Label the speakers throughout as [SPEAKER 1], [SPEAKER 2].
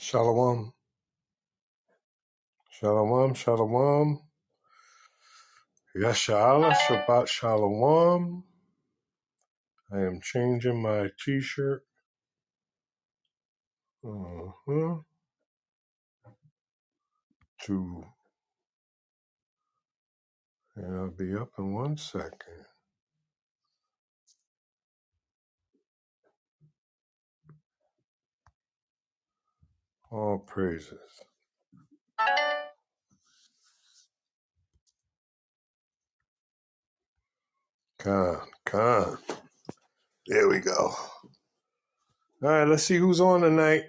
[SPEAKER 1] Shalom. Shalom. Shalom. Yashala. Shabbat Shalom. I am changing my t shirt uh-huh, to, and I'll be up in one second. All praises. Con, con. There we go. All right, let's see who's on tonight.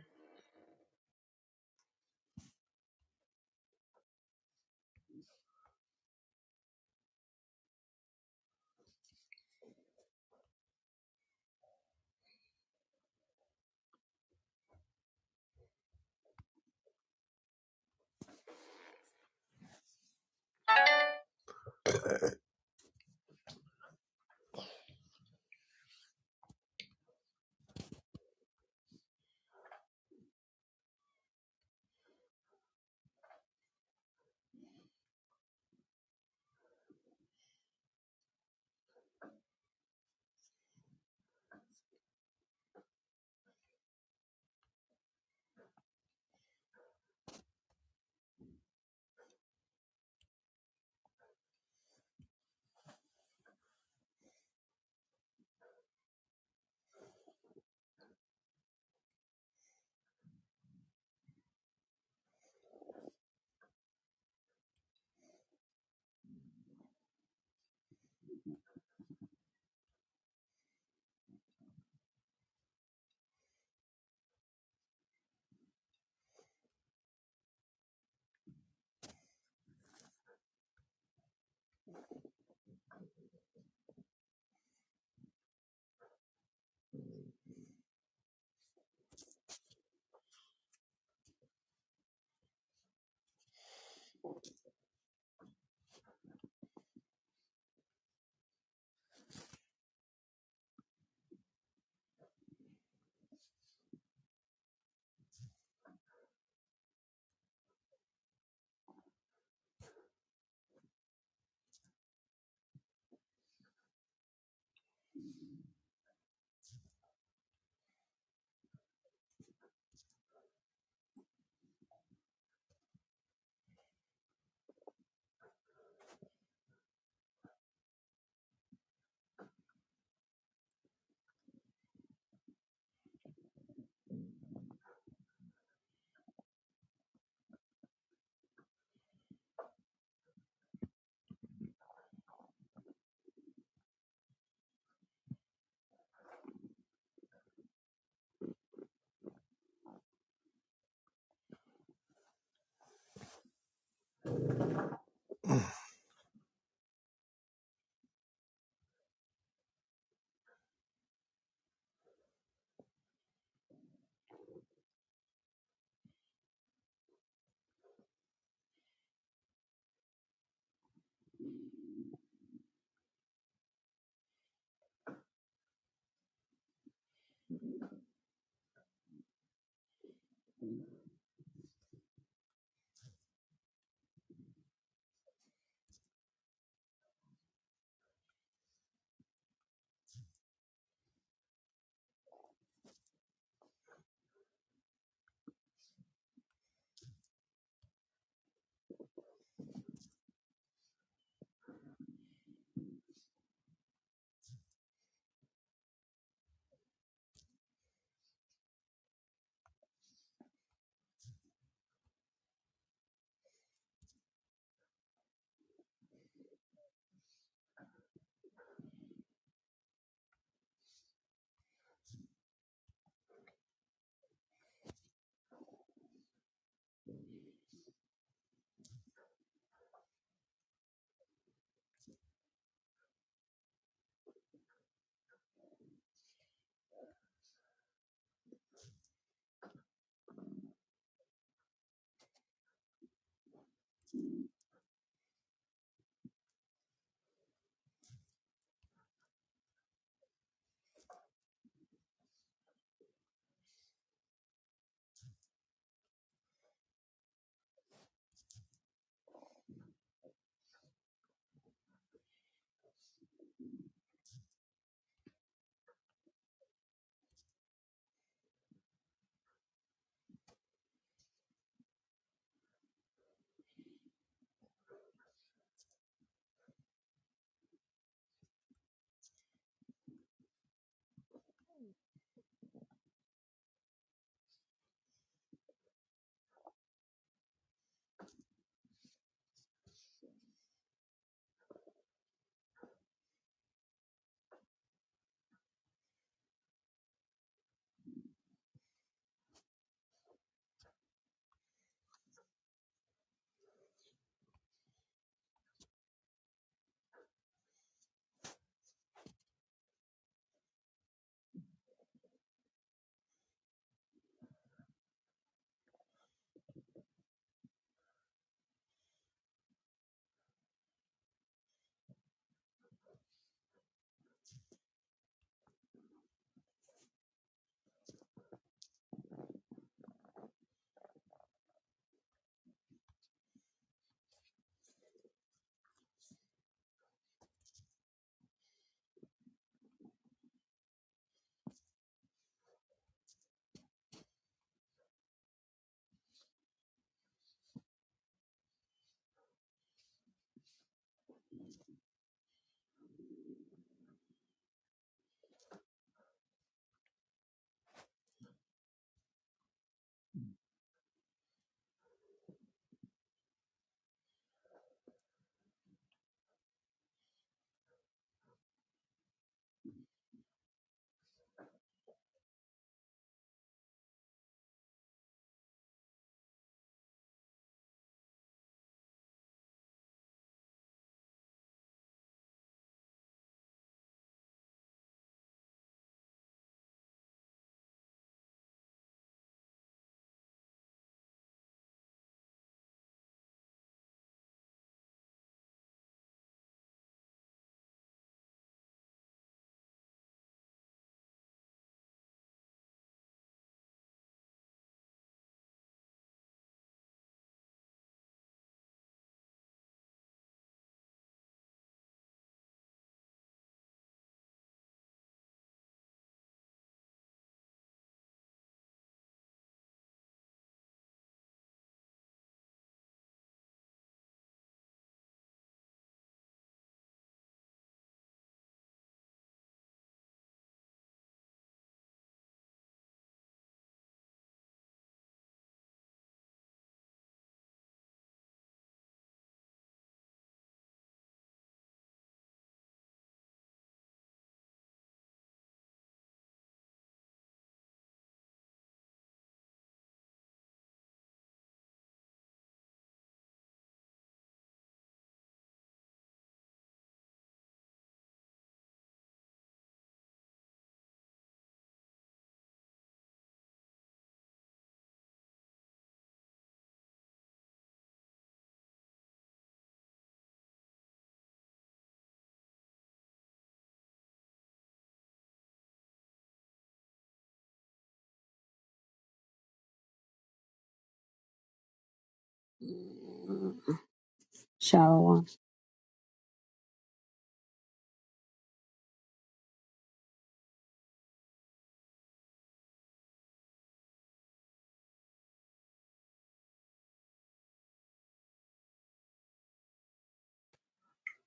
[SPEAKER 2] Shallow one.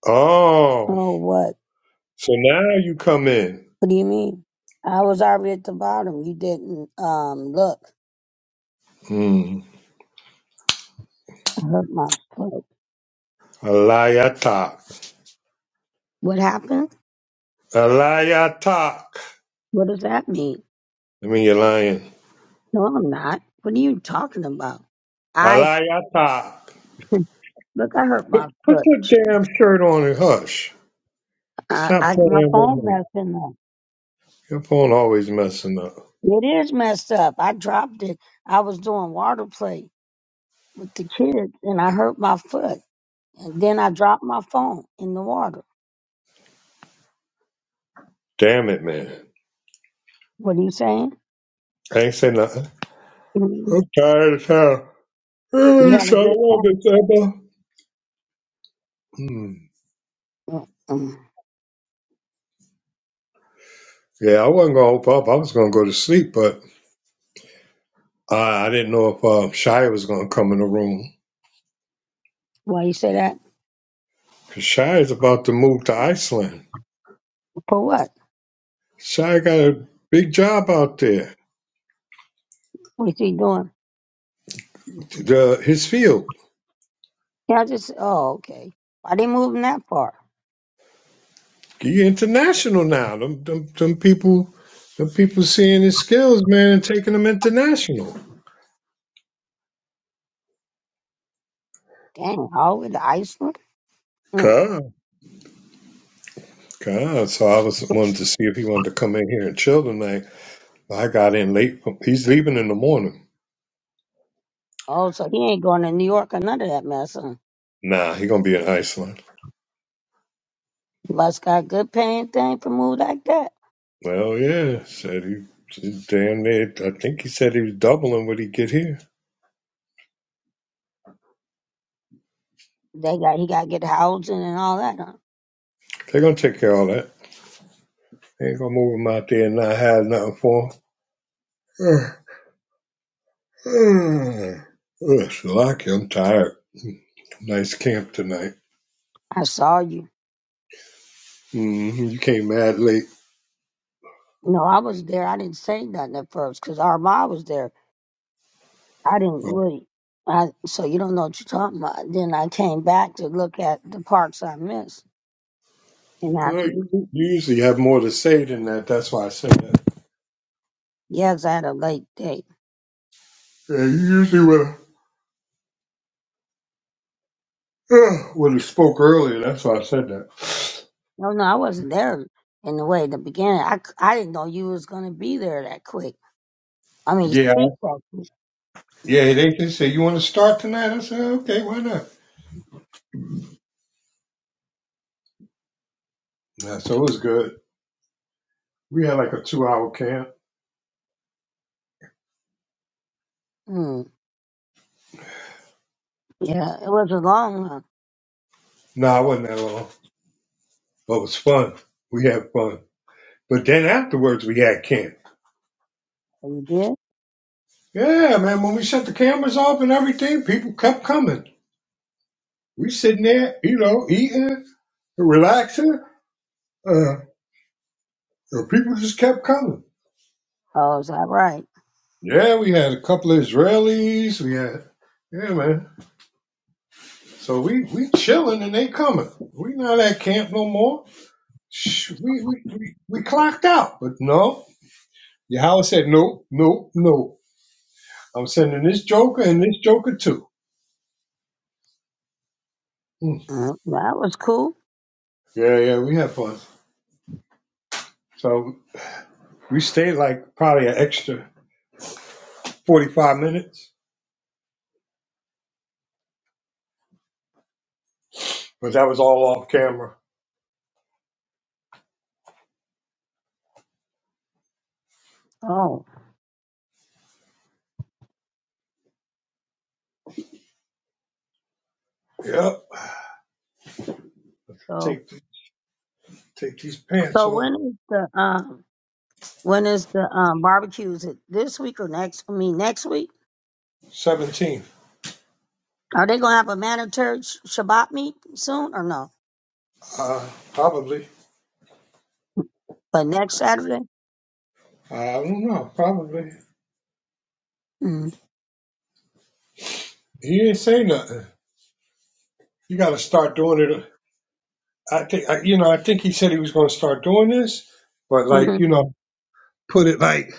[SPEAKER 1] Oh,
[SPEAKER 2] Oh, what?
[SPEAKER 1] so now you come in.
[SPEAKER 2] What do you mean? I was already at the bottom. You didn't um look.
[SPEAKER 1] Hmm.
[SPEAKER 2] I hurt my foot.
[SPEAKER 1] Alayatak.
[SPEAKER 2] What happened?
[SPEAKER 1] Alayatak.
[SPEAKER 2] What does that mean?
[SPEAKER 1] I mean, you're lying.
[SPEAKER 2] No, I'm not. What are you talking about? I
[SPEAKER 1] Alayatak.
[SPEAKER 2] look. I hurt my
[SPEAKER 1] Put
[SPEAKER 2] foot.
[SPEAKER 1] your damn shirt on and hush.
[SPEAKER 2] I,
[SPEAKER 1] Stop
[SPEAKER 2] I my
[SPEAKER 1] playing
[SPEAKER 2] phone
[SPEAKER 1] with me.
[SPEAKER 2] messing up.
[SPEAKER 1] Your phone always messing up.
[SPEAKER 2] It is messed up. I dropped it. I was doing water play with the kids, and I hurt my foot. And then I dropped my phone in the water.
[SPEAKER 1] Damn it, man.
[SPEAKER 2] What are you saying?
[SPEAKER 1] I ain't say nothing.
[SPEAKER 2] Mhm.
[SPEAKER 1] I'm tired of hell.
[SPEAKER 2] You
[SPEAKER 1] Oh,
[SPEAKER 2] had a
[SPEAKER 1] shut up,
[SPEAKER 2] good catch.
[SPEAKER 1] it's Emma. Hmm.
[SPEAKER 2] Mm-mm.
[SPEAKER 1] Yeah, I wasn't gonna open up. I was gonna go to sleep, but I, I didn't know if um, Shai was gonna come in the room.
[SPEAKER 2] Why you say that?
[SPEAKER 1] 'Cause Shai is about to move to Iceland.
[SPEAKER 2] For what?
[SPEAKER 1] Shai got a big job out there.
[SPEAKER 2] What's he doing?
[SPEAKER 1] The, his field.
[SPEAKER 2] Yeah, I just. Oh, okay. Why they moving that far?
[SPEAKER 1] He international now. Them, them, them people, them people seeing his skills, man, and taking them international.
[SPEAKER 2] Dang, all the way to Iceland. Mm.
[SPEAKER 1] God, so I was wanted to see if he wanted to come in here and chill tonight. I got in late. He's leaving in the morning.
[SPEAKER 2] Oh, so he ain't going to New York or none of that mess. Huh?
[SPEAKER 1] Nah, he gonna be in Iceland.
[SPEAKER 2] must got good paying thing for move like that.
[SPEAKER 1] Well, yeah, said he. he Damn, near I think he said he was doubling what he get here.
[SPEAKER 2] They got he got to get housing and all that. Huh?
[SPEAKER 1] They gonna take care of all that. They ain't gonna move him out there and not have nothing for him. Ugh, ugh. Ugh, so lucky. I'm tired. Nice camp tonight.
[SPEAKER 2] I saw you.
[SPEAKER 1] hmm You came mad late.
[SPEAKER 2] No, I was there. I didn't say nothing at first because our mom was there. I didn't
[SPEAKER 1] Well,
[SPEAKER 2] really. I, so you don't know what you're talking about. Then I came back to look at the parts I missed, and that's
[SPEAKER 1] uh, you you usually have more to say than that. That's why I said that.
[SPEAKER 2] yes, I had a late day.
[SPEAKER 1] Yeah, you usually would. well, he spoke earlier. That's why I said that.
[SPEAKER 2] No, no, I wasn't there in the way. in The beginning, I, c- I didn't know you was gonna be there that quick. I mean, you
[SPEAKER 1] Yeah,
[SPEAKER 2] speak that quick.
[SPEAKER 1] yeah. They just said, "You want to start tonight?" I said, "Okay, why not?" Yeah, so it was good. We had like a two-hour camp.
[SPEAKER 2] Mm, yeah, it was a long one.
[SPEAKER 1] No, nah, it wasn't that long, but it was fun. We had fun. But then afterwards, we had camp.
[SPEAKER 2] Oh, You did?
[SPEAKER 1] Yeah, man. When we shut the cameras off and everything, people kept coming. We sitting there, you know, eating, relaxing. Uh, the people just kept coming.
[SPEAKER 2] Oh, is that right?
[SPEAKER 1] Yeah, we had a couple of Israelis. We had, yeah, man. So we we chilling and they coming. We not at camp no more. Shh, we, we we we clocked out, but no. Your house said no, no, no. I'm sending this joker and this joker too. Mm.
[SPEAKER 2] Mm, that was cool.
[SPEAKER 1] Yeah, yeah, we had fun. So we stayed like probably an extra forty five minutes, but that was all off camera.
[SPEAKER 2] Oh,
[SPEAKER 1] Yep.
[SPEAKER 2] so
[SPEAKER 1] Take take these pants
[SPEAKER 2] so
[SPEAKER 1] off.
[SPEAKER 2] when is the um when is the um barbecue? Is it this week or next? I mean, next week.
[SPEAKER 1] Seventeen,
[SPEAKER 2] Are they gonna have a mandatory sh- Shabbat meet soon or no?
[SPEAKER 1] uh, probably.
[SPEAKER 2] But next Saturday.
[SPEAKER 1] I don't know. Probably.
[SPEAKER 2] Mm-hmm.
[SPEAKER 1] He didn't say nothing. You got to start doing it I think I, you know. I think he said he was going to start doing this, but like
[SPEAKER 2] Mm-hmm.
[SPEAKER 1] you know, put it like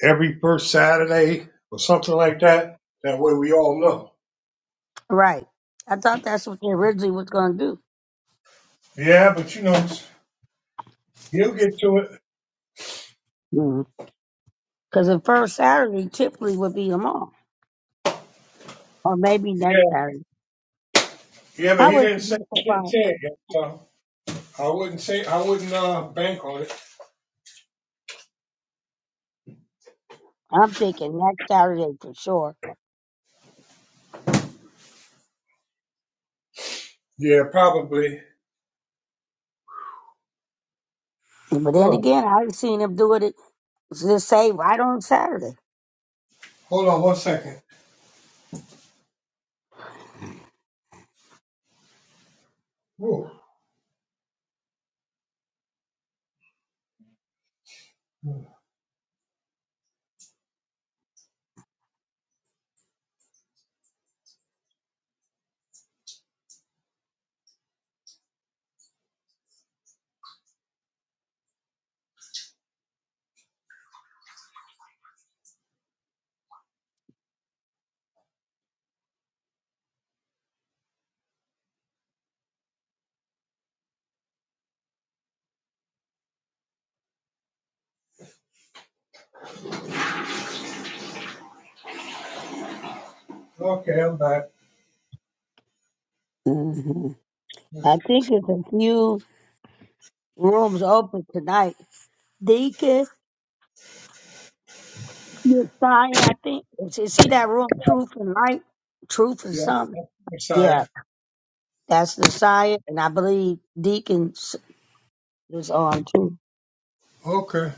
[SPEAKER 1] every first Saturday or something like that. That way we all know.
[SPEAKER 2] Right. I thought that's what they originally was gonna do.
[SPEAKER 1] Yeah, but you know, he'll get to it.
[SPEAKER 2] Because the first Saturday typically would be them all, or maybe next
[SPEAKER 1] Yeah,
[SPEAKER 2] Saturday.
[SPEAKER 1] yeah,
[SPEAKER 2] I
[SPEAKER 1] but he
[SPEAKER 2] was
[SPEAKER 1] didn't
[SPEAKER 2] to
[SPEAKER 1] say
[SPEAKER 2] be
[SPEAKER 1] he didn't
[SPEAKER 2] surprised.
[SPEAKER 1] say it yet, so I wouldn't say I wouldn't uh, bank on it.
[SPEAKER 2] I'm thinking next Saturday for sure.
[SPEAKER 1] Yeah, probably.
[SPEAKER 2] But then
[SPEAKER 1] Huh.
[SPEAKER 2] again, I've seen them do it just say right on Saturday.
[SPEAKER 1] Hold on one second. Ooh. Okay, I'm back.
[SPEAKER 2] hmm I think it's a few rooms open tonight. Deacon, Miss Zion, I think. Is- is- See that room, Truth and Light? Truth and
[SPEAKER 1] Yeah,
[SPEAKER 2] something?
[SPEAKER 1] I'm sorry.
[SPEAKER 2] Yeah, that's the Zion, and I believe Deacon s- is on too.
[SPEAKER 1] Okay,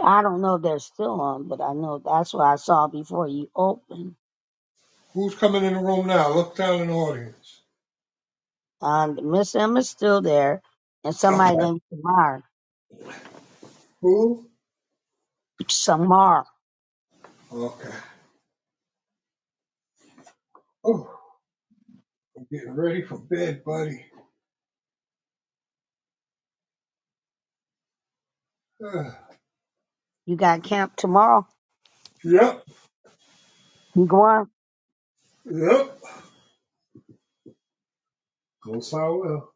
[SPEAKER 2] I don't know if they're still on, but I know that's what I saw before you opened.
[SPEAKER 1] who's coming in the room now? Look down in the audience.
[SPEAKER 2] Um, Miss Emma's still there, and somebody named Tamar.
[SPEAKER 1] Who?
[SPEAKER 2] Samar,
[SPEAKER 1] Okay. Ooh. Getting ready for bed, buddy. Ugh.
[SPEAKER 2] you got camp tomorrow.
[SPEAKER 1] yep,
[SPEAKER 2] You going?
[SPEAKER 1] yep. Goes how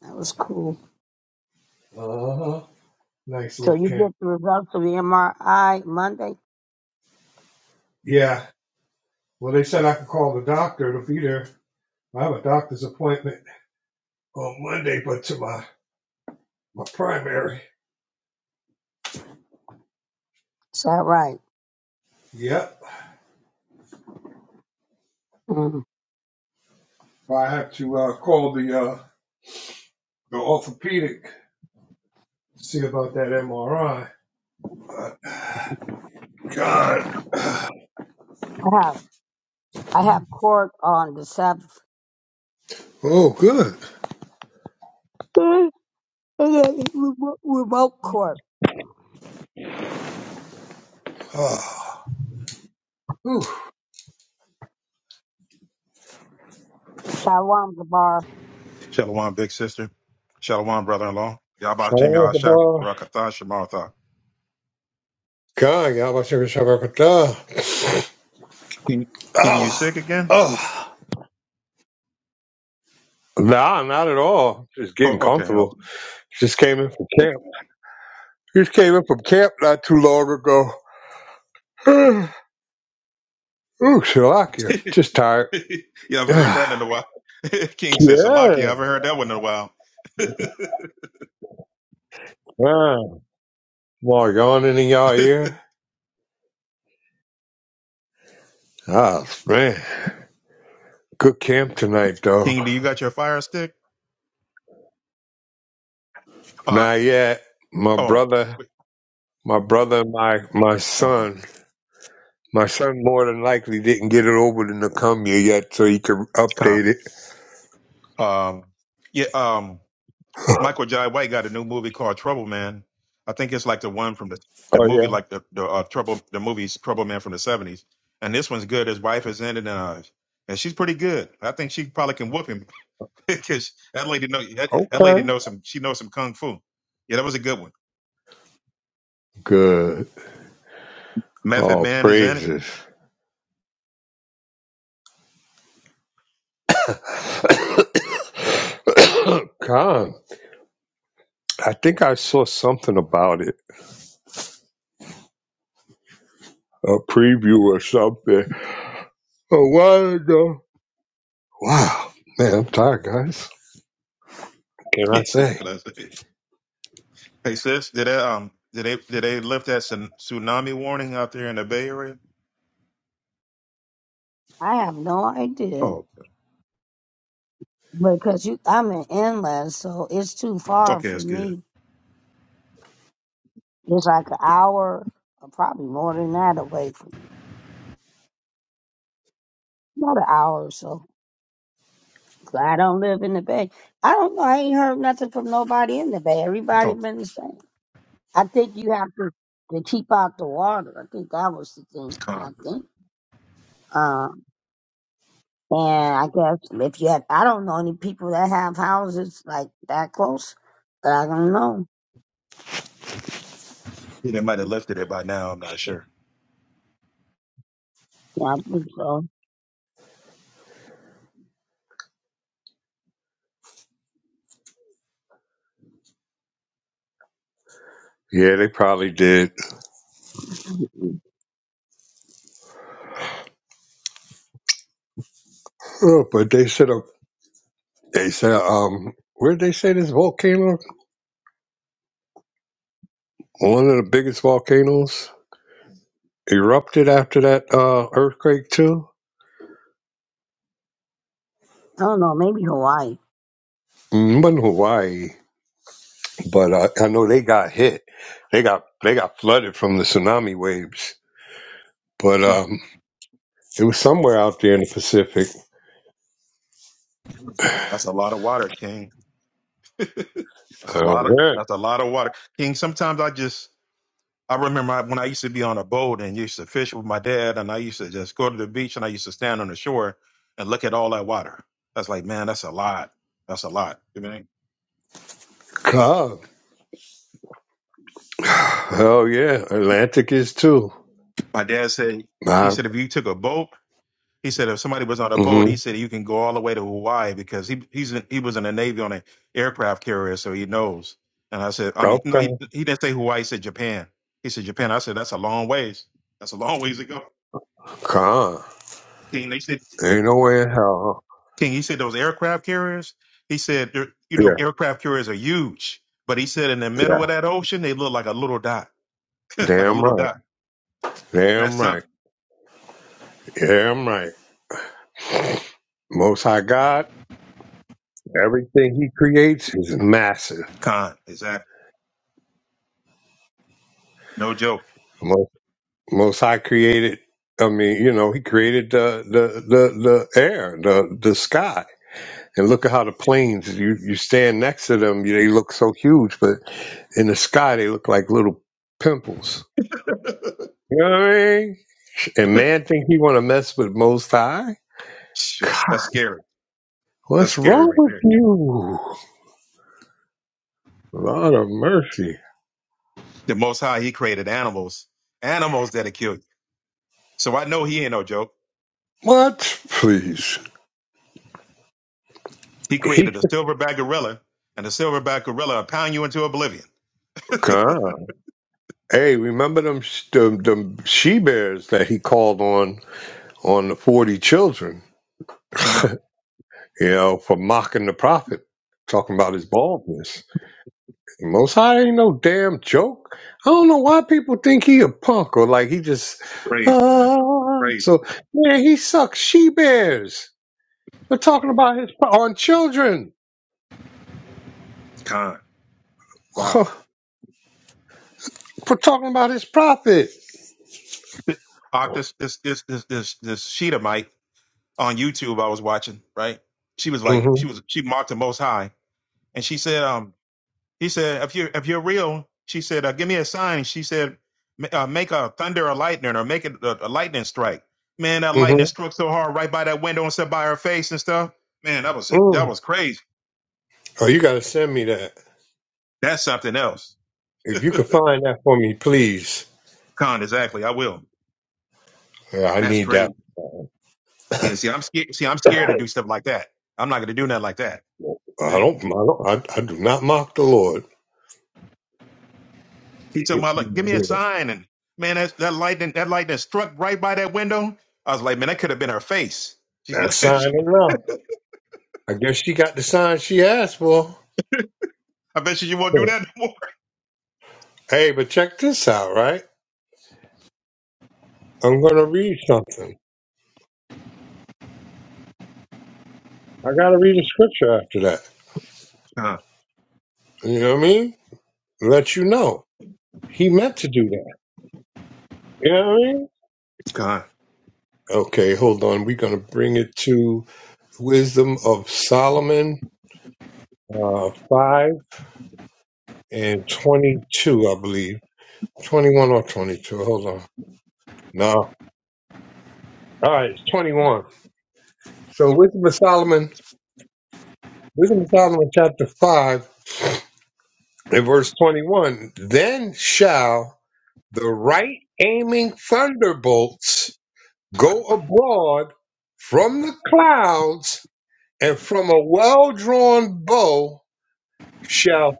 [SPEAKER 2] That was cool.
[SPEAKER 1] well. Uh huh. Nice
[SPEAKER 2] So
[SPEAKER 1] little
[SPEAKER 2] you
[SPEAKER 1] camp.
[SPEAKER 2] get the results of the MRI Monday.
[SPEAKER 1] Yeah. Well, they said I could call the doctor to be there. I have a doctor's appointment on Monday, but to my my primary.
[SPEAKER 2] Is that right?
[SPEAKER 1] Yep.
[SPEAKER 2] Mm.
[SPEAKER 1] I have to uh, call the uh, the orthopedic to see about that MRI. My God.
[SPEAKER 2] I have I have court on the seventh.
[SPEAKER 1] Oh, good.
[SPEAKER 2] Okay, Remote remote court.
[SPEAKER 1] Ah. Whew.
[SPEAKER 2] Shalom Gabar.
[SPEAKER 3] Shalom, big sister. Shalom, brother-in-law. Yabashim
[SPEAKER 1] Shalom,
[SPEAKER 3] Yahashab
[SPEAKER 1] Kabbalah.
[SPEAKER 3] Barakatah Shemartha.
[SPEAKER 1] God, Yahweh, Shem, Shem, Barakatah.
[SPEAKER 3] Can can you
[SPEAKER 1] Ah.
[SPEAKER 3] sick again?
[SPEAKER 1] Ah. Nah, not at all. Just getting
[SPEAKER 3] Oh, okay.
[SPEAKER 1] comfortable. Just came in from camp. Just came in from camp not too long ago. Ooh, Shalakia. Just tired.
[SPEAKER 3] okay. you haven't heard
[SPEAKER 1] yeah.
[SPEAKER 3] that in a while. King says Salaki. I haven't heard that one in a while.
[SPEAKER 1] Ah, more yawning in y'all ear. Ah, man. Good camp tonight, though.
[SPEAKER 3] King, do you got your fire stick? Uh
[SPEAKER 1] Not yet. My
[SPEAKER 3] oh.
[SPEAKER 1] brother,
[SPEAKER 3] Wait.
[SPEAKER 1] my brother, and my my
[SPEAKER 3] Oh,
[SPEAKER 1] son. My son more than likely didn't get it over to Nakumia yet, so he can update
[SPEAKER 3] God.
[SPEAKER 1] it.
[SPEAKER 3] Um. Yeah. Um. Michael Jai White got a new movie called Trouble Man. I think it's like the one from the the
[SPEAKER 1] Oh
[SPEAKER 3] movie,
[SPEAKER 1] yeah.
[SPEAKER 3] like the the uh, Trouble, the movie's Trouble Man from the seventies. And this one's good. His wife is in it, and, uh, and she's pretty good. I think she probably can whoop him because that lady know that, that lady
[SPEAKER 1] Okay.
[SPEAKER 3] knows some. She knows some kung fu. Yeah, that was a good one.
[SPEAKER 1] Good.
[SPEAKER 3] Method
[SPEAKER 1] Oh,
[SPEAKER 3] Man is in
[SPEAKER 1] praises. God, I think I saw something about it, a preview or something a while ago. Wow, man, I'm tired, guys. Can I
[SPEAKER 3] it. Shit, what
[SPEAKER 1] say?
[SPEAKER 3] can I say? hey sis, did they um did they did they lift that tsun- tsunami warning out there in the Bay Area?
[SPEAKER 2] I have no idea
[SPEAKER 3] Oh,
[SPEAKER 2] because you I'm in inland, so it's too far
[SPEAKER 3] okay,
[SPEAKER 2] for
[SPEAKER 3] that's
[SPEAKER 2] me.
[SPEAKER 3] good.
[SPEAKER 2] It's like an hour, or probably more than that away from me. About an hour or so. 'Cause I don't live in the Bay. I don't know. I ain't heard nothing from nobody in the Bay. Everybody
[SPEAKER 3] Oh,
[SPEAKER 2] been the same. I think you have to, to keep out the water. I think that was the thing. I
[SPEAKER 3] con.
[SPEAKER 2] think. Um, and I guess if you had, I don't know any people that have houses like that close, but I don't know.
[SPEAKER 3] Yeah, they might have lifted it by now. I'm not sure.
[SPEAKER 2] Yeah, I think so.
[SPEAKER 1] Yeah, they probably did,
[SPEAKER 2] I
[SPEAKER 1] Oh, but they said uh, they said um, where did they say this volcano? One of the biggest volcanoes erupted after that uh, earthquake too.
[SPEAKER 2] don't know. Maybe Hawaii.
[SPEAKER 1] Mm, Wasn't Hawaii, but uh, I know they got hit. They got they got flooded from the tsunami waves. But um, It was somewhere out there in the Pacific.
[SPEAKER 3] That's a lot of water, King. That's a
[SPEAKER 1] Oh,
[SPEAKER 3] lot of
[SPEAKER 1] yeah.
[SPEAKER 3] that's a lot of water, King. Sometimes I just I remember I- when I used to be on a boat and used to fish with my dad, and I used to just go to the beach and I used to stand on the shore and look at all that water. That's like, man, that's a lot. That's a lot. You know what I mean?
[SPEAKER 1] God. Hell yeah. Atlantic is too.
[SPEAKER 3] My dad said he
[SPEAKER 1] Nah.
[SPEAKER 3] said if you took a boat He said if somebody was on a boat,
[SPEAKER 1] Mm-hmm.
[SPEAKER 3] he said you can go all the way to Hawaii because he he's in, he was in the Navy on an aircraft carrier, so he knows. And I said, I mean, no, he
[SPEAKER 1] Okay.
[SPEAKER 3] he didn't say Hawaii. He said Japan. He said Japan. I said that's a long ways. That's a long ways to go.
[SPEAKER 1] Con.
[SPEAKER 3] King, they said
[SPEAKER 1] Ain't no way in hell.
[SPEAKER 3] King. He said those aircraft carriers. He said they're- you know
[SPEAKER 1] Yeah,
[SPEAKER 3] aircraft carriers are huge, but he said in the middle
[SPEAKER 1] yeah.
[SPEAKER 3] of that ocean they look like a little dot, like a
[SPEAKER 1] Damn
[SPEAKER 3] little
[SPEAKER 1] right.
[SPEAKER 3] dot. That's
[SPEAKER 1] Damn right.
[SPEAKER 3] something.
[SPEAKER 1] Damn right. Most High God, everything He creates is massive.
[SPEAKER 3] Con, exactly. No joke.
[SPEAKER 1] Most, Most High created. I mean, you know, He created the the the, the air, the the sky, and look at how the planes. You you stand next to them, you, they look so huge, but in the sky they look like little pimples. You know what I mean? And man think he wanna mess with most high?
[SPEAKER 3] Shit,
[SPEAKER 1] God,
[SPEAKER 3] that's scary. That's
[SPEAKER 1] what's
[SPEAKER 3] scary
[SPEAKER 1] wrong
[SPEAKER 3] right
[SPEAKER 1] with
[SPEAKER 3] there.
[SPEAKER 1] you? Lord of mercy.
[SPEAKER 3] The Most High, He created animals, animals that'll kill you. So I know He ain't no joke.
[SPEAKER 1] What? Please.
[SPEAKER 3] He
[SPEAKER 1] He
[SPEAKER 3] created a
[SPEAKER 1] said,
[SPEAKER 3] silverback gorilla, and the silverback gorilla will pound you into oblivion.
[SPEAKER 1] God. Hey, remember them, sh- them them she bears that he called on on the forty children,
[SPEAKER 3] Con,
[SPEAKER 1] you know, for mocking the prophet, talking about his baldness. Most High ain't no damn joke. I don't know why people think he a punk or like he just.
[SPEAKER 3] praise, man,
[SPEAKER 1] Uh,
[SPEAKER 3] praise,
[SPEAKER 1] so man, he sucks she bears. We're talking about his on children.
[SPEAKER 3] Con, wow.
[SPEAKER 1] We're talking about his prophet.
[SPEAKER 3] Ock, this this this this this this Sheetamite on YouTube I was watching, right? She was like, she
[SPEAKER 1] Mm-hmm.
[SPEAKER 3] was she mocked the Most High, and she said, um, He said, if you if you're real, she said, uh, give me a sign. She said, "Ma- uh, make a thunder or lightning or make it a, a lightning strike. Man, that lightning
[SPEAKER 1] Mm-hmm.
[SPEAKER 3] struck so hard right by that window and set by her face and stuff. Man, that was that
[SPEAKER 1] Mm.
[SPEAKER 3] was crazy.
[SPEAKER 1] Oh, you gotta send me that.
[SPEAKER 3] That's something else.
[SPEAKER 1] If you could find that for me, please.
[SPEAKER 3] Con, exactly. I will.
[SPEAKER 1] Yeah, I
[SPEAKER 3] That's
[SPEAKER 1] need that.
[SPEAKER 3] crazy. Yeah, see, I'm scared. See, I'm scared to do stuff like that. I'm not going to do nothing like that.
[SPEAKER 1] I
[SPEAKER 3] You think?
[SPEAKER 1] don't. I, don't I, I do not mock the Lord.
[SPEAKER 3] He told
[SPEAKER 1] If
[SPEAKER 3] me,
[SPEAKER 1] you
[SPEAKER 3] like, give me a
[SPEAKER 1] will.
[SPEAKER 3] sign. And man, that, that lightning, that lightning struck right by that window. I was like, man, that could have been her face. She's
[SPEAKER 1] That
[SPEAKER 3] like,
[SPEAKER 1] sign enough. I guess she got the sign she asked for.
[SPEAKER 3] I bet you, you won't do that no
[SPEAKER 1] Hey, but check this out, right? I'm going to read something. I got to read a scripture after that.
[SPEAKER 3] more.
[SPEAKER 1] You know what I mean? Let you know. He meant to do that. You know what I mean?
[SPEAKER 3] God.
[SPEAKER 1] Okay, hold on. We're going to bring it to Wisdom of Solomon uh, 5 and 22, I believe. 21 or 22. Hold on. No. All right, it's 21. So, Wisdom of Solomon, Wisdom of Solomon, chapter 5 and verse 21. Then shall The right aiming thunderbolts
[SPEAKER 3] Wow.
[SPEAKER 1] go abroad from the clouds, and from a well drawn bow shall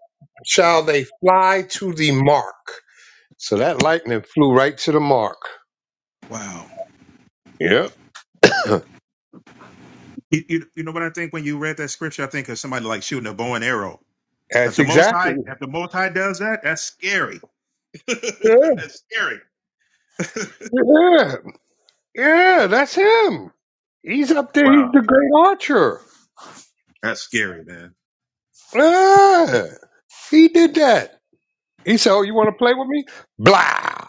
[SPEAKER 1] shall they fly to the mark. So that lightning flew right to the mark.
[SPEAKER 3] Wow.
[SPEAKER 1] Yeah.
[SPEAKER 3] You, you, you know what I think when you read that scripture? I think of somebody like shooting a bow and arrow. If
[SPEAKER 1] That's
[SPEAKER 3] the Most
[SPEAKER 1] exactly.
[SPEAKER 3] High, if the Most High does that, that's scary.
[SPEAKER 1] Yeah,
[SPEAKER 3] that's scary.
[SPEAKER 1] yeah, yeah, that's him. He's up there. He's
[SPEAKER 3] Wow,
[SPEAKER 1] the great archer.
[SPEAKER 3] that's scary, man.
[SPEAKER 1] Yeah, he did that. He said, "Oh, you want to play with me?" Blah.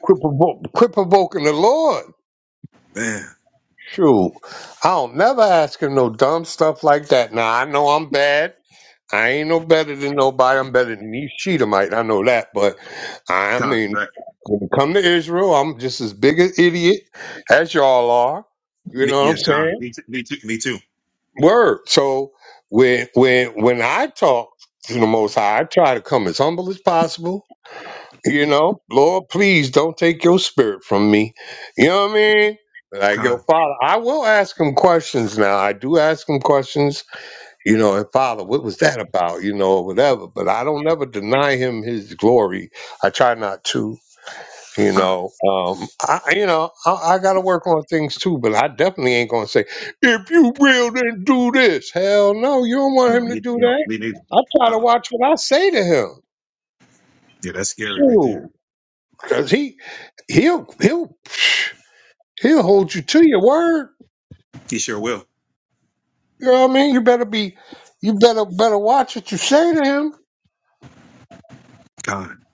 [SPEAKER 1] Quit, provo- quit provoking the Lord.
[SPEAKER 3] Man,
[SPEAKER 1] Shoot. I don't never ask him no dumb stuff like that. Now, I know I'm bad. I ain't no better than nobody. I'm better than these Shedemite. I know that. But I
[SPEAKER 3] Con,
[SPEAKER 1] mean,
[SPEAKER 3] that,
[SPEAKER 1] when it come to Israel, I'm just as big an idiot as y'all are. You
[SPEAKER 3] me,
[SPEAKER 1] know what I'm
[SPEAKER 3] yeah, Con,
[SPEAKER 1] saying?
[SPEAKER 3] me, too- me too, me too.
[SPEAKER 1] Word. So when when when I talk to the Most High, I try to come as humble as possible You know, Lord, please don't take your spirit from me. You know what I mean? Like, yo,
[SPEAKER 3] Con,
[SPEAKER 1] Father, I will ask him questions now. I do ask him questions, you know, and Father, what was that about, you know, or whatever. But I don't ever deny him his glory. I try not to, you
[SPEAKER 3] Con,
[SPEAKER 1] know. Um, I, I- you know, I, I got to work on things too, but I definitely ain't going to say, if you will, then do this. Hell no, you don't want
[SPEAKER 3] no,
[SPEAKER 1] him to
[SPEAKER 3] me,
[SPEAKER 1] do
[SPEAKER 3] no,
[SPEAKER 1] that.
[SPEAKER 3] me neither.
[SPEAKER 1] I try to
[SPEAKER 3] Uh,
[SPEAKER 1] watch what I say to him.
[SPEAKER 3] yeah, that's scary right
[SPEAKER 1] Shoot.
[SPEAKER 3] there.
[SPEAKER 1] Cause he he'll he'll he'll hold you to your word.
[SPEAKER 3] He sure will.
[SPEAKER 1] You know what I mean? You better be you better better watch what you say to him.
[SPEAKER 3] Con,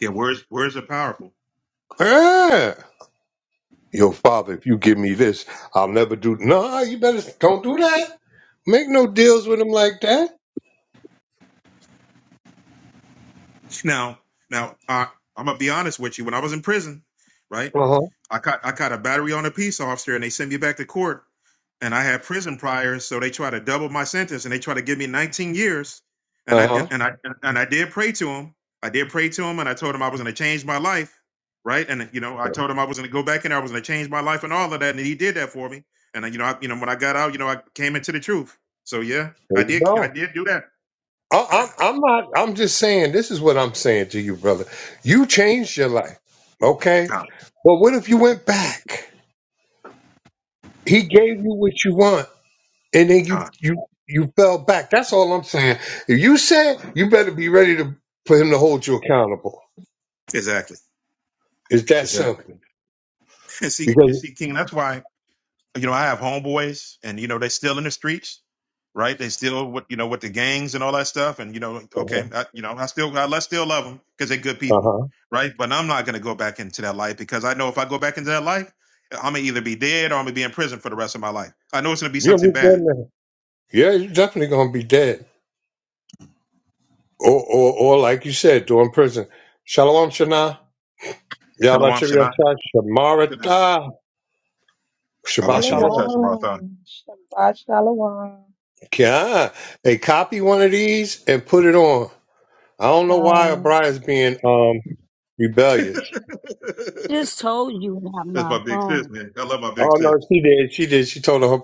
[SPEAKER 3] yeah, words, words are powerful.
[SPEAKER 1] Yeah. Yo, father, if you give me this, I'll never do no, you better don't do that. Make no deals with him like that.
[SPEAKER 3] Now, now, uh, I'm gonna be honest with you. When I was in prison, right,
[SPEAKER 1] Uh-huh.
[SPEAKER 3] I caught I caught a battery on a peace officer, and they sent me back to court. And I had prison priors, so they tried to double my sentence, and they tried to give me 19 years. And I and,
[SPEAKER 1] Uh-huh.
[SPEAKER 3] and I and I did pray to him. I did pray to him, and I told him I was going to change my life, right? And you know, I told him I was going to go back in there, I was going to change my life, and all of that. And he did that for me. And uh, you know, I, you know, when I got out, you know, I came into the truth. So yeah,
[SPEAKER 1] There
[SPEAKER 3] I
[SPEAKER 1] you
[SPEAKER 3] did. I
[SPEAKER 1] go.
[SPEAKER 3] did do that.
[SPEAKER 1] I, I'm, I'm not. I'm just saying. This is what I'm saying to you, brother. You changed your life, okay?
[SPEAKER 3] Con,
[SPEAKER 1] But what if you went back? He gave you what you want. and then you
[SPEAKER 3] con.
[SPEAKER 1] you you fell back. That's all I'm saying. If you said you better be ready to for him to hold you accountable.
[SPEAKER 3] Exactly.
[SPEAKER 1] It's that
[SPEAKER 3] Exactly.
[SPEAKER 1] simple.
[SPEAKER 3] And see, and
[SPEAKER 1] Because
[SPEAKER 3] see, King, that's why, you know, I have homeboys and, you know, they're still in the streets, right? They still, with, you know, with the gangs and all that stuff. And, you know,
[SPEAKER 1] uh
[SPEAKER 3] okay, I, you know, I still, I, let's still love them because they're good people,
[SPEAKER 1] huh,
[SPEAKER 3] right? But I'm not going to go back into that life because I know if I go back into that life, I'm going to either be dead or I'm going to be in prison for the rest of my life. I know it's going to be something
[SPEAKER 1] you'll be dead
[SPEAKER 3] bad.
[SPEAKER 1] now. Yeah, you're definitely gonna be dead. Or or or like you said, during prison. Shalom Shana.
[SPEAKER 3] Shalom
[SPEAKER 1] Yalla Shabbat
[SPEAKER 3] Shana.
[SPEAKER 1] Shamarata. Shabbat
[SPEAKER 3] Abashim Yatah
[SPEAKER 1] Shalom.
[SPEAKER 3] Shemar Thon.
[SPEAKER 4] Shalom. Shabbat shalom.
[SPEAKER 1] Yeah. Hey, copy one of these and put it on. I don't know why
[SPEAKER 4] Uh,
[SPEAKER 1] O'Brien's being um rebellious.
[SPEAKER 2] Just told you I have
[SPEAKER 3] That's
[SPEAKER 2] my
[SPEAKER 3] my big sis,
[SPEAKER 2] phone.
[SPEAKER 3] man. I love my big
[SPEAKER 1] Oh no,
[SPEAKER 3] sis.
[SPEAKER 1] she did. She did. She told her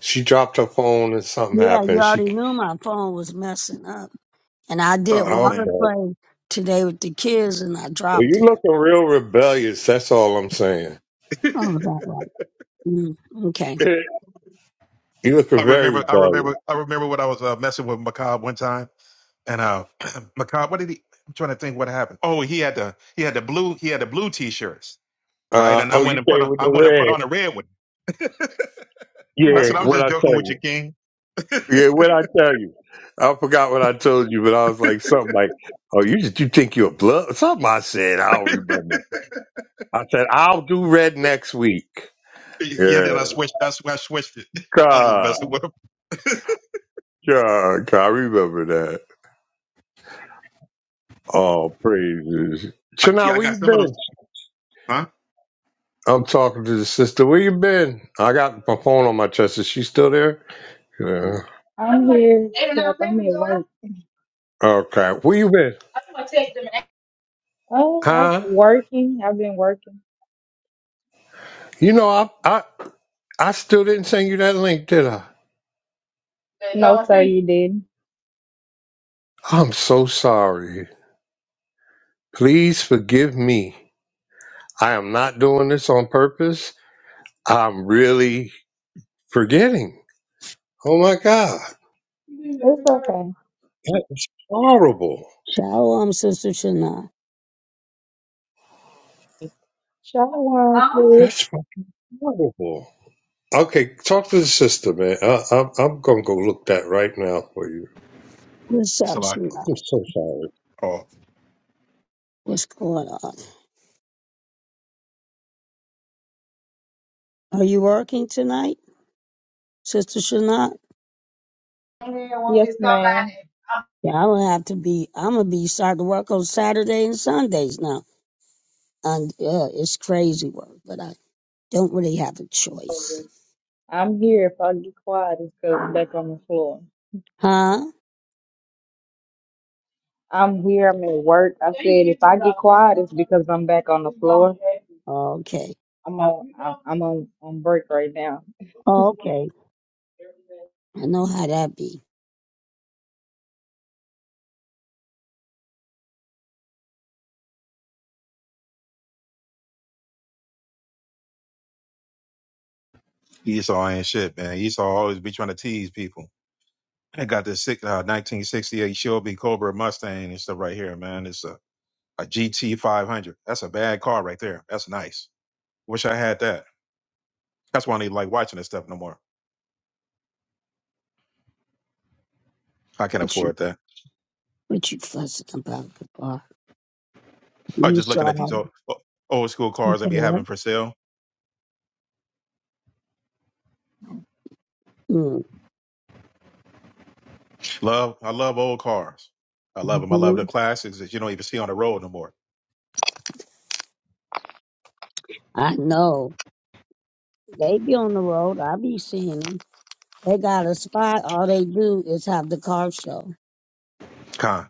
[SPEAKER 1] she dropped her phone and something
[SPEAKER 2] Yeah, you
[SPEAKER 1] happened. She
[SPEAKER 2] already knew my phone was messing up. And I did
[SPEAKER 3] Oh,
[SPEAKER 1] okay.
[SPEAKER 2] water
[SPEAKER 3] man.
[SPEAKER 1] Well,
[SPEAKER 2] play today with the kids and I dropped
[SPEAKER 1] you
[SPEAKER 2] it.
[SPEAKER 1] looking real rebellious. That's all I'm saying.
[SPEAKER 2] Oh, that right. Mm, okay.
[SPEAKER 1] you
[SPEAKER 3] I
[SPEAKER 1] looking very
[SPEAKER 3] remember, I
[SPEAKER 1] rebellious.
[SPEAKER 3] remember, I remember when I was uh, messing with Macab one time, and uh, Macab, what did he? I'm trying to think what happened. Oh, he had the he had the blue he had the blue t-shirts, right?
[SPEAKER 1] Uh
[SPEAKER 3] And I
[SPEAKER 1] oh,
[SPEAKER 3] went
[SPEAKER 1] you
[SPEAKER 3] and put
[SPEAKER 1] came
[SPEAKER 3] on
[SPEAKER 1] with
[SPEAKER 3] I
[SPEAKER 1] the
[SPEAKER 3] went and put on
[SPEAKER 1] red.
[SPEAKER 3] a red one. And
[SPEAKER 2] Oh,
[SPEAKER 3] I
[SPEAKER 1] Yeah,
[SPEAKER 3] said, I'm
[SPEAKER 1] what
[SPEAKER 2] wow.
[SPEAKER 3] just
[SPEAKER 1] I tell
[SPEAKER 3] joking with you,
[SPEAKER 1] you.
[SPEAKER 3] King.
[SPEAKER 1] Yeah, what I tell you. I forgot what I told you, but I was like something like, "Oh, you just you think you're a blood?" Something I said. I don't remember. I said I'll do red next week.
[SPEAKER 3] Yeah,
[SPEAKER 1] Yeah,
[SPEAKER 3] then I switched. That's why I switched it. I was just
[SPEAKER 1] God,
[SPEAKER 3] messing with him.
[SPEAKER 1] God, God, I remember that. Oh, praises.
[SPEAKER 3] I, yeah,
[SPEAKER 1] Chana,
[SPEAKER 3] I
[SPEAKER 1] where you
[SPEAKER 3] got some of those,
[SPEAKER 1] been?
[SPEAKER 3] huh?
[SPEAKER 1] I'm talking to the sister. Where you been? I got my phone on my chest. Is she still there? Yeah.
[SPEAKER 4] I'm here, except I'm at work.
[SPEAKER 1] Okay. Where you been?
[SPEAKER 4] Oh, I've been
[SPEAKER 1] Huh?
[SPEAKER 4] working. I've been working.
[SPEAKER 1] You know, I I I still didn't send you that link, did I?
[SPEAKER 4] No, sir, you didn't.
[SPEAKER 1] I'm so sorry. Please forgive me. I am not doing this on purpose. I'm really forgetting. Oh my God.
[SPEAKER 4] It's okay.
[SPEAKER 1] That's horrible.
[SPEAKER 2] Shalom, Sister Shana.
[SPEAKER 4] Shalom, sis.
[SPEAKER 1] That's horrible. Okay, talk to the sister, man. I, I'm I'm gonna go look that right now for you.
[SPEAKER 2] What's
[SPEAKER 3] It's
[SPEAKER 2] up,
[SPEAKER 3] a lot.
[SPEAKER 2] Shana?
[SPEAKER 1] I'm so sorry.
[SPEAKER 3] Oh,
[SPEAKER 2] What's going on? Are you working tonight, Sister Shana?
[SPEAKER 4] Yes, ma'am.
[SPEAKER 2] Yeah, I'm gonna have to be. I'm gonna be starting to work on Saturday and Sundays now. And yeah, it's crazy work, but I don't really have a choice.
[SPEAKER 4] I'm here if I get quiet, it's 'cause I'm back on the floor.
[SPEAKER 2] Huh?
[SPEAKER 4] I'm here, I'm at work. I said if I get quiet, it's because I'm back on the floor.
[SPEAKER 2] Okay.
[SPEAKER 4] I'm on I'm I'm on, on break right now.
[SPEAKER 2] Okay. I know how that be.
[SPEAKER 3] Esau ain't shit, man. Esau always be trying to tease people. I got this sick, uh, 1968 Shelby Cobra Mustang and stuff right here, man. It's a a GT 500. That's a bad car right there. That's nice. Wish I had that. That's why I need like watching this stuff no more. I can't afford that.
[SPEAKER 2] What you fussing about the
[SPEAKER 3] Or
[SPEAKER 2] You
[SPEAKER 3] just looking at
[SPEAKER 2] saw.
[SPEAKER 3] these old, old school
[SPEAKER 2] You
[SPEAKER 3] cars they
[SPEAKER 2] say
[SPEAKER 3] be
[SPEAKER 2] what?
[SPEAKER 3] having for sale. Love, I love old cars. I love them. I love
[SPEAKER 2] Mm-hmm.
[SPEAKER 3] the classics that you don't even see on the road no more.
[SPEAKER 2] I know. They be on the road. I be seeing them. They got a spot. All they do is have the car show.
[SPEAKER 3] Con.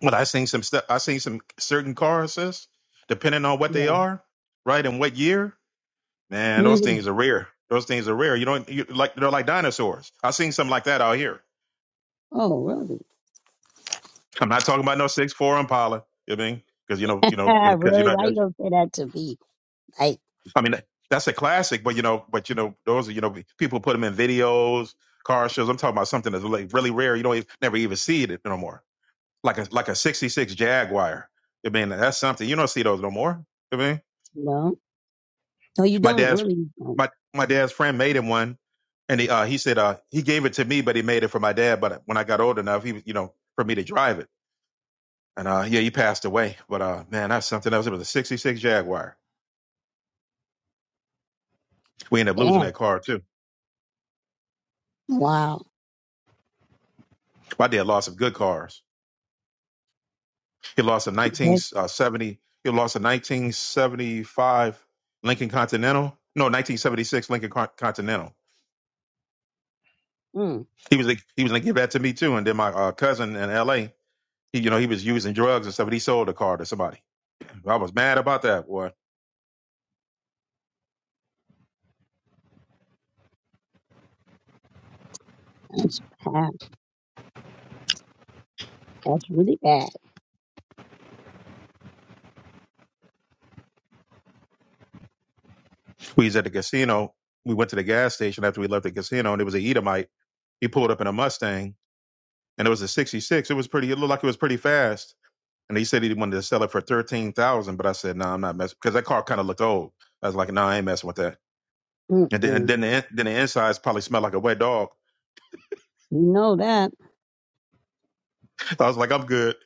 [SPEAKER 3] But I seen some stuff. I seen some certain cars, sis. Depending on what they
[SPEAKER 2] Yeah.
[SPEAKER 3] are, right, and what year, man, those
[SPEAKER 2] hmm
[SPEAKER 3] things are rare. Those things are rare. You don't you, like they're like dinosaurs. I seen something like that out here
[SPEAKER 2] Oh, really?
[SPEAKER 3] I'm not talking about no six four Impala. You know what I mean, because you know, you know, you
[SPEAKER 2] Ah,
[SPEAKER 3] know, because you're
[SPEAKER 2] really?
[SPEAKER 3] not.
[SPEAKER 2] Why you gonna say that to me? Like,
[SPEAKER 3] I mean, that's a classic, but you know, but you know, those are you know, people put them in videos, car shows. I'm talking about something that's like really rare. You don't even, never even see it no more. Like a like a '66 Jaguar. I mean, that's something you don't see those no more. You I mean,
[SPEAKER 2] no. No, you
[SPEAKER 3] my
[SPEAKER 2] don't.
[SPEAKER 3] dad's
[SPEAKER 2] Really? you don't.
[SPEAKER 3] my my dad's friend made him one, and he uh, he said uh, he gave it to me, but he made it for my dad. But when I got old enough, he was you know for me to drive it. And uh, yeah, he passed away. But uh, man, that's something else. It was a '66 Jaguar. We ended up losing that
[SPEAKER 2] Damn.
[SPEAKER 3] car too.
[SPEAKER 2] Wow.
[SPEAKER 3] My dad lost some good cars. He lost a
[SPEAKER 2] That,
[SPEAKER 3] 1970. He lost a 1975 Lincoln Continental. No, 1976 Lincoln Con- Continental.
[SPEAKER 2] mm,
[SPEAKER 3] He was like, he was gonna give that to me too. And then my uh, cousin in L.A. He, you know, he was using drugs and stuff, and he sold the car to somebody. I was mad about that. Boy,
[SPEAKER 2] that's bad. That's really bad.
[SPEAKER 3] we was at the casino. We went to the gas station after we left the casino, and it was a Edomite. He pulled up in a Mustang and it was a 66. It was pretty. It looked like it was pretty fast. And he said he wanted to sell it for thirteen thousand, but I said no, nah, I'm not messing because that car kind of looked old. I was like, no, nah, I ain't messing with that.
[SPEAKER 2] Mm-mm.
[SPEAKER 3] And then, and
[SPEAKER 2] You
[SPEAKER 3] then the in- then the insides probably smelled like a wet dog.
[SPEAKER 2] know that.
[SPEAKER 3] So I was like, I'm good.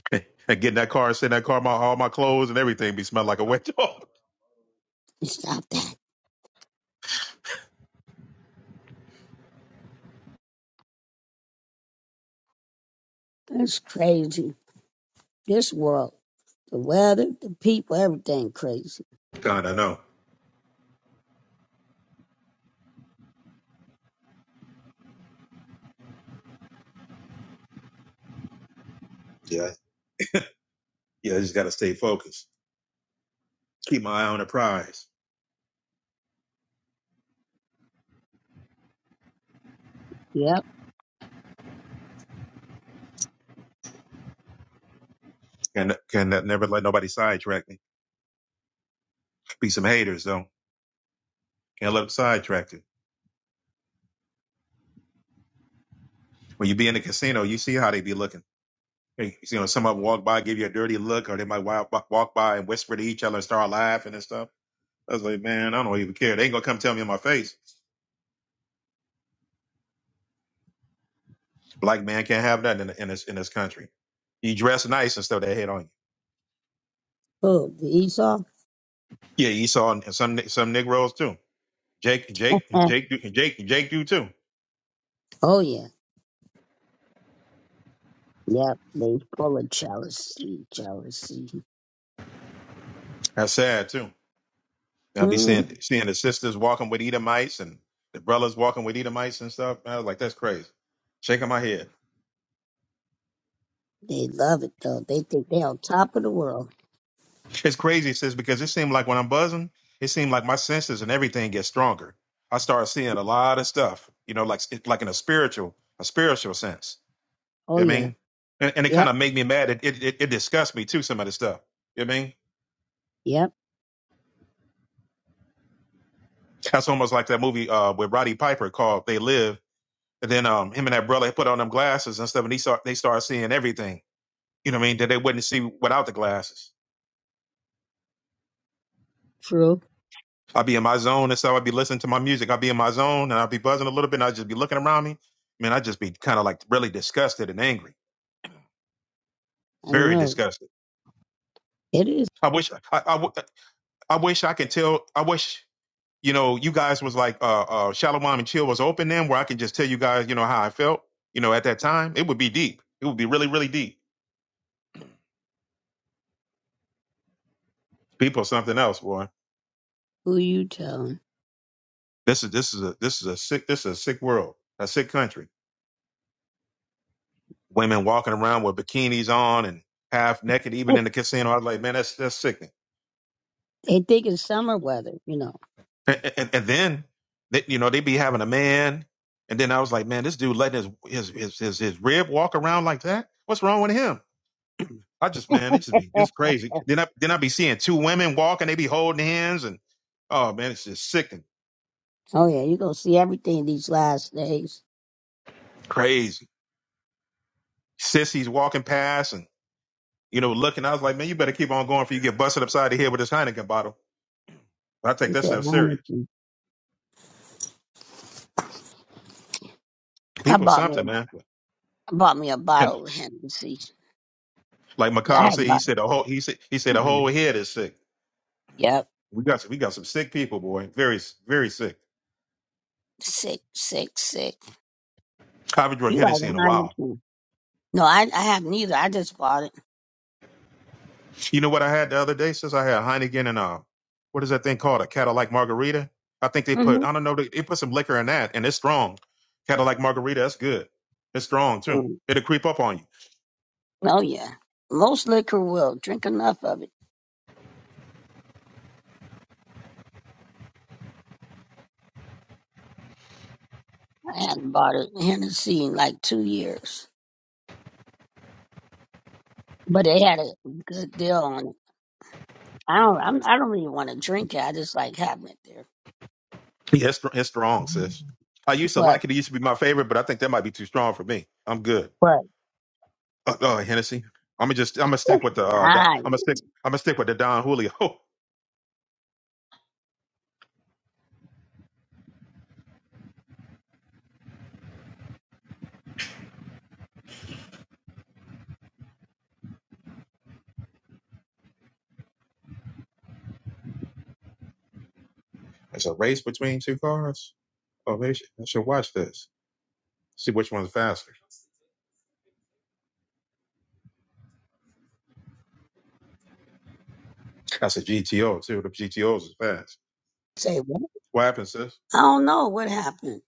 [SPEAKER 3] and getting that car, send that car, my all my clothes and everything be smelled like a wet dog.
[SPEAKER 2] Stop that. That's crazy. This world. The weather, the people, everything crazy.
[SPEAKER 3] God, I know. Yeah, yeah. I just got to stay focused. Keep my eye on the prize.
[SPEAKER 2] Yep.
[SPEAKER 3] And can never let nobody sidetrack me. Be some haters though. Can't let them sidetrack you. When you be in the casino, you see how they be looking. Hey, You know, someone walk by, give you a dirty look, or they might walk, walk by and whisper to each other and start laughing and stuff. I was like, man, I don't even care. They ain't gonna come tell me in my face. Black man can't have that in, in this in this country. You dress nice and stuff, they hate on you.
[SPEAKER 2] Oh, the Esau?
[SPEAKER 3] Yeah, Esau and some some Negroes too. Jake, Jake,
[SPEAKER 2] Eh,
[SPEAKER 3] Jake, do- Jake, Jake do too.
[SPEAKER 2] Oh, yeah. Yep. They full of jealousy, jealousy.
[SPEAKER 3] That's sad too. I'll be
[SPEAKER 2] hmm
[SPEAKER 3] seeing seeing the sisters walking with Edomites and the brothers walking with Edomites and stuff. I was like, that's crazy. Shaking my head.
[SPEAKER 2] They love it, though. They think they on top of the world.
[SPEAKER 3] It's crazy, sis, because it seemed like when I'm buzzing, it seemed like my senses and everything gets stronger. I start seeing a lot of stuff, you know, like it- like in a spiritual, a spiritual sense.
[SPEAKER 2] Oh,
[SPEAKER 3] You know what I
[SPEAKER 2] yeah.
[SPEAKER 3] mean? And, and it kind
[SPEAKER 2] Yep.
[SPEAKER 3] of made me mad. It, it it it disgusts me too. Some of the stuff. You know what I mean?
[SPEAKER 2] Yep.
[SPEAKER 3] That's almost like that movie uh, with Roddy Piper called "They Live." And then um, him and that brother put on them glasses and stuff, and he saw they started seeing everything. You know what I mean? That they wouldn't see without the glasses.
[SPEAKER 2] True.
[SPEAKER 3] i would be in my zone and so i would be listening to my music. i would be in my zone and i would be buzzing a little bit and i would just be looking around me. Man, I'd just be kind of like really disgusted and angry,
[SPEAKER 2] I
[SPEAKER 3] very
[SPEAKER 2] know.
[SPEAKER 3] disgusted.
[SPEAKER 2] It is
[SPEAKER 3] I wish I, I, w- I wish I could tell. I wish, you know, you guys was like uh, uh, Shalom and Chill was open then where I can just tell you guys, you know, how I felt, you know, at that time. It would be deep. It would be really, really deep. People are something else, boy.
[SPEAKER 2] who you telling.
[SPEAKER 3] This is this is a this is a sick this is a sick world, a sick country. Women walking around with bikinis on and half naked, even in the casino. I was like, man, that's that's sickening
[SPEAKER 2] They think it's summer weather, you know.
[SPEAKER 3] And, and, and then they, you know, they be having a man. And then I was like, man, this dude letting his, his, his, his, his rib walk around like that. What's wrong with him? I just, man, it just be, it's crazy. Then I, then I be seeing two women walk and they be holding hands and, oh man, it's just sick and
[SPEAKER 2] Oh, yeah. You're going to see everything these last days.
[SPEAKER 3] crazy. Sissies walking past and, you know, looking. I was like, man, you better keep on going before you get busted upside the head with this Heineken bottle. But I take
[SPEAKER 2] You
[SPEAKER 3] that
[SPEAKER 2] said,
[SPEAKER 3] stuff serious.
[SPEAKER 2] Hennessy. I
[SPEAKER 3] People are
[SPEAKER 2] bought me
[SPEAKER 3] something,
[SPEAKER 2] a,
[SPEAKER 3] man.
[SPEAKER 2] I bought me a
[SPEAKER 3] And
[SPEAKER 2] bottle of Hennessy.
[SPEAKER 3] like
[SPEAKER 2] I
[SPEAKER 3] Macabre
[SPEAKER 2] had
[SPEAKER 3] said, he
[SPEAKER 2] about,
[SPEAKER 3] said a whole, he said, he said a whole head is sick.
[SPEAKER 2] yep.
[SPEAKER 3] We got some, we got some sick people, boy. Very very sick.
[SPEAKER 2] Sick, sick, sick.
[SPEAKER 3] I haven't drunk
[SPEAKER 2] You like a
[SPEAKER 3] Hennessy in a while.
[SPEAKER 2] Heineken. No, I, I have neither. I just bought it.
[SPEAKER 3] You know what I had the other day? Since I had Heineken and uh, what is that thing called? A Cadillac Margarita. I think they put
[SPEAKER 2] hmm
[SPEAKER 3] I don't know they, they put some liquor in that, and it's strong. Cadillac Margarita, that's good. It's strong too.
[SPEAKER 2] Mm.
[SPEAKER 3] It'll creep up on you.
[SPEAKER 2] Oh, yeah. Most liquor will drink enough of it. I hadn't bought it Hennessy in like two years, but they had a good deal on it. I don't, I'm, I don't really want to drink it. I just like having it there.
[SPEAKER 3] Yeah, it's, str- it's strong, sis. I used to
[SPEAKER 2] But,
[SPEAKER 3] like it. It used to be my favorite, but I think that might be too strong for me. I'm good.
[SPEAKER 2] but,
[SPEAKER 3] Uh, uh Hennessy. I'm gonna just I'm gonna stick with the uh Don-
[SPEAKER 2] I
[SPEAKER 3] I'm gonna stick I'm gonna stick with the Don Julio. It's a race between two cars. Oh, maybe she, I should watch this. See which one's faster. I said GTO too. The GTOs is fast.
[SPEAKER 2] say, what?
[SPEAKER 3] What happens, sis?
[SPEAKER 2] I don't know what happened.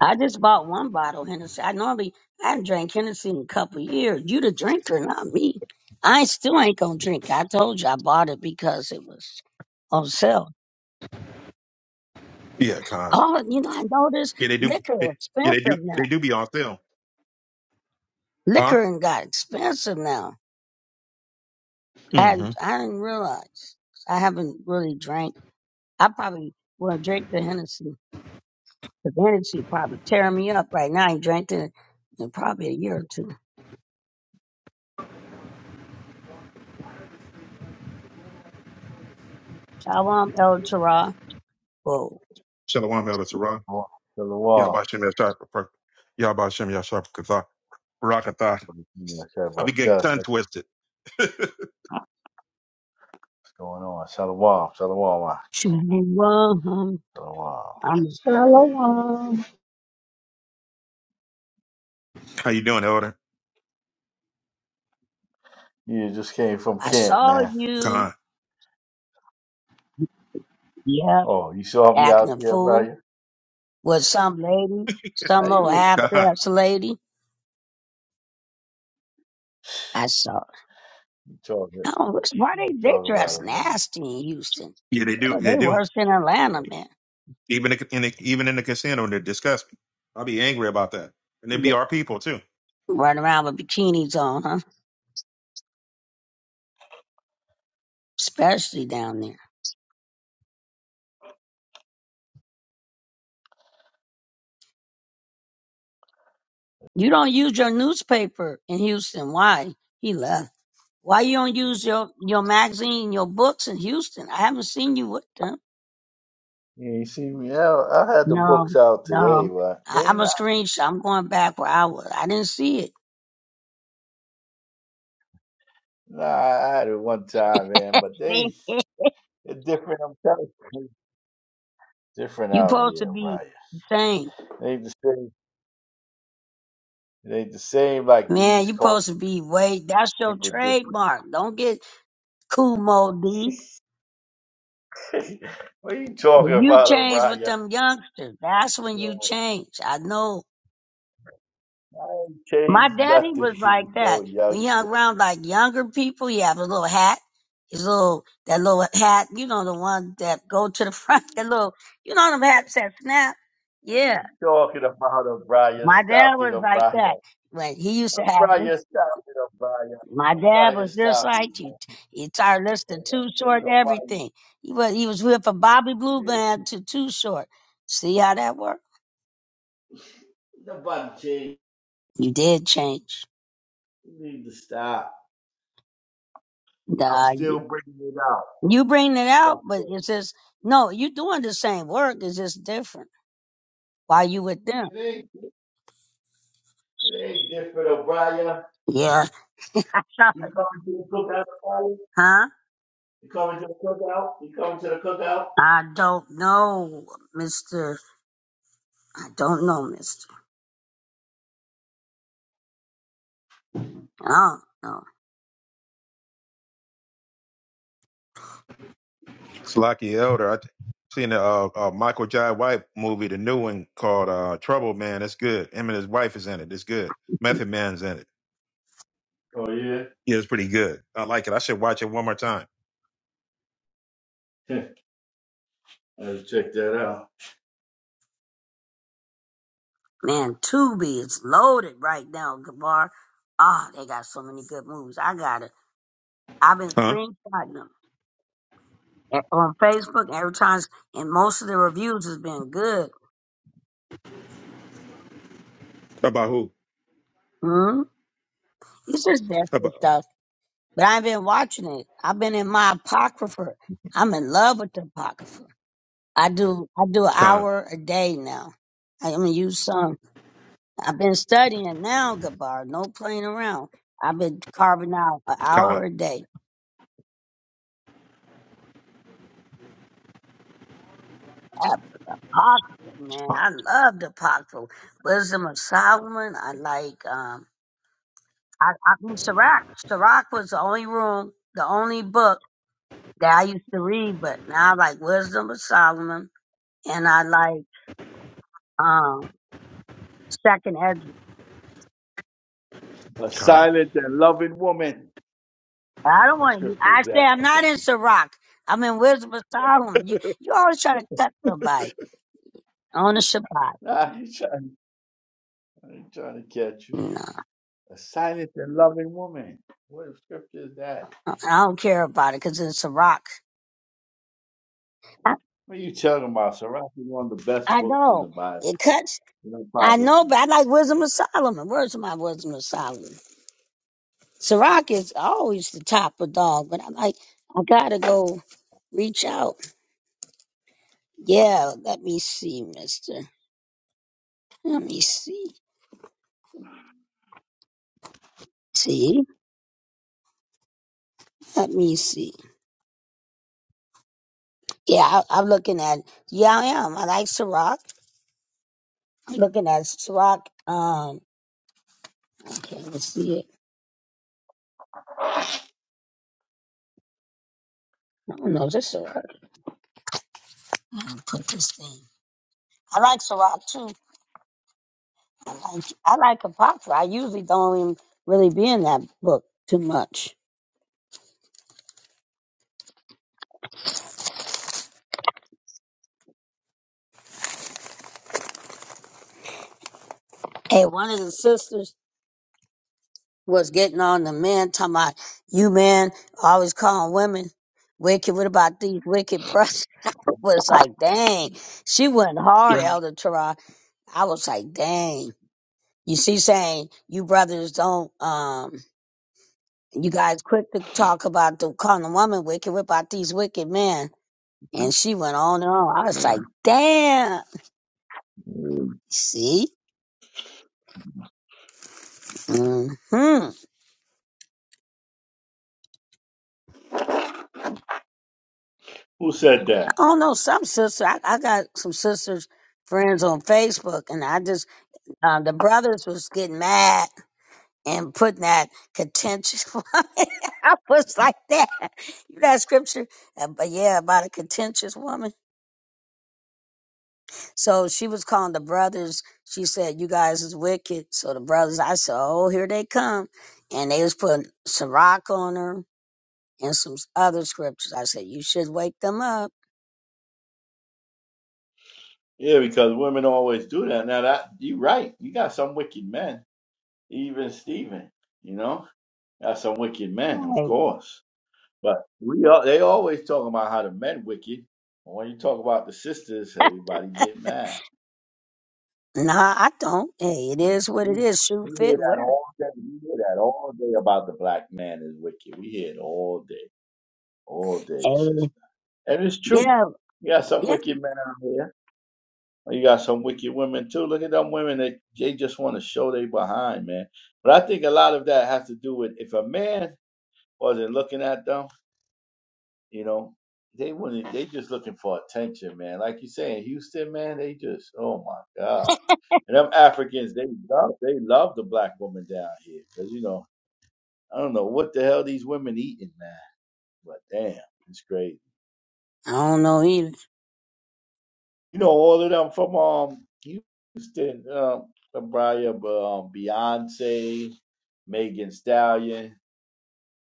[SPEAKER 2] I just bought one bottle Hennessy. I normally I haven't drank Hennessy in a couple of years. You the drinker, not me. I still ain't gonna drink. I told you I bought it because it was on sale.
[SPEAKER 3] Yeah, con.
[SPEAKER 2] Oh, you know, I noticed
[SPEAKER 3] Yeah, they do.
[SPEAKER 2] liquor
[SPEAKER 3] They, yeah, they
[SPEAKER 2] expensive
[SPEAKER 3] do. They
[SPEAKER 2] now.
[SPEAKER 3] do be on sale, huh?
[SPEAKER 2] Liquor and got expensive now. I
[SPEAKER 3] Mm-hmm.
[SPEAKER 2] hadn't, I didn't realize. I haven't really drank. I probably will drink the Hennessy. The Hennessy probably tearing me up right now. I ain't drank it in probably a year or two. Shalom El Torah.
[SPEAKER 3] Shalom, Elder Torah.
[SPEAKER 5] Shalom, shalom.
[SPEAKER 3] Yabashim Yashar. Yabashim Yashar. Kathah. Barakathah. I
[SPEAKER 5] Shabbat
[SPEAKER 3] be getting
[SPEAKER 5] Shalom.
[SPEAKER 3] tongue
[SPEAKER 5] What's
[SPEAKER 3] twisted.
[SPEAKER 5] going on? Shalom, shalom,
[SPEAKER 2] 21.
[SPEAKER 5] shalom.
[SPEAKER 2] Um,
[SPEAKER 4] Shalom.
[SPEAKER 3] How you doing, Elder?
[SPEAKER 5] You just came from
[SPEAKER 2] I
[SPEAKER 5] camp,
[SPEAKER 2] saw
[SPEAKER 5] man.
[SPEAKER 2] you.
[SPEAKER 3] Con.
[SPEAKER 2] Yep,
[SPEAKER 5] Oh, you saw me out
[SPEAKER 2] acting a
[SPEAKER 5] there, bro.
[SPEAKER 2] fool
[SPEAKER 5] You-
[SPEAKER 2] with some lady,
[SPEAKER 5] How
[SPEAKER 2] some
[SPEAKER 5] you
[SPEAKER 2] old
[SPEAKER 5] mean?
[SPEAKER 2] half
[SPEAKER 3] Con.
[SPEAKER 2] dressed lady. I saw.
[SPEAKER 5] You talking,
[SPEAKER 2] I don't know, why
[SPEAKER 5] you
[SPEAKER 2] they, they
[SPEAKER 5] talking about
[SPEAKER 2] dress
[SPEAKER 5] it, man.
[SPEAKER 2] nasty in Houston.
[SPEAKER 3] Yeah, they do.
[SPEAKER 2] Oh,
[SPEAKER 3] They
[SPEAKER 2] they
[SPEAKER 3] do.
[SPEAKER 2] worse than Atlanta, man.
[SPEAKER 3] Even in the, even in the casino, they disgust me. I'll be angry about that, and they be
[SPEAKER 2] They
[SPEAKER 3] our people too.
[SPEAKER 2] Run around with bikinis on, huh? Especially down there. You don't use your newspaper in Houston. Why? He left. Why you don't use your, your magazine, your books in Houston? I haven't seen you with them.
[SPEAKER 5] Yeah, you see me out. I had the
[SPEAKER 2] No,
[SPEAKER 5] books out today,
[SPEAKER 2] no.
[SPEAKER 5] but
[SPEAKER 2] I,
[SPEAKER 5] they
[SPEAKER 2] I'm a
[SPEAKER 5] not.
[SPEAKER 2] screenshot. I'm going back where I was. I didn't see it.
[SPEAKER 5] Nah, I had it one time, man, but they,
[SPEAKER 2] See?
[SPEAKER 5] they're different. I'm telling you, different
[SPEAKER 2] you
[SPEAKER 5] out
[SPEAKER 2] supposed to
[SPEAKER 5] here,
[SPEAKER 2] be
[SPEAKER 5] Brian.
[SPEAKER 2] the same.
[SPEAKER 5] They the same. They the same like the
[SPEAKER 2] Man, you
[SPEAKER 5] East Coast
[SPEAKER 2] supposed to be way that's your
[SPEAKER 5] people different.
[SPEAKER 2] trademark. Don't get cool mode D.
[SPEAKER 5] what are you
[SPEAKER 2] If
[SPEAKER 5] talking
[SPEAKER 2] you
[SPEAKER 5] about,
[SPEAKER 2] change with
[SPEAKER 5] Araya?
[SPEAKER 2] them youngsters, that's when you
[SPEAKER 5] No,
[SPEAKER 2] change. I know.
[SPEAKER 5] I ain't
[SPEAKER 2] My
[SPEAKER 5] changed
[SPEAKER 2] daddy
[SPEAKER 5] nothing.
[SPEAKER 2] was
[SPEAKER 5] He
[SPEAKER 2] like
[SPEAKER 5] was no
[SPEAKER 2] that. When he
[SPEAKER 5] youngster.
[SPEAKER 2] hung around like younger people, he have a little hat. His little that little hat, you know the one that go to the
[SPEAKER 5] What
[SPEAKER 2] front, that little you know them hats that snap. Yeah
[SPEAKER 5] you Talking about O'Brien,
[SPEAKER 2] My dad
[SPEAKER 5] stop it,
[SPEAKER 2] was like
[SPEAKER 5] O'Brien.
[SPEAKER 2] that. When he used to have this,
[SPEAKER 5] O'Brien, stop it, O'Brien.
[SPEAKER 2] my dad
[SPEAKER 5] O'Brien,
[SPEAKER 2] was just
[SPEAKER 5] stop it,
[SPEAKER 2] like you.
[SPEAKER 5] man.
[SPEAKER 2] He tired listening to Too
[SPEAKER 5] Ain't
[SPEAKER 2] Short,
[SPEAKER 5] nobody,
[SPEAKER 2] everything. He was he was with a Bobby Blue
[SPEAKER 5] ain't
[SPEAKER 2] band to Too Short. See how that worked?
[SPEAKER 5] nobody changed.
[SPEAKER 2] You did change.
[SPEAKER 5] You need to stop. I'm
[SPEAKER 2] Nah,
[SPEAKER 5] still
[SPEAKER 2] you,
[SPEAKER 5] bringing it out.
[SPEAKER 2] you bring it
[SPEAKER 5] Okay.
[SPEAKER 2] out, but it's just no. You doing the same work. It's just different. Why you with them?
[SPEAKER 5] It ain't, it ain't different, O'Brien.
[SPEAKER 2] Yeah. I know.
[SPEAKER 5] You coming to the cookout, O'Brien?
[SPEAKER 2] huh?
[SPEAKER 5] You coming to the cookout? You coming to the cookout?
[SPEAKER 2] I don't know, Mister. I don't know, Mister. I don't know.
[SPEAKER 3] Slocky Elder. I seen a, uh uh Michael Jai White movie, the new one called uh, Trouble Man. It's good. Him and his wife is in it. It's good. Method Man's in it.
[SPEAKER 5] Oh yeah.
[SPEAKER 3] Yeah, it's pretty good. I like it. I should watch it one more time.
[SPEAKER 5] Let's check that out.
[SPEAKER 2] Man, Tubi is loaded right now, Gabar. Ah, they got so many good movies. I got it. I've been
[SPEAKER 3] Huh?
[SPEAKER 2] screenshotting them at- on Facebook every time, and most of the reviews has been good.
[SPEAKER 3] About who?
[SPEAKER 2] Hmm? It's just desperate
[SPEAKER 3] About
[SPEAKER 2] stuff. But I've been watching it. I've been in my apocrypha. I'm in love with the apocrypha. I do. I do an
[SPEAKER 3] Khan.
[SPEAKER 2] hour a day now. I'm gonna use some. I've been studying now, Gabar. No playing around. I've been carving out an
[SPEAKER 3] Khan.
[SPEAKER 2] hour a day Yeah, but the Apocrypha, man. I love the Apocryphal. Wisdom of Solomon. I like, um, I, I mean, Sirach. Sirach was the only room, the only book that I used to read, but now I like Wisdom of Solomon and I like, um, Second Ezra.
[SPEAKER 5] A
[SPEAKER 3] Khan.
[SPEAKER 5] silent and loving woman.
[SPEAKER 2] I don't
[SPEAKER 5] What
[SPEAKER 2] want to,
[SPEAKER 5] scripture is
[SPEAKER 2] I say
[SPEAKER 5] that
[SPEAKER 2] I'm not
[SPEAKER 5] about?
[SPEAKER 2] in Sirach. I'm in Wisdom of Solomon. You, you always try to cut somebody on the Shabbat.
[SPEAKER 5] Nah, he's trying, he trying to catch you.
[SPEAKER 2] No,
[SPEAKER 5] A silent and loving woman. What scripture is that?
[SPEAKER 2] I don't care about it because it's Sirach. I,
[SPEAKER 5] What are you talking about? Sirach is one of the best
[SPEAKER 2] I
[SPEAKER 5] books in
[SPEAKER 2] know.
[SPEAKER 5] the Bible.
[SPEAKER 2] It cuts.
[SPEAKER 5] You know,
[SPEAKER 2] I
[SPEAKER 5] Apocrypha.
[SPEAKER 2] know, but I like Wisdom of Solomon. Where's my Wisdom of Solomon? Sirach is always the top of dog, but I'm like, I gotta go reach out. Yeah, let me see, mister. Let me see. See? Let me see. Yeah, I, I'm looking at, yeah, I am. I like Sirach. I'm looking at Sirach. Um, okay, let's see it. I don't know, is this Sirach? I'm gonna put this thing. I like Sirach too. I like, I like Apocrypha. I usually don't even really be in that book too much. And one of the sisters was getting on the men, talking about, you men always calling women wicked. What about these wicked brothers? I was like, dang. She went hard, Elder Tara. I was like, dang. You see, saying, you brothers don't, um, you guys quick to talk about the calling a woman wicked. What about these wicked men? And she went on and on. I was like, damn. See? hmm
[SPEAKER 5] Who said that?
[SPEAKER 2] Oh no, some sister. I, I got some sisters friends on Facebook, and I just uh, the brothers was getting mad and putting that contentious. I was like that. You know that scripture, Uh, but yeah, about a contentious woman. So she was calling the brothers. She said, "You guys is wicked." So the brothers, I said, "Oh, here they come," and they was putting Sirach on her and some other scriptures. I said, "You should wake them up."
[SPEAKER 5] Yeah, because women always do that. Now that you're right. You got some wicked men, even Stephen. You know, got some wicked men, of
[SPEAKER 2] Right.
[SPEAKER 5] course. But we are, they always talking about how the men wicked. But when you talk about the sisters, everybody get mad.
[SPEAKER 2] Nah, I don't. Hey, it
[SPEAKER 5] Mhm.
[SPEAKER 2] is what it
[SPEAKER 5] We
[SPEAKER 2] is. Shoe
[SPEAKER 5] we hear
[SPEAKER 2] fit
[SPEAKER 5] that
[SPEAKER 2] wear. it.
[SPEAKER 5] all day. We hear that all day about the black man is wicked. We hear it all day, all day,
[SPEAKER 2] Hey,
[SPEAKER 5] sister. And it's true.
[SPEAKER 2] yeah,
[SPEAKER 5] You got some
[SPEAKER 2] yeah.
[SPEAKER 5] wicked men out here. and You got some wicked women too. Look at them women. They they just want to show they behind, man. But I think a lot of that has to do with if a man wasn't looking at them. You know, they wouldn't. They just looking for attention, man. Like you say in Houston, man, they just oh my god. And them Africans, they love they love the black woman down here because you know I don't know what the hell these women eating, man. But damn, it's crazy.
[SPEAKER 2] I don't know either.
[SPEAKER 5] You know, all of them from um Houston, um, Abraya, um, Beyonce, Megan Stallion,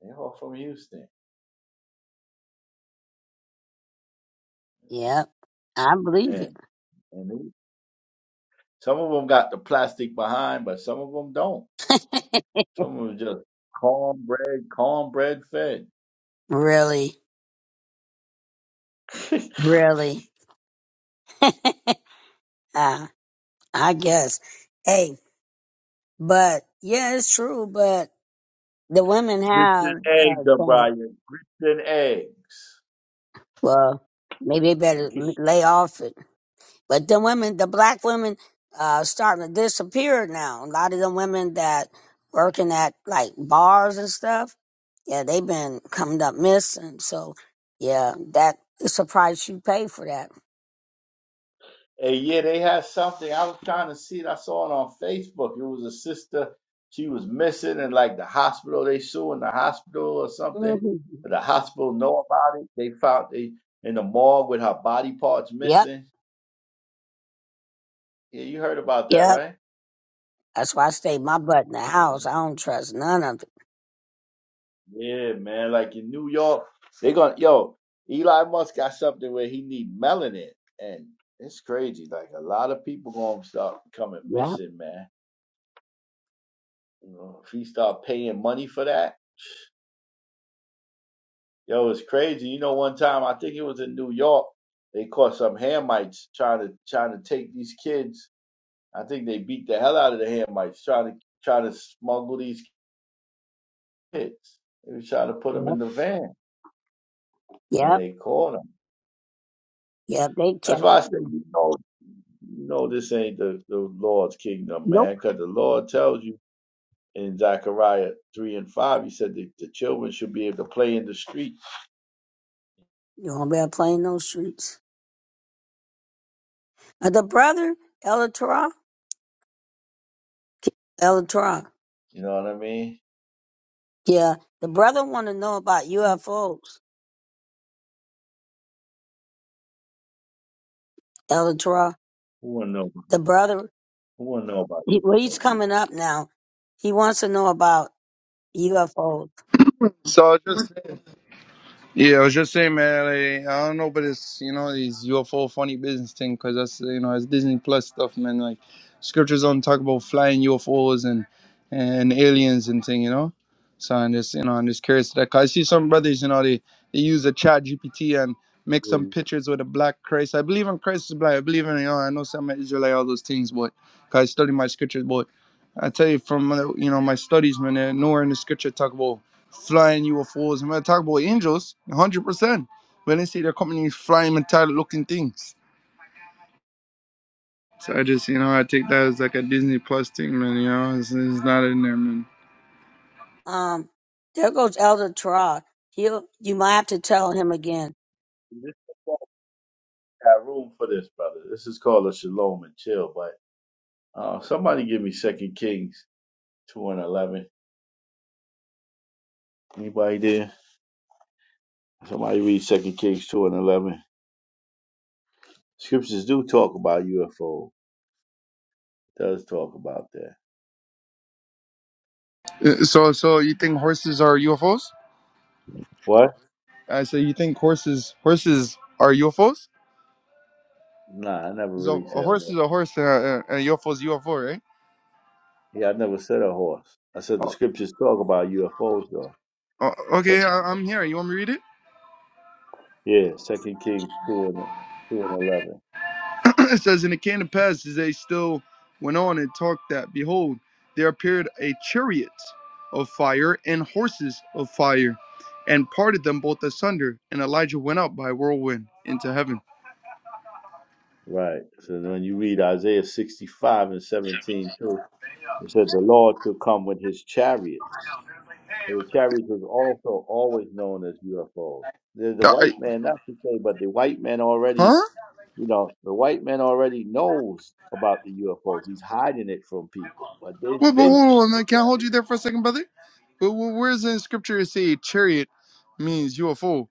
[SPEAKER 5] they all from Houston,
[SPEAKER 2] Yeah, I believe it.
[SPEAKER 5] and and they, some of them got the plastic behind, but some of them don't. Someone was just cornbread, cornbread fed.
[SPEAKER 2] really,
[SPEAKER 5] Grits
[SPEAKER 2] really. uh, I guess. Hey, but yeah, it's true. But the women
[SPEAKER 5] and
[SPEAKER 2] have
[SPEAKER 5] eggs,
[SPEAKER 2] uh, changed.
[SPEAKER 5] O'Brien. Grits and eggs.
[SPEAKER 2] Well, maybe they better lay off it But the women, the black women, uh, starting to disappear now. A lot of the women that working at like bars and stuff, yeah, they have been coming up missing. So, yeah, that it's a price you pay for that.
[SPEAKER 5] And yeah, they had something. I was trying to see it. I saw it on Facebook. It was a sister. She was missing, and like the hospital, they suing the hospital or something.
[SPEAKER 2] hmm
[SPEAKER 5] But the hospital know about it. They found they in the mall with her body parts
[SPEAKER 2] Yep,
[SPEAKER 5] missing. Yeah, you heard about that,
[SPEAKER 2] yep.
[SPEAKER 5] right?
[SPEAKER 2] That's why I stay my butt in the house. I don't trust none of it.
[SPEAKER 5] Yeah, man. Like in New York, they gonna yo, Elon Musk got something where he need melanin and it's crazy. Like a lot of people gonna start coming
[SPEAKER 2] Yep,
[SPEAKER 5] missing, man. You know, if he start paying money for that, yo, it's crazy. You know, one time I think it was in New York, they caught some Hamites trying to trying to take these kids. I think they beat the hell out of the Hamites trying to trying to smuggle these kids. They was trying to put them
[SPEAKER 2] yep,
[SPEAKER 5] in the van and
[SPEAKER 2] yep,
[SPEAKER 5] they caught them.
[SPEAKER 2] yep. They
[SPEAKER 5] That's
[SPEAKER 2] catch
[SPEAKER 5] why I say
[SPEAKER 2] me.
[SPEAKER 5] you know No, this ain't the, the Lord's kingdom,
[SPEAKER 2] Nope.
[SPEAKER 5] man. Because the Lord tells you in Zechariah 3 and 5, he said that the children should be able to play in the street.
[SPEAKER 2] You won't be out playing those streets. Uh, the brother, Ella Torah.
[SPEAKER 5] You know what I mean?
[SPEAKER 2] Yeah, the brother want to know about UFOs, Elytra.
[SPEAKER 5] Who wanna know?
[SPEAKER 2] The brother,
[SPEAKER 5] Who wanna know about
[SPEAKER 2] he,
[SPEAKER 5] you?
[SPEAKER 2] well, he's coming up now. He wants to know about UFOs.
[SPEAKER 6] So I was just yeah, I was just saying, man. Like, I don't know, but it's you know these UFO funny business thing because that's you know it's Disney Plus stuff, man. Like scriptures don't talk about flying UFOs and and aliens and thing, you know. So I'm just you know I'm just curious to that 'cause I see some brothers, you know, they they use a Chat GPT and make some pictures with a black Christ. I believe in Christ is black. I believe in you know I know some Israelite all those things, but 'cause I study my scriptures, but I tell you from uh, you know my studies, man, uh, nowhere in the scripture talk about flying UFOs. And we're talking about angels, 100%. When they see they're coming in flying metallic looking things. So I just, you know, I take that as like a Disney Plus thing, man. You know, it's, it's not in there, man.
[SPEAKER 2] Um, there goes Elder Tra. He'll, you might have to tell him again.
[SPEAKER 5] This got room for this, brother. This is called a shalom and chill. But uh, somebody give me Second Kings 2 and 11. Anybody there? Somebody read Second Kings 2 and 11. Scriptures do talk about UFO. does talk about that.
[SPEAKER 6] Uh, So, so you think horses are UFOs?
[SPEAKER 5] What?
[SPEAKER 6] I said, you think horses, horses are UFOs?
[SPEAKER 5] Nah, I never
[SPEAKER 6] So
[SPEAKER 5] really
[SPEAKER 6] a
[SPEAKER 5] said what.
[SPEAKER 6] horse is a horse, and a, UFO is UFO, right?
[SPEAKER 5] Yeah, I never said a horse. I said the
[SPEAKER 6] Oh,
[SPEAKER 5] scriptures talk about UFOs though.
[SPEAKER 6] oh,
[SPEAKER 5] It talk
[SPEAKER 6] okay, I,
[SPEAKER 5] about-
[SPEAKER 6] I'm here. You want me to read it?
[SPEAKER 5] Yeah, Second Kings two and two and eleven.
[SPEAKER 6] it says, And it came to pass as they still went on and talked that, behold, there appeared a chariot of fire and horses of fire, and parted them both asunder. And Elijah went up by a whirlwind into heaven.
[SPEAKER 5] Right. So when you read Isaiah sixty five and seventeen too, it said the Lord will come with his chariots. And the chariots was also always known as UFOs. The, the
[SPEAKER 6] Uh, I-
[SPEAKER 5] white man, not to say, but the white man already,
[SPEAKER 6] huh?
[SPEAKER 5] you know, the white man already knows about the UFOs. He's hiding it from people, but they've
[SPEAKER 6] Well, but
[SPEAKER 5] been
[SPEAKER 6] hold on. I can't hold you there for a second, brother. But wh- where is it in scripture it say chariot means UFO?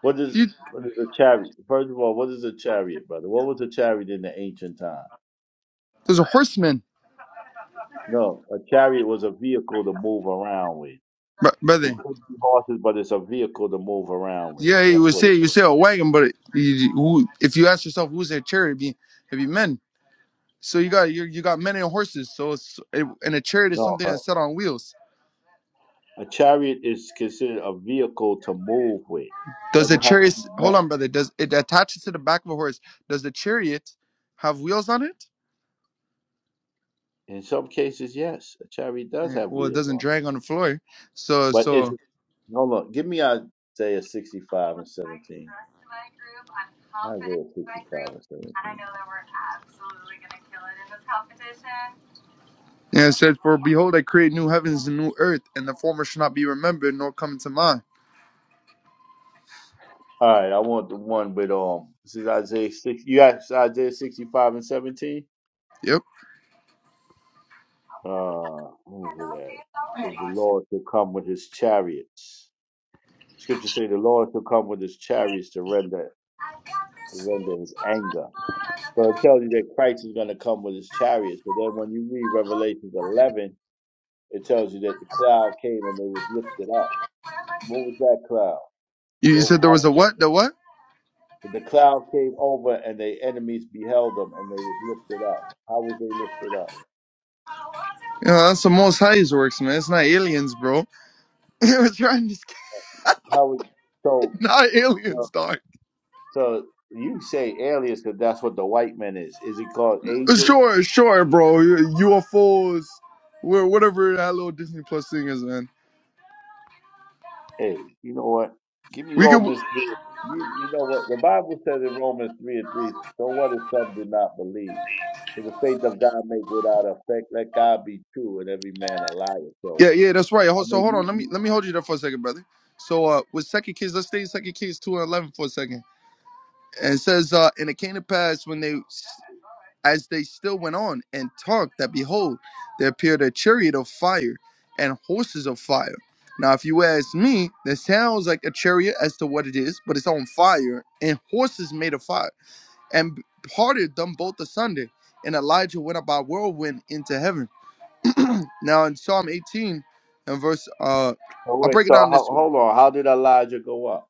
[SPEAKER 5] What is
[SPEAKER 6] Dude,
[SPEAKER 5] what is a chariot? First of all, what is a chariot, brother? What was a chariot in the ancient time?
[SPEAKER 6] there's a horseman,
[SPEAKER 5] No, a chariot was a vehicle to move around with.
[SPEAKER 6] Br-
[SPEAKER 5] It
[SPEAKER 6] brother.
[SPEAKER 5] could be horses, but it's a vehicle to move around with.
[SPEAKER 6] Yeah, you
[SPEAKER 5] That's
[SPEAKER 6] would
[SPEAKER 5] what it
[SPEAKER 6] say you
[SPEAKER 5] was.
[SPEAKER 6] say a wagon, but you, who, if you ask yourself who's that chariot, be, it'd be men. So you got you, you got men and horses. So it's, it, and a chariot is
[SPEAKER 5] No,
[SPEAKER 6] something that's
[SPEAKER 5] a,
[SPEAKER 6] set on wheels.
[SPEAKER 5] a chariot is considered a vehicle to move with.
[SPEAKER 6] Does the
[SPEAKER 5] Doesn't have to
[SPEAKER 6] chariot?
[SPEAKER 5] be
[SPEAKER 6] Hold
[SPEAKER 5] met.
[SPEAKER 6] on, brother. Does it attaches to the back of a horse? Does the chariot have wheels on it?
[SPEAKER 5] In some cases, yes, a chariot does
[SPEAKER 6] Eh,
[SPEAKER 5] have
[SPEAKER 6] Well, it
[SPEAKER 5] wheels
[SPEAKER 6] doesn't
[SPEAKER 5] on it.
[SPEAKER 6] drag on the floor. So
[SPEAKER 5] But it's
[SPEAKER 6] so
[SPEAKER 5] hold on. Give me Isaiah sixty-five and seventeen. Isaiah sixty-five and seventeen.
[SPEAKER 6] yeah, it says, "For behold, I create new heavens and new earth, and the former shall not be remembered nor come into mind."
[SPEAKER 5] All right, I want the one with um. This is Isaiah six. You got Isaiah sixty-five and seventeen.
[SPEAKER 6] Yep.
[SPEAKER 5] Uh, what is that? Because the Lord shall come with His chariots. Scripture say the Lord shall come with His chariots to render to render His anger. So it tells you that Christ is going to come with His chariots. But then when you read Revelations eleven, it tells you that the cloud came and they was lifted up. What was that cloud?
[SPEAKER 6] You you
[SPEAKER 5] Well,
[SPEAKER 6] said there
[SPEAKER 5] how?
[SPEAKER 6] was a
[SPEAKER 5] was
[SPEAKER 6] what? The what?
[SPEAKER 5] The cloud came over and their enemies beheld them and they was lifted up. How was they lifted up?
[SPEAKER 6] Yeah, that's the Most High's works, man. It's not aliens, bro. We're trying to
[SPEAKER 5] How was so
[SPEAKER 6] not
[SPEAKER 5] so
[SPEAKER 6] aliens, dog.
[SPEAKER 5] so you say aliens because that's what the white man is. Is it called angel?
[SPEAKER 6] Sure, sure, bro. UFOs, wh- whatever that little Disney Plus thing is, man.
[SPEAKER 5] Hey, you know what? Give me
[SPEAKER 6] We could,
[SPEAKER 5] Romans three. You, you know what? The Bible says in Romans three and three, so what if some do not believe? To the faith of God make without effect, let God be true and every man a liar. So
[SPEAKER 6] yeah, yeah, that's right.
[SPEAKER 5] I
[SPEAKER 6] Hold- So
[SPEAKER 5] mean
[SPEAKER 6] hold on,
[SPEAKER 5] you,
[SPEAKER 6] let me
[SPEAKER 5] you
[SPEAKER 6] let me hold you there for a second, brother. So uh, with Second Kings, let's stay in Second Kings two and eleven for a second. And it says, uh, and it came to pass when they, as they still went on and talked, that behold, there appeared a chariot of fire and horses of fire. Now, if you ask me, that sounds like a chariot as to what it is, but it's on fire and horses made of fire. and parted them both asunder. And Elijah went up by whirlwind into heaven. now in Psalm 18 and verse, uh,
[SPEAKER 5] oh
[SPEAKER 6] I'll
[SPEAKER 5] wait,
[SPEAKER 6] break it
[SPEAKER 5] so
[SPEAKER 6] down this
[SPEAKER 5] ho-
[SPEAKER 6] way.
[SPEAKER 5] hold on, how did Elijah go up?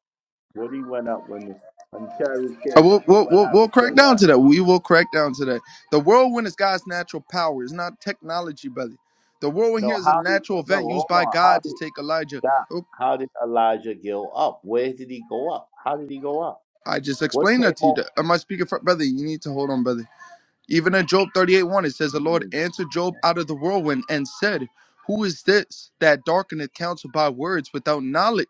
[SPEAKER 5] What he went up when the when Cherry
[SPEAKER 6] Uh,
[SPEAKER 5] came?
[SPEAKER 6] We'll,
[SPEAKER 5] What did,
[SPEAKER 6] we'll,
[SPEAKER 5] what
[SPEAKER 6] we'll, we'll
[SPEAKER 5] happened to
[SPEAKER 6] crack down
[SPEAKER 5] Elijah?
[SPEAKER 6] to that. We will crack down to that. The whirlwind is God's natural power. It's not technology, brother. The whirlwind here
[SPEAKER 5] No,
[SPEAKER 6] is a
[SPEAKER 5] how did
[SPEAKER 6] natural
[SPEAKER 5] no?
[SPEAKER 6] event
[SPEAKER 5] Hold
[SPEAKER 6] used by
[SPEAKER 5] on. How
[SPEAKER 6] God to
[SPEAKER 5] did
[SPEAKER 6] take Elijah.
[SPEAKER 5] stop?
[SPEAKER 6] Oh,
[SPEAKER 5] How did Elijah go up? Where did he go up? How did he go up?
[SPEAKER 6] I just
[SPEAKER 5] What
[SPEAKER 6] explained
[SPEAKER 5] came
[SPEAKER 6] that to you.
[SPEAKER 5] on?
[SPEAKER 6] Am I speaking for brother? You need to hold on, brother. Even in Job 38 1, it says, The Lord
[SPEAKER 5] Mm,
[SPEAKER 6] answered Job out of the whirlwind and said, Who is this that darkeneth counsel by words without knowledge?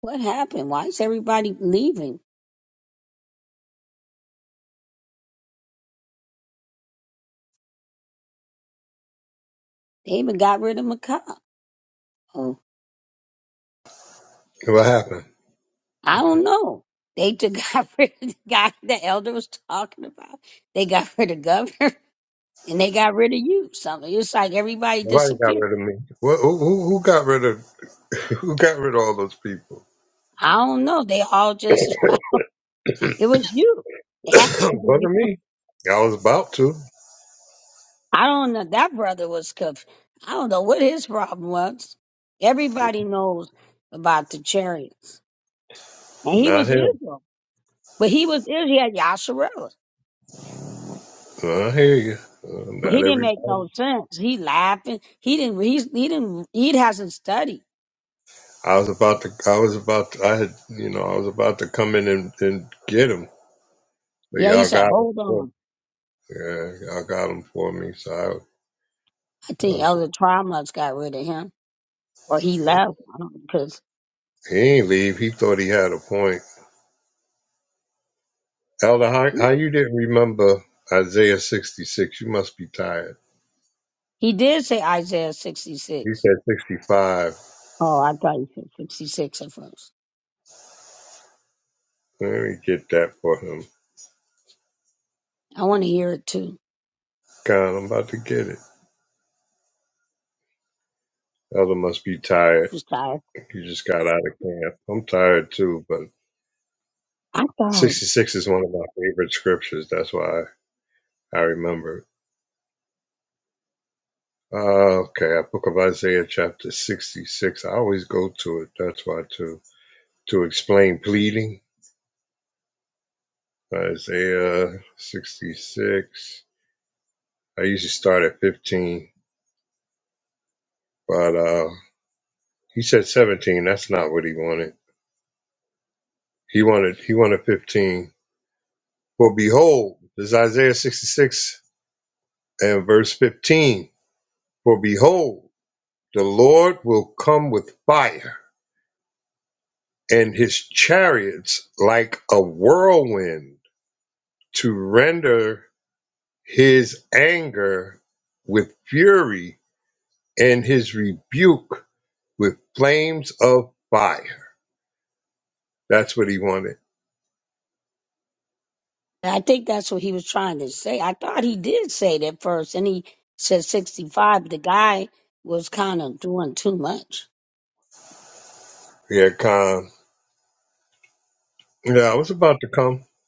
[SPEAKER 2] What happened? Why is everybody leaving? They even got rid of Macau. Oh,
[SPEAKER 1] What happened?
[SPEAKER 2] I don't know. They took got rid of the guy the elder was talking about. They got rid of governor and they got rid of you. Something. It's like everybody
[SPEAKER 1] Nobody got
[SPEAKER 2] disappeared.
[SPEAKER 1] rid of me. What, who, who who got rid of who got rid of all those people?
[SPEAKER 2] I don't know. They all just It was you. It had to be you.
[SPEAKER 1] Wasn't me. I was about to.
[SPEAKER 2] I don't know. That brother was conf I don't know what his problem was. Everybody knows about the chariots. And he
[SPEAKER 1] Not
[SPEAKER 2] was
[SPEAKER 1] him.
[SPEAKER 2] Israel. But he was Israel. He had Yasharella.
[SPEAKER 1] I hear you. Uh,
[SPEAKER 2] But
[SPEAKER 1] not
[SPEAKER 2] he didn't make
[SPEAKER 1] everybody.
[SPEAKER 2] no sense. He laughing. He didn't, he's, he didn't, he hasn't studied.
[SPEAKER 1] I was about to. I was about. To, I had. You know. I was about to come in and, and get him, but
[SPEAKER 2] Yeah, he
[SPEAKER 1] y'all
[SPEAKER 2] said,
[SPEAKER 1] got him.
[SPEAKER 2] hold
[SPEAKER 1] for me.
[SPEAKER 2] on.
[SPEAKER 1] Yeah, y'all got him for me. So I, I
[SPEAKER 2] I think
[SPEAKER 1] was.
[SPEAKER 2] Elder Triumphs got rid of him. Or he left. I don't know. Because
[SPEAKER 1] He ain't leave. He thought he had a point. Elder, how, how you didn't remember Isaiah 66? You must be tired.
[SPEAKER 2] he did say Isaiah
[SPEAKER 1] He
[SPEAKER 2] 66.
[SPEAKER 1] said 65.
[SPEAKER 2] Oh, I thought you said 66 at first.
[SPEAKER 1] Let me get that for him.
[SPEAKER 2] I want to hear it too.
[SPEAKER 1] God, I'm about to get it. Elder must be tired.
[SPEAKER 2] superstar.
[SPEAKER 1] He just got out of camp. I'm tired too, but
[SPEAKER 2] I thought,
[SPEAKER 1] 66 is one of my favorite scriptures. That's why I remember it. Uh, okay, I book of Isaiah chapter 66. I always go to it. That's why too. To explain pleading, Isaiah 66. I usually start at 15 But uh, he said 17. That's not what he wanted. He wanted he wanted 15. For behold, this is Isaiah 66 and verse 15. For behold, the Lord will come with fire and his chariots like a whirlwind to render his anger with fury and his rebuke with flames of fire. That's what he wanted.
[SPEAKER 2] I think that's what he was trying to say. I thought he did say that first, and he said 65. The guy was kind of doing too much.
[SPEAKER 1] Yeah, come. Yeah, I was about to come.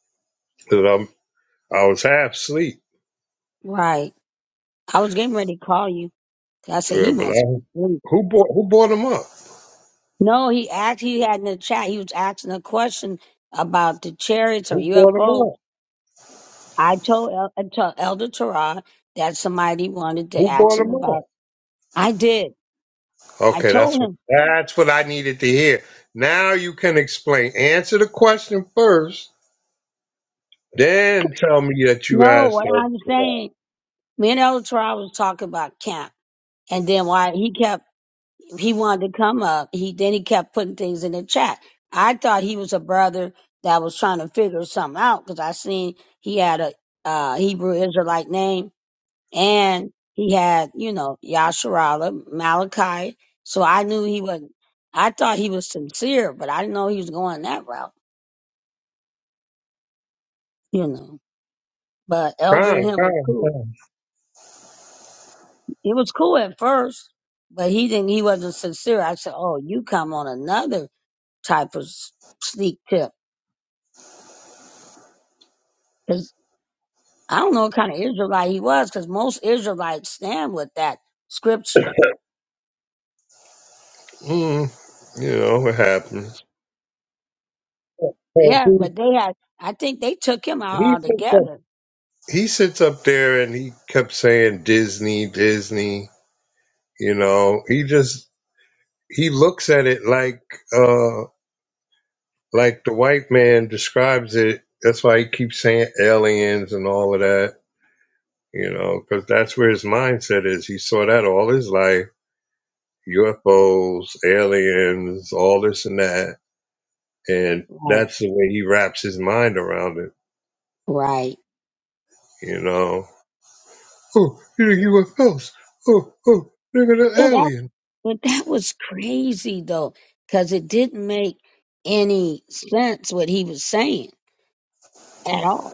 [SPEAKER 1] I was half asleep.
[SPEAKER 2] Right. I was getting ready to call you. I said,
[SPEAKER 1] Yeah,
[SPEAKER 2] he
[SPEAKER 1] but
[SPEAKER 2] must
[SPEAKER 1] I,
[SPEAKER 2] be asleep.
[SPEAKER 1] who bought who bought him up?
[SPEAKER 2] No, he asked, he had in the chat, he was asking a question about the chariots or
[SPEAKER 1] Who bought him
[SPEAKER 2] UFOs.
[SPEAKER 1] up?
[SPEAKER 2] I told, El, I told Elder Torah that somebody wanted to
[SPEAKER 1] Who
[SPEAKER 2] ask
[SPEAKER 1] bought
[SPEAKER 2] him
[SPEAKER 1] him
[SPEAKER 2] about.
[SPEAKER 1] up?
[SPEAKER 2] I did. I
[SPEAKER 1] Okay, that's
[SPEAKER 2] told
[SPEAKER 1] what
[SPEAKER 2] him,
[SPEAKER 1] that's what I needed to hear. Now you can explain. Answer the question first, then tell me that you
[SPEAKER 2] no,
[SPEAKER 1] asked
[SPEAKER 2] what
[SPEAKER 1] that.
[SPEAKER 2] I'm saying, me and Elder Torah was talking about camp. And then why he kept he wanted to come up. He then he kept putting things in the chat. I thought he was a brother that was trying to figure something out because I seen he had a uh, Hebrew Israelite name and he had you know Yasharala Malachi. So I knew he was. not I thought he was sincere, but I didn't know he was going that route. You know, but Elder
[SPEAKER 1] Time,
[SPEAKER 2] and him was
[SPEAKER 1] time,
[SPEAKER 2] cool.
[SPEAKER 1] time.
[SPEAKER 2] It was cool at first, but he didn't. He wasn't sincere. I said, "Oh, you come on another." type of s- sneak tip. Because I don't know what kind of Israelite he was, because most Israelites stand with that scripture.
[SPEAKER 1] Mm, you know what happens. And
[SPEAKER 2] Yeah,
[SPEAKER 1] He,
[SPEAKER 2] but they had, I think they took him out
[SPEAKER 1] he sits up.
[SPEAKER 2] altogether.
[SPEAKER 1] He sits up there and he kept saying Disney, Disney. You know, he just he looks at it like. uh like the white man describes it. That's why he keeps saying aliens and all of that, you know, because that's where his mindset is. He saw that all his life UFOs, aliens, all this and that. And
[SPEAKER 2] Right.
[SPEAKER 1] that's the way he wraps his mind around it,
[SPEAKER 2] Right.
[SPEAKER 1] you know. Oh, you're UFOs. Oh, oh, look at the
[SPEAKER 2] Yeah, that,
[SPEAKER 1] alien.
[SPEAKER 2] but that was crazy, though, because it didn't make any sense what he was saying at all.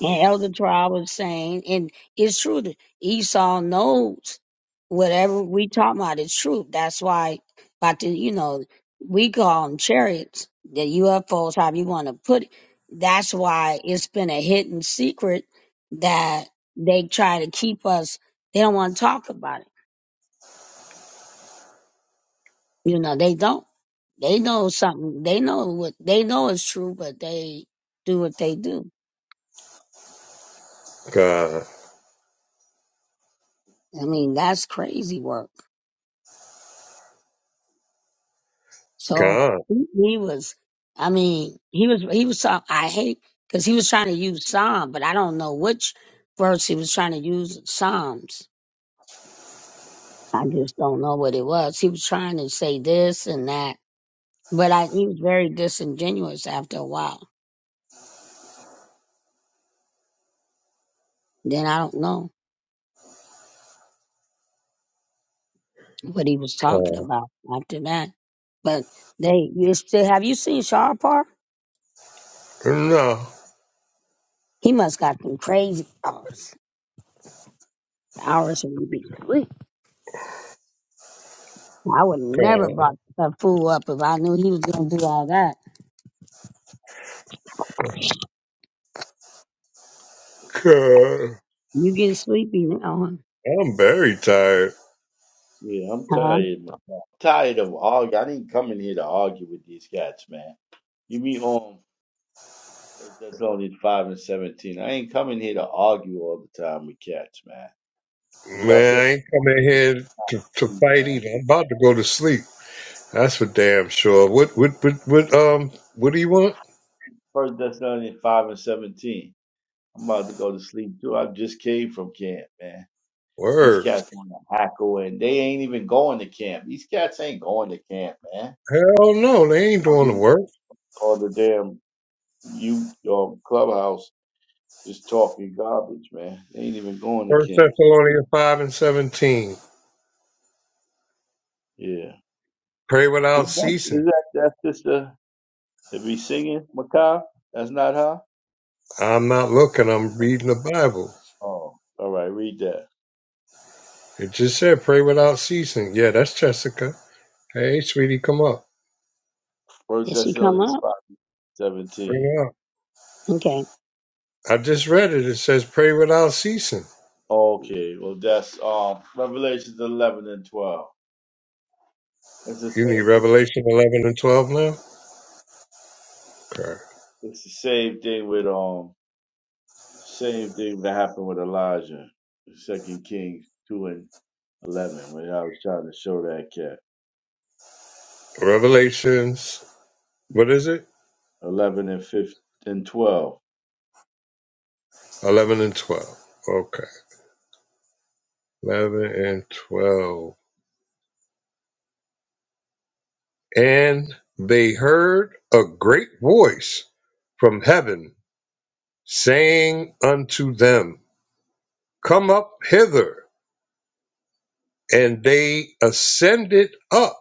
[SPEAKER 2] And Elder Trial was saying, and it's true that Esau knows whatever we talk about is true. That's why, about the, you know, we call them chariots, the UFOs, however you want to put it. That's why it's been a hidden secret that they try to keep us. They don't want to talk about it. You know, they don't. They know something. They know what they know is true, but they do what they do.
[SPEAKER 1] God,
[SPEAKER 2] I mean, that's crazy work. So
[SPEAKER 1] God,
[SPEAKER 2] he he was, I mean, he was, he was, so- I hate, because he was trying to use Psalm, but I don't know which verse he was trying to use Psalms. I just don't know what it was. He was trying to say this and that, but I, he was very disingenuous after a while. Then I don't know what he was talking
[SPEAKER 1] God.
[SPEAKER 2] about after that. But they, you still, have you seen Sharpar?
[SPEAKER 1] No,
[SPEAKER 2] He must got some crazy hours. Hours would be. I would never
[SPEAKER 1] God,
[SPEAKER 2] brought a fool up if I knew he was gonna do all that.
[SPEAKER 1] God.
[SPEAKER 2] You get sleepy now,
[SPEAKER 1] I'm very tired.
[SPEAKER 5] Yeah, I'm
[SPEAKER 2] huh? Huh?
[SPEAKER 5] tired, man. I'm tired of arguing. I didn't come in here to argue with these cats, man. You meet on First Thessalonians five and seventeen. I ain't coming here to argue all the time with cats, man. That's what I
[SPEAKER 1] Man,
[SPEAKER 5] said.
[SPEAKER 1] I ain't coming here to,
[SPEAKER 5] to
[SPEAKER 1] to
[SPEAKER 5] you,
[SPEAKER 1] fight
[SPEAKER 5] man.
[SPEAKER 1] either. I'm about to go to sleep. That's for damn sure. What what what what um what do you want?
[SPEAKER 5] First Thessalonians five and seventeen. I'm about to go to sleep too. I just came from camp, man. These
[SPEAKER 1] Word.
[SPEAKER 5] cats want to hack away, and they ain't even going to camp. These cats ain't going to camp, man.
[SPEAKER 1] Hell no, they ain't doing the work.
[SPEAKER 5] All the damn you um, clubhouse just talking garbage, man. They ain't even going to
[SPEAKER 1] First
[SPEAKER 5] camp.
[SPEAKER 1] Thessalonians five and seventeen.
[SPEAKER 5] Yeah,
[SPEAKER 1] Pray
[SPEAKER 5] is
[SPEAKER 1] without
[SPEAKER 5] that is
[SPEAKER 1] ceasing.
[SPEAKER 5] that that sister that be singing Macaw? That's not her.
[SPEAKER 1] I'm not looking, I'm reading the Bible.
[SPEAKER 5] Oh, all right. Read that.
[SPEAKER 1] It just said pray without ceasing. Yeah, that's Jessica. Hey sweetie, come up.
[SPEAKER 5] First
[SPEAKER 2] Did she come
[SPEAKER 5] Thessalonians
[SPEAKER 2] up?
[SPEAKER 5] five
[SPEAKER 1] Bring
[SPEAKER 5] seventeen.
[SPEAKER 1] her up.
[SPEAKER 2] Okay.
[SPEAKER 1] I just read it. It says pray without ceasing.
[SPEAKER 5] Okay, well that's um Revelations eleven and twelve. It's the
[SPEAKER 1] You
[SPEAKER 5] same
[SPEAKER 1] need
[SPEAKER 5] thing.
[SPEAKER 1] Revelation eleven and twelve now? Okay.
[SPEAKER 5] It's the same thing with um same thing that happened with Elijah, Second Kings two and eleven, when I was trying to show that cat.
[SPEAKER 1] Revelations What is it?
[SPEAKER 5] Eleven and fifth and twelve.
[SPEAKER 1] 11 and 12. Okay. 11 and 12. And they heard a great voice from heaven saying unto them, Come up hither. And they ascended up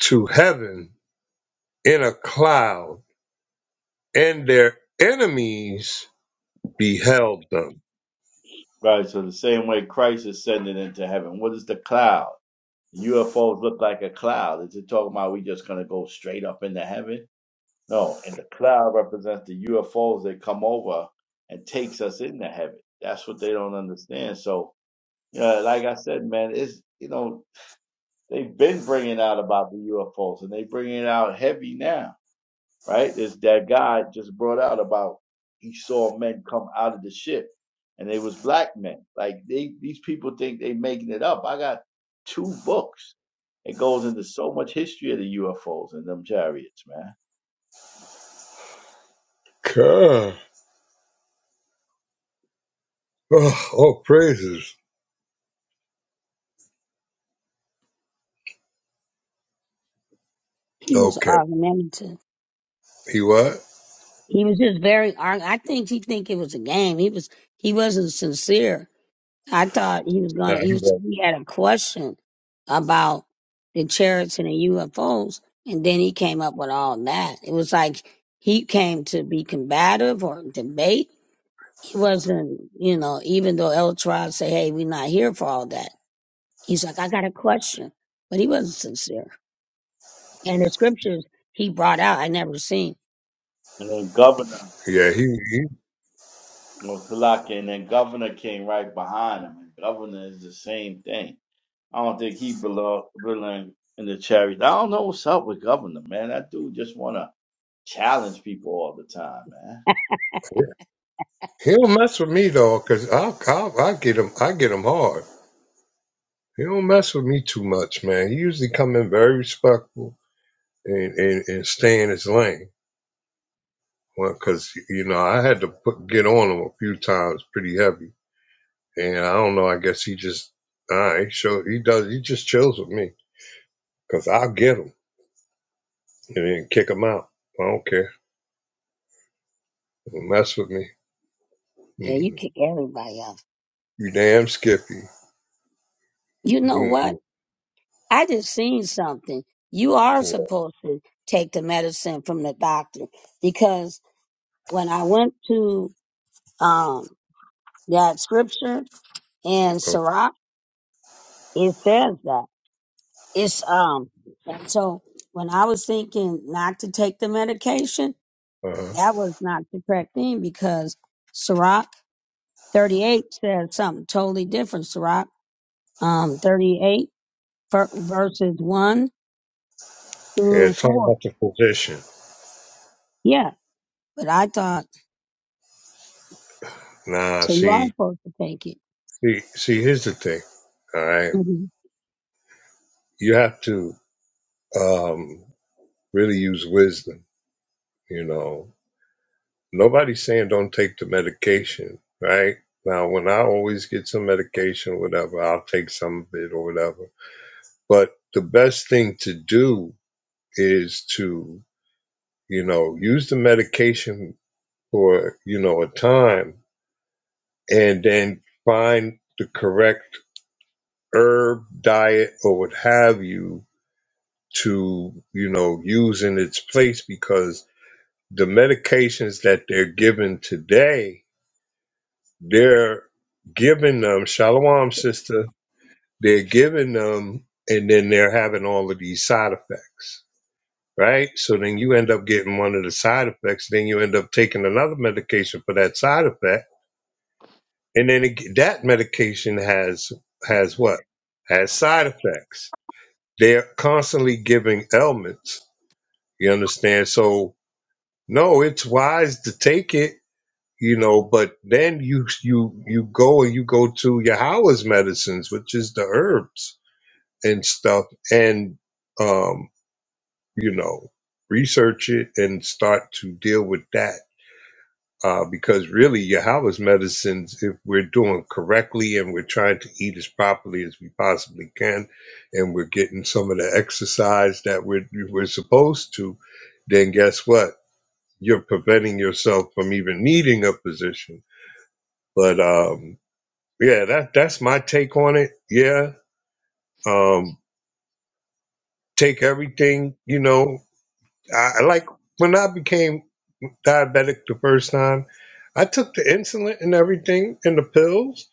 [SPEAKER 1] to heaven in a cloud, and their enemies beheld them.
[SPEAKER 5] Right, so the same way Christ ascended into heaven. What is the cloud? UFOs look like a cloud. Is it talking about we just gonna go straight up into heaven? No, and the cloud represents the UFOs that come over and takes us into heaven. That's what they don't understand. So, you know, like I said, man, it's you know, They've been bringing out about the UFOs, and they bringing it out heavy now, right? There's that guy just brought out about he saw men come out of the ship, and they was black men. Like they, these people think they making it up. I got two books. It goes into so much history of the UFOs and them chariots, man.
[SPEAKER 1] God. Oh, oh praises.
[SPEAKER 2] He was
[SPEAKER 1] Okay.
[SPEAKER 2] argumentative.
[SPEAKER 1] He what? Uh,
[SPEAKER 2] He was just very. Arg- I think he think it was a game. He was. He wasn't sincere. I thought he was gonna. He
[SPEAKER 1] he
[SPEAKER 2] was.
[SPEAKER 1] what?
[SPEAKER 2] He had a question about the chariots and the UFOs, and then he came up with all that. It was like he came to be combative or debate He wasn't, you know, even though El Tribe say, hey, we're not here for all that. He's like, I got a question. But he wasn't sincere. And the scriptures he brought out, I never seen.
[SPEAKER 5] And then Governor,
[SPEAKER 1] Yeah, he, he.
[SPEAKER 5] you know, Tulake, and then Governor came right behind him. And Governor is the same thing. I don't think he belong belong in the chariots. I don't know what's up with Governor, man. That dude just wanna challenge people all the time, man.
[SPEAKER 1] He don't mess with me though, cause I'll, I'll I get him I get him hard. He don't mess with me too much, man. He usually come in very respectful and and, and stay in his lane. Well, cause you know I had to put, get on him a few times, pretty heavy, and I don't know. I guess he just all right. So he does. He just chills with me, cause I'll get him and then kick him out. I don't care. Don't mess with me.
[SPEAKER 2] Yeah, you
[SPEAKER 1] Mm.
[SPEAKER 2] kick everybody out.
[SPEAKER 1] You damn Skippy.
[SPEAKER 2] You know what?
[SPEAKER 1] Mm-mm.
[SPEAKER 2] I just seen something. You are
[SPEAKER 1] Uh-huh.
[SPEAKER 2] supposed to take the medicine from the doctor because when I went to um that scripture in Sirach, it says that. It's um and so when I was thinking not to take the medication, That was not the correct thing because Sirach 38 says something totally different. Sirach um, 38 ver- verses 1
[SPEAKER 1] Yeah,
[SPEAKER 2] through
[SPEAKER 1] talk
[SPEAKER 2] 4.
[SPEAKER 1] about the position.
[SPEAKER 2] Yeah. But I thought,
[SPEAKER 1] Nah,
[SPEAKER 2] so you are
[SPEAKER 1] see.
[SPEAKER 2] supposed to take it.
[SPEAKER 1] See, see, here's the thing. All right,
[SPEAKER 2] hmm
[SPEAKER 1] you have to um, really use wisdom. You know, nobody's saying don't take the medication, right? Now, when I always get some medication, or whatever, I'll take some of it or whatever. But the best thing to do is to, you know, use the medication for, you know, a time and then find the correct herb diet or what have you to you know use in its place because the medications that they're given today they're giving them shalom sister they're giving them and then they're having all of these side effects right so then you end up getting one of the side effects then you end up taking another medication for that side effect and then it, that medication has has what has side effects they're constantly giving ailments you understand so No, it's wise to take it, you know, but then you you you go and you go to your Yahweh's medicines, which is the herbs and stuff, and um, you know, research it and start to deal with that. Uh, because really, your Yahweh's medicines, if we're doing correctly and we're trying to eat as properly as we possibly can, and we're getting some of the exercise that we're we're supposed to, then guess what? you're preventing yourself from even needing a position. But um, yeah, that that's my take on it. Yeah, um, take everything. You know, I, I like when I became diabetic the first time, I took the insulin and everything and the pills,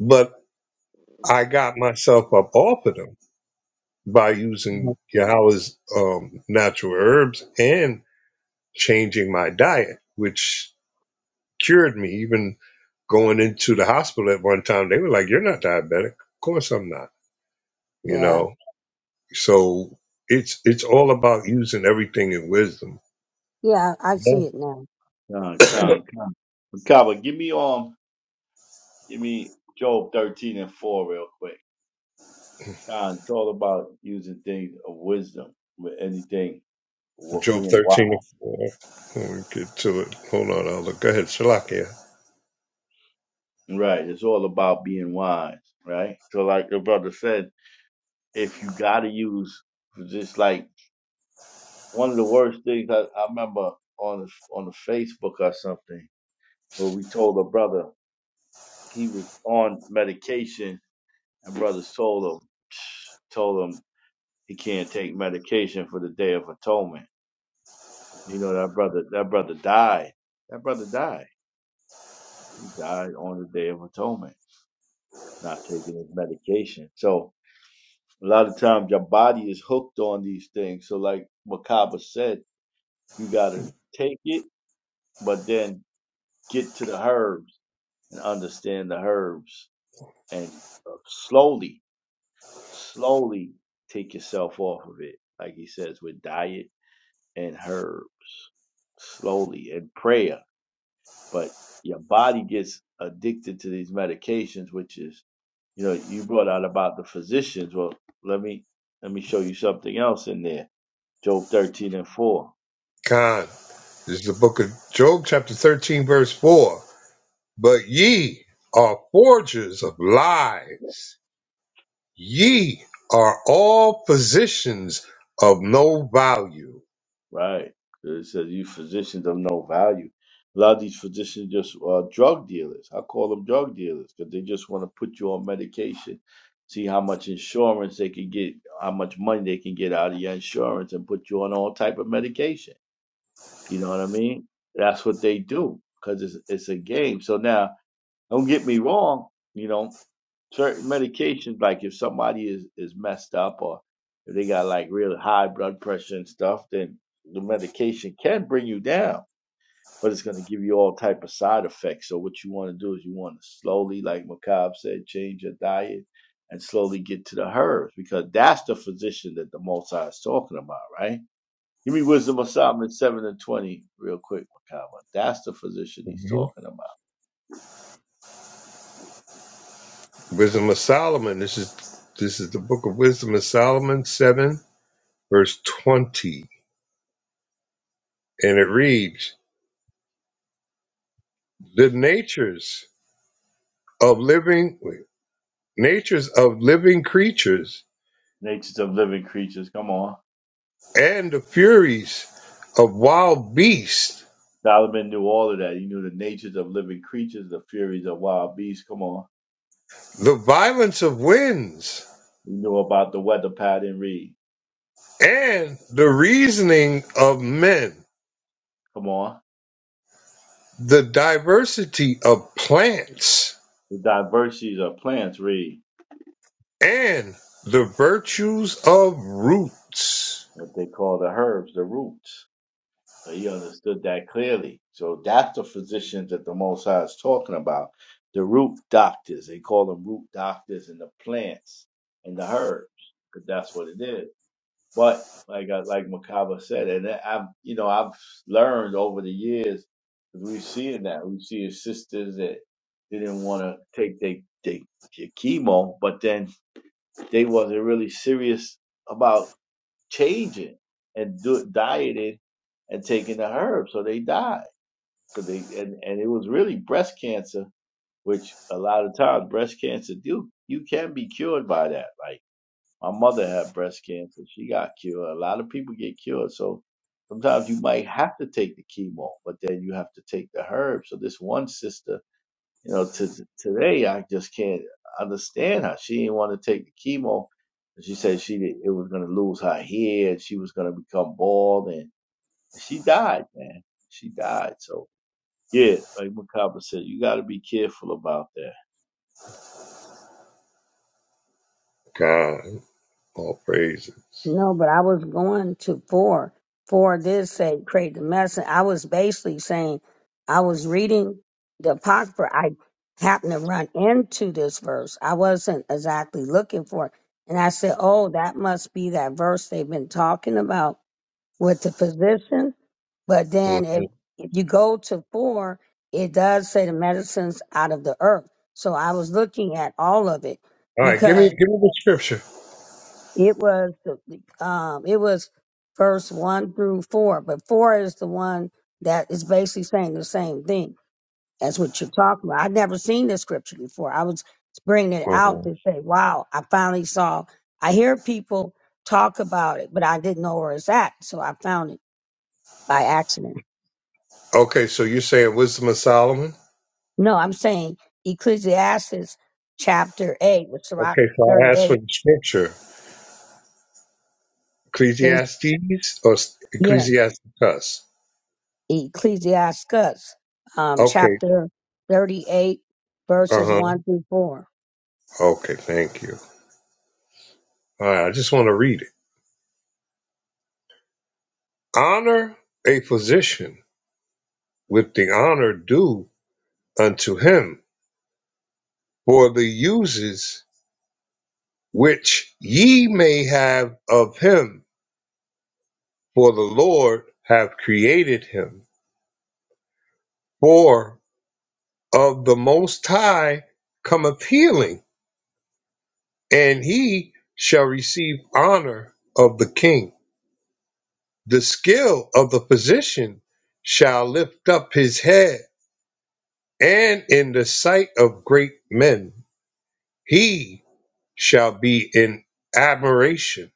[SPEAKER 1] but I got myself up off of them by using Yahweh's um, natural herbs and changing my diet, which cured me. Even going into the hospital at one time, they were like, "You're not diabetic." Of course, I'm not. You
[SPEAKER 2] Yeah.
[SPEAKER 1] know, so it's it's all about using everything in wisdom.
[SPEAKER 2] Yeah, I
[SPEAKER 1] Yeah.
[SPEAKER 2] see it now.
[SPEAKER 5] Come, come, come, come. but give me um, give me Job thirteen and four real quick. Con, it's all about using things of wisdom with anything, with
[SPEAKER 1] Job
[SPEAKER 5] being wise.
[SPEAKER 1] thirteen and four. Let me get to it. Hold on, I'll look. Go ahead, Shalakia.
[SPEAKER 5] Right, it's all about being wise, right? So, like your brother said, if you gotta use, just like one of the worst things I, I remember on the, on the Facebook or something, where we told a brother he was on medication, and brothers told him, told him he can't take medication for the Day of Atonement. You know that brother. That brother died. That brother died. He died on the Day of Atonement, not taking his medication. So a lot of times your body is hooked on these things. So like Makaba said, you gotta take it, but then get to the herbs and understand the herbs and uh, slowly, slowly take yourself off of it. Like he says, with diet and herb, slowly and prayer but your body gets addicted to these medications, which is, you know, you brought out about the physicians. Well, let me let me show you something else in there. Job thirteen and four,
[SPEAKER 1] Khan. This is the book of Job, chapter thirteen, verse four. But ye are forgers of lies. Ye are all physicians of no value.
[SPEAKER 5] right? It says you physicians of no value. A lot of these physicians just are drug dealers. I call them drug dealers because they just want to put you on medication, see how much insurance they can get, how much money they can get out of your insurance, and put you on all type of medication You know what I mean? That's what they do because it's it's a game. So now, don't get me wrong. You know, certain medications, like if somebody is is messed up or if they got like really high blood pressure and stuff, then the medication can bring you down, but it's going to give you all type of side effects. So what you want to do is you want to slowly, like Macab said, change your diet and slowly get to the herbs because that's the physician that the Most High is talking about, right? Give me wisdom of Solomon 7 and 20, real quick, Makama. That's the physician he's talking about.
[SPEAKER 1] Wisdom of Solomon. This is this is the book of Wisdom of Solomon, seven, verse twenty, and it reads: "The natures of living wait, natures of living creatures
[SPEAKER 5] Natures of living creatures. Come on.
[SPEAKER 1] and the furies of wild beasts,
[SPEAKER 5] Solomon knew all of that. He knew the natures of living creatures, the furies of wild beasts. Come on.
[SPEAKER 1] the violence of winds
[SPEAKER 5] He knew about the weather pattern. Read.
[SPEAKER 1] and the reasoning of men,
[SPEAKER 5] Come on.
[SPEAKER 1] the diversity of plants
[SPEAKER 5] The diversities of plants. Read.
[SPEAKER 1] and the virtues of roots."
[SPEAKER 5] What they call the herbs, the roots. So he understood that clearly. So that's the physicians that the Most High is talking about. The root doctors. They call them root doctors in the plants and the herbs, because that's what it is. But like I, like Makaba said, and I- have you know I've learned over the years 'cause we've seen that we see his sisters that didn't want to take they they their chemo, but then they wasn't really serious about changing and do, dieted and taking the herbs, so they died. 'Cause they and, and it was really breast cancer, which a lot of times breast cancer do you can be cured by that. Like my mother had breast cancer, she got cured. A lot of people get cured, so sometimes you might have to take the chemo, but then you have to take the herbs. So this one sister you know, to, to today I just can't understand her. she didn't want to take the chemo. She said she did, it was going to lose her hair and she was going to become bald, and, and she died, man. She died. So yeah, like Macabre said, you got to be careful about that.
[SPEAKER 1] God. All praises.
[SPEAKER 2] No, but I was going to four. Four did say create the medicine. I was basically saying I was reading the Apocrypha. I happened to run into this verse. I wasn't exactly looking for it. And I said, Oh, that must be that verse they've been talking about with the physician. But then if,
[SPEAKER 1] Mhm.
[SPEAKER 2] if you go to four, it does say the medicines out of the earth. So I was looking at all of it
[SPEAKER 1] All right, give
[SPEAKER 2] because
[SPEAKER 1] me give me the scripture.
[SPEAKER 2] it was the um it was verse one through four, but four is the one that is basically saying the same thing as what you're talking about. I'd never seen this scripture before. I was bringing it out
[SPEAKER 1] Mhm.
[SPEAKER 2] to say, "Wow, I finally saw." I hear people talk about it, but I didn't know where it's at, so I found it by accident.
[SPEAKER 1] Okay, so you're saying wisdom of Solomon?
[SPEAKER 2] No, I'm saying Ecclesiastes chapter eight, with Sirach
[SPEAKER 1] Okay, so I asked for
[SPEAKER 2] 38
[SPEAKER 1] the scripture.
[SPEAKER 2] is
[SPEAKER 1] Ecclesiastes or S-
[SPEAKER 2] yeah.
[SPEAKER 1] Ecclesiasticus?
[SPEAKER 2] Ecclesiastes, um,
[SPEAKER 1] Okay,
[SPEAKER 2] chapter 38,
[SPEAKER 1] uh
[SPEAKER 2] verses
[SPEAKER 1] huh.
[SPEAKER 2] 1 through 4.
[SPEAKER 1] Okay, thank you. All right, I just want to read it. Honor a physician with the honor due unto him for the uses which ye may have of him, for the Lord have created him. of the Most High cometh healing, and he shall receive honor of the king. The skill of the physician shall lift up his head, and in the sight of great men he shall be in admiration.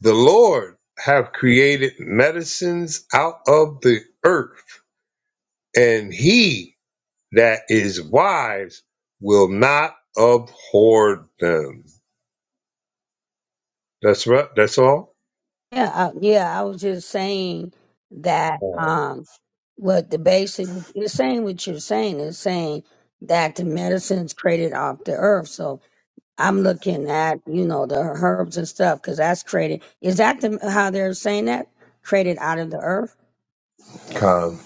[SPEAKER 1] The Lord have created medicines out of the earth, and he that is wise will not abhor them. That's right. That's all.
[SPEAKER 2] Yeah, I, yeah, I was just saying that
[SPEAKER 1] Um,
[SPEAKER 2] um, what the basic, it's saying what you're saying, is saying that the medicine's created off the earth. So I'm looking at, you know, the herbs and stuff because that's created. Is that the, how they're saying that? Created out of the earth?
[SPEAKER 1] Con.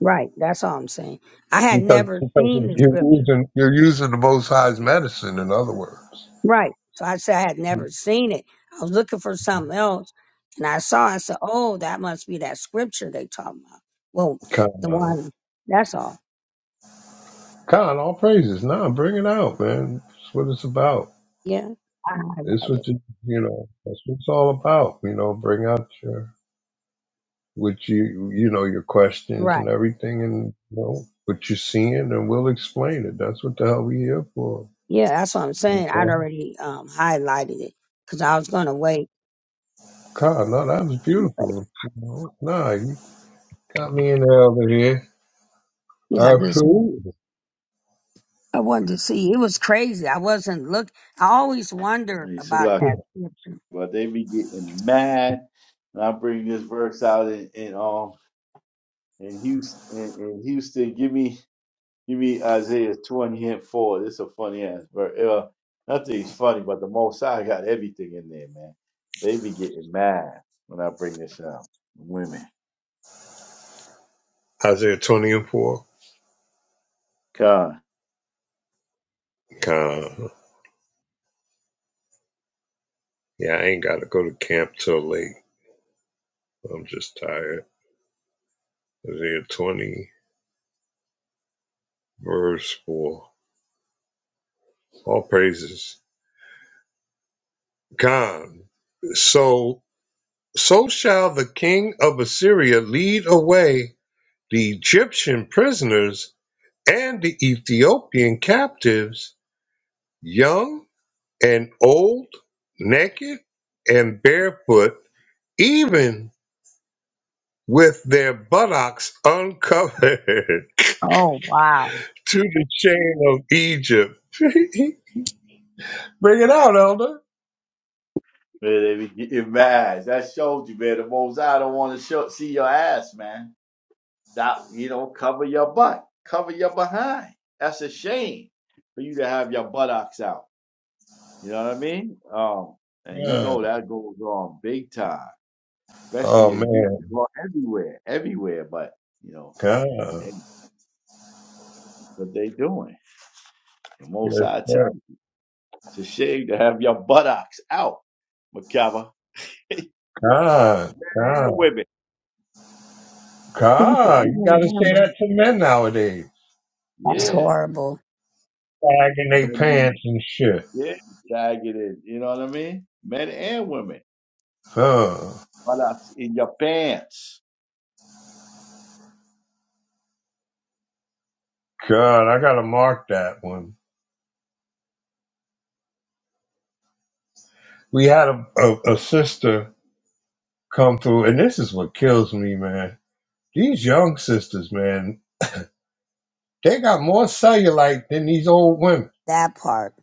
[SPEAKER 2] Right, that's all I'm saying. I had
[SPEAKER 1] Because,
[SPEAKER 2] never
[SPEAKER 1] because
[SPEAKER 2] seen the
[SPEAKER 1] you're
[SPEAKER 2] scripture.
[SPEAKER 1] using you're using the Most High's medicine, in other words.
[SPEAKER 2] Right. So I said I had never seen it. I was looking for something else, and I saw. it. I said, "Oh, that must be that scripture they talking about." Well, the
[SPEAKER 1] Con,
[SPEAKER 2] one. That's all.
[SPEAKER 1] Con, all praises. Nah, bring it out, man. That's what it's about.
[SPEAKER 2] Yeah, I
[SPEAKER 1] It's
[SPEAKER 2] highlighted.
[SPEAKER 1] what you, you know. That's what it's all about. You know, bring out your what you you know your questions
[SPEAKER 2] Right.
[SPEAKER 1] and everything, and you know what you're seeing, and we'll explain it. That's what the hell we here for.
[SPEAKER 2] Yeah, that's what I'm
[SPEAKER 1] You
[SPEAKER 2] saying. I'd
[SPEAKER 1] know,
[SPEAKER 2] already um, highlighted it because I was gonna wait.
[SPEAKER 1] God, no, that was beautiful. You know, nah, you got me in the elder here.
[SPEAKER 2] Yeah, I just
[SPEAKER 1] Absolutely.
[SPEAKER 2] I wanted to see. It was crazy. I wasn't look. I always wonder
[SPEAKER 5] And he said,
[SPEAKER 2] about
[SPEAKER 5] look,
[SPEAKER 2] that scripture.
[SPEAKER 5] but they be getting mad, and I bring this verse out in, in um in Houston in, in Houston. Give me You read Isaiah 20 and 4. This is a funny ass verse. Uh, nothing's funny, but the Most High got everything in there, man. They be getting mad when I bring this up. Women.
[SPEAKER 1] Isaiah 20 and 4.
[SPEAKER 5] God.
[SPEAKER 1] Uh, yeah, I ain't got to go to camp till late. I'm just tired. Isaiah 20, verse 4. All praises. God. So, so shall the king of Assyria lead away the Egyptian prisoners and the Ethiopian captives, young and old, naked and barefoot, even with their buttocks uncovered
[SPEAKER 2] Oh wow.
[SPEAKER 1] to the chain of Egypt. Bring it out, Elder.
[SPEAKER 5] Man, they be getting mad. That showed you, man. The Most High don't want to show, see your ass, man. That, you know, cover your butt. Cover your behind. That's a shame for you to have your buttocks out. You know what I mean? Um, and you
[SPEAKER 1] God.
[SPEAKER 5] know that goes on big time.
[SPEAKER 1] Oh
[SPEAKER 5] especially in
[SPEAKER 1] man,
[SPEAKER 5] Houston, well, everywhere, everywhere. But you know,
[SPEAKER 1] God,
[SPEAKER 5] they, what they doing? The most
[SPEAKER 1] yes
[SPEAKER 5] I tell you,
[SPEAKER 1] sir,
[SPEAKER 5] it's a shame to have your buttocks out, McKever. yeah,
[SPEAKER 1] God, God,
[SPEAKER 5] women.
[SPEAKER 2] He said,
[SPEAKER 5] Oh,
[SPEAKER 1] God. You
[SPEAKER 2] "Man,
[SPEAKER 1] gotta
[SPEAKER 2] that
[SPEAKER 1] say
[SPEAKER 2] was-
[SPEAKER 1] that to men nowadays,
[SPEAKER 2] "That's
[SPEAKER 5] Yeah,
[SPEAKER 2] horrible."
[SPEAKER 1] sagging their
[SPEAKER 5] men, be-
[SPEAKER 1] pants and shit.
[SPEAKER 5] yeah, tag it in. You know what I mean? Men and women,
[SPEAKER 1] Oh
[SPEAKER 5] buttocks in your pants.
[SPEAKER 1] God, I gotta mark that one. We had a, a, a sister come through, and this is what kills me, man. These young sisters, man, they got more cellulite than these old women.
[SPEAKER 2] That part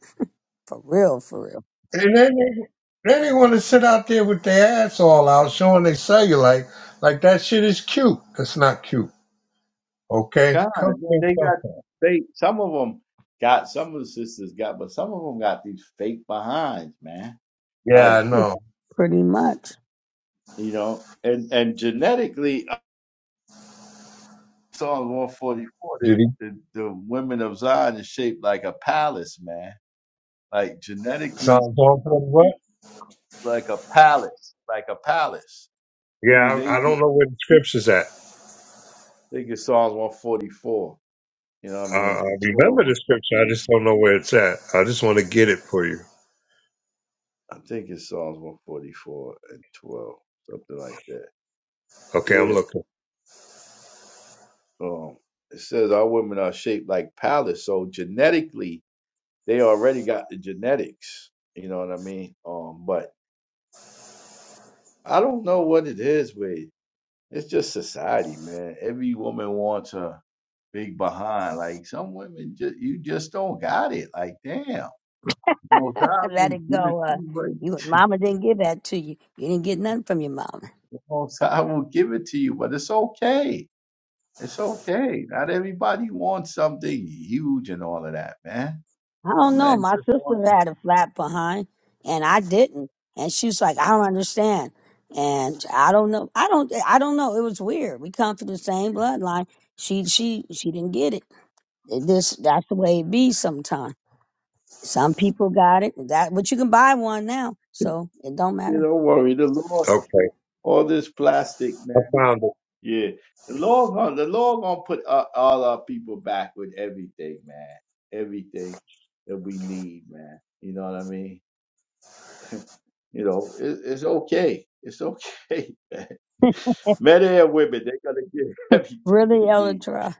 [SPEAKER 2] for real, for real.
[SPEAKER 1] And then they, then they want to sit out there with their ass all out, showing their cellulite. Like that shit is cute. That's not cute. Okay,
[SPEAKER 5] God,
[SPEAKER 1] cover
[SPEAKER 5] and then
[SPEAKER 1] their
[SPEAKER 5] they got these
[SPEAKER 1] up.
[SPEAKER 5] fake. Some of them got some of the sisters got, but some of them got these fake behinds, man.
[SPEAKER 1] Yeah,
[SPEAKER 5] Like
[SPEAKER 1] I know.
[SPEAKER 2] Pretty much.
[SPEAKER 5] you know, and and genetically Psalms 144, the,
[SPEAKER 1] Did he
[SPEAKER 5] the, the women of Zion is shaped like a palace, man. Like genetically,
[SPEAKER 1] Psalms one forty what?
[SPEAKER 5] like a palace, like a palace. Meaning
[SPEAKER 1] Yeah,
[SPEAKER 5] they
[SPEAKER 1] I, I
[SPEAKER 5] get-
[SPEAKER 1] don't know where the scripture's at.
[SPEAKER 5] they get Psalms 144, you know what I
[SPEAKER 1] Uh,
[SPEAKER 5] mean?
[SPEAKER 1] I
[SPEAKER 5] And 12
[SPEAKER 1] remember
[SPEAKER 5] or
[SPEAKER 1] the
[SPEAKER 5] something
[SPEAKER 1] scripture. I
[SPEAKER 5] like
[SPEAKER 1] just don't know where it's at. I just want to get it for you.
[SPEAKER 5] I think it's Psalms 144 and 12, something like that.
[SPEAKER 1] Okay, I'm
[SPEAKER 5] Yeah.
[SPEAKER 1] looking.
[SPEAKER 5] Um, it says our women are shaped like palace. So genetically, they already got the genetics. You know what I mean? Um, but I don't know what it is with It's just society, man. Every woman wants a big behind. Like some women, just you just don't got it. Like damn, most I
[SPEAKER 2] Let
[SPEAKER 5] will
[SPEAKER 2] it
[SPEAKER 5] give it
[SPEAKER 2] go.
[SPEAKER 5] to
[SPEAKER 2] Uh,
[SPEAKER 5] you, but
[SPEAKER 2] you, mama didn't give that to you. You didn't get nothing from your mama.
[SPEAKER 5] most I will give it to you. But it's okay. It's okay. Not everybody wants something huge and all of that, man.
[SPEAKER 2] I don't
[SPEAKER 5] Some
[SPEAKER 2] know.
[SPEAKER 5] men
[SPEAKER 2] My
[SPEAKER 5] just
[SPEAKER 2] sister
[SPEAKER 5] want.
[SPEAKER 2] had a flat behind, and I didn't. And she was like, I don't understand. And I don't know. I don't. I don't know. It was weird. We come from the same bloodline. She, she, she didn't get it. It just that's the way it be sometimes. Some people got it. That, but you can buy one now, so it don't
[SPEAKER 5] You
[SPEAKER 2] matter.
[SPEAKER 5] don't worry. The Lord,
[SPEAKER 1] Okay,
[SPEAKER 5] all this plastic, man.
[SPEAKER 1] I found it.
[SPEAKER 5] Yeah, the Lord gonna the Lord gonna put uh, all our people back with everything, man. Everything that we need, man. You know what I mean? You know, it, it's okay. It's okay, man. Men and women, they gonna get everything they
[SPEAKER 2] Really, Ella
[SPEAKER 5] need.
[SPEAKER 2] Tara.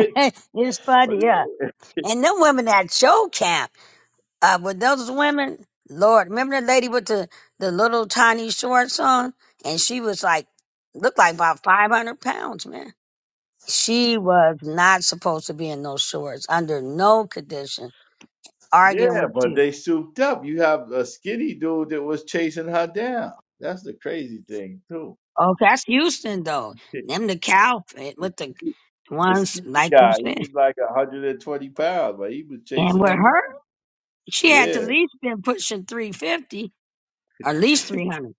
[SPEAKER 2] it's
[SPEAKER 5] But-
[SPEAKER 2] funny, yeah. And them women that show count. uh, with those women, Lord, remember the lady with the, the little tiny shorts on? And she was like, looked like about 500 pounds, man. She was not supposed to be in those shorts under no condition, arguing
[SPEAKER 5] yeah,
[SPEAKER 2] with
[SPEAKER 5] but
[SPEAKER 2] you.
[SPEAKER 5] they souped up. You have a skinny dude that was chasing her down. That's the crazy thing too.
[SPEAKER 2] Oh, that's Houston, though. Them the cow fit with the
[SPEAKER 5] The
[SPEAKER 2] ones,
[SPEAKER 5] skinny
[SPEAKER 2] like you
[SPEAKER 5] guy, he
[SPEAKER 2] said.
[SPEAKER 5] was like 120 pounds, but he was
[SPEAKER 2] And
[SPEAKER 5] chasing
[SPEAKER 2] with
[SPEAKER 5] them down.
[SPEAKER 2] her, she had
[SPEAKER 5] Yeah.
[SPEAKER 2] to at least been pushing 350 or at least 300.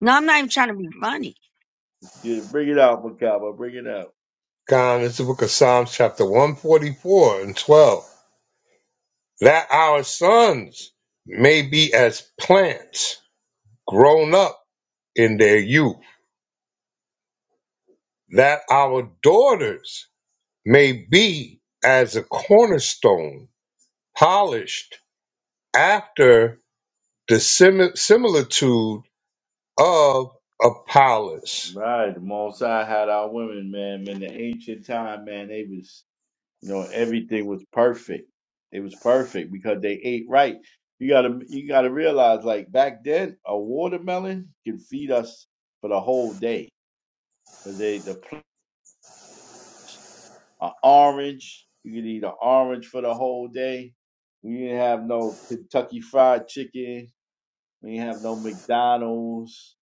[SPEAKER 2] No, I'm not even trying to be funny.
[SPEAKER 5] Yeah, bring it out, Macabre. Bring it out.
[SPEAKER 1] God, it's the book of Psalms, chapter one forty four and twelve. That our sons may be as plants grown up in their youth, that our daughters may be as a cornerstone, polished after the simi- similitude of Apollos.
[SPEAKER 5] Right. The Most High had our women, man. In the ancient time, man, they was, you know, everything was perfect. It was perfect because they ate right. You gotta, you gotta realize, like back then, a watermelon can feed us for the whole day. 'Cause they, the pl- a orange, you could eat an orange for the whole day. We didn't have no Kentucky Fried Chicken. We didn't have no McDonald's.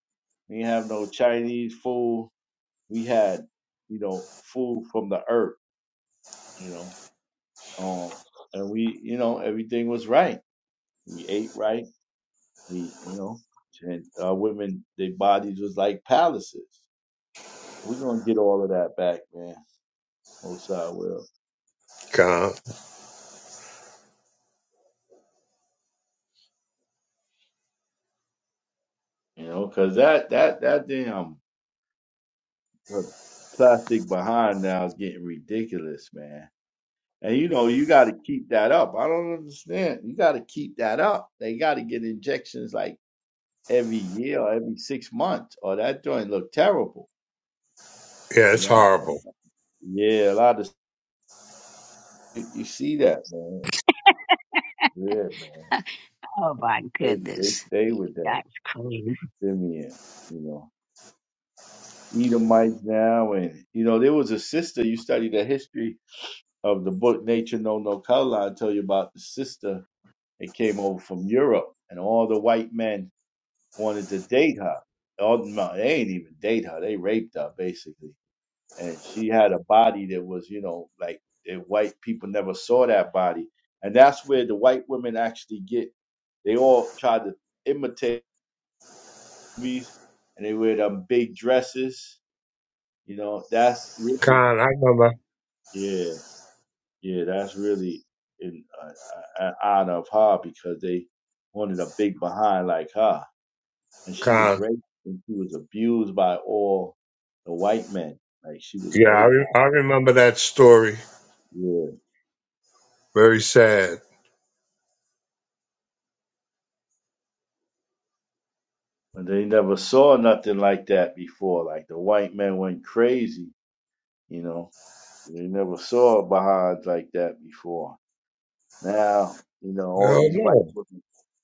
[SPEAKER 5] We didn't have no Chinese food we had, you know, food from the earth, you know, um, and we, you know, everything was right. We ate right. We, you know, and our women, their bodies was like palaces. We're gonna get all of that back, man. Most I will,
[SPEAKER 1] Con,
[SPEAKER 5] you know, cause that that that damn uh, plastic behind now is getting ridiculous, man. And you know, you got to keep that up. I don't understand. You got to keep that up. They got to get injections like every year or every six months, or that joint look terrible.
[SPEAKER 1] yeah,
[SPEAKER 5] You
[SPEAKER 1] it's
[SPEAKER 5] know,
[SPEAKER 1] horrible.
[SPEAKER 5] I- yeah, a lot of you you see that, man. Yeah, man.
[SPEAKER 2] Oh, my
[SPEAKER 5] They, they
[SPEAKER 2] goodness.
[SPEAKER 5] stay with that.
[SPEAKER 2] That's crazy.
[SPEAKER 5] Simeon, you know, Edomites now, and you know, there was a sister. You study the history of the book Nature No No Color. I tell you about the sister that came over from Europe, and all the white men wanted to date her. All, no, they ain't even date her. They raped her basically and she had a body that was, you know, like that white people never saw that body, and that's where the white women actually get. They all try to imitate movies, and they wear them big dresses. You know, that's really,
[SPEAKER 1] Con, I remember.
[SPEAKER 5] yeah, yeah, that's really in uh, uh, honor of her because they wanted a big behind like her, and she was
[SPEAKER 1] Con,
[SPEAKER 5] raped and she was abused by all the white men. Like she was
[SPEAKER 1] yeah, I,
[SPEAKER 5] raped by,
[SPEAKER 1] re- I remember that story.
[SPEAKER 5] yeah.
[SPEAKER 1] Very sad.
[SPEAKER 5] But they never saw nothing like that before. Like the white men went crazy, you know. They never saw Baha'is like that before. Now, you know, all
[SPEAKER 1] Oh
[SPEAKER 5] these white
[SPEAKER 1] no.
[SPEAKER 5] women,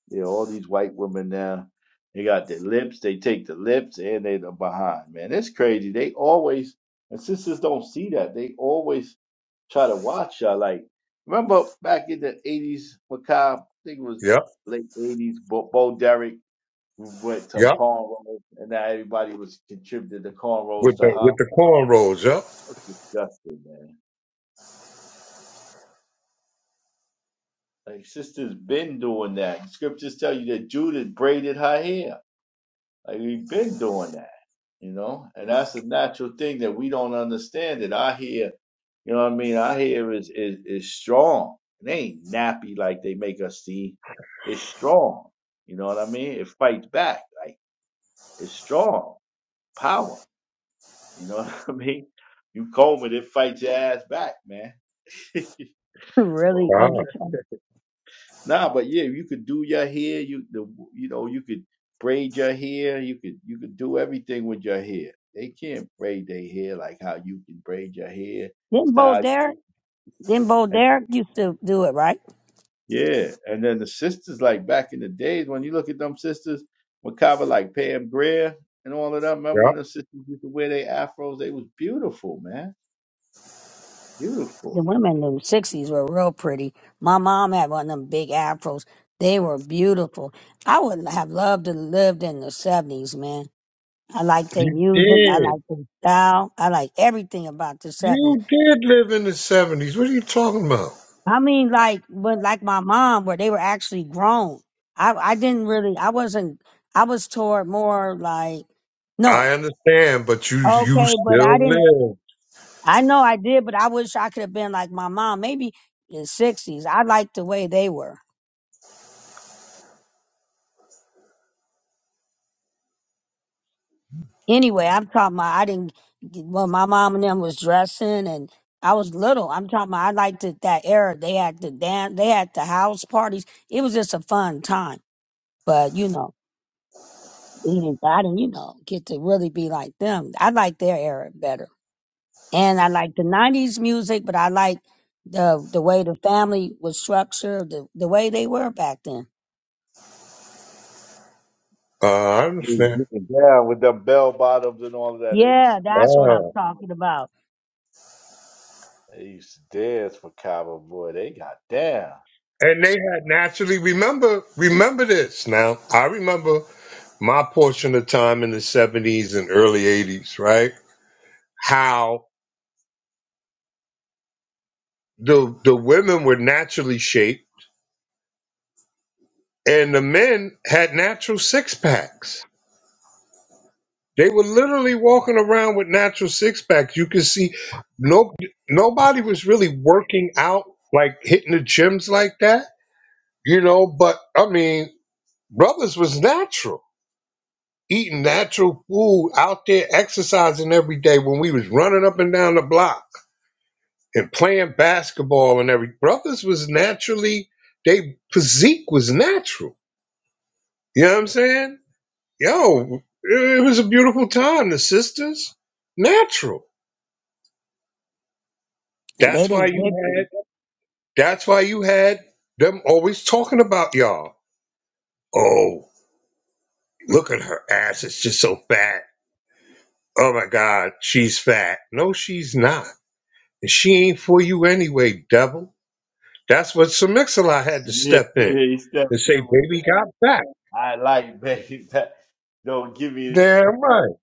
[SPEAKER 5] yeah, all these white women now, they got their lips, they take the lips and they the Baha'i, man. It's crazy. They always, and sisters don't see that. They always try to watch y'all. Like, remember back in the 80s, Macabre, I think it was
[SPEAKER 1] Yep,
[SPEAKER 5] late 80s, Bo, Bo Derek we went to
[SPEAKER 1] yep.
[SPEAKER 5] cornrows, and now everybody was contributed to
[SPEAKER 1] With
[SPEAKER 5] cornrows to
[SPEAKER 1] the
[SPEAKER 5] her.
[SPEAKER 1] with the cornrows. Yep.
[SPEAKER 5] That's disgusting, man. Like sisters been doing that. Scriptures tell you that Judith braided her hair. Like we've been doing that, you know. And that's a natural thing that we don't understand. That our hair, you know what I mean. Our hair is is is strong. It ain't nappy like they make us see. It's strong. You know what I mean? It fights back. Like it's strong power. You know what I mean? You comb it, it fights your ass back, man.
[SPEAKER 2] really,
[SPEAKER 5] Oh,
[SPEAKER 1] Ah,
[SPEAKER 2] Elder Trump.
[SPEAKER 5] nah, but yeah, you could do your hair. You the you know you could braid your hair. You could you could do everything with your hair. They can't braid their hair like how you can braid your hair,
[SPEAKER 2] Didn't Bo
[SPEAKER 5] style. your
[SPEAKER 2] Derek? Didn't Bo
[SPEAKER 5] hair. And
[SPEAKER 2] Derek used to do it, right?
[SPEAKER 5] yeah, and then the sisters like back in the days when you look at them sisters, Macabre like Pam Grier and all of them. Remember when the
[SPEAKER 1] yep.
[SPEAKER 5] sisters used to wear their afros? They was beautiful, man. Beautiful.
[SPEAKER 2] The women in the 60s were real pretty. My mom had one of them big afros. They were beautiful. I would have loved to lived in the 70s, man. I like their
[SPEAKER 1] You
[SPEAKER 2] music. I
[SPEAKER 1] did.
[SPEAKER 2] like their style. I like everything about the 70s.
[SPEAKER 1] You did live in the seventies. What are you talking about?
[SPEAKER 2] I mean, like, when, like my mom, where they were actually grown. I, I didn't really, I wasn't, I was toward more like, no,
[SPEAKER 1] I understand, but you you
[SPEAKER 2] Okay, but I
[SPEAKER 1] still
[SPEAKER 2] didn't
[SPEAKER 1] live.
[SPEAKER 2] I know I did, but I wish I could have been like my mom, maybe in sixties. I liked the way they were. Anyway, I'm talking about I didn't well my mom and them was dressing and I was little. I'm talking about I liked it that era. They had the dance they had the house parties. It was just a fun time. But you know, we didn't I didn't, you know, get to really be like them. I like their era better. And I like the nineties music, but I like the the way the family was structured, the, the way they were back then.
[SPEAKER 1] Uh, I understand.
[SPEAKER 5] Getting down with them bell bottoms and all of that. They used to
[SPEAKER 2] Yeah,
[SPEAKER 5] get
[SPEAKER 2] that's what I'm
[SPEAKER 5] down.
[SPEAKER 1] Oh.
[SPEAKER 5] boy.
[SPEAKER 2] talking about.
[SPEAKER 5] They used to dance for Cabo boy. They got down.
[SPEAKER 1] And they had naturally remember remember this. Now I remember my portion of time in the seventies and early eighties, right? How the the women were naturally shaped and the men had natural six packs. They were literally walking around with natural six packs. You could see no nobody was really working out like hitting the gyms like that you know. But I mean, brothers was natural, eating natural food, out there exercising every day when we was running up and down the block and playing basketball and every brothers was naturally they physique was natural. You know what I'm saying? Yo, it was a beautiful time. The sisters, natural.
[SPEAKER 2] And they
[SPEAKER 1] That's why
[SPEAKER 2] didn't
[SPEAKER 1] you
[SPEAKER 2] pick
[SPEAKER 1] had.
[SPEAKER 2] them.
[SPEAKER 1] That's why you had them always talking about y'all. Oh, look at her ass. It's just so fat Oh my God, she's fat. No, she's not. And she ain't for you anyway, devil. That's what Samixalot had to
[SPEAKER 5] Yeah,
[SPEAKER 1] step in
[SPEAKER 5] yeah. He stepped
[SPEAKER 1] and
[SPEAKER 5] in.
[SPEAKER 1] say,
[SPEAKER 5] with,
[SPEAKER 1] baby got fat.
[SPEAKER 5] I like baby. That don't give me
[SPEAKER 1] Damn right.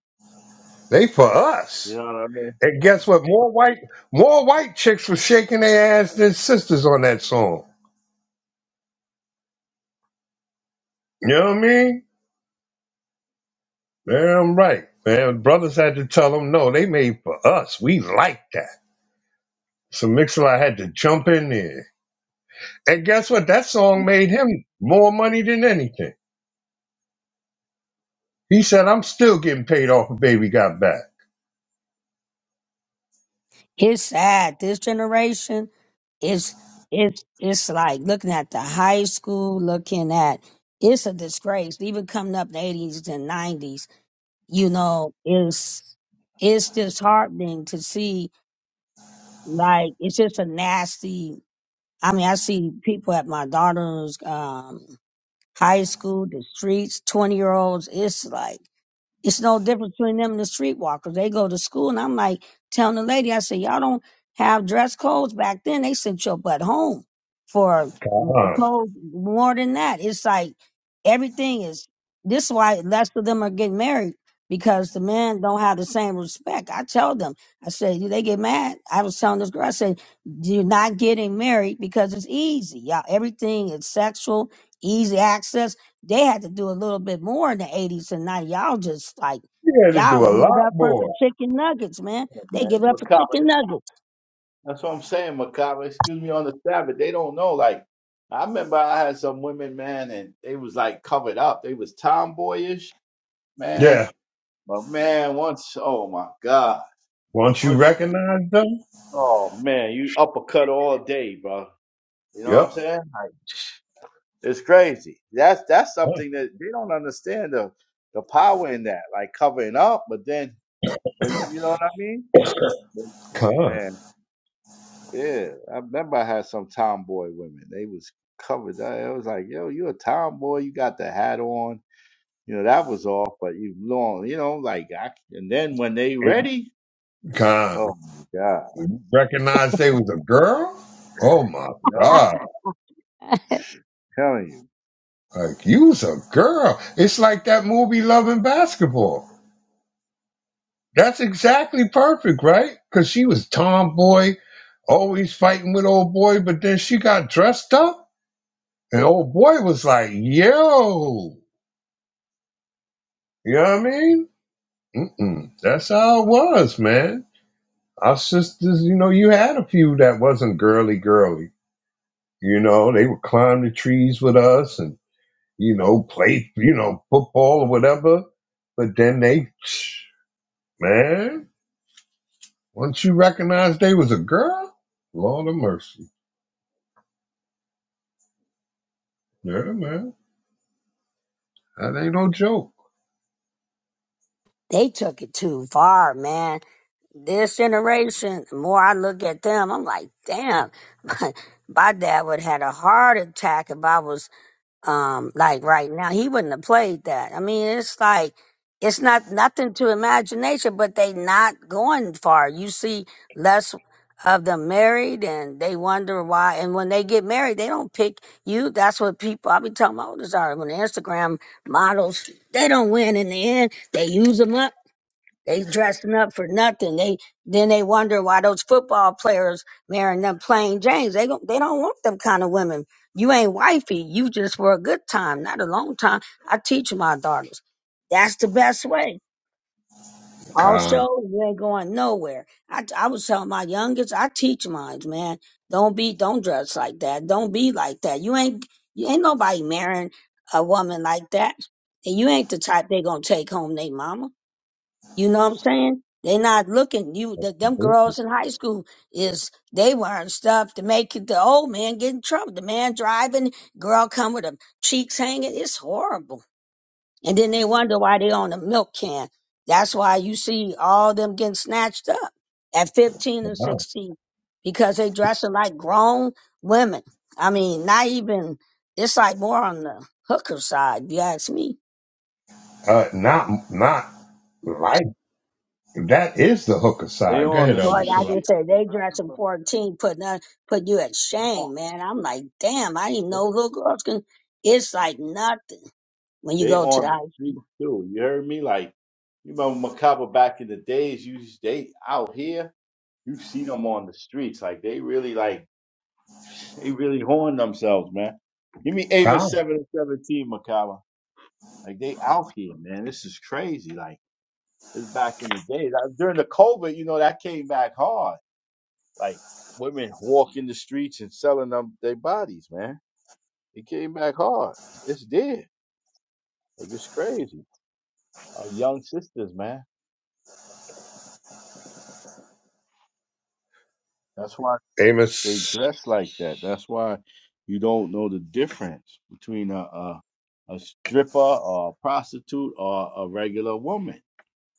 [SPEAKER 1] They for
[SPEAKER 5] that. You
[SPEAKER 1] us.
[SPEAKER 5] know what I mean,
[SPEAKER 1] And guess what? More white more white chicks were shaking their ass than sisters on that song. You know what I mean? Damn right. Man, brothers had to tell them, no, they made for us. We like that. So Mixalot had to jump in there. And guess what? That song made him more money than anything. He said, I'm still getting paid off when baby got back.
[SPEAKER 2] It's sad. This generation is it's it's like looking at the high school, looking at it's a disgrace. Even coming up in the eighties and nineties, you know, it's it's disheartening to see like it's just a nasty I mean, I see people at my daughter's um high school, the streets, twenty year olds, it's like It's no difference between them and the streetwalkers. They go to school, and I'm like telling the lady, I said, y'all don't have dress codes back then. They sent your butt home for m-
[SPEAKER 1] God.
[SPEAKER 2] clothes more than that. It's like everything is. This is why less of them are getting married because the men don't have the same respect. I tell them, I said, they get mad. I was telling this girl, I said, you're not getting married because it's easy. Y'all, everything is sexual, easy access they had to do a little bit more in the 80s and now y'all just like
[SPEAKER 1] You had to
[SPEAKER 2] y'all
[SPEAKER 1] do a
[SPEAKER 2] give it
[SPEAKER 1] lot
[SPEAKER 2] up for some
[SPEAKER 1] more.
[SPEAKER 2] chicken nuggets, man. They
[SPEAKER 5] man?
[SPEAKER 2] give it up for
[SPEAKER 5] Macabre.
[SPEAKER 2] chicken nuggets.
[SPEAKER 5] That's what I'm saying, Macabre. Excuse me on the Sabbath. They don't know. Like I remember, I had some women, man, and they was like covered up. They was tomboyish, man.
[SPEAKER 1] Yeah.
[SPEAKER 5] But man, once, oh my God.
[SPEAKER 1] Once you
[SPEAKER 5] once you
[SPEAKER 1] recognize them,
[SPEAKER 5] Oh man, you uppercut all day, bro. You know what
[SPEAKER 1] yep.
[SPEAKER 5] I'm saying? Like, it's crazy. That's that's something that they don't understand the the power in that, like covering up. But then, but you you know what I mean? But,
[SPEAKER 1] Con.
[SPEAKER 5] Man, yeah. I remember I had some tomboy women. They was covered. up. It was like, yo, you a tomboy. You got the hat on. You know that was off, but you long. You know, like, I, and then when they ready, oh
[SPEAKER 1] Con.
[SPEAKER 5] my god,
[SPEAKER 1] Recognize they was a girl? Oh my
[SPEAKER 5] you know, I'm
[SPEAKER 1] God.
[SPEAKER 5] telling you,
[SPEAKER 1] Like you was a girl. It's like that movie Loving Basketball. That's exactly perfect, right? Cause she was tomboy, always fighting with old boy, but then she got dressed up and old boy was like, yo. You know what I mean? Mm-mm. That's how it was, man. Our sisters, you know, you had a few that wasn't girly girly. You know, they would climb the trees with us and, you know, play, you know, football or whatever. But then they, man, once you recognize they was a girl, Lord of mercy. Yeah, man. That ain't no joke.
[SPEAKER 2] They took it too far, man. This generation, the more I look at them, I'm like, damn, my dad would have had a heart attack if I was um like right now he wouldn't have played that i mean it's like it's not nothing to imagination but they not going far you see less of them married and they wonder why and when they get married they don't pick you that's what people i be telling my oldest are when the instagram models they don't win in the end they use them up they dressing up for nothing. They then they wonder why those football players marrying them plain Jane's. They don't they don't want them kind of women. You ain't wifey. You just for a good time, not a long time. I teach my daughters. That's the best way. Also,
[SPEAKER 1] Con.
[SPEAKER 2] you ain't going nowhere. I I was telling my youngest, I teach mines, man. Don't be don't dress like that. Don't be like that. You ain't you ain't nobody marrying a woman like that. And you ain't the type they gonna take home they mama. You know what I'm saying? They not looking. You the, them girls in high school is they wearing stuff to make the old man get in trouble. The man driving, girl come with her cheeks hanging. It's horrible. And then they wonder why they on a milk can. That's why you see all them getting snatched up at 15 and
[SPEAKER 1] Uh,
[SPEAKER 2] 16 because they dressing like grown women. I mean, not even. It's like more on the hooker side, if you ask me
[SPEAKER 1] not, not like, that is the hooker
[SPEAKER 5] they
[SPEAKER 1] side. Go
[SPEAKER 5] on
[SPEAKER 1] ahead,
[SPEAKER 5] the,
[SPEAKER 1] Elder
[SPEAKER 5] str-
[SPEAKER 2] Lord,
[SPEAKER 5] the
[SPEAKER 2] I
[SPEAKER 1] Shalom.
[SPEAKER 5] street.
[SPEAKER 2] just
[SPEAKER 5] I
[SPEAKER 2] say
[SPEAKER 5] think
[SPEAKER 2] they
[SPEAKER 5] I
[SPEAKER 2] dressing
[SPEAKER 5] remember
[SPEAKER 2] fourteen, putting on, put you at shame, man. I'm like, damn, I didn't know little girls can. It's like nothing when you
[SPEAKER 5] They
[SPEAKER 2] go to the
[SPEAKER 5] on the
[SPEAKER 2] house.
[SPEAKER 5] street too. You heard me? Like you remember Macabre back in the days? You they out here. You see them on the streets. Like they really like they really horn themselves, man. Give me Amos
[SPEAKER 1] Con.
[SPEAKER 5] seven and seventeen, Macabre. Like they out here, man. This is crazy. Like it's back in the days. I, during the COVID, you know that came back hard. Like women walking the streets and selling them their bodies, man. It came back hard. It's dead. Like it's crazy. Our young sisters, man. That's why. They
[SPEAKER 1] Amos.
[SPEAKER 5] dress like that. That's why you don't know the difference between a a, a stripper or a prostitute or a regular woman.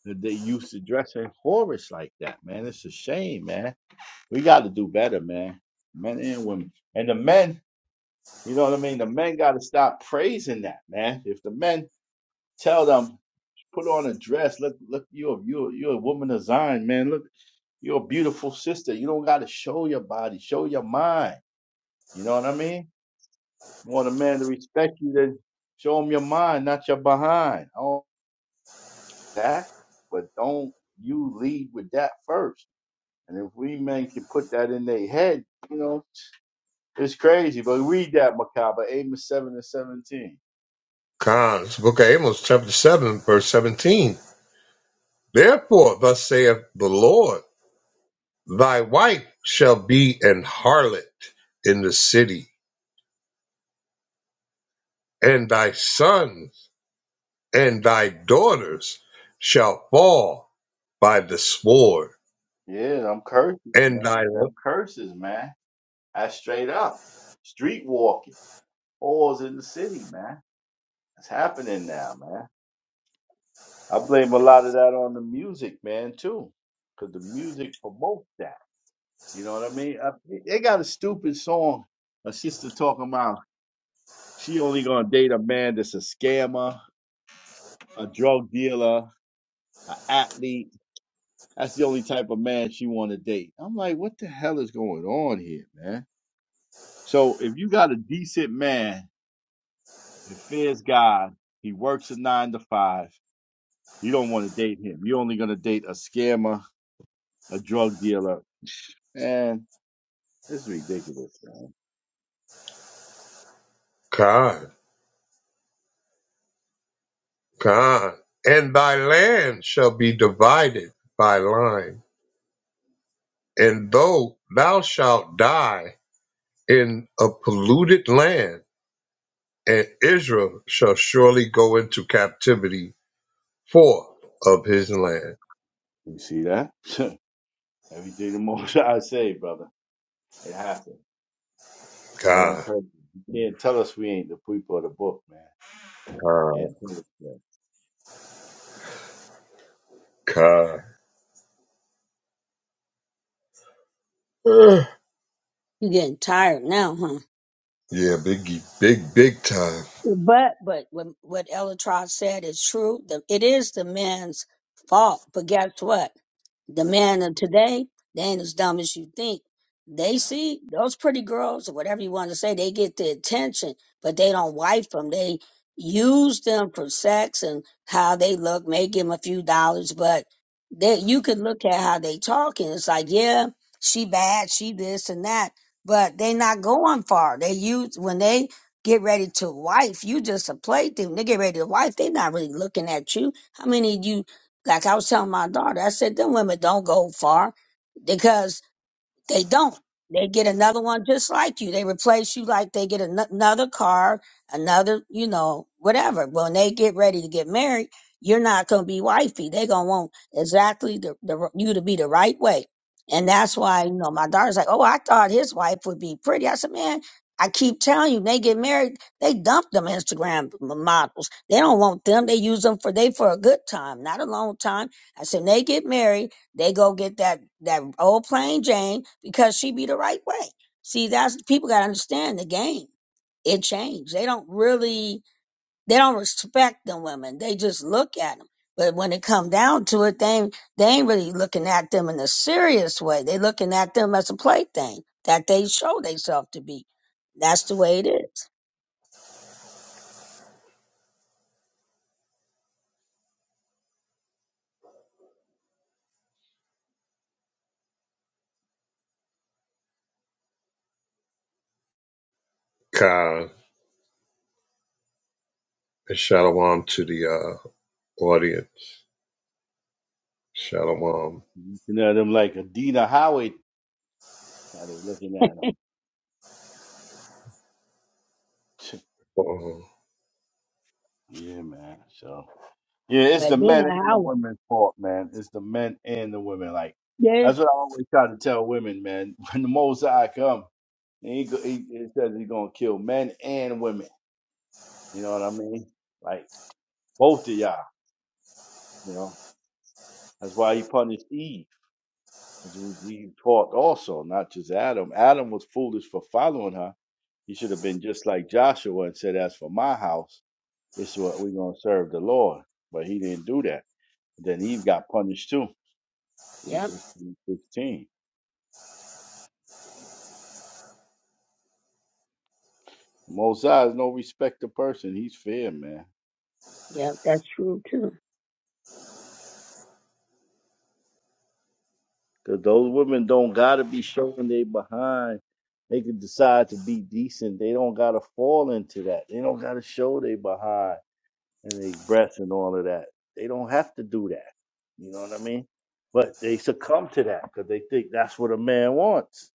[SPEAKER 5] That They used to dress in horrors like that, man. It's a shame, man. We got to do better, man. Men and women, and the men. You know what I mean? The men got to stop praising that, man. If the men tell them put on a dress, look, look, you're you you're a woman of Zion, man. Look, you're a beautiful sister. You don't got to show your body, show your mind. You know what I mean? want a man to respect you, then show him your mind, not your behind. All that, but don't you lead with that first. And if we men can put that in their head, you know, it's crazy. But read that Macabre, eight and seven and seventeen.
[SPEAKER 1] Cons, book of Amos, chapter 7, verse 17. Therefore, thus saith the Lord, thy wife shall be an harlot in the city, and thy sons and thy daughters shall fall by the sword,
[SPEAKER 5] Yeah, them curses,
[SPEAKER 1] and
[SPEAKER 5] man.
[SPEAKER 1] thy
[SPEAKER 5] Them curses, man. That's straight up. Street walking. Whores in the city, man. It's happening now, man. I blame a lot of that on the music, man, too. Because the music promotes that. You know what I mean? Uh, They got a stupid song. A sister talking about she only gonna date a man that's a scammer, a drug dealer, an athlete. That's the only type of man she want to date. I'm like, what the hell is going on here, man? So if you got a decent man that fears God, he works a nine to five. You don't want to date him. You're only gonna date a scammer, a drug dealer, and it's ridiculous. Man.
[SPEAKER 1] con, con, and thy land shall be divided by line, and though thou shalt die in a polluted land, and Israel shall surely go into captivity forth of his land.
[SPEAKER 5] You see that? Everything the most I say, brother. It happened. All them
[SPEAKER 1] God,
[SPEAKER 5] curses. You can't tell us we ain't the people of the book, man. You
[SPEAKER 1] God,
[SPEAKER 5] can't tell us that.
[SPEAKER 1] God. Ugh.
[SPEAKER 2] You getting tired now, huh?
[SPEAKER 1] Yeah, biggie, big, big time.
[SPEAKER 2] But but when, what Elatrod said is true. The, it is the man's fault. But guess what? The men of today, they ain't as dumb as you think. They see those pretty girls or whatever you want to say. They get the attention, but they don't wife them. They use them for sex and how they look, make them a few dollars. But they, you could look at how they talk, and it's like, yeah, she bad, she this and that. But they not going far. They use when they get ready to wife. You just a plaything. They get ready to wife. They not really looking at you. How many of you, like I was telling my daughter, I said, them women don't go far they don't. They get another one just like you. They replace you like they get an- another car, another, you know, whatever. When they get ready to get married, you're not going to be wifey. They're going to want exactly the, the you to be the right way. And that's why, you know, my daughter's like, oh, I thought his wife would be pretty. I said, man, I keep telling you, they get married, they dump them Instagram m- models. They don't want them. They use them for they for a good time, not a long time. I said, when they get married, they go get that that old plain Jane because she be the right way. See, that's people gotta understand the game. It changed. They don't really they don't respect the women. They just look at them. But when it come down to it, they ain't, they ain't really looking at them in a serious way. They looking at them as a plaything that they show themselves to be. That's the way it is.
[SPEAKER 1] God, and shalom to the uh, audience. Shalom.
[SPEAKER 5] You know them like Adina Howard. How they looking at them?
[SPEAKER 1] Uh-huh.
[SPEAKER 5] yeah, man. So yeah, it's the
[SPEAKER 2] But Nina
[SPEAKER 5] men and the
[SPEAKER 2] Howard,
[SPEAKER 5] women's fault, man. It's the men and the women. Like
[SPEAKER 2] yeah,
[SPEAKER 5] that's what I always try to tell women, man. When the Most come, he, go- he it says he's gonna kill men and women. You know what I mean? Like both of y'all. You know that's why he punished Eve. As Eve taught also, not just Adam. Adam was foolish for following her. He should have been just like Joshua and said, As for my house, it's what we're going to serve the Lord. But he didn't do that. Then Eve got punished too. In
[SPEAKER 2] yep,
[SPEAKER 5] Genesis 16. Mosiah is no respecter person. He's fair, man.
[SPEAKER 2] yep, that's true too.
[SPEAKER 5] Because those women don't got to be showing they behind. They can decide to be decent. They don't got to fall into that. They don't got to show they behind and their breath and all of that. They don't have to do that. You know what I mean? But they succumb to that because they think that's what a man wants.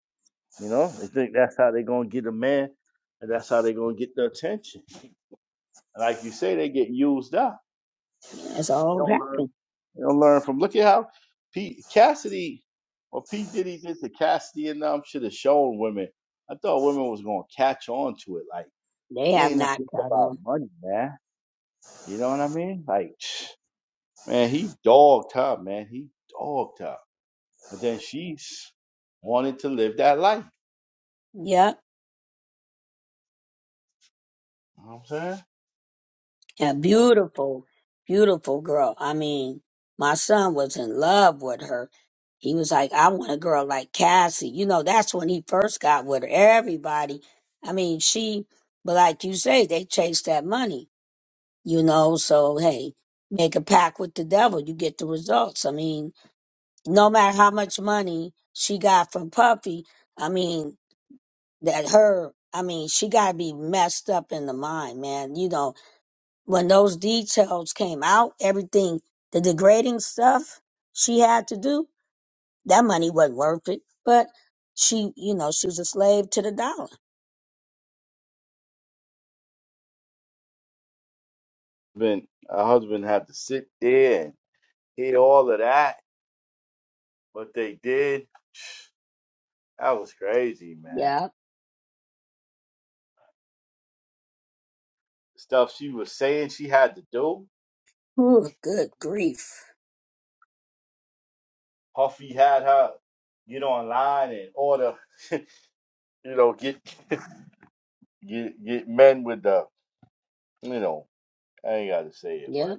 [SPEAKER 5] You know, they think that's how they're gonna get a man, and that's how they're gonna get the attention. And like you say, they get used up.
[SPEAKER 2] Yeah, it's
[SPEAKER 5] They
[SPEAKER 2] all
[SPEAKER 5] don't learn.
[SPEAKER 2] happened.
[SPEAKER 5] They don't learn from. Look at how Pete Cassidy or Pete Diddy did to Cassidy and them should have shown women. I thought women was gonna catch on to it. Like
[SPEAKER 2] They
[SPEAKER 5] it
[SPEAKER 2] have
[SPEAKER 5] ain't
[SPEAKER 2] not
[SPEAKER 5] nothing
[SPEAKER 2] caught
[SPEAKER 5] about
[SPEAKER 2] on.
[SPEAKER 5] money, man. You know what I mean? Like. Man, he dogged her, man. He dogged her. But then she s- wanted to live that life.
[SPEAKER 2] Yep.
[SPEAKER 5] You know what I'm saying?
[SPEAKER 2] A
[SPEAKER 5] She wanted
[SPEAKER 2] beautiful, beautiful girl. I mean, my son was in love with her. He was like, I want a girl like Cassie. You know, that's when he first got with her. Everybody, I mean, she, but like you say, they chased that money, you know, so hey, make a pact with the devil, you get the results. I mean, no matter how much money she got from Puffy, I mean, that her, I mean, she got to be messed up in the mind, man, you know when those details came out, everything, the degrading stuff she had to do, that money wasn't worth it. But she, you know, she was a slave to the dollar.
[SPEAKER 5] husband, her husband had to sit there and hear all of that. What they did, that was crazy, man.
[SPEAKER 2] Yeah.
[SPEAKER 5] Stuff she was saying she had to do.
[SPEAKER 2] Ooh, good grief.
[SPEAKER 5] Huffy had her get online and order, you know, get get get men with the, you know, I ain't gotta say it, but
[SPEAKER 2] Yeah.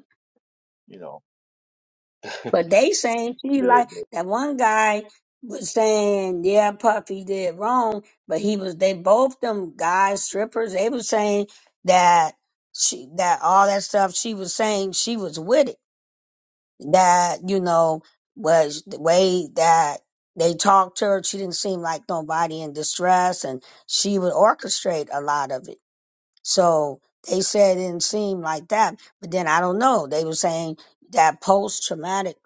[SPEAKER 5] you know,
[SPEAKER 2] But they saying she
[SPEAKER 5] the.
[SPEAKER 2] like that one guy was saying, yeah, Puffy did wrong, but he was they both them guys strippers. They was saying that she that all that stuff she was saying she was with it. that you know was the way that they talked to her. She didn't seem like nobody in distress, and she would orchestrate a lot of it. So they said it didn't seem like that. But then I don't know. They were saying that post traumatic.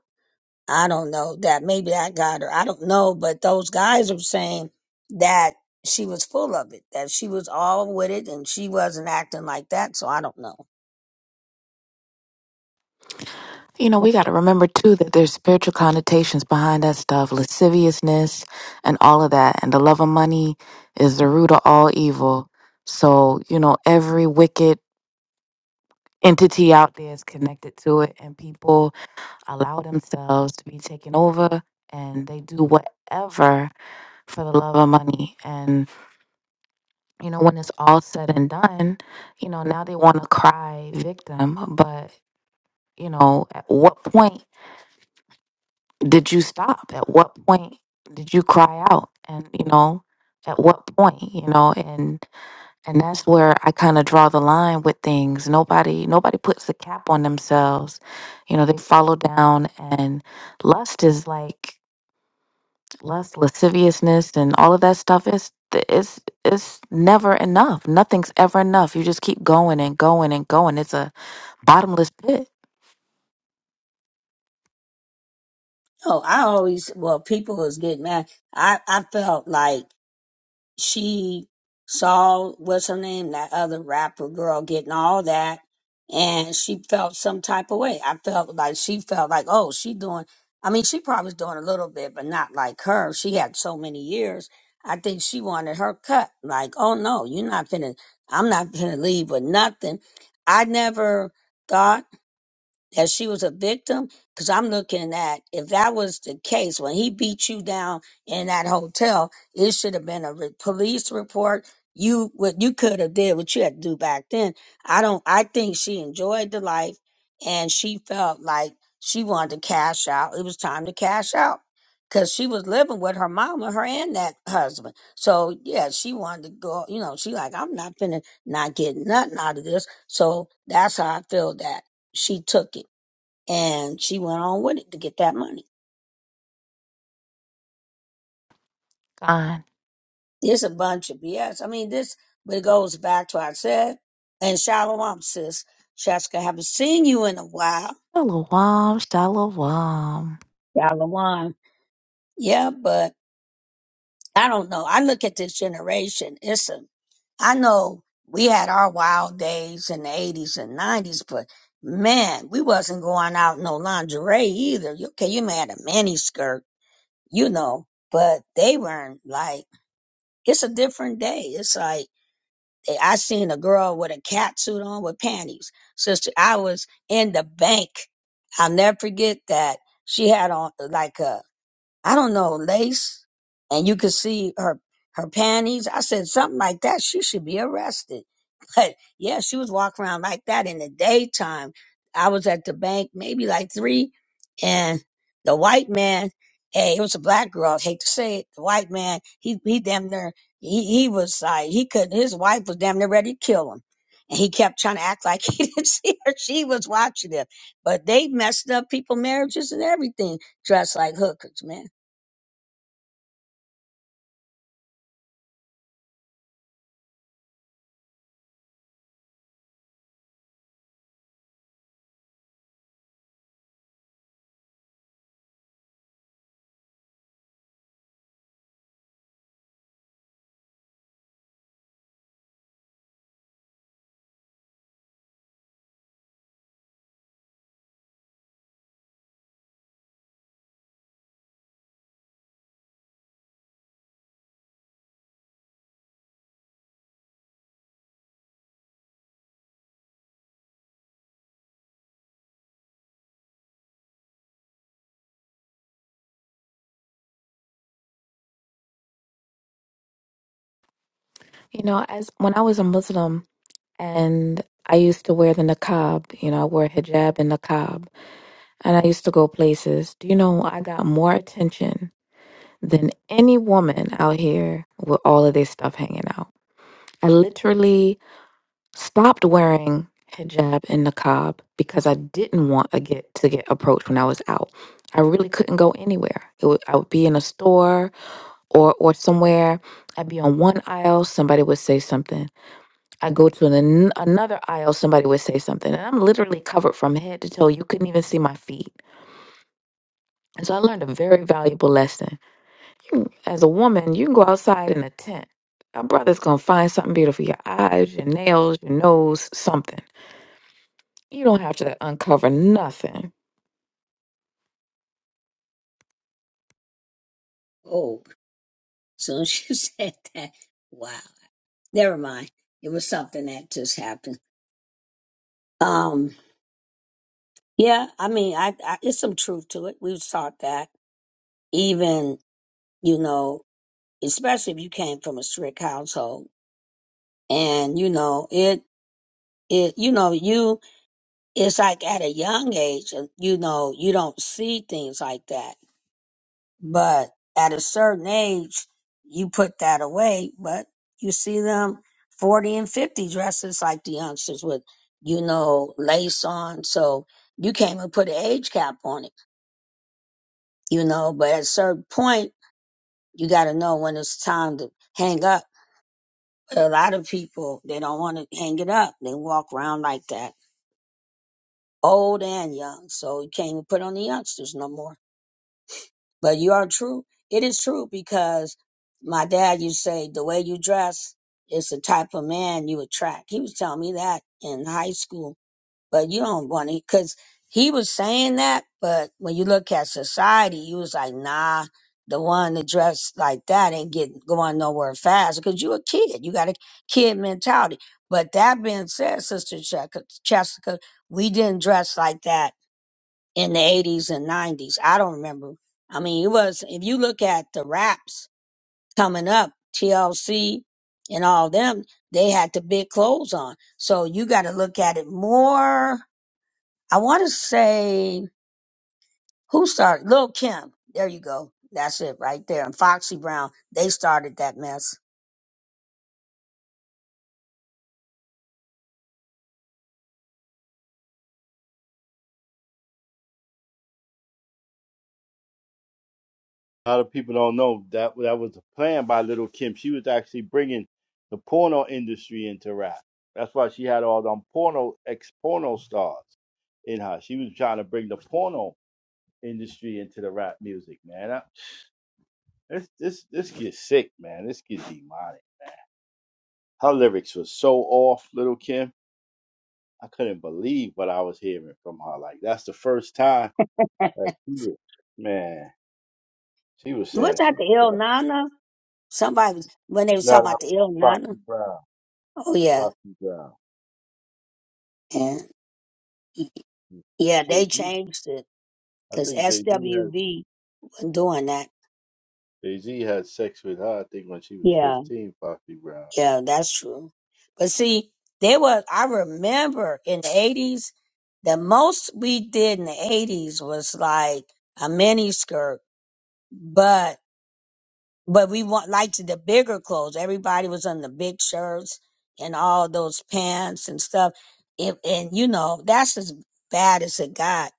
[SPEAKER 2] I don't know that maybe that got her. I don't know, but those guys were saying that she was full of it, that she was all with it, and she wasn't acting like that. So I don't know.
[SPEAKER 7] You know, we got to remember too that there's spiritual connotations behind that stuff, lasciviousness and all of that. And the love of money is the root of all evil. So, you know, every wicked entity out there is connected to it, and people allow themselves to be taken over and they do whatever for the love of money. And, you know, when it's all said and done, you know, now they want to cry victim, but, you know, at what point? did you stop? At what point did you cry out? And you know, at what point, you know, and and that's where I kind of draw the line with things. Nobody nobody puts a cap on themselves. You know, they follow down and lust is like lust, lasciviousness and all of that stuff is it's it's never enough. Nothing's ever enough. You just keep going and going and going. It's a bottomless pit.
[SPEAKER 2] Oh, I always well, people was getting mad. I I felt like. she saw what's her name, that other rapper girl getting all that, and she felt some type of way. I felt like she felt like, oh, she doing. I mean, she probably was doing a little bit, but not like her. She had so many years. I think she wanted her cut. Like, oh no, you're not finna. I'm not finna leave with nothing. I never thought that she was a victim because i'm looking at if that was the case when he beat you down in that hotel it should have been a re- police report you what you could have did what you had to do back then i don't i think she enjoyed the life and she felt like she wanted to cash out it was time to cash out because she was living with her mama her and that husband so yeah she wanted to go you know she like i'm not gonna not get nothing out of this so that's how i feel that she took it and she went on with it to get that money.
[SPEAKER 7] Gone.
[SPEAKER 2] It's a bunch of BS. I mean, this but it goes back to what I said. And Shalom, sis, Shaska, haven't seen you in a while.
[SPEAKER 7] Shalom, shalom.
[SPEAKER 2] Shalom, yeah, but I don't know. I look at this generation. It's a. I know we had our wild days in the eighties and nineties, but man, we wasn't going out in no lingerie either. You- Okay, you may had a mini skirt, you know, but they weren't like. It's a different day. It's like I seen a girl with a cat suit on with panties. Sister, I was in the bank. I'll never forget that. She had on like a I don't know, lace, and you could see her her panties. I said something like that. She should be arrested. But yeah, she was walking around like that in the daytime. I was at the bank maybe like three, and the white man, hey, it was a black girl. I hate to say it, the white man, he he damn near he he was like he could his wife was damn near ready to kill him. And he kept trying to act like he didn't see her. She was watching him. But they messed up people' marriages and everything dressed like hookers, man.
[SPEAKER 7] You know, as when I was a Muslim and I used to wear the niqab, you know, I wore hijab and niqab, and I used to go places. Do you know I got more attention than any woman out here with all of this stuff hanging out? I literally stopped wearing hijab and niqab because I didn't want to get to get approached when I was out. I really couldn't go anywhere. It would, I would be in a store or or somewhere. I'd be on one aisle, somebody would say something. I go to an, another aisle, somebody would say something, and I'm literally covered from head to toe. You couldn't even see my feet. And so I learned a very valuable lesson. You- As a woman, you can go outside in a tent. A brother's gonna find something beautiful your eyes, your nails, your nose, something. You don't have to uncover nothing.
[SPEAKER 2] Oh, as soon as you said that, wow. Never mind. It was something that just happened. Um, yeah, I mean, I, I it's some truth to it. We've taught that even, you know, especially if you came from a strict household and, you know, it, it, you know, you, it's like at a young age, uh, you know, you don't see things like that But at a certain age, you put that away, but you see them 40 and 50 dresses like the youngsters with, you know, lace on. So you can't even put an age cap on it, you know, but at a certain point, you got to know when it's time to hang up. But a lot of people, they don't want to hang it up. They walk around like that, old and young. So you can't even put on the youngsters no more. But you are true. It is true because my dad used to say the way you dress is the type of man you attract. He was telling me that in high school, but you don't want to because he was saying that. But when you look at society, you was like, nah, the one that dressed like that ain't getting going nowhere fast because you a kid. You got a kid mentality. But that being said, Sister Jessica, Jessica, we didn't dress like that in the 80s and 90s. I don't remember. I mean, it was, if you look at the raps coming up, TLC and all them, they had the big clothes on. So you got to look at it more. I want to say, who started? Lil Kim. There you go. That's it right there. And Foxy Brown, they started that mess.
[SPEAKER 5] A lot of people don't know that that was a plan by Little Kim. She was actually bringing the porno industry into rap. That's why she had all them porno ex porno stars in her. She was trying to bring the porno industry into the rap music, man. That- This this this gets sick, man. This gets demonic. Her lyrics were so off, Little Kim. I couldn't believe what I was hearing from her. Like that's the first time. Like she was, man, she was
[SPEAKER 2] Eh, was
[SPEAKER 5] saying
[SPEAKER 2] that
[SPEAKER 5] some
[SPEAKER 2] the Il
[SPEAKER 5] stuff.
[SPEAKER 2] Nana? Somebody was, when they was
[SPEAKER 5] No, that
[SPEAKER 2] talking about
[SPEAKER 5] was
[SPEAKER 2] the Il
[SPEAKER 5] Foxy
[SPEAKER 2] Nana.
[SPEAKER 5] Brown.
[SPEAKER 2] Oh, yeah.
[SPEAKER 5] Foxy Brown.
[SPEAKER 2] And yeah, they
[SPEAKER 5] Jay-Z.
[SPEAKER 2] changed it
[SPEAKER 5] I
[SPEAKER 2] because
[SPEAKER 5] think Jay-Z had
[SPEAKER 2] SWV doing that.
[SPEAKER 5] Jay-Z had sex with her, I think when she was
[SPEAKER 2] Yeah,
[SPEAKER 5] 15, Foxy Brown.
[SPEAKER 2] yeah, that's true. But see, there was I remember in the eighties, the most we did in the eighties was like a mini skirt, but but we want liked the bigger clothes. Everybody was on the big shirts and all those pants and stuff. If and you know that's as bad as it got.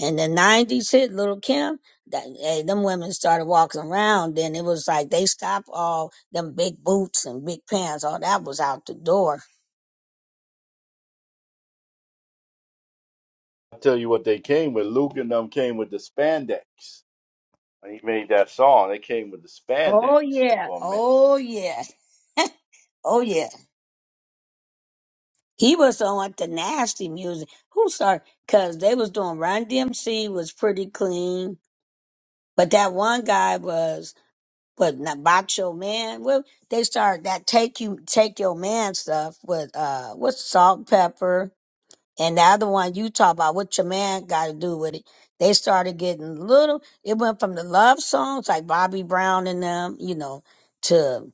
[SPEAKER 2] And the nineties hit Little Kim. That eh, them women started walking around. Then it was like they stopped all them big boots and big pants. All that was out the door.
[SPEAKER 5] I tell you what they came with. Luke and them came with the spandex. When he made that song, they came with the spandex
[SPEAKER 2] Oh yeah.
[SPEAKER 5] for a minute.
[SPEAKER 2] Oh yeah. Oh yeah. He was on with the nasty music. Who started? Cause they was doing Run DMC was pretty clean But that one guy was what not Bacho Man. Well, they started that take you take your man stuff with uh with salt pepper and the other one you talk about what your man got to do with it. They started getting little. It went from the love songs like Bobby Brown and them, you know, to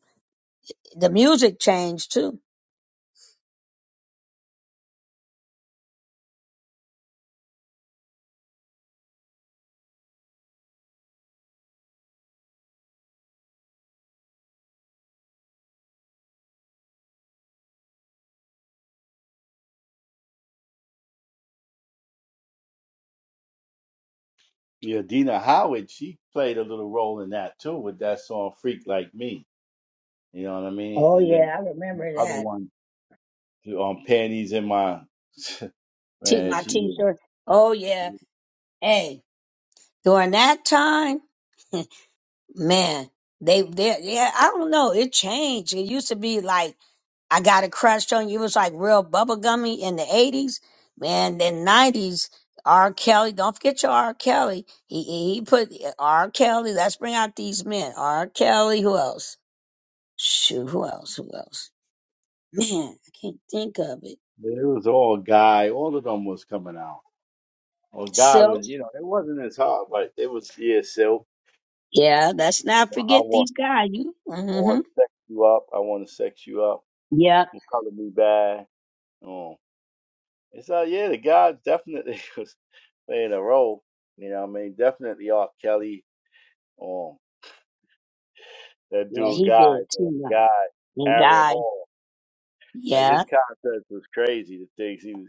[SPEAKER 2] the music changed too.
[SPEAKER 5] Yeah, Dina Howard, she played a little role in that too with that song Freak Like Me. You know what I mean?
[SPEAKER 2] Oh
[SPEAKER 5] And then
[SPEAKER 2] yeah, I
[SPEAKER 5] the
[SPEAKER 2] remember
[SPEAKER 5] other
[SPEAKER 2] that.
[SPEAKER 5] one on panties in my
[SPEAKER 2] T
[SPEAKER 5] man,
[SPEAKER 2] my
[SPEAKER 5] she
[SPEAKER 2] T-shirt. Oh yeah. Hey, during that time. man, they they yeah, I don't know. It changed. It used to be like I got a crush on you. It was like real bubblegummy in the eighties. Man, then nineties, R. Kelly, don't forget your R. Kelly. He he he put R. Kelly, let's bring out these men. R. Kelly, who else? Shoot, who else? Who else? Man, I can't think of it.
[SPEAKER 5] yeah, it was all guy. All of them was coming out. Well, God
[SPEAKER 2] So
[SPEAKER 5] was, you know, it wasn't as hard, but it was, yeah, Silk.
[SPEAKER 2] yeah, let's not
[SPEAKER 5] I
[SPEAKER 2] forget
[SPEAKER 5] want,
[SPEAKER 2] these guys. You
[SPEAKER 5] I
[SPEAKER 2] mm-hmm.
[SPEAKER 5] want to sex you up. I want to sex you up.
[SPEAKER 2] Yep.
[SPEAKER 5] You color me bad. Um, it's uh, yeah, the God definitely was playing a role. You know, what I mean, definitely R. Kelly. Um, that
[SPEAKER 2] Yeah,
[SPEAKER 5] dude,
[SPEAKER 2] he
[SPEAKER 5] guy,
[SPEAKER 2] did too.
[SPEAKER 5] man,
[SPEAKER 2] man.
[SPEAKER 5] guy,
[SPEAKER 2] And
[SPEAKER 5] Aaron
[SPEAKER 2] guy.
[SPEAKER 5] Hall. Like
[SPEAKER 2] yeah.
[SPEAKER 5] his concepts was crazy. The things he was,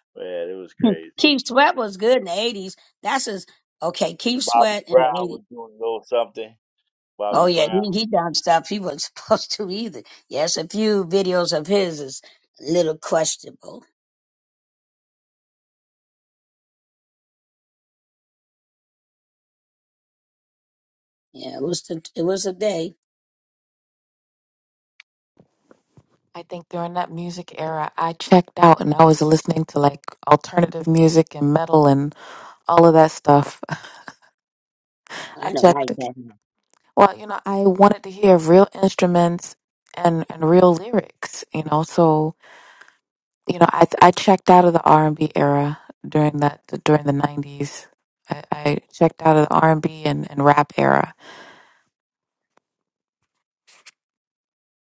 [SPEAKER 5] man, it was crazy.
[SPEAKER 2] Keith Sweat was good in the eighties. That's his okay, Keith
[SPEAKER 5] Bobby
[SPEAKER 2] Sweat in the
[SPEAKER 5] Brown
[SPEAKER 2] eighties.
[SPEAKER 5] was doing a little something.
[SPEAKER 2] Oh
[SPEAKER 5] Bobby
[SPEAKER 2] yeah,
[SPEAKER 5] Brown.
[SPEAKER 2] he he done stuff he wasn't supposed to either. Yes, a few videos of his is a little questionable. Yeah, it was the, it was a day.
[SPEAKER 7] I think during that music era, I checked out and I was listening to like alternative music and metal and all of that stuff. I
[SPEAKER 2] I don't like
[SPEAKER 7] checked.
[SPEAKER 2] that.
[SPEAKER 7] Well, you know, I wanted to hear real instruments and and real lyrics. You know, so you know, I I checked out of the R and B era during that during the nineties. I, I checked out of the R and B and and rap era.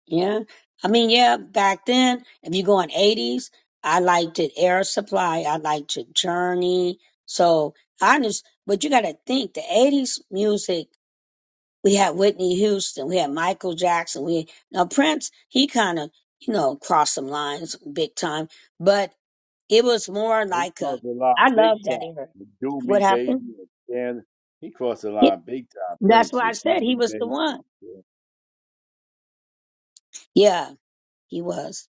[SPEAKER 2] Yeah. I mean, yeah, back then, if you go in eighties, I liked it Air Supply, I liked it Journey. So I just but you gotta think the eighties music We had Whitney Houston. We had Michael Jackson. We now Prince. He kind of you know crossed some lines big time, but it was more
[SPEAKER 5] He
[SPEAKER 2] like a.
[SPEAKER 5] crossed the
[SPEAKER 2] I
[SPEAKER 5] line
[SPEAKER 2] love
[SPEAKER 5] big time
[SPEAKER 2] that era.
[SPEAKER 5] with Do
[SPEAKER 2] What
[SPEAKER 5] Me
[SPEAKER 2] happened?
[SPEAKER 5] Baby and Dan. He crossed the
[SPEAKER 2] Yeah,
[SPEAKER 5] line big time,
[SPEAKER 2] that's
[SPEAKER 5] Prince
[SPEAKER 2] why I
[SPEAKER 5] with Do
[SPEAKER 2] said he
[SPEAKER 5] Me
[SPEAKER 2] was the one.
[SPEAKER 5] Baby. Yeah.
[SPEAKER 2] Yeah, he was.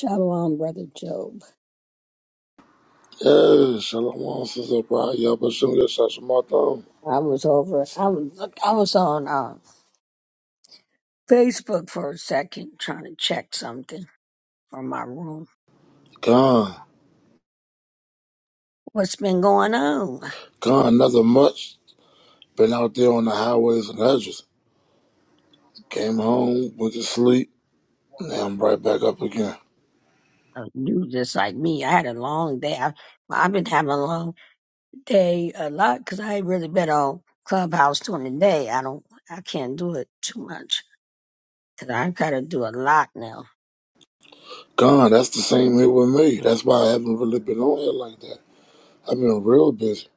[SPEAKER 2] Shalom, brother Job.
[SPEAKER 8] Hey, Shalom, Sister Pride. Y'all been shooting your shots from my thumb.
[SPEAKER 2] I was over. I was. I was on uh, Facebook for a second trying to check something from my room.
[SPEAKER 8] Gone.
[SPEAKER 2] What's been going on?
[SPEAKER 8] Gone another month. Been out there on the highways and hedges. Came home, went to sleep, now I'm right back up again.
[SPEAKER 2] Uh, You just like me. I had a long day. I, I've been having a long day a lot because I ain't really been on Clubhouse during the day. I don't, I can't do it too much because I gotta do a lot now.
[SPEAKER 8] Gone. That's the same here with me. That's why I haven't really been on here like that. I've been real busy.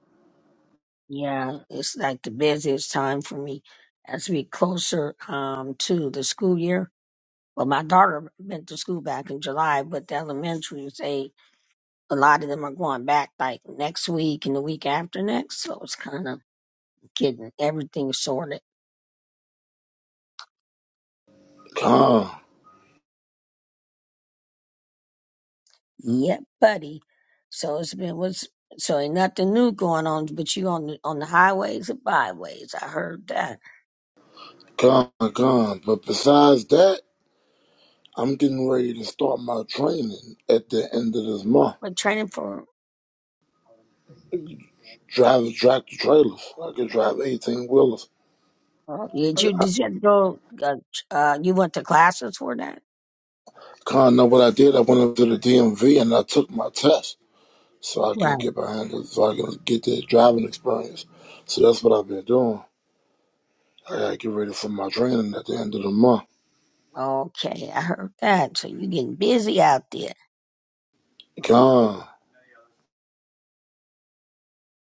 [SPEAKER 2] Yeah, it's like the busiest time for me as we closer um to the school year. Well, my daughter went to school back in July, but the elementary say a lot of them are going back like next week and the week after next, so it's kind of getting everything sorted.
[SPEAKER 8] Gone.
[SPEAKER 2] Yep, buddy. So it's been what's so ain't nothing new going on, but you on the on the highways and byways. I heard that.
[SPEAKER 8] Gone. Gone. But besides that, I'm getting ready to start my training at the end of this month.
[SPEAKER 2] But training for
[SPEAKER 8] Driving tractor trailers. I can drive 18 wheelers.
[SPEAKER 2] oh, yeah, did you did you have to go uh, uh you went to classes for that?
[SPEAKER 8] Con know what I did. I went up to the DMV and I took my test so I can
[SPEAKER 2] Right.
[SPEAKER 8] get behind it, so I can get the driving experience. So that's what I've been doing. I gotta get ready for my training at the end of the month.
[SPEAKER 2] Okay, I heard that. So you getting busy out there.
[SPEAKER 8] Gone.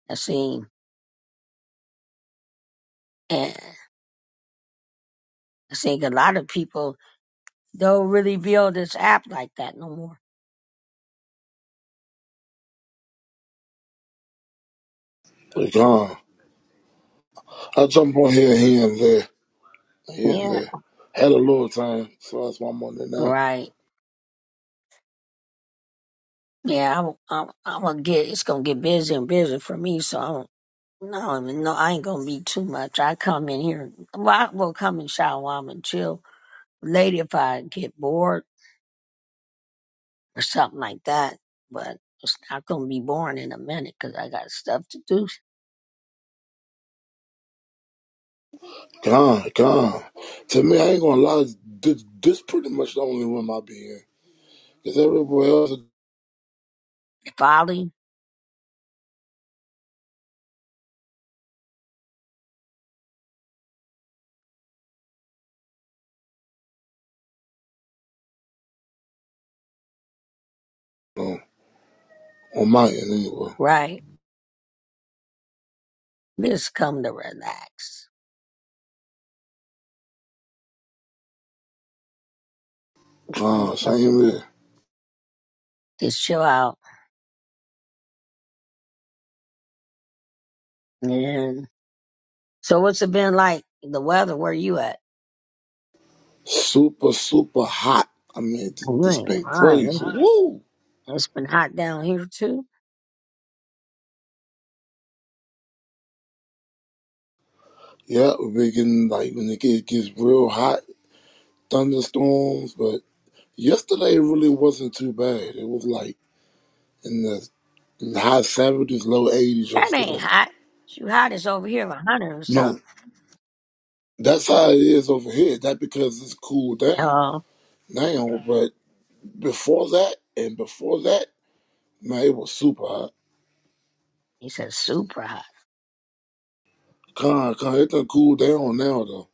[SPEAKER 2] I see and I think a lot of people don't really build this app like that no more.
[SPEAKER 8] Gone. I jump on here, here and there, here and
[SPEAKER 2] Yeah.
[SPEAKER 8] there. Had a little time, so that's why I'm on there now.
[SPEAKER 2] Right. Yeah, I'm, I'm, I'm gonna get, it's gonna get busy and busy for me, so I No, no, I ain't gonna be too much. I come in here. Well, I will come and shower while I'm and chill. Later, if I get bored or something like that, but it's not gonna be boring in a minute 'cause I got stuff to do.
[SPEAKER 8] Gone, gone. To me, I ain't gonna lie, this, this pretty much the only room I be in. Because everywhere else, is,
[SPEAKER 2] Folly,
[SPEAKER 8] you on my end anyway.
[SPEAKER 2] right? Just come to relax,
[SPEAKER 8] Gone,
[SPEAKER 2] Okay.
[SPEAKER 8] same here.
[SPEAKER 2] just chill out. And so, what's it been like? The weather? Where you at?
[SPEAKER 8] super, super hot. I mean, th-
[SPEAKER 2] You
[SPEAKER 8] this
[SPEAKER 2] ain't
[SPEAKER 8] been crazy.
[SPEAKER 2] lying.
[SPEAKER 8] Woo!
[SPEAKER 2] It's been hot down here too.
[SPEAKER 8] Yeah, we've been getting like when it get- gets real hot, thunderstorms. But yesterday it really wasn't too bad. It was like in the high seventies, low eighties
[SPEAKER 2] That ain't
[SPEAKER 8] yesterday.
[SPEAKER 2] hot. You hot is over here, a hundred or
[SPEAKER 8] No,
[SPEAKER 2] something.
[SPEAKER 8] that's how it is over here. That because it's cooled down
[SPEAKER 2] No,
[SPEAKER 8] now. But before that and before that, man, it was super hot.
[SPEAKER 2] he said super hot.
[SPEAKER 8] Con, con, it done cool down now though.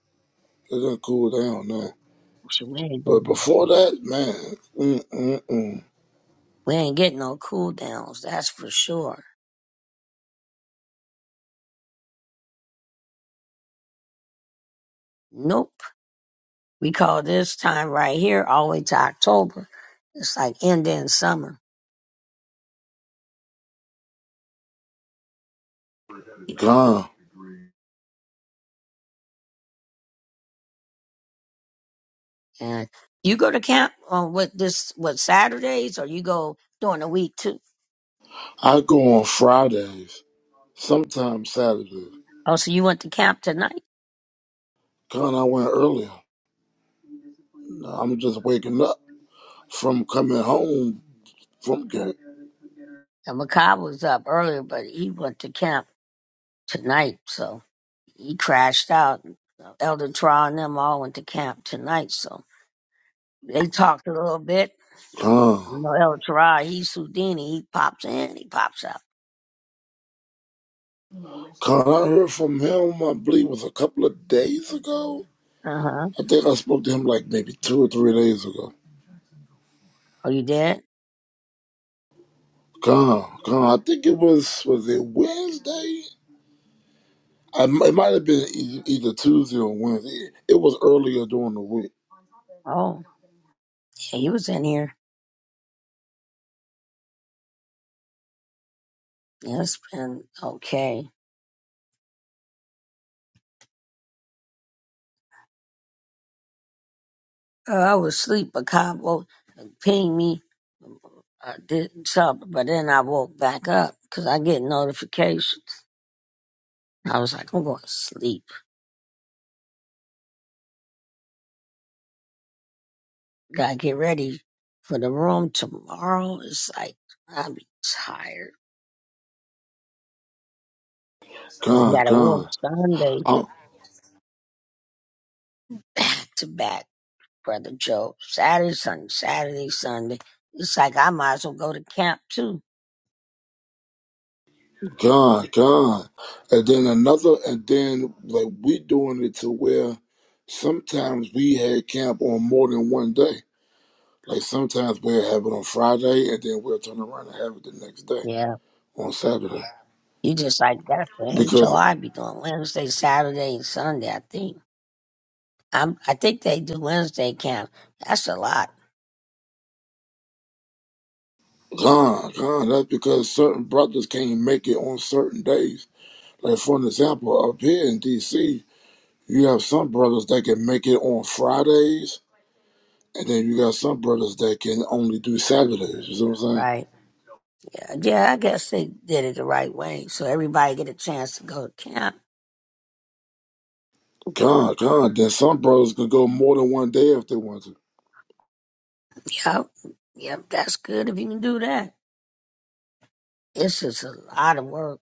[SPEAKER 8] It done cool down now.
[SPEAKER 2] Shit, We ain't
[SPEAKER 8] But
[SPEAKER 2] getting,
[SPEAKER 8] before that, man, mm-mm-mm.
[SPEAKER 2] we ain't getting no cool downs, that's for sure. Nope. We call this time right here all the way to October. It's like ending summer.
[SPEAKER 8] Gone.
[SPEAKER 2] And you go to camp on what this what Saturdays or you go during the week too.
[SPEAKER 8] I go on Fridays, sometimes Saturdays.
[SPEAKER 2] Oh, so you went to camp tonight?
[SPEAKER 8] Gone, I went earlier. Nah, I'm just waking up from coming home from get
[SPEAKER 2] And Makai was up earlier, but he went to camp tonight, so he crashed out. Elder Trial and them all went to camp tonight, so they talked a little bit
[SPEAKER 8] Gone.
[SPEAKER 2] You know, El Tari, he's Houdini. He pops in, he pops out.
[SPEAKER 8] Gone, I heard from him, I believe it was a couple of days ago.
[SPEAKER 2] Uh huh.
[SPEAKER 8] I think I spoke to him like maybe two or three days ago.
[SPEAKER 2] Are you dead?
[SPEAKER 8] Gone, gone. I think it was, was it Wednesday? I, it might have been e- either Tuesday or Wednesday. It was earlier during the week.
[SPEAKER 2] Oh, yeah, he was in here. Yeah, it's been okay. Uh, I was asleep, but Cabo pinged me. I did something, but then I woke back up because I get notifications. I was like, I'm going to sleep. Gotta get ready for the room tomorrow. It's like, I'll be tired. I
[SPEAKER 8] Gone,
[SPEAKER 2] got a
[SPEAKER 8] gone.
[SPEAKER 2] room Sunday
[SPEAKER 8] i
[SPEAKER 2] back to back. Brother Joe. Saturday, Sunday, Saturday, Sunday. It's like I might as well go to camp too.
[SPEAKER 8] God, gone, And then another, and then like we doing it to where sometimes we had camp on more than one day. Like sometimes we'll have it on Friday, and then we'll turn around and have it the next day
[SPEAKER 2] Yeah.
[SPEAKER 8] on Saturday.
[SPEAKER 2] You just like that's the
[SPEAKER 8] Because
[SPEAKER 2] HOI be doing Wednesday, Saturday, and Sunday, I think. I'm I think they do Wednesday camp. That's a lot.
[SPEAKER 8] God, God, That's because certain brothers can't make it on certain days. Like for an example, up here in DC, you have some brothers that can make it on Fridays, and then you got some brothers that can only do Saturdays. You see what I'm saying?
[SPEAKER 2] Right. Yeah, yeah, I guess they did it the right way. So everybody get a chance to go to camp.
[SPEAKER 8] God, God, then some brothers could go more than one day if they want to.
[SPEAKER 2] Yep. Yep, that's good if you can do that. It's just a lot of work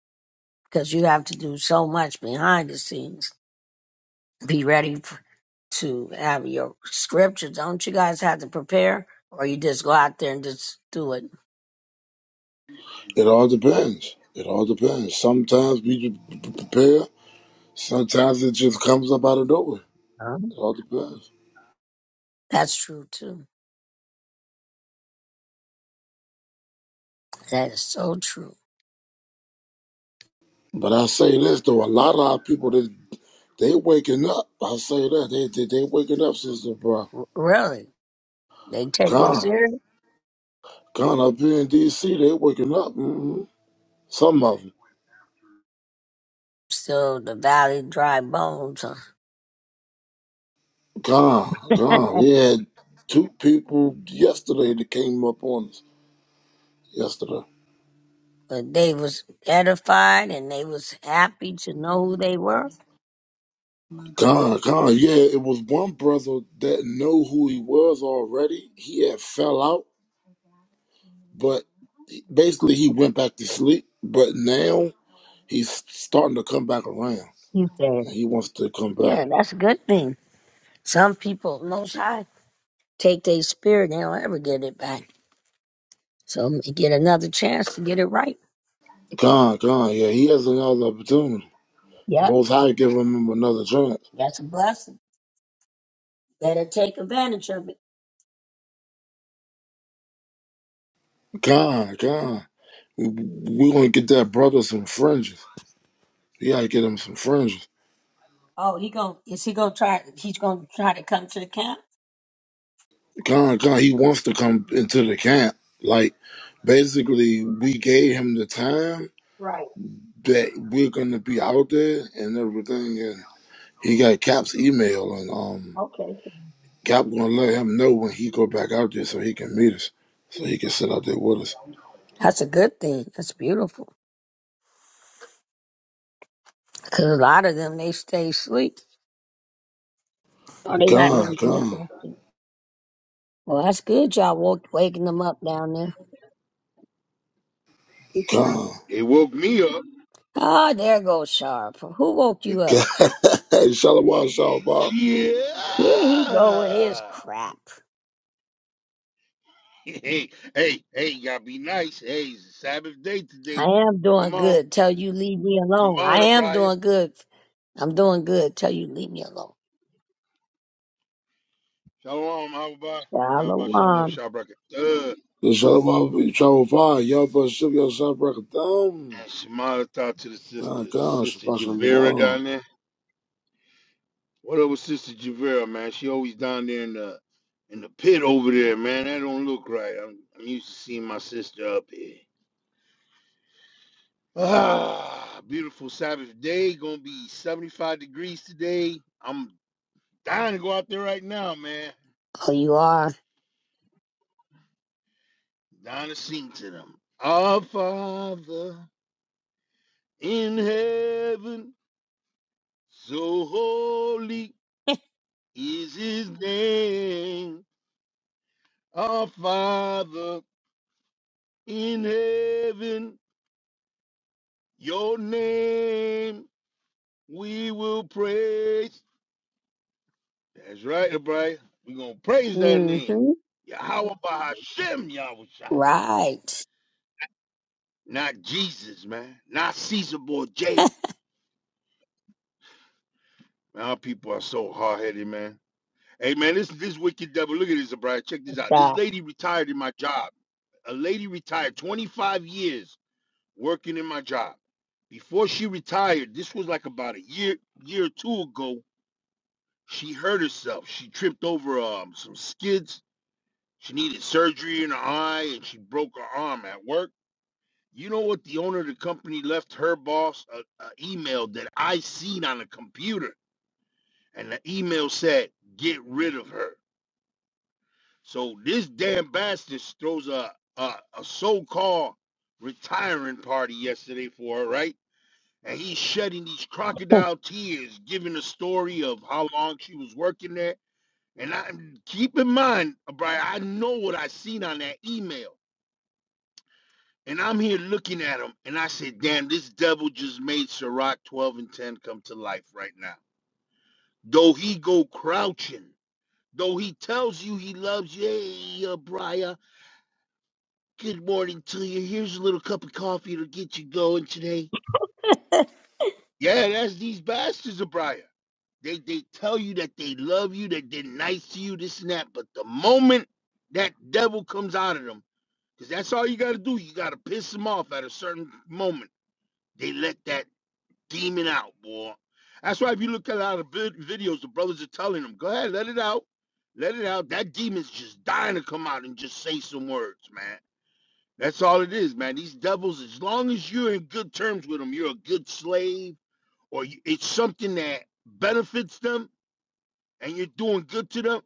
[SPEAKER 2] because you have to do so much behind the scenes. Be ready to have your scripture. Don't you guys have to prepare, or you just go out there and just do it?
[SPEAKER 8] It all depends. It all depends. Sometimes we p- p- prepare. Sometimes it just comes up out of nowhere.
[SPEAKER 2] Huh?
[SPEAKER 8] It all depends.
[SPEAKER 2] That's true too. That is so true.
[SPEAKER 8] But I say this though, a lot of our people they they waking up. I say that they they, they waking up, sister, bro.
[SPEAKER 2] R- really, they take it
[SPEAKER 8] God,
[SPEAKER 2] serious.
[SPEAKER 8] God, up here in D.C. they waking up. hmm Some of them.
[SPEAKER 2] Still, the valley dry bones, huh?
[SPEAKER 8] God, God, we had two people yesterday that came up on us yesterday.
[SPEAKER 2] but they was edified and they was happy to know who they were.
[SPEAKER 8] God, God, yeah, it was one brother that know who he was already. He had fell out, but he- basically he went back to sleep. But now he's starting to come back around,
[SPEAKER 2] You said,
[SPEAKER 8] and he wants to come back.
[SPEAKER 2] yeah, that's a good thing. Some people, most high, take their spirit; they don't ever get it back. So get another chance to get it right.
[SPEAKER 8] God, God, yeah, he has another opportunity. The
[SPEAKER 2] Yep,
[SPEAKER 8] Most
[SPEAKER 2] yep.
[SPEAKER 8] High give him another chance.
[SPEAKER 2] that's a blessing. Let her take advantage of it.
[SPEAKER 8] God, God, we we gonna get that brother some fringes. We gotta get him some fringes.
[SPEAKER 2] Oh, he going is he gonna try? He's gonna try to come to the camp.
[SPEAKER 8] God, God, he wants to come into the camp. Like basically, we gave him the time
[SPEAKER 2] Right.
[SPEAKER 8] that we're gonna be out there and everything and he got Cap's email and um
[SPEAKER 2] Okay.
[SPEAKER 8] Cap gonna let him know when he go back out there so he can meet us. So he can sit out there with us.
[SPEAKER 2] That's a good thing. That's beautiful. Cause a lot of them they stay asleep. Or they not
[SPEAKER 8] Gone,
[SPEAKER 2] really
[SPEAKER 8] gone,
[SPEAKER 2] interested. Well, that's good. Y'all woke waking them up down there.
[SPEAKER 8] gone,
[SPEAKER 9] They woke me up.
[SPEAKER 2] Oh, there goes Sharp. Who woke you up?
[SPEAKER 8] gone. Shalom, shalom.
[SPEAKER 2] Here
[SPEAKER 9] Yeah.
[SPEAKER 2] he go with his crap.
[SPEAKER 9] Hey, hey, hey, you gotta be nice. Hey, it's the Sabbath day
[SPEAKER 2] I
[SPEAKER 9] today.
[SPEAKER 2] am
[SPEAKER 9] Come
[SPEAKER 2] doing
[SPEAKER 9] on.
[SPEAKER 2] good. Tell you leave me
[SPEAKER 9] Come
[SPEAKER 2] alone.
[SPEAKER 9] on,
[SPEAKER 2] I am
[SPEAKER 9] Abriah.
[SPEAKER 2] doing good. I'm doing good. Tell you leave me alone.
[SPEAKER 9] Shalom, Abba. Yahba Shem Yo
[SPEAKER 2] Shalom.
[SPEAKER 9] Shabrak. Uh,
[SPEAKER 8] The shalom, shalom. Y'all better ship yourself back down.
[SPEAKER 9] and Shema Tah to the
[SPEAKER 8] Gone,
[SPEAKER 9] sisters.
[SPEAKER 8] gone,
[SPEAKER 9] Sister
[SPEAKER 8] shabbat
[SPEAKER 9] Javera
[SPEAKER 8] shalom.
[SPEAKER 9] down there. What up with Sister Javera, man? She always down there in the in the pit over there, man. That don't look right. I'm, I'm used to seeing my sister up here. Ah, beautiful Sabbath day. Gonna be 75 degrees today. I'm dying to go out there right now, man.
[SPEAKER 2] Oh, you are.
[SPEAKER 9] Dying to sing to them. Our Father in heaven, so holy is his name. Our Father in heaven, your name we will praise. That's right, Hebriah. We're going to praise that name.
[SPEAKER 2] Mm-hmm.
[SPEAKER 9] Yahweh Bahashem Yahushua.
[SPEAKER 2] Right.
[SPEAKER 9] Not Jesus, man. Not Caesar Borgia. Man, Our people are so hard headed, man. Hey, man, this this wicked devil. Look at this, Hebriah. Check this out. This
[SPEAKER 2] Stop.
[SPEAKER 9] lady retired in my job. A lady retired 25 years working in my job. Before she retired, this was like about a year, year or two ago. She hurt herself. She tripped over um, some skids She needed surgery in her eye and she broke her arm at work. You know what? The owner of the company left her boss an email that I seen on the computer, and the email said, "Get rid of her." So this damn bastard throws a a, a so-called retiring party yesterday for her, right? And he's shedding these crocodile tears, giving a story of how long she was working there. And I keep in mind, Brian, I know what I seen on that email. And I'm here looking at him, and I said, "Damn, this devil just made Sirach 12 and 10 come to life right now." Though he go crouching, though he tells you he loves you, hey, uh, Briar, good morning to you. Here's a little cup of coffee to get you going today. Yeah, that's these bastards, of Briar. They they tell you that they love you, that they're nice to you, this and that. But the moment that devil comes out of them, because that's all you got to do, you got to piss them off at a certain moment they let that demon out, boy. That's why if you look at a lot of vid- videos, the brothers are telling them, go ahead, let it out. Let it out. That demon's just dying to come out and just say some words, man. That's all it is, man. These devils, as long as you're in good terms with them, you're a good slave or you, it's something that benefits them and you're doing good to them,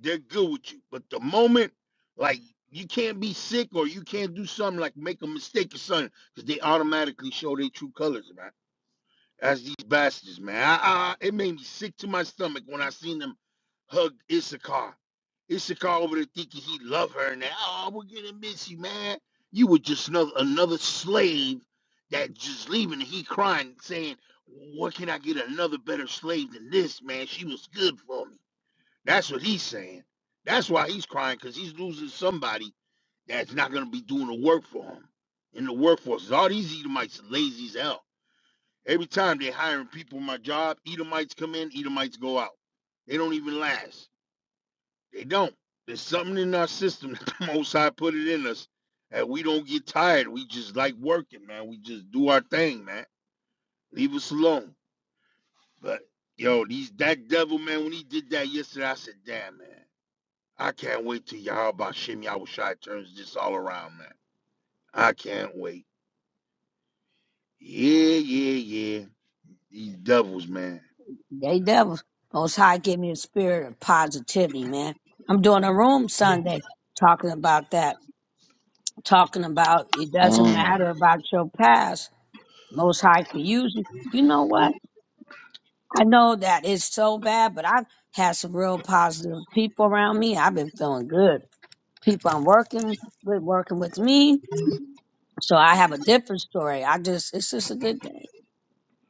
[SPEAKER 9] they're good with you. But the moment, like, you can't be sick or you can't do something like make a mistake or something because they automatically show their true colors, man. That's these bastards, man. I, I, it made me sick to my stomach when I seen them hug Issachar. Issachar over there thinking he loved her and that, oh, we're gonna miss you, man. You were just another, another slave that just leaving. And he crying, saying, what can I get another better slave than this, man? She was good for me. That's what he's saying. That's why he's crying, because he's losing somebody that's not gonna be doing the work for him in the workforce. All these Edomites are lazy as hell Every time they hiring people in my job, Edomites come in, Edomites go out. They don't even last. They don't. There's something in our system that the Most High put it in us, and we don't get tired. We just like working, man. We just do our thing, man. Leave us alone. But yo, these that devil, man. When he did that yesterday, I said, damn, man. I can't wait till Yahweh Shem Yahushai turns this all around, man. I can't wait. Yeah, yeah, yeah. These devils, man.
[SPEAKER 2] They devil. Most High give me a spirit of positivity, man. I'm doing a room Sunday talking about that. Talking about it doesn't
[SPEAKER 8] Gone,
[SPEAKER 2] matter about your past. Most High can use you. You know what? I know that it's so bad, but I've had some real positive people around me. I've been feeling good. People I'm working with, working with me. So I have a different story. I just, it's just a good day.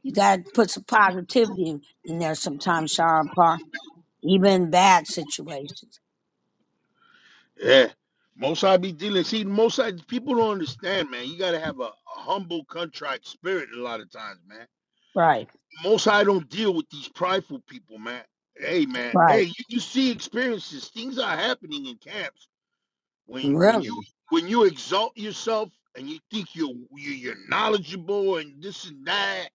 [SPEAKER 2] You got to put some positivity in, in there sometimes, Sharon Parr, even in bad situations.
[SPEAKER 9] Yeah. Most I be dealing. See, most I, people don't understand, man. You gotta have a, a humble contrite spirit a lot of times, man.
[SPEAKER 2] Right,
[SPEAKER 9] Most I don't deal with these prideful people, man. Hey, man. Hey,
[SPEAKER 2] right,
[SPEAKER 9] you, you see experiences. Things are happening in camps when you- when you
[SPEAKER 2] really,
[SPEAKER 9] when you exalt yourself and you think you're you- you're knowledgeable and this and that.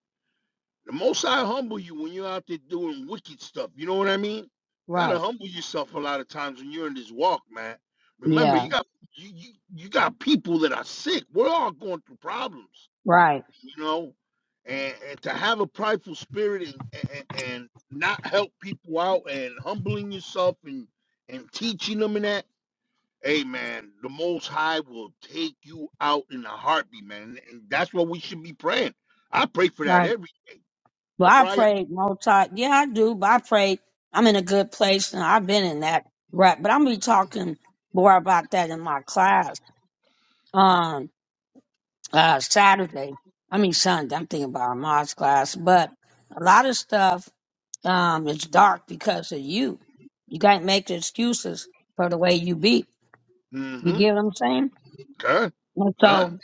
[SPEAKER 9] The Most High humble you when you're out there doing wicked stuff. You know what I mean? You gotta
[SPEAKER 2] right,
[SPEAKER 9] humble yourself a lot of times when you're in this walk, man. Remember, you
[SPEAKER 2] yeah,
[SPEAKER 9] got you you, you got people that are sick. We're all going through problems,
[SPEAKER 2] right,
[SPEAKER 9] you know. And, and to have a prideful spirit and, and and not help people out and humbling yourself and and teaching them and that, hey man, the Most High will take you out in a heartbeat, man. And that's what we should be praying. I pray for that
[SPEAKER 2] right.
[SPEAKER 9] every.
[SPEAKER 2] Well, I
[SPEAKER 9] O'Brien.
[SPEAKER 2] prayed most time. Yeah, I do, but I prayed. I'm in a good place, and I've been in that. Right, but I'm gonna be talking more about that in my class on uh, Saturday. I mean Sunday. I'm thinking about our Moz class, but a lot of stuff um, it's dark because of you. You can't make the excuses for the way you be. You get what I'm saying?
[SPEAKER 9] Con,
[SPEAKER 2] And
[SPEAKER 9] con,
[SPEAKER 2] so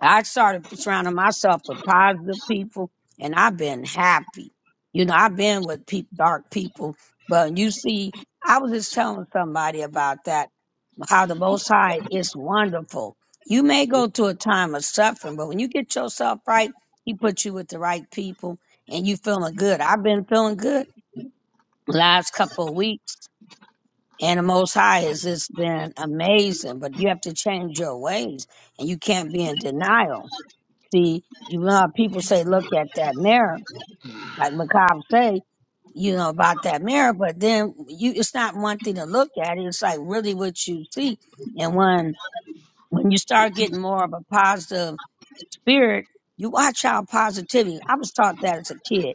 [SPEAKER 2] I started surrounding myself with positive people, and I've been happy. You know, I've been with peop dark people, but you see, I was just telling somebody about that, how the Most High is wonderful. You may go through a time of suffering, but when you get yourself right, He puts you with the right people, and you feeling good. I've been feeling good last couple of weeks. And the Most High has just been amazing, but you have to change your ways and you can't be in denial. See, you know, how people say, look at that mirror, like Macabre say, you know, about that mirror, but then you, it's not one thing to look at. It's like really what you see. And when, when you start getting more of a positive spirit, you watch how positivity. I was taught that as a kid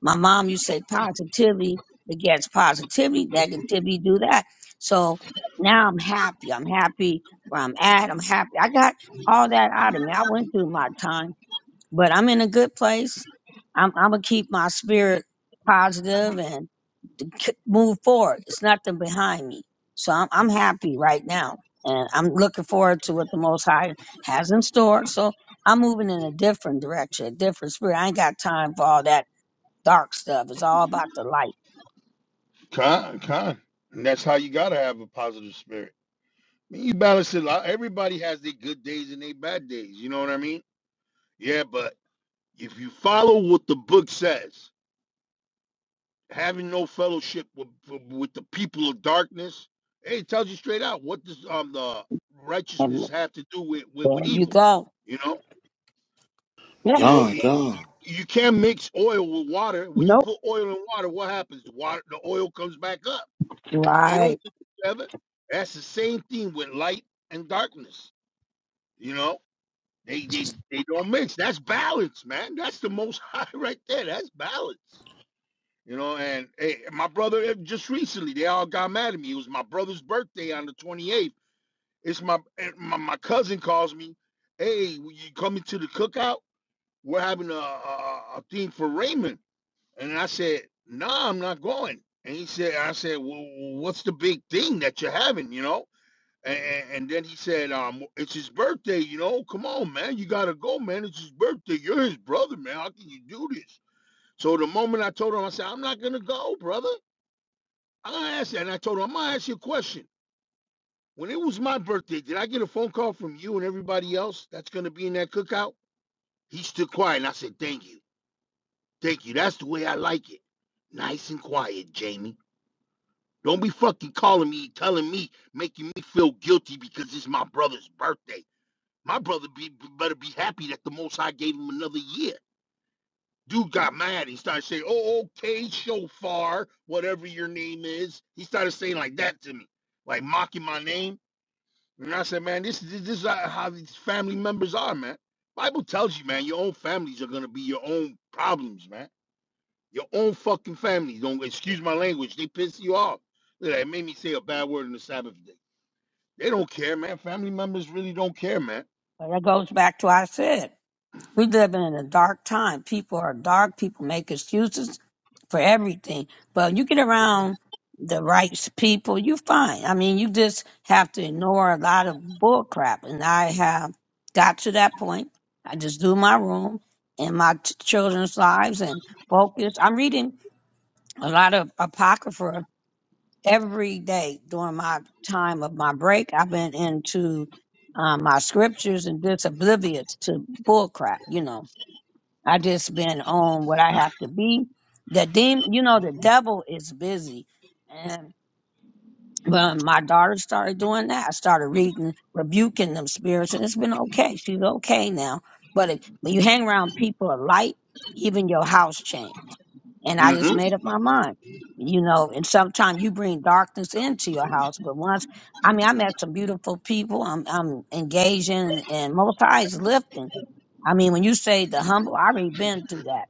[SPEAKER 2] my mom used to say positivity begets positivity, negativity do that. So now I'm happy. I'm happy where I'm at. I'm happy. I got all that out of me. I went through my time, but I'm in a good place. I'm, I'm gonna keep my spirit positive and to k- move forward. It's nothing behind me. So I'm, I'm happy right now. And I'm looking forward to what the Most High has in store. So I'm moving in a different direction, a different spirit. I ain't got time for all that dark stuff. It's all about the light.
[SPEAKER 9] con, con. And that's how you gotta have a positive spirit. I mean, you balance it out. Everybody has their good days and their bad days. You know what I mean? Yeah, but if you follow what the book says, having no fellowship with, with the people of darkness, hey, it tells you straight out what does um the righteousness
[SPEAKER 2] And
[SPEAKER 9] have to do with with, with
[SPEAKER 2] there you
[SPEAKER 9] evil?
[SPEAKER 2] go.
[SPEAKER 9] You know,
[SPEAKER 2] Yeah.
[SPEAKER 9] you know,
[SPEAKER 8] gone,
[SPEAKER 9] y-
[SPEAKER 8] gone.
[SPEAKER 9] you can't mix oil with water. When you
[SPEAKER 2] Nope.
[SPEAKER 9] put oil in water, what happens? The water, the oil comes back up. They don't
[SPEAKER 2] Right.
[SPEAKER 9] fit together. That's the same thing with light and darkness. You know, they they they don't mix. That's balance, man. That's the most high right there. That's balance. You know, and hey, my brother eh, just recently they all got mad at me. It was my brother's birthday on the 28th. It's my eh, my, my cousin calls me, hey, will you coming to the cookout? We're having a, a a thing for Raymond, and I said, nah, I'm not going. And he said, I said, well, what's the big thing that you're having? You know, and, and then he said, um, it's his birthday, you know. Come on, man. You gotta go, man. It's his birthday. You're his brother, man. How can you do this? So the moment I told him, I said, I'm not gonna go, brother. I'm gonna ask you. And I told him, I'm gonna ask you a question. When it was my birthday, did I get a phone call from you and everybody else that's gonna be in that cookout? He stood quiet and I said, Thank you. Thank you. That's the way I like it. Nice and quiet, Jamie. Don't be fucking calling me, telling me, making me feel guilty because it's my brother's birthday. My brother be, be- better be happy that the Most High gave him another year. Dude got mad. He started saying, "Oh, okay, shofar, whatever your name is." He started saying like that to me, like mocking my name. And I said, "Man, this is this is how how these family members are, man. Bible tells you, man, your own families are gonna be your own problems, man. Your own fucking families. Don't excuse my language. They piss you off. Look, They made me say a bad word on the Sabbath day. They don't care, man. Family members really don't care, man.
[SPEAKER 2] But that goes back to what I said. We live in a dark time. People are dark. People make excuses for everything. But you get around the right people, you fine. I mean, you just have to ignore a lot of bull crap. And I have got to that point. I just do my room and my t- children's lives and focus. I'm reading a lot of apocrypha every day during my time of my break. I've been into um, my scriptures and just oblivious to bull crap. You know, I just been on what I have to be. The demon, you know, the devil is busy, and. Well, my daughter started doing that. I started reading, rebuking them spirits, and it's been okay. She's okay now. But it, when you hang around people of light, even your house change. And I
[SPEAKER 9] hmm
[SPEAKER 2] just made up my mind, you know. And sometimes you bring darkness into your house, but once I mean, I met some beautiful people. I'm I'm engaging, and most highs lifting. I mean, when you say the humble, I already been through that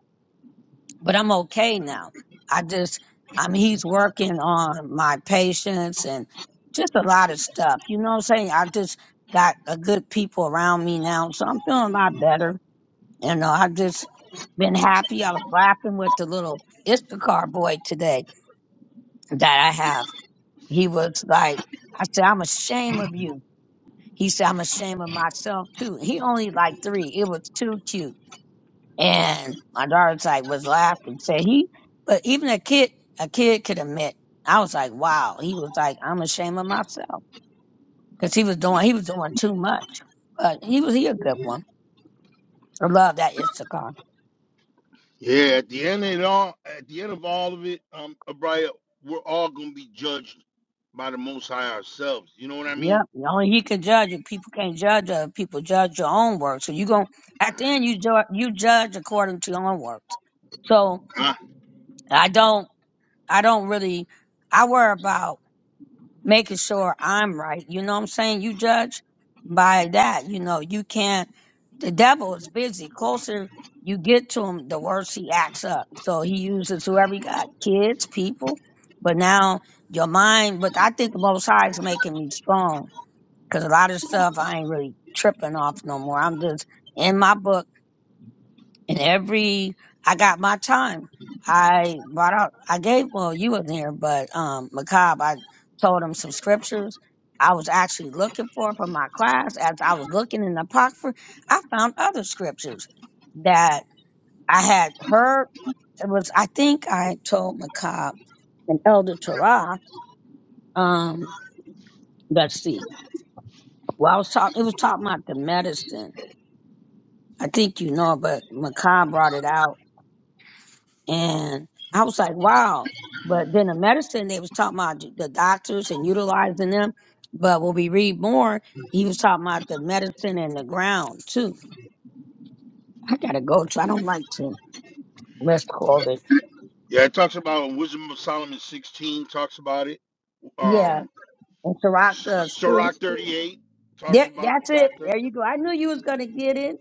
[SPEAKER 2] but I'm okay now. I just, I mean, he's working on my patience and just a lot of stuff. You know what I'm saying? I just got a good people around me now, so I'm feeling a lot better. You know, I just been happy. I was laughing with the little Instacart boy today that I have. He was like, I said, I'm ashamed of you. He said, I'm ashamed of myself too. He only like three. It was too cute. And my daughter's like was laughing, said he, but even a kid, a kid could admit. I was like, wow. He was like, I'm ashamed of myself because he was doing, he was doing too much. But he was, he a good one. I love that Issachar.
[SPEAKER 9] Yeah, at the end of it all, at the end of all of it, um, Abriah, we're all gonna be judged by the Most High ourselves. You know what I mean?
[SPEAKER 2] Yep. Only he can judge you. People can't judge other people. Judge your own work. So you going at the end, you judge, you judge according to your own works. So
[SPEAKER 9] Uh,
[SPEAKER 2] I don't, I don't really, I worry about. making sure I'm right. You know what I'm saying? You judge by that. You know, you can't. The devil is busy. Closer you get to him, the worse he acts up. So he uses whoever he got, kids, people. But now your mind, but I think the Most High is making me strong because a lot of stuff I ain't really tripping off no more. I'm just in my book. And every, I got my time. I brought out, I gave, well, you were there, but, um, Macab, I told him some scriptures I was actually looking for for my class. As I was looking in the Apocrypha, I found other scriptures that I had heard. It was, I think I told Macab and Elder Torah, um, let's see. Well, I was talking, it was talking about the medicine. I think you know, but Macab brought it out And I was like, wow. But then the medicine, they was talking about the doctors and utilizing them. But when we read more, he was talking about the medicine and the ground too. I gotta go to, I don't like to let's call it.
[SPEAKER 9] yeah, it talks about Wisdom of Solomon 16 talks about it.
[SPEAKER 2] Yeah.
[SPEAKER 9] Um,
[SPEAKER 2] And Ciroc does too.
[SPEAKER 9] Sirach 38 talks
[SPEAKER 2] There,
[SPEAKER 9] about the
[SPEAKER 2] that's it.
[SPEAKER 9] doctor.
[SPEAKER 2] There you go. I knew you was gonna get it.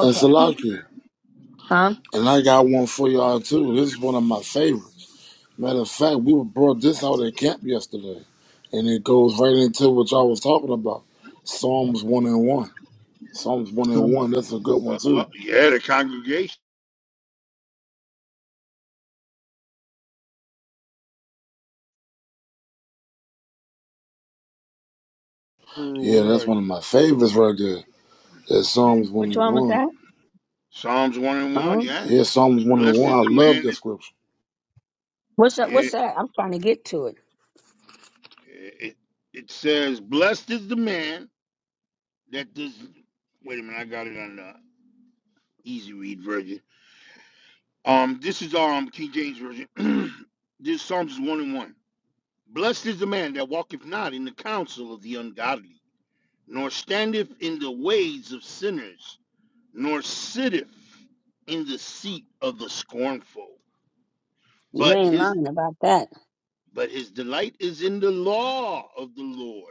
[SPEAKER 8] And Salaki.
[SPEAKER 2] Huh?
[SPEAKER 8] And I got one for y'all too. This is one of my favorites. Matter of fact, we were brought this out at camp yesterday, and it goes right into what y'all was talking about. Psalms one and one. Psalms one and
[SPEAKER 2] Um,
[SPEAKER 8] one. That's a good one
[SPEAKER 9] Uh, uh,
[SPEAKER 8] too.
[SPEAKER 9] yeah, the congregation.
[SPEAKER 8] Yeah, that's
[SPEAKER 9] Right.
[SPEAKER 8] one of my favorites right there. That's Psalms one
[SPEAKER 2] Which
[SPEAKER 8] and
[SPEAKER 2] one was
[SPEAKER 8] one.
[SPEAKER 2] that?
[SPEAKER 9] Psalms one and one.
[SPEAKER 2] Um,
[SPEAKER 9] Yeah,
[SPEAKER 8] Yeah, Psalms one and
[SPEAKER 9] blessed
[SPEAKER 8] one.
[SPEAKER 9] is
[SPEAKER 8] I
[SPEAKER 9] the
[SPEAKER 8] love
[SPEAKER 9] man.
[SPEAKER 8] that
[SPEAKER 9] That,
[SPEAKER 8] scripture.
[SPEAKER 2] what's that?
[SPEAKER 9] yeah,
[SPEAKER 2] What's that? I'm trying to get to it.
[SPEAKER 9] it, it says blessed is the man that does. Wait a minute, I got it on the easy read version. Um, this is um King James version. this is Psalms one and one. Blessed is the man that walketh not in the counsel of the ungodly, nor standeth in the ways of sinners, nor sitteth in the seat of the scornful.
[SPEAKER 2] You
[SPEAKER 9] But
[SPEAKER 2] ain't
[SPEAKER 9] his
[SPEAKER 2] lying about that.
[SPEAKER 9] but his delight is in the law of the Lord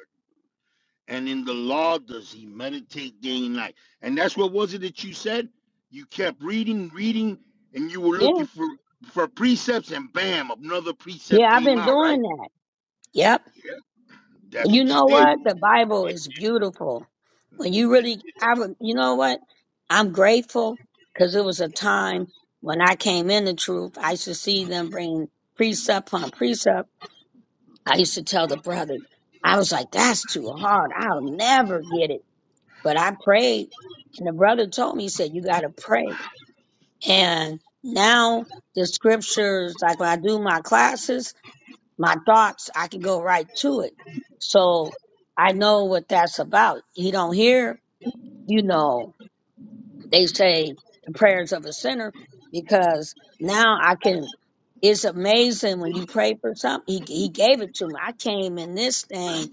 [SPEAKER 9] and in the law does he meditate day and night. And that's what was it that you said? You kept reading, reading, and you were
[SPEAKER 2] Yeah.
[SPEAKER 9] looking for for precepts, and bam, another precept
[SPEAKER 2] Yeah, I've
[SPEAKER 9] came
[SPEAKER 2] been
[SPEAKER 9] out,
[SPEAKER 2] doing
[SPEAKER 9] right?
[SPEAKER 2] that. Yep.
[SPEAKER 9] Yeah, that's
[SPEAKER 2] You
[SPEAKER 9] what you
[SPEAKER 2] know
[SPEAKER 9] did.
[SPEAKER 2] what? The Bible is beautiful. When you really, I would, you know what? I'm grateful because it was a time when I came in the truth. I used to see them bring precept upon precept. I used to tell the brothers, I was like, that's too hard. I'll never get it. But I prayed and the brother told me, he said, you got to pray. And now the scriptures, like when I do my classes, my thoughts, I can go right to it. So I know what that's about. You don't hear, you know, they say the prayers of a sinner because now I can. It's amazing when you pray for something. He, he gave it to me. I came in this thing,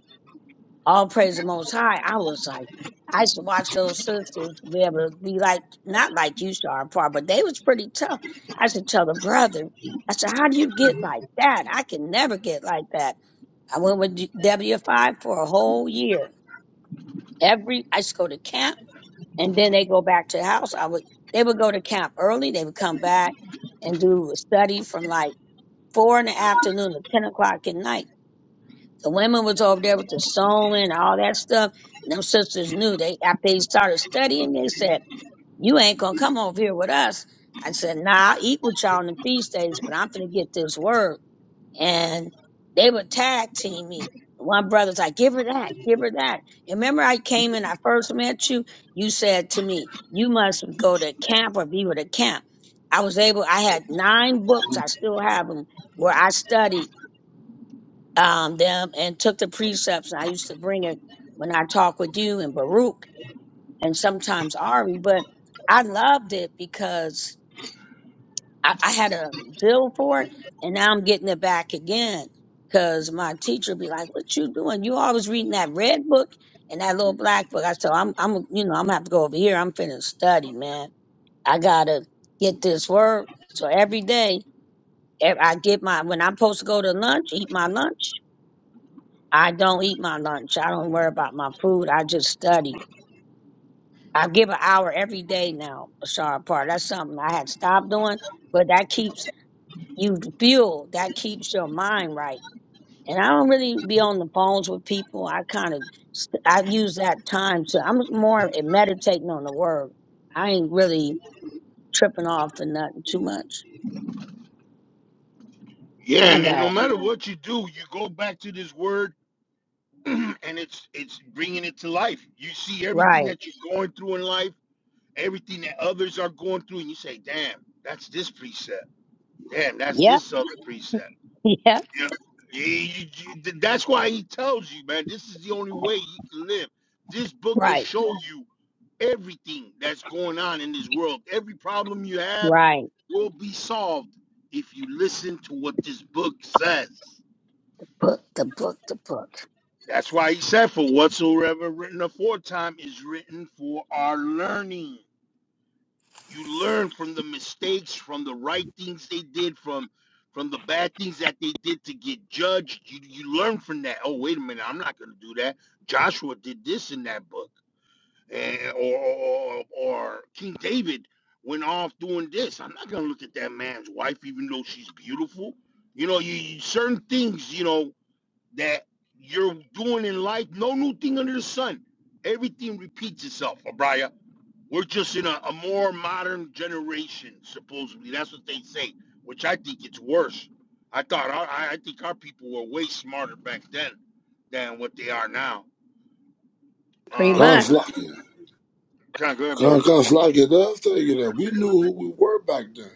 [SPEAKER 2] all praise the Most High. I was like, I used to watch those sisters be able to be like, not like you, Sharpar, but they was pretty tough. I used to tell the brother, I said, how do you get like that? I can never get like that. I went with D- W five for a whole year. Every I used to go to camp, and then they go back to the house. I would they would go to camp early. They would come back and do a study from like four in the afternoon to ten o'clock at night. The women was over there with the sewing and all that stuff. And them sisters knew they after they started studying. They said, "You ain't gonna come over here with us." I said, "Nah, I'll eat with y'all on the feast days, but I'm gonna get this word." and they were tag teaming me. One brother's like, give her that, give her that. And remember I came in, I first met you, you said to me, you must go to camp or be with a camp. I was able, I had nine books, I still have them, where I studied um, them and took the precepts. And I used to bring it when I talk with you and Baruch and sometimes Ari, but I loved it because I, I had a bill for it, and now I'm getting it back again because my teacher be like, "What you doing? You always reading that red book and that little black book." I said, "I'm, I'm, you know, I'm gonna have to go over here. I'm finna study, man. I gotta get this work." So every day, ev- I get my when I'm supposed to go to lunch, eat my lunch. I don't eat my lunch. I don't worry about my food. I just study. I give an hour every day now, Bashar Part. That's something I had stopped doing, but that keeps you fuel that keeps your mind right. And I don't really be on the phones with people. I kind of I use that time to I'm more in meditating on the word. I ain't really tripping off and nothing too much.
[SPEAKER 9] Yeah,
[SPEAKER 2] I
[SPEAKER 9] and no
[SPEAKER 2] got
[SPEAKER 9] matter what you do, you go back to this word, and it's it's bringing it to life. You see everything
[SPEAKER 2] right.
[SPEAKER 9] that you're going through in life, everything that others are going through, and you say, "Damn, that's this precept. Damn, that's
[SPEAKER 2] Yep.
[SPEAKER 9] this other precept."
[SPEAKER 2] Yep.
[SPEAKER 9] Yeah. You- you- you- That's why he tells you, man, this is the only way you can live. This book will
[SPEAKER 2] Right.
[SPEAKER 9] show you everything that's going on in this world. Every problem you have
[SPEAKER 2] Right.
[SPEAKER 9] will be solved if you listen to what this book says.
[SPEAKER 2] Book the book the book.
[SPEAKER 9] That's why he said, For whatsoever written aforetime is written for our learning. you learn from the mistakes from the right things they did from from the bad things that they did to get judged you, you learn from that oh wait a minute i'm not going to do that joshua did this in that book and, or, or or king david went off doing this i'm not going to look at that man's wife even though she's beautiful you know you, you certain things you know that you're doing in life no new thing under the sun everything repeats itself Abraya we're just in a, a more modern generation, supposedly. That's what they say, which I think it's worse. I thought our, I I think our people were way smarter back then than what they are now.
[SPEAKER 2] Pretty
[SPEAKER 9] Um,
[SPEAKER 2] much.
[SPEAKER 8] God's like it.
[SPEAKER 9] kind of good, brother.
[SPEAKER 8] God, God's like it does tell you that we knew who we were back then.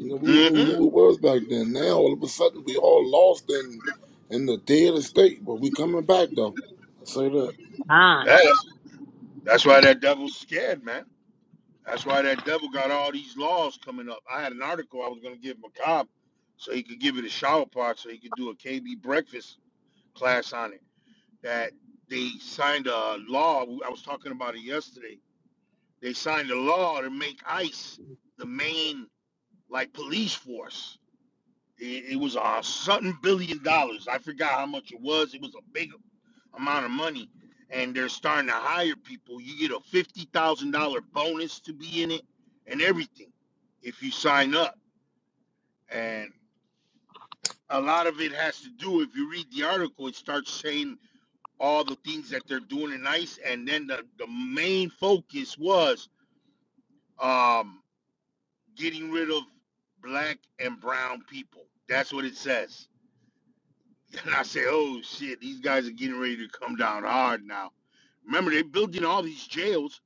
[SPEAKER 8] You know, we knew who
[SPEAKER 9] Mm-hmm.
[SPEAKER 8] we was back then. Now all of a sudden we all lost in in the dead estate, but we coming back though. I say that.
[SPEAKER 2] Ah.
[SPEAKER 9] That's that's why that devil's scared, man. That's why that devil got all these laws coming up. I had an article I was gonna give Macab so he could give it a shower part, so he could do a KB breakfast class on it. That they signed a law. I was talking about it yesterday They signed a law to make ICE the main like police force. It, it was a something billion dollars. I forgot how much it was. It was a big amount of money, and they're starting to hire people. You get a fifty thousand dollar bonus to be in it, and everything if you sign up. And a lot of it has to do. If you read the article, it starts saying all the things that they're doing in ICE, and then the the main focus was. Um, getting rid of black and brown people. That's what it says. And I say, oh shit, these guys are getting ready to come down hard now. Remember, they're building all these jails.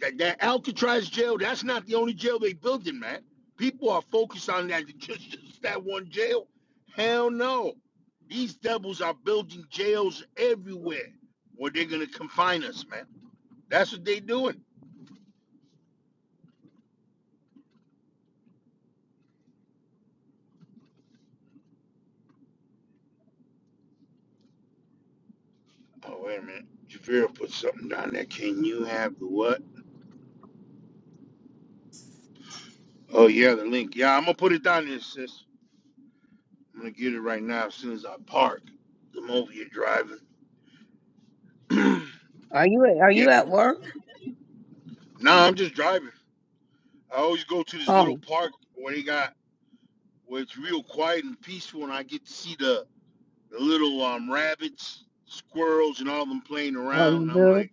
[SPEAKER 9] That, that Alcatraz jail, that's not the only jail they building, man. People are focused on that just, just that one jail. Hell no. These devils are building jails everywhere where they're gonna confine us, man. That's what they doing. Oh wait a minute. Javira put something down there. Can you have the what? Oh yeah, the link. Yeah, I'm gonna put it down there, sis. I'm gonna get it right now as soon as I park. I'm over here driving.
[SPEAKER 2] Are you are
[SPEAKER 9] yeah.
[SPEAKER 2] you at work?
[SPEAKER 9] Nah, I'm just driving. I always go to this little
[SPEAKER 2] Oh.
[SPEAKER 9] park where they got where it's real quiet and peaceful and I get to see the, the little um rabbits, squirrels and all them playing
[SPEAKER 2] Oh,
[SPEAKER 9] around.
[SPEAKER 2] you
[SPEAKER 9] And I'm
[SPEAKER 2] do?
[SPEAKER 9] like,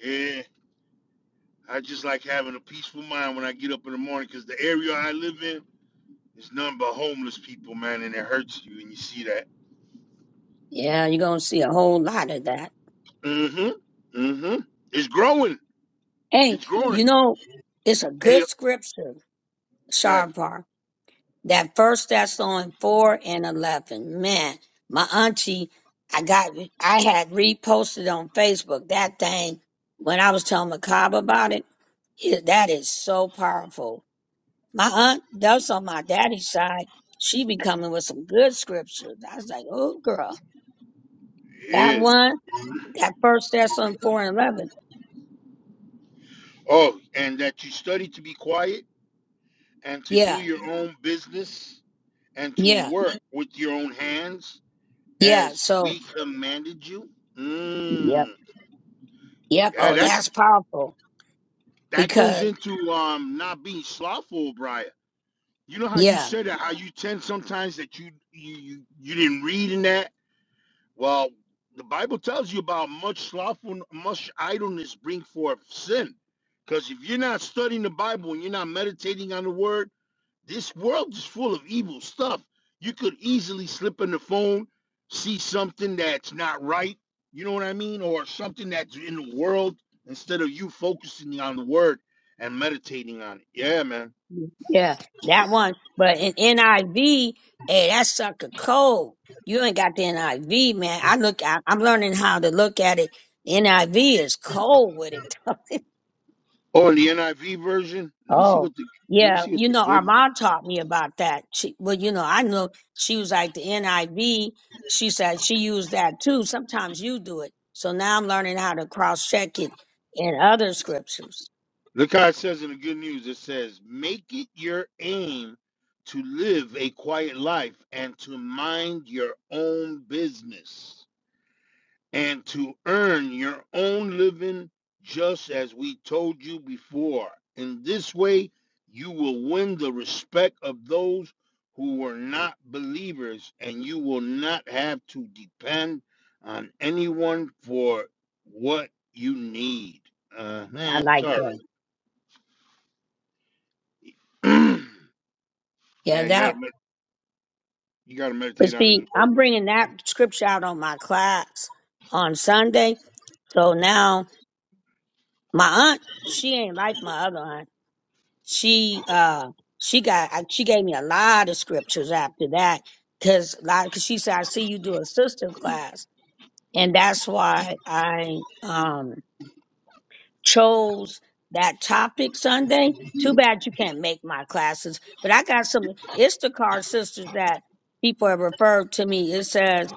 [SPEAKER 9] yeah. I just like having a peaceful mind when I get up in the morning because the area I live in is nothing but homeless people, man, and it hurts you when you see that.
[SPEAKER 2] Yeah, you're gonna see a whole lot of that.
[SPEAKER 9] Mm-hmm. Mm-hmm. It's growing.
[SPEAKER 2] Hey,
[SPEAKER 9] It's growing.
[SPEAKER 2] you know, it's a good
[SPEAKER 9] Hey,
[SPEAKER 2] scripture,
[SPEAKER 9] okay.
[SPEAKER 2] Sharpar. that first Thessalonians four and eleven. Man, my auntie, I got I had reposted on Facebook that thing when I was telling Macabre about it. it- That is so powerful. My aunt, that's on my daddy's side. She be coming with some good scriptures. I was like, oh girl, that
[SPEAKER 9] Yeah.
[SPEAKER 2] one, that first Thessalonians four and eleven.
[SPEAKER 9] Oh, and that you study to be quiet and to do
[SPEAKER 2] Yeah,
[SPEAKER 9] your own business and to
[SPEAKER 2] yeah,
[SPEAKER 9] work with your own hands
[SPEAKER 2] yeah.
[SPEAKER 9] as
[SPEAKER 2] So
[SPEAKER 9] we commanded you. Mm.
[SPEAKER 2] yep, yep.
[SPEAKER 9] Yeah,
[SPEAKER 2] Oh,
[SPEAKER 9] that
[SPEAKER 2] that's powerful
[SPEAKER 9] that goes
[SPEAKER 2] because
[SPEAKER 9] into um not being slothful, Brian. You know how you
[SPEAKER 2] yeah.
[SPEAKER 9] said that, how you tend sometimes that you you you, you didn't read in that Well, the Bible tells you about much slothful, much idleness bring forth sin. Because if you're not studying the Bible and you're not meditating on the Word, this world is full of evil stuff. You could easily slip in the phone, see something that's not right. You know what I mean, or something that's in the world instead of you focusing on the Word and meditating on it. Yeah, man.
[SPEAKER 2] Yeah, that one. But in NIV, hey, that sucker cold. You ain't got the NIV, man. I look, I, I'm learning how to look at it. NIV is cold with it.
[SPEAKER 9] Oh, and the NIV version. Let me see
[SPEAKER 2] oh,
[SPEAKER 9] what the. Let me
[SPEAKER 2] yeah.
[SPEAKER 9] see what
[SPEAKER 2] You
[SPEAKER 9] the
[SPEAKER 2] know,
[SPEAKER 9] good.
[SPEAKER 2] our mom taught me about that. She, well, you know, I know she was like the NIV. She said she used that too. Sometimes you do it. So now I'm learning how to cross check it in other scriptures.
[SPEAKER 9] Look how it says in the good news it says, Make it your aim to live a quiet life and to mind your own business and to earn your own living, just as we told you before. In this way, you will win the respect of those who were not believers, and you will not have to depend on anyone for what you need. Uh,
[SPEAKER 2] I
[SPEAKER 9] man,
[SPEAKER 2] like
[SPEAKER 9] sorry.
[SPEAKER 2] that. Yeah,
[SPEAKER 9] Yeah, you gotta
[SPEAKER 2] that
[SPEAKER 9] med- you gotta
[SPEAKER 2] But
[SPEAKER 9] meditate on His
[SPEAKER 2] see,
[SPEAKER 9] word.
[SPEAKER 2] I'm bringing that scripture out on my class on Sunday. So now my aunt, she ain't like my other aunt. She, uh, she got, I- she gave me a lot of scriptures after that. Cause like, cause she said, I see you do a sister class. And that's why I, um, chose that topic Sunday. Too bad you can't make my classes, but I got some Instacart sisters that people have referred to me. It says,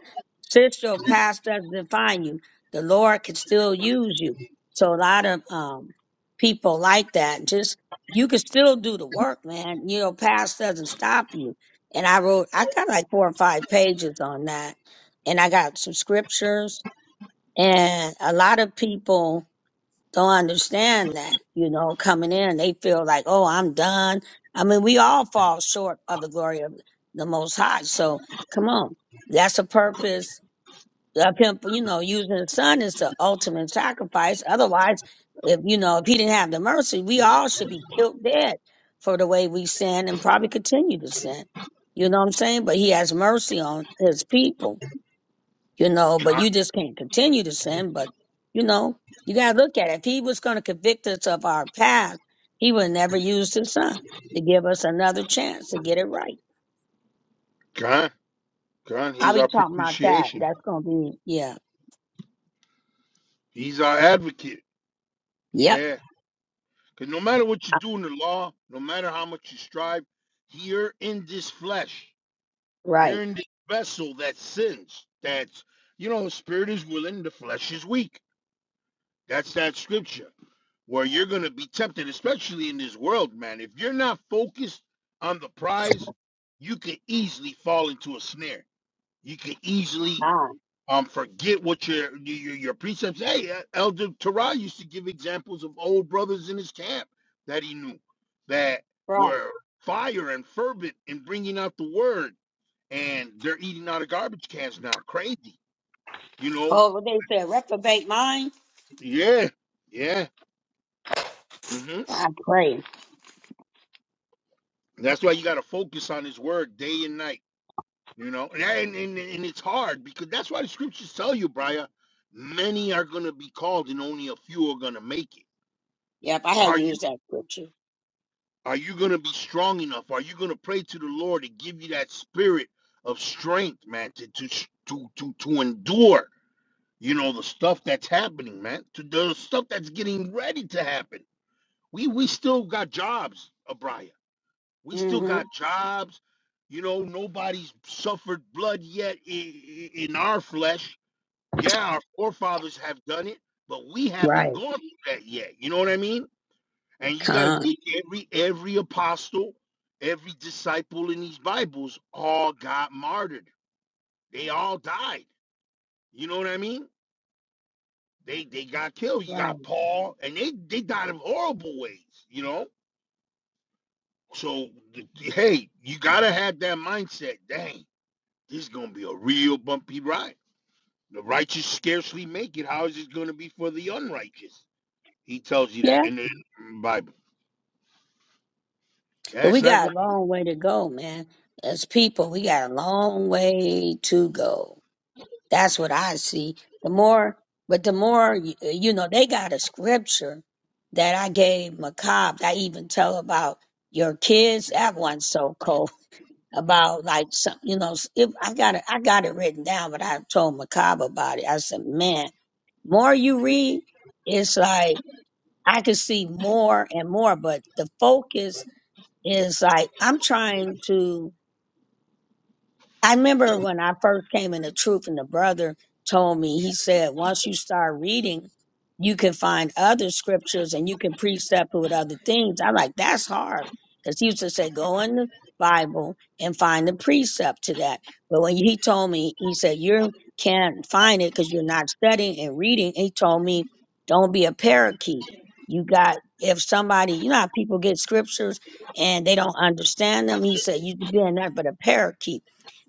[SPEAKER 2] "Sis, your past doesn't define you. The Lord can still use you." So a lot of um, people like that. Just you can still do the work, man. You know, past doesn't stop you. And I wrote, I got like four or five pages on that, and I got some scriptures and a lot of people don't understand that, you know, coming in, they feel like, oh, I'm done. I mean, we all fall short of the glory of the Most High. So come on, that's a purpose of him, you know, using the Son is the ultimate sacrifice. Otherwise, if you know, if he didn't have the mercy, we all should be killed dead for the way we sin and probably continue to sin. You know what I'm saying? But he has mercy on his people you know, but
[SPEAKER 9] God,
[SPEAKER 2] you just can't continue to sin. But, you know, you got to look at it. If he was going to convict us of our past, he would never use his son to give us another chance to get it right.
[SPEAKER 9] God, God,
[SPEAKER 2] I'll
[SPEAKER 9] He's
[SPEAKER 2] be
[SPEAKER 9] our
[SPEAKER 2] talking about that.
[SPEAKER 9] propitiation.
[SPEAKER 2] That's going to be, yeah.
[SPEAKER 9] He's our advocate.
[SPEAKER 2] Yep.
[SPEAKER 9] Yeah, because no matter what you
[SPEAKER 2] I-
[SPEAKER 9] do in the law, no matter how much you strive, you're in this flesh.
[SPEAKER 2] Right.
[SPEAKER 9] You're in this vessel that sins. That's you know, spirit is willing, the flesh is weak. That's that scripture where you're gonna be tempted, especially in this world, man. If you're not focused on the prize, you can easily fall into a snare. You can easily
[SPEAKER 2] Ah,
[SPEAKER 9] um, forget what your your, your precepts. Hey, uh, Elder Terah used to give examples of old brothers in his camp that he knew that
[SPEAKER 2] right.
[SPEAKER 9] were fire and fervent in bringing out the word, and they're eating out of garbage cans now. Crazy, you know?
[SPEAKER 2] Oh, what they said, reprobate mind?
[SPEAKER 9] Yeah, yeah. hmm
[SPEAKER 2] I pray.
[SPEAKER 9] That's why you got to focus on his word day and night. You know, and, and and and it's hard because that's why the scriptures tell you, Briar. Many are going to be called, and only a few are going to make it.
[SPEAKER 2] Yep, I
[SPEAKER 9] Are
[SPEAKER 2] had
[SPEAKER 9] you?
[SPEAKER 2] used that scripture.
[SPEAKER 9] Are you going to be strong enough? Are you going to pray to the Lord to give you that spirit of strength, man, to to to to, to endure, you know, the stuff that's happening, man, to the stuff that's getting ready to happen. We we still got jobs, Abraya. We still
[SPEAKER 2] Mm-hmm.
[SPEAKER 9] got jobs. You know, nobody's suffered blood yet in, in our flesh. Yeah, our forefathers have done it, but we haven't
[SPEAKER 2] Right.
[SPEAKER 9] gone through that yet. You know what I mean? And you got to
[SPEAKER 2] Con.
[SPEAKER 9] think every every apostle, every disciple in these Bibles all got martyred. They all died. You know what I mean? They they got killed. You
[SPEAKER 2] Right.
[SPEAKER 9] got Paul, and they they died in horrible ways. You know. So th- th- hey, you gotta have that mindset. Dang, this is gonna be a real bumpy ride. The righteous scarcely make it. How is it gonna be for the unrighteous? He tells you that
[SPEAKER 2] Yeah.
[SPEAKER 9] in the Bible. Yeah,
[SPEAKER 2] But
[SPEAKER 9] it's
[SPEAKER 2] we
[SPEAKER 9] not going
[SPEAKER 2] got a long way to go, man. As people, we got a long way to go That's what I see. The more, but the more, y- uh, you know, they got a scripture that I gave Macab. I even tell about your kids. That one's so cold. About like some, you know, s- if I got it, I got it written down, but I told Macab about it. I said, man, more you read, it's like I can see more and more, but the focus is like I'm trying to I remember when I first came in the truth, and the brother told me, he said, once you start reading, you can find other scriptures and you can precept it with other things. I'm like, that's hard. Because he used to say, go in the Bible and find the precept to that. But when he told me, he said, you can't find it because you're not studying and reading. He told me, don't be a parakeet. You got, if somebody, you know how people get scriptures and they don't understand them, he said, you could be nothing but a parakeet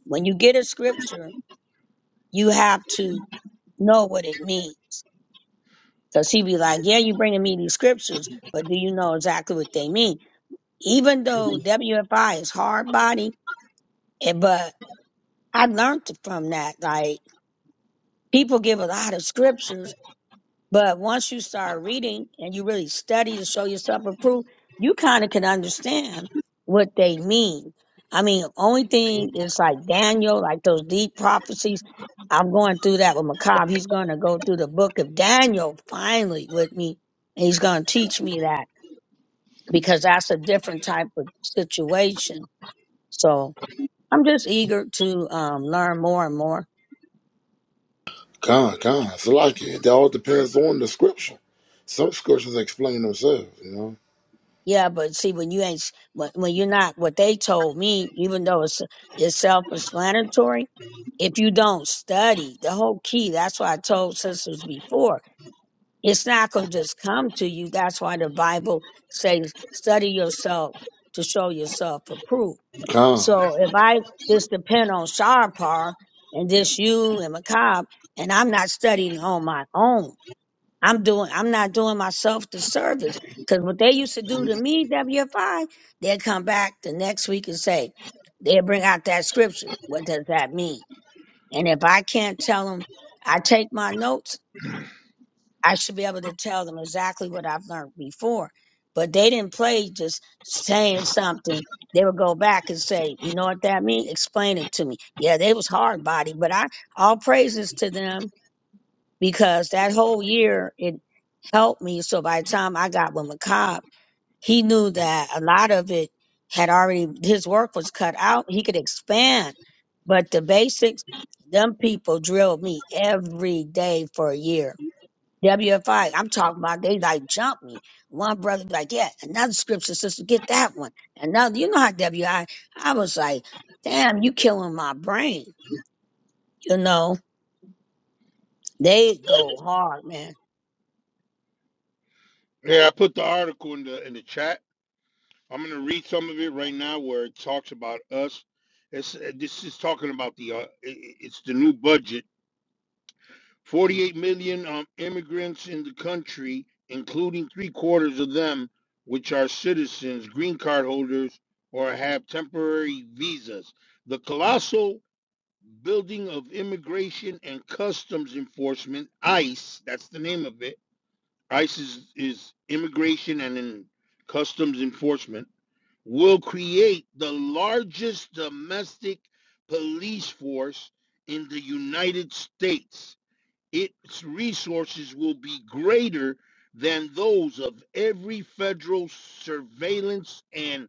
[SPEAKER 2] when you get a scripture, you have to know what it means. Because he be like, yeah, you bringing me these scriptures, but do you know exactly what they mean? Even though WFI is hard body, eh, but I learned from that. Like people give a lot of scriptures But once you start reading and you really study to show yourself approved, you kind of can understand what they mean. I mean, only thing is like Daniel, like those deep prophecies. I'm going through that with Macab. He's going to go through the book of Daniel finally with me, and he's going to teach me that because that's a different type of situation. So I'm just eager to um, learn more and more.
[SPEAKER 8] Con, con, Salaki. It It all depends on the scripture. Some scriptures explain themselves, you know.
[SPEAKER 2] Yeah, but see, when you ain't, s- when, when you're not, what they told me, even though it's, it's self-explanatory, if you don't study, the whole key, that's why I told sisters before, it's not going to just come to you. That's why the Bible says, study yourself to show yourself approved.
[SPEAKER 8] Con.
[SPEAKER 2] So if I just depend on Sharpar and just you and Macab, and I'm not studying on my own, I'm doing I'm not doing myself the service. Cause what they used to do to me, WFI, they would come back the next week and say, they'll bring out that scripture. What does that mean? And if I can't tell them, I take my notes, I should be able to tell them exactly what I've learned before. But they didn't play just saying something. They would go back and say, you know what that means? Explain it to me. Yeah, they was hard body, but I all praises to them because that whole year it helped me. So by the time I got with McCobb, he knew that a lot of it had already his work was cut out. He could expand, but the basics, them people drilled me every day for a year. WFI, I'm talking about they like jump me. One brother be like, yeah, another scripture sister, get that one. Another, you know how WI, I I was like, damn, you killing my brain. You know, they go hard, man.
[SPEAKER 9] Yeah, I put the article in the in the chat. I'm going to read some of it right now where it talks about us. It's, uh, this is talking about the uh, i- i- it's the new budget. 48 million um, immigrants in the country, including three quarters of them, which are citizens, green card holders, or have temporary visas. The colossal building of immigration and customs enforcement, ICE, that's the name of it. ICE is, is immigration and in customs enforcement will create the largest domestic police force in the United States. Its resources will be greater than those of every federal surveillance and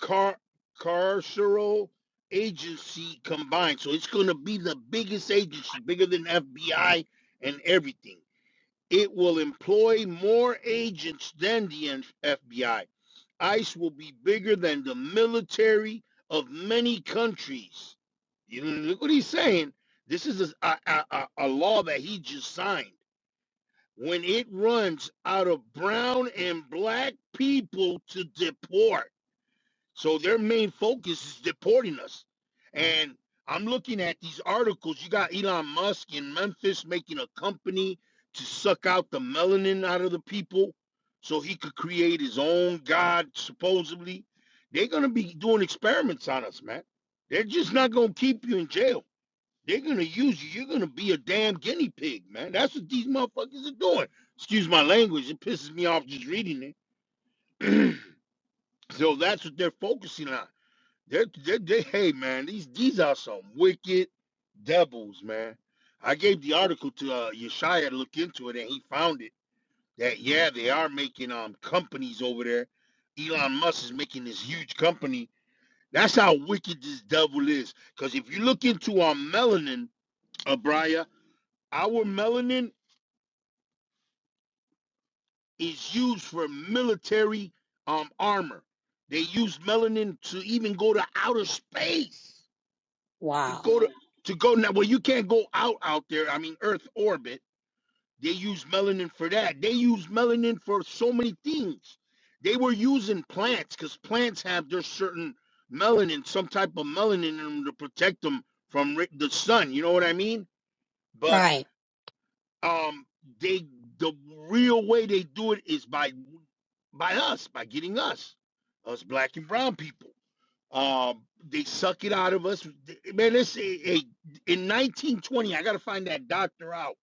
[SPEAKER 9] car- carceral agency combined. So it's going to be the biggest agency, bigger than FBI and everything. It will employ more agents than the FBI ICE will be bigger than the military of many countries. You look what he's saying. This is a, a, a, a law that he just signed. When it runs out of brown and black people to deport. So their main focus is deporting us. And I'm looking at these articles. You got Elon Musk in Memphis making a company to suck out the melanin out of the people so he could create his own God, supposedly. They're going to be doing experiments on us, man. They're just not going to keep you in jail. They're going to use you. You're going to be a damn guinea pig, man. That's what these motherfuckers are doing. Excuse my language. It pisses me off just reading it. so that's what they're focusing on. They, they, they, hey man, these these are some wicked devils, man. I gave the article to uh, Yeshaya to look into it, and he found it. That yeah, they are making um companies over there. Elon Musk is making this huge company. That's how wicked this devil is. Because if you look into our melanin, Abraya, our melanin is used for military um armor. They use melanin to even go to outer space. to
[SPEAKER 2] Wow.
[SPEAKER 9] go to to go now. Well, you can't go out out there. I mean, Earth orbit. They use melanin for that. They use melanin for so many things. They were using plants because plants have their certain melanin, some type of melanin in them to protect them from ri- the sun. You know what I mean? But
[SPEAKER 2] Right.
[SPEAKER 9] um, they the real way they do it is by by us, by getting us, us black and brown people. Um, they suck it out of us. Man, this a, a, in 1920. I gotta find that doctor out.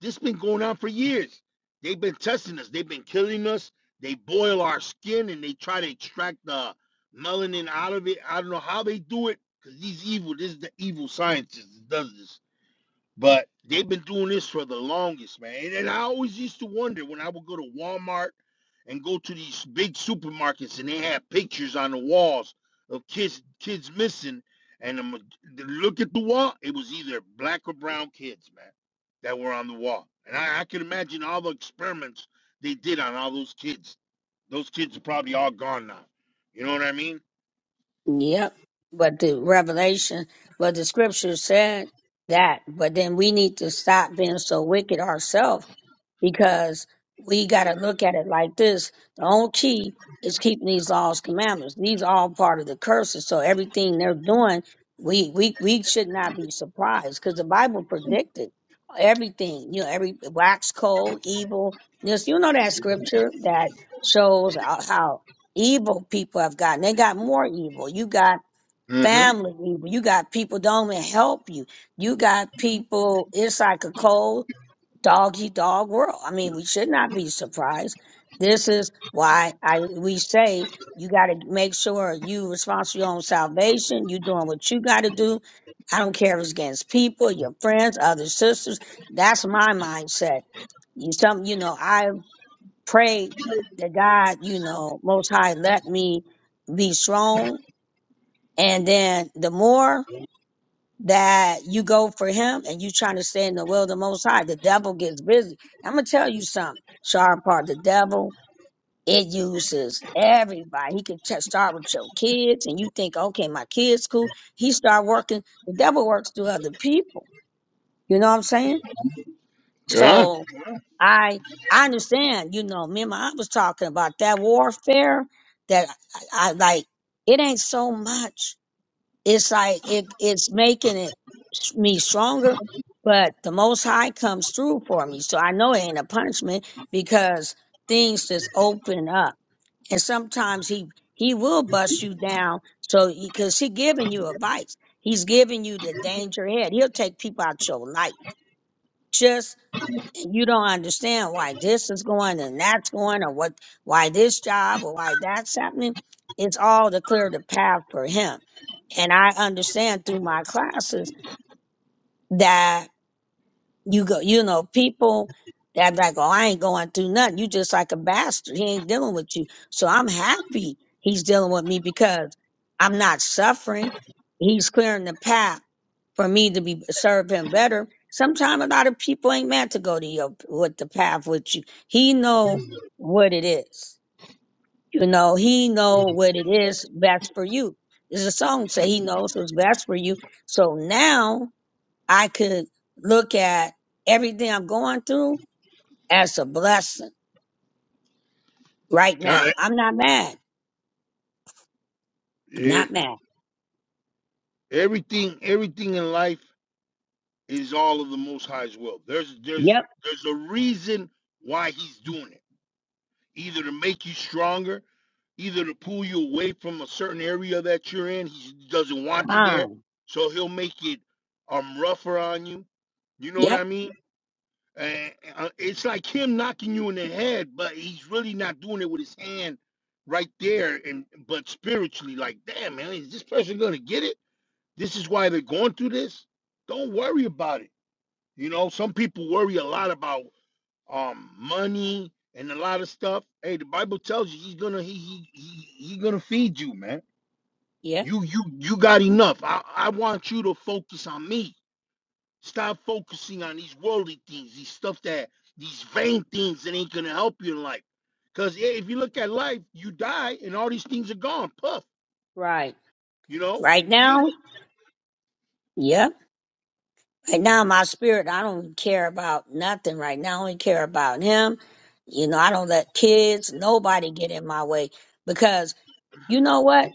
[SPEAKER 9] This been going on for years. They've been testing us. They've been killing us. They boil our skin and they try to extract the melanin out of it. I don't know how they do it because these evil. This is the evil scientists that does this but they've been doing this for the longest, man. And, and I always used to wonder when I would go to Walmart and go to these big supermarkets and they had pictures on the walls of kids kids missing. And I'm, look at the wall. It was either black or brown kids, man, that were on the wall. And I, I can imagine all the experiments they did on all those kids. Those kids are probably all gone now. You know what I mean?
[SPEAKER 2] Yep. But the revelation, but the scripture said that. But then we need to stop being so wicked ourselves because we got to look at it like this. The only key is keeping these laws, commandments. These are all part of the curses. So everything they're doing, we we we should not be surprised because the Bible predicted everything. You know, every wax cold, evil. This you know that scripture that shows how how evil people have gotten. They got more evil. You got
[SPEAKER 9] Mm-hmm.
[SPEAKER 2] family evil. You got people don't even help you. You got people. It's like a cold doggy dog world. I mean, we should not be surprised. This is why I we say you got to make sure you responsible for your own salvation. You doing what you got to do. I don't care if it's against people, your friends, other sisters. That's my mindset. You some, you know, I pray that God, you know, Most High, let me be strong. And then the more that you go for him and you trying to stay in the will of the most high. The devil gets busy. I'm gonna tell you something, sharp part. The devil it uses everybody. He can t- start with your kids, and you think, okay, my kids cool. He start working. The devil works through other people. You know what I'm saying?
[SPEAKER 9] Gone.
[SPEAKER 2] So I I understand. You know, me and my aunt was talking about that warfare. That I, I like. It ain't so much it's like it, it's making it s- me stronger but the most high comes through for me so i know it ain't a punishment because things just open up and sometimes he he will bust you down so because he, 'cause he giving you advice he's giving you the danger ahead he'll take people out your life just you don't understand why this is going and that's going or what why this job or why that's happening it's all to clear the path for him and i understand through my classes you go, you know, people that like, oh, I ain't going through nothing. You just like a bastard. He ain't dealing with you. So I'm happy he's dealing with me because I'm not suffering. He's clearing the path for me to be serve him better. Sometimes a lot of people ain't meant to go to your with the path with you. He know what it is. You know, he know what it is best for you. There's a song say he knows what's best for you. So now I could look at everything I'm going through as a blessing right
[SPEAKER 9] Gone.
[SPEAKER 2] now. I'm not mad. I'm
[SPEAKER 9] yeah.
[SPEAKER 2] not mad.
[SPEAKER 9] Everything, everything in life is all of the Most High's will. There's there's
[SPEAKER 2] Yep,
[SPEAKER 9] there's a reason why He's doing it. Either to make you stronger, either to pull you away from a certain area that you're in. He doesn't want you there,
[SPEAKER 2] calm.
[SPEAKER 9] so He'll make it um rougher on you. You know what I
[SPEAKER 2] Yep,
[SPEAKER 9] mean? And uh, it's like him knocking you in the head, but he's really not doing it with his hand right there. And but spiritually, like, damn man, is this person gonna get it? This is why they're going through this. Don't worry about it. You know, some people worry a lot about um money and a lot of stuff. Hey, the Bible tells you he's gonna he he he, he gonna feed you, man.
[SPEAKER 2] yep,
[SPEAKER 9] You you you got enough. I, I want you to focus on me. Stop focusing on these worldly things, these stuff that these vain things that ain't gonna help you in life. Cause yeah, if you look at life, you die and all these things are gone. Puff,
[SPEAKER 2] right.
[SPEAKER 9] you know,
[SPEAKER 2] Right
[SPEAKER 9] you ain't
[SPEAKER 2] now, yep. Right now, my spirit, I don't care about nothing right now. I only care about him. You know, I don't let kids, nobody get in my way because you know what?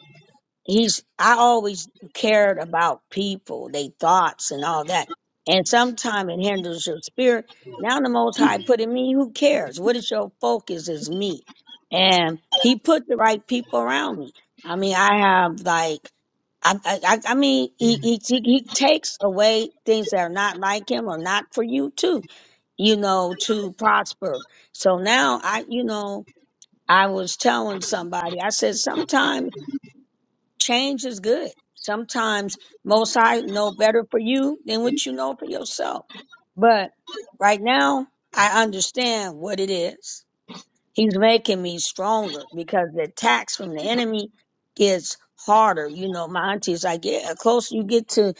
[SPEAKER 2] he's I always cared about people, their thoughts and all that. And sometimes it hinders your spirit. Now the most high put in me, who cares? What is your focus is me. And he put the right people around me. I mean, I have like I I, I I mean he, he he he takes away things that are not like him or not for you too, you know, to prosper. So now I you know, I was telling somebody, I said sometimes change is good. Sometimes most high know better for you than what you know for yourself. But right now I understand what it is. He's making me stronger because the attacks from the enemy gets harder. You know, my auntie's like, yeah, the closer you get to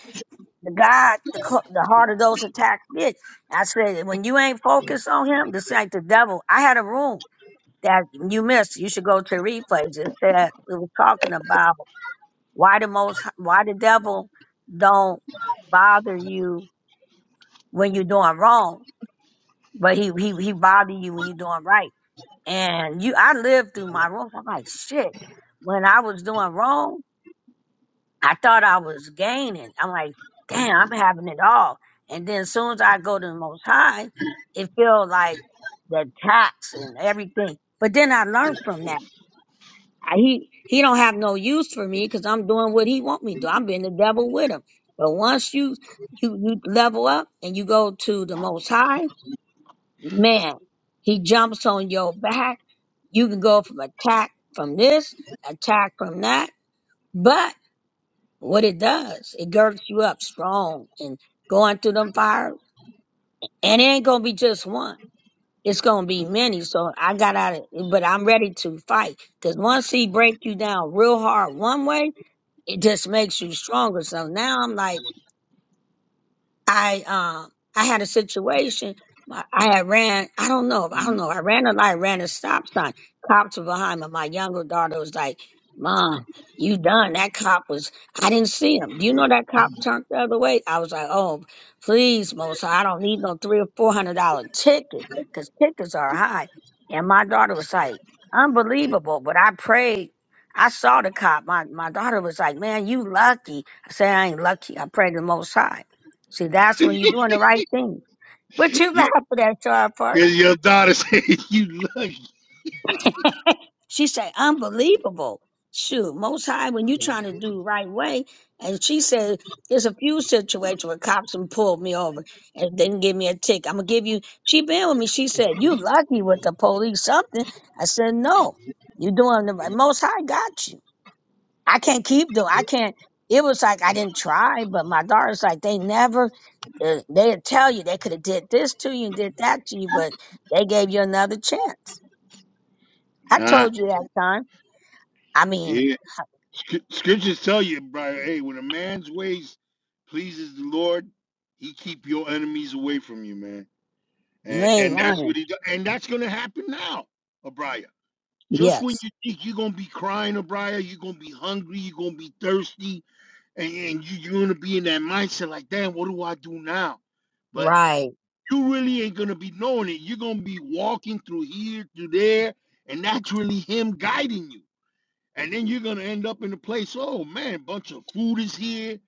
[SPEAKER 2] the God, the, clo- the harder those attacks get. I said, when you ain't focused on him, this like the devil. I had a room that you missed. You should go to replays. It said, we were talking about why the most, why the devil don't bother you when you're doing wrong, but he, he, he bother you when you're doing right. And you, I lived through my wrongs. I'm like, shit, when I was doing wrong, I thought I was gaining. I'm like, damn, I'm having it all. And then as soon as I go to the most high, it feels like the tax and everything. But then I learned from that. I- he he don't have no use for me because I'm doing what he want me to. do. I'm being the devil with him. But once you you you level up and you go to the Most High, man, he jumps on your back. You can go from attack from this, attack from that. But what it does, it girds you up strong and going through them fires. And it ain't gonna be just one. It's gonna be many. So I got out of, but I'm ready to fight. Cause once he break you down real hard one way. It just makes you stronger. So now I'm like, I um I had a situation. My, I had ran. I don't know. I don't know. I ran a light, ran a stop sign. Cops were behind me. My younger daughter was like, "Mom, you done?" That cop was. I didn't see him. Do you know that cop turned the other way? I was like, "Oh, please, Most High, I don't need no three or four hundred dollar ticket because tickets are high." And my daughter was like, "Unbelievable!" But I prayed. I saw the cop. My my daughter was like, "Man, you lucky." I said, "I ain't lucky. I prayed to the Most High." See, that's
[SPEAKER 9] gonna
[SPEAKER 2] when you're doing the right thing. But you
[SPEAKER 9] you,
[SPEAKER 2] laughing at that, Charles Park.
[SPEAKER 9] your, your daughter said you lucky,
[SPEAKER 2] She said, unbelievable. Shoot, most high when you are trying to do right way. And she said, there's a few situations where cops and pulled me over and didn't give me a ticket. I'm gonna give you she been with me. She said, You lucky with the police something. I said, No, you are doing the right most high got you. I can't keep doing. I can't. It was like I didn't try, but my daughter's like they never. Uh, they tell you they could have did this to you and did that to you, but they gave you another chance. I
[SPEAKER 9] huh?
[SPEAKER 2] told you that time. I mean,
[SPEAKER 9] Sc- Scriptures tell you, brother, hey, when a man's ways pleases the Lord, he keep your enemies away from you, man.
[SPEAKER 2] you
[SPEAKER 9] And,
[SPEAKER 2] ain't
[SPEAKER 9] and that's what
[SPEAKER 2] lying.
[SPEAKER 9] he does. And that's going to happen now, Abriah. Just when
[SPEAKER 2] Yes,
[SPEAKER 9] you think you're going to be crying, Abriah, you're going to be hungry, you're going to be thirsty, and, and you, you're going to be in that mindset like, damn, what do I do now? But
[SPEAKER 2] right,
[SPEAKER 9] you really ain't going to be knowing it. You're going to be walking through here, through there, and that's really him guiding you and then you're gonna end up in a place. Oh man, bunch of food is here.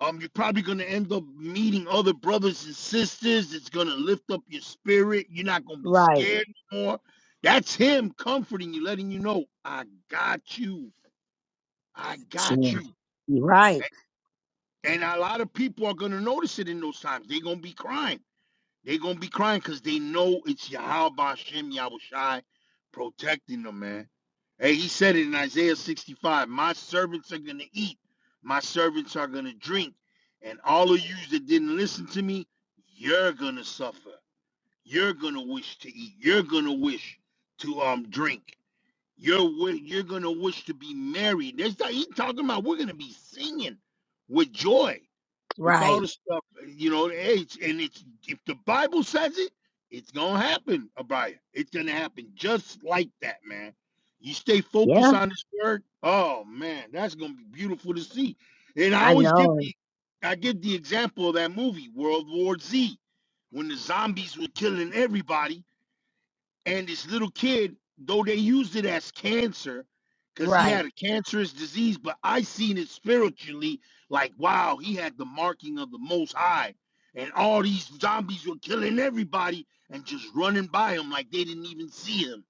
[SPEAKER 9] Um, you're probably gonna end up meeting other brothers and sisters. It's gonna lift up your spirit. You're not gonna be
[SPEAKER 2] right,
[SPEAKER 9] scared anymore. That's him comforting you, letting you know, I got you, I got
[SPEAKER 2] sure,
[SPEAKER 9] you.
[SPEAKER 2] right,
[SPEAKER 9] And a lot of people are gonna notice it in those times. They're gonna be crying. They're gonna be crying because they know it's Yahweh Hashem Yahweh protecting them, man. Hey, he said it in Isaiah 65 My servants are going to eat, my servants are going to drink. And all of you that didn't listen to me, you're going to suffer. You're going to wish to eat. You're going to wish to um drink. You're wi- you're gonna wish to be married. That's how he's talking about. We're gonna be singing with joy, with all
[SPEAKER 2] right.
[SPEAKER 9] the stuff. You know, hey, it's- and it's if the Bible says it, it's gonna happen, Abaya. It's gonna happen just like that, man. You stay focused
[SPEAKER 2] Yeah,
[SPEAKER 9] on this word. Oh man, that's gonna be beautiful to see. And I
[SPEAKER 2] I
[SPEAKER 9] always give
[SPEAKER 2] know.
[SPEAKER 9] the I give the example of that movie World War Z, when the zombies were killing everybody and this little kid, though they used it as cancer, because he
[SPEAKER 2] Right,
[SPEAKER 9] had a cancerous disease, but I seen it spiritually, like wow, he had the marking of the most high. And all these zombies were killing everybody and just running by him like they didn't even see him.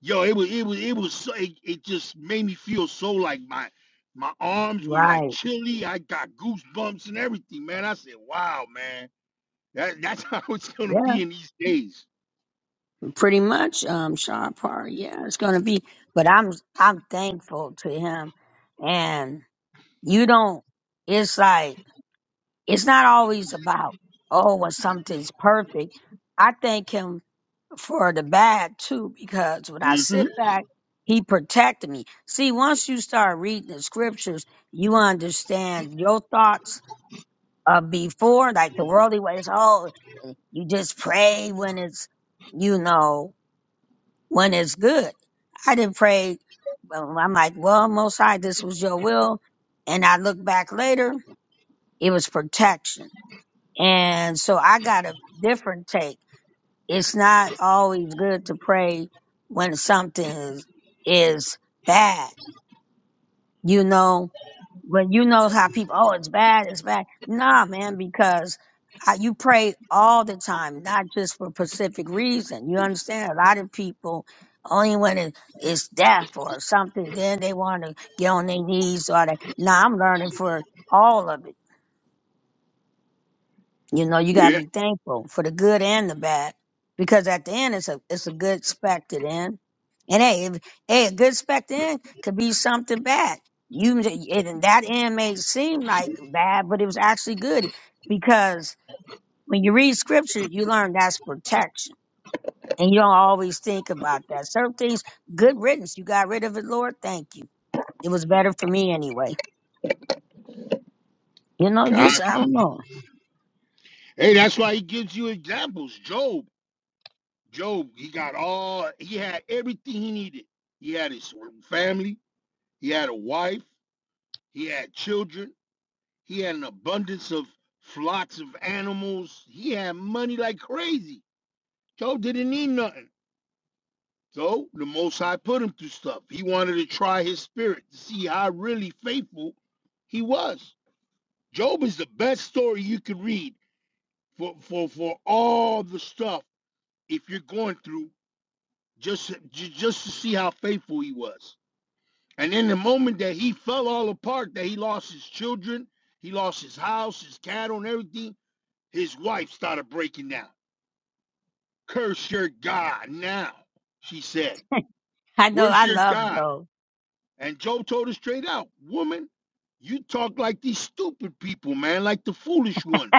[SPEAKER 9] Yo, it was it was it was so it, it just made me feel so like my my arms were like
[SPEAKER 2] right.
[SPEAKER 9] chilly. I got goosebumps and everything, man. I said, wow, man. That that's how it's gonna
[SPEAKER 2] Yeah,
[SPEAKER 9] be in these days.
[SPEAKER 2] pretty much. Um, Sean Parr. Yeah, it's gonna be. But I'm I'm thankful to him and. You don't, it's like, it's not always about, oh, when something's perfect. I thank him for the bad too, because when I
[SPEAKER 9] hmm
[SPEAKER 2] sit back, he protected me. See, once you start reading the scriptures, you understand your thoughts of before, like the worldly ways. Oh, you just pray when it's, you know, when it's good. I didn't pray. but I'm like, well, most high, this was your will. And I look back later it was protection. And so I got a different take. It's not always good to pray when something is, is bad. You know, when you know how people, oh, it's bad, it's bad. Nah, man, because I, you pray all the time, not just for specific reason. You understand? A lot of people, only when it, it's death or something, then they want to get on their knees or they, nah, I'm learning for all of it You know, you gotta
[SPEAKER 9] Yeah.
[SPEAKER 2] be thankful for the good and the bad, because at the end, it's a it's a good spec to the end. And hey, if, hey, a good spec to the end could be something bad. You and that end may seem like bad, but it was actually good because when you read scripture, you learn that's protection, and you don't always think about that. Certain things, good riddance. You got rid of it, Lord. Thank you. It was better for me anyway. You know,
[SPEAKER 9] God.
[SPEAKER 2] just I don't know.
[SPEAKER 9] Hey, that's why he gives you examples. Job, Job, he got all, he had everything he needed. He had his family, he had a wife, he had children, he had an abundance of flocks of animals. He had money like crazy. Job didn't need nothing. So the Most High put him through stuff. He wanted to try his spirit to see how really faithful he was. Job is the best story you could read for, for, for all the stuff if you're going through just ju- just to see how faithful he was. And in the moment that he fell all apart, that he lost his children, he lost his house, his cattle, and everything, his wife started breaking down. Curse your God now, she said.
[SPEAKER 2] I know
[SPEAKER 9] Where's
[SPEAKER 2] I
[SPEAKER 9] your
[SPEAKER 2] love
[SPEAKER 9] God?
[SPEAKER 2] Job.
[SPEAKER 9] And Job told her straight out, woman, you talk like these stupid people, man, like the foolish ones.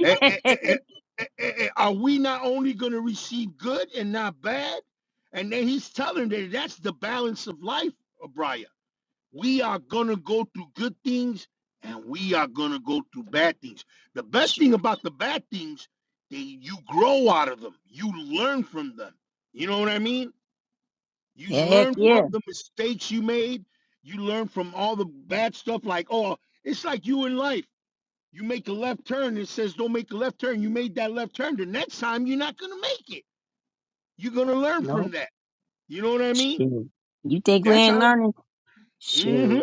[SPEAKER 9] Eh, eh, eh, eh, eh, eh, eh, Are we not only going to receive good and not bad? And then he's telling that that's the balance of life, Abriah. We are going to go through good things and we are going to go through bad things. The best thing about the bad things, they, you grow out of them, you learn from them. You know what I mean? You
[SPEAKER 2] Heck
[SPEAKER 9] learn from
[SPEAKER 2] yeah.
[SPEAKER 9] the mistakes you made, you learn from all the bad stuff, like, oh, it's like you in life. You make a left turn. It says don't make a left turn. You made that left turn. The next time you're not gonna make it. You're gonna learn
[SPEAKER 2] No.
[SPEAKER 9] from that. You know what I mean?
[SPEAKER 2] Shoot. You think we
[SPEAKER 9] That's
[SPEAKER 2] ain't
[SPEAKER 9] how.
[SPEAKER 2] learning?
[SPEAKER 9] mm hmm
[SPEAKER 2] Shoot.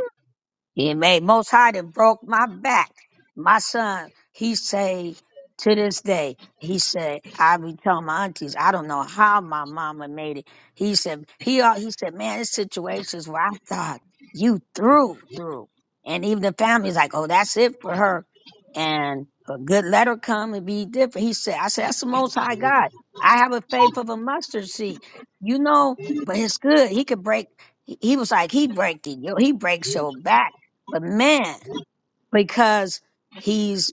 [SPEAKER 2] He made most high that broke my back. My son, he say to this day, he said, I be telling my aunties, I don't know how my mama made it. He said, he al- he said, man, it's situations where I thought you through, through. And even the family's like, oh, that's it for her. And a good letter come and be different. He said, I said, that's the most high God. I have a faith of a mustard seed. You know, but it's good. He could break he he was like, he break the yo, he breaks your back. But man, because he's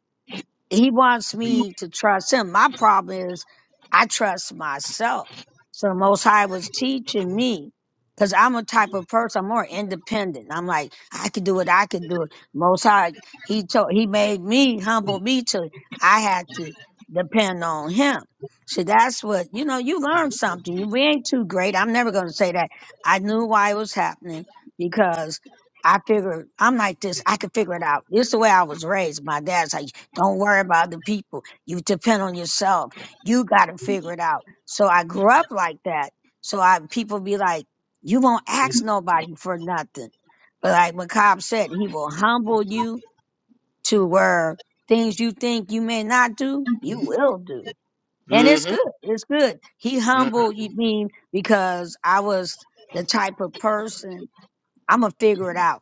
[SPEAKER 2] he wants me to trust him. My problem is I trust myself. So the Most High was teaching me because I'm a type of person. I'm more independent. I'm like I can do it. I can do it. Most High, he told, he made me humble me to. I had to depend on him. So that's what you know. You learn something. You, we ain't too great. I'm never going to say that. I knew why it was happening because I figured I'm like this. I could figure it out. It's the way I was raised. My dad's like don't worry about the people. You depend on yourself. You got to figure it out. So I grew up like that. So I people be like, you won't ask nobody for nothing. But like McCobb said, he will humble you to where things you think you may not do, you will do. And
[SPEAKER 9] Mm
[SPEAKER 2] it's good.
[SPEAKER 9] hmm
[SPEAKER 2] It's good. He
[SPEAKER 9] Mm hmm
[SPEAKER 2] humbled you mean because I was the type of person I'm gonna figure it out.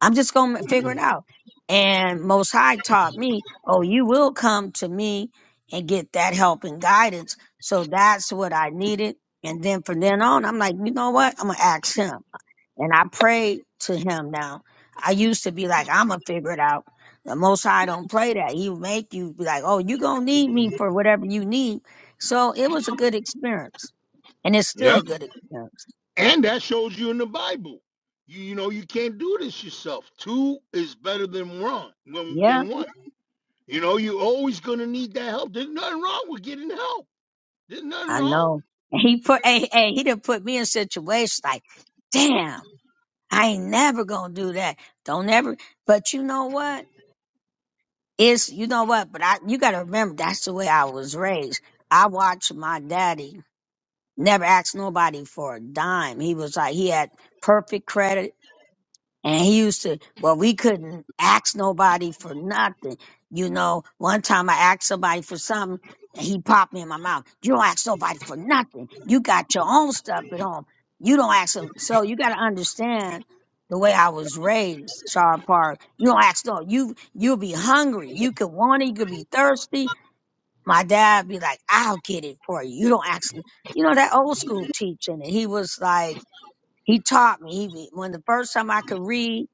[SPEAKER 2] I'm just going to figure it out. And Most High taught me, oh, you will come to me and get that help and guidance. So that's what I needed. And then from then on, I'm like, you know what? I'm going to ask him. And I prayed to him now. I used to be like, I'm going to figure it out. The Most High don't play that. He make you be like, oh, you going to need me for whatever you need. So it was a good experience. And it's still
[SPEAKER 9] Yep.
[SPEAKER 2] a good experience.
[SPEAKER 9] And that shows you in the Bible. You you know you can't do this yourself. Two is better than one. Than
[SPEAKER 2] Yeah.
[SPEAKER 9] than one. You know you're always gonna need that help. There's nothing wrong with getting help. There's nothing
[SPEAKER 2] I
[SPEAKER 9] wrong.
[SPEAKER 2] know. And he put, hey, hey, he done put me in situations like, damn, I ain't never gonna do that. Don't ever. But you know what? It's, you know what? But I, you gotta remember that's the way I was raised. I watched my daddy never ask nobody for a dime. He was like, he had perfect credit. And he used to, well, we couldn't ask nobody for nothing. You know, one time I asked somebody for something and he popped me in my mouth. You don't ask nobody for nothing. You got your own stuff at home. You don't ask them. So you got to understand the way I was raised, Charles Park. You don't ask no, you, you'll be hungry. You could want it. You could be thirsty. My dad be like, I'll get it for you. You don't ask, n-" you know, that old school teaching. And he was like, he taught me. He, when the first time I could read,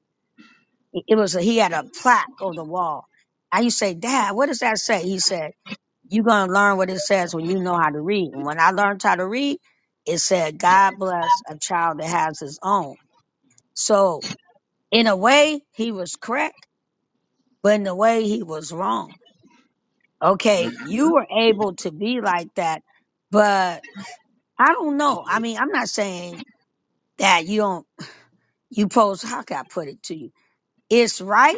[SPEAKER 2] it was a, he had a plaque on the wall. I used to say, Dad, what does that say? He said, You're gonna learn what it says when you know how to read. And when I learned how to read, it said, God bless a child that has his own. So in a way, he was correct, but in a way he was wrong. Okay, you were able to be like that, but I don't know. I mean, I'm not saying that you don't you pose how can I put it to you? It's right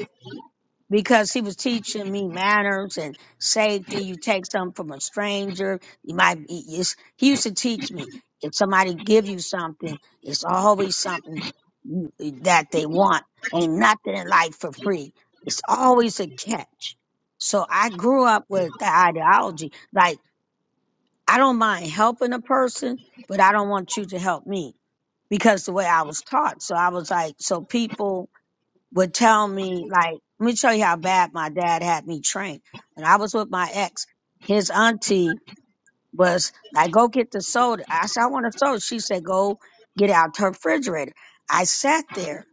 [SPEAKER 2] because he was teaching me manners and safety. You take something from a stranger, you might. it's, he used to teach me if somebody give you something, it's always something you- that they want. Ain't nothing in life for free. It's always a catch. So I grew up with the ideology like I don't mind helping a person, but I don't want you to help me because the way I was taught. So I was like, so people would tell me like, let me show you how bad my dad had me trained. When I was with my ex, his auntie was like, go get the soda. I said, I want a soda. She said, go get out her refrigerator. I sat there.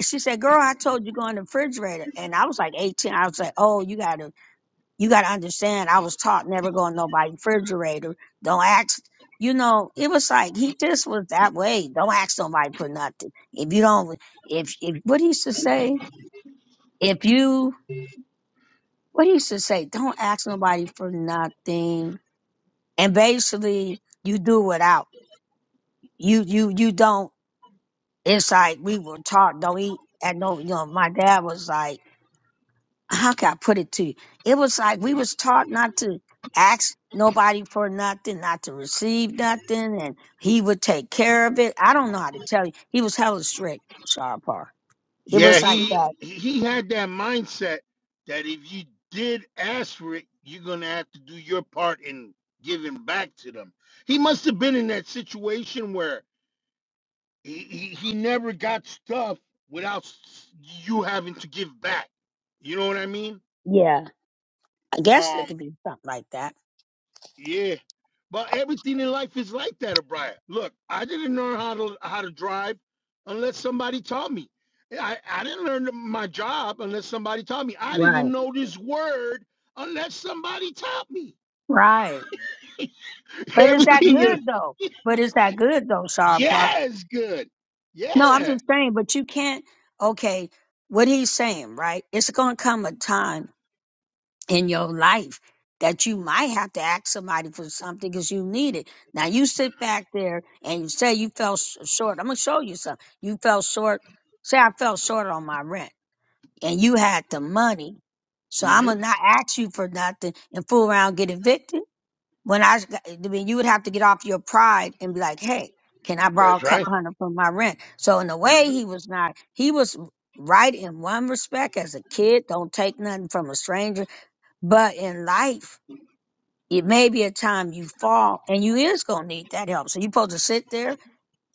[SPEAKER 2] She said, girl, I told you go in the refrigerator. And I was like 18. I was like, oh, you gotta, you gotta understand. I was taught never go in nobody's refrigerator. Don't ask. You know, it was like he just was that way. Don't ask nobody for nothing. If you don't, if, if what he used to say, if you what do you should say don't ask nobody for nothing and basically you do without you you you don't it's like we were taught don't eat and no you know my dad was like how can i put it to you it was like we was taught not to ask nobody for nothing not to receive nothing and he would take care of it i don't know how to tell you he was hella strict sharpar it
[SPEAKER 9] Yeah,
[SPEAKER 2] was like
[SPEAKER 9] he
[SPEAKER 2] that
[SPEAKER 9] he had that mindset that if you did ask for it, you're gonna have to do your part in giving back to them. He must have been in that situation where he, he, he never got stuff without s- you having to give back. You know what I mean?
[SPEAKER 2] yeah i guess
[SPEAKER 9] Um,
[SPEAKER 2] it could be something like that
[SPEAKER 9] Yeah. But everything in life is like that, O'Brien. Look, I didn't learn how to how to drive unless somebody taught me. I, I didn't learn my job unless somebody taught me. I didn't
[SPEAKER 2] right
[SPEAKER 9] know this word unless somebody taught me.
[SPEAKER 2] right But is that
[SPEAKER 9] Everything is
[SPEAKER 2] good though? But is that good though, Sarah Park?
[SPEAKER 9] yes, good.
[SPEAKER 2] No, I'm
[SPEAKER 9] Yeah.
[SPEAKER 2] just saying, but you can't, okay, what he's saying, right? It's going to come a time in your life that you might have to ask somebody for something because you need it. Now you sit back there and you say you fell sh- short. I'm going to show you something. You fell short. Say I fell short on my rent and you had the money. So I'm
[SPEAKER 9] hmm
[SPEAKER 2] going to not ask you for nothing and fool around, get evicted when I got- when you would have to get off your pride and be like, hey, can I borrow
[SPEAKER 9] That's
[SPEAKER 2] a
[SPEAKER 9] right.
[SPEAKER 2] couple hundred for my rent? So in a
[SPEAKER 9] hmm
[SPEAKER 2] way, he was not. He was right in one respect as a kid. Don't take nothing from a stranger. But in life, it may be a time you fall, and you is gonna need that help. So you supposed to sit there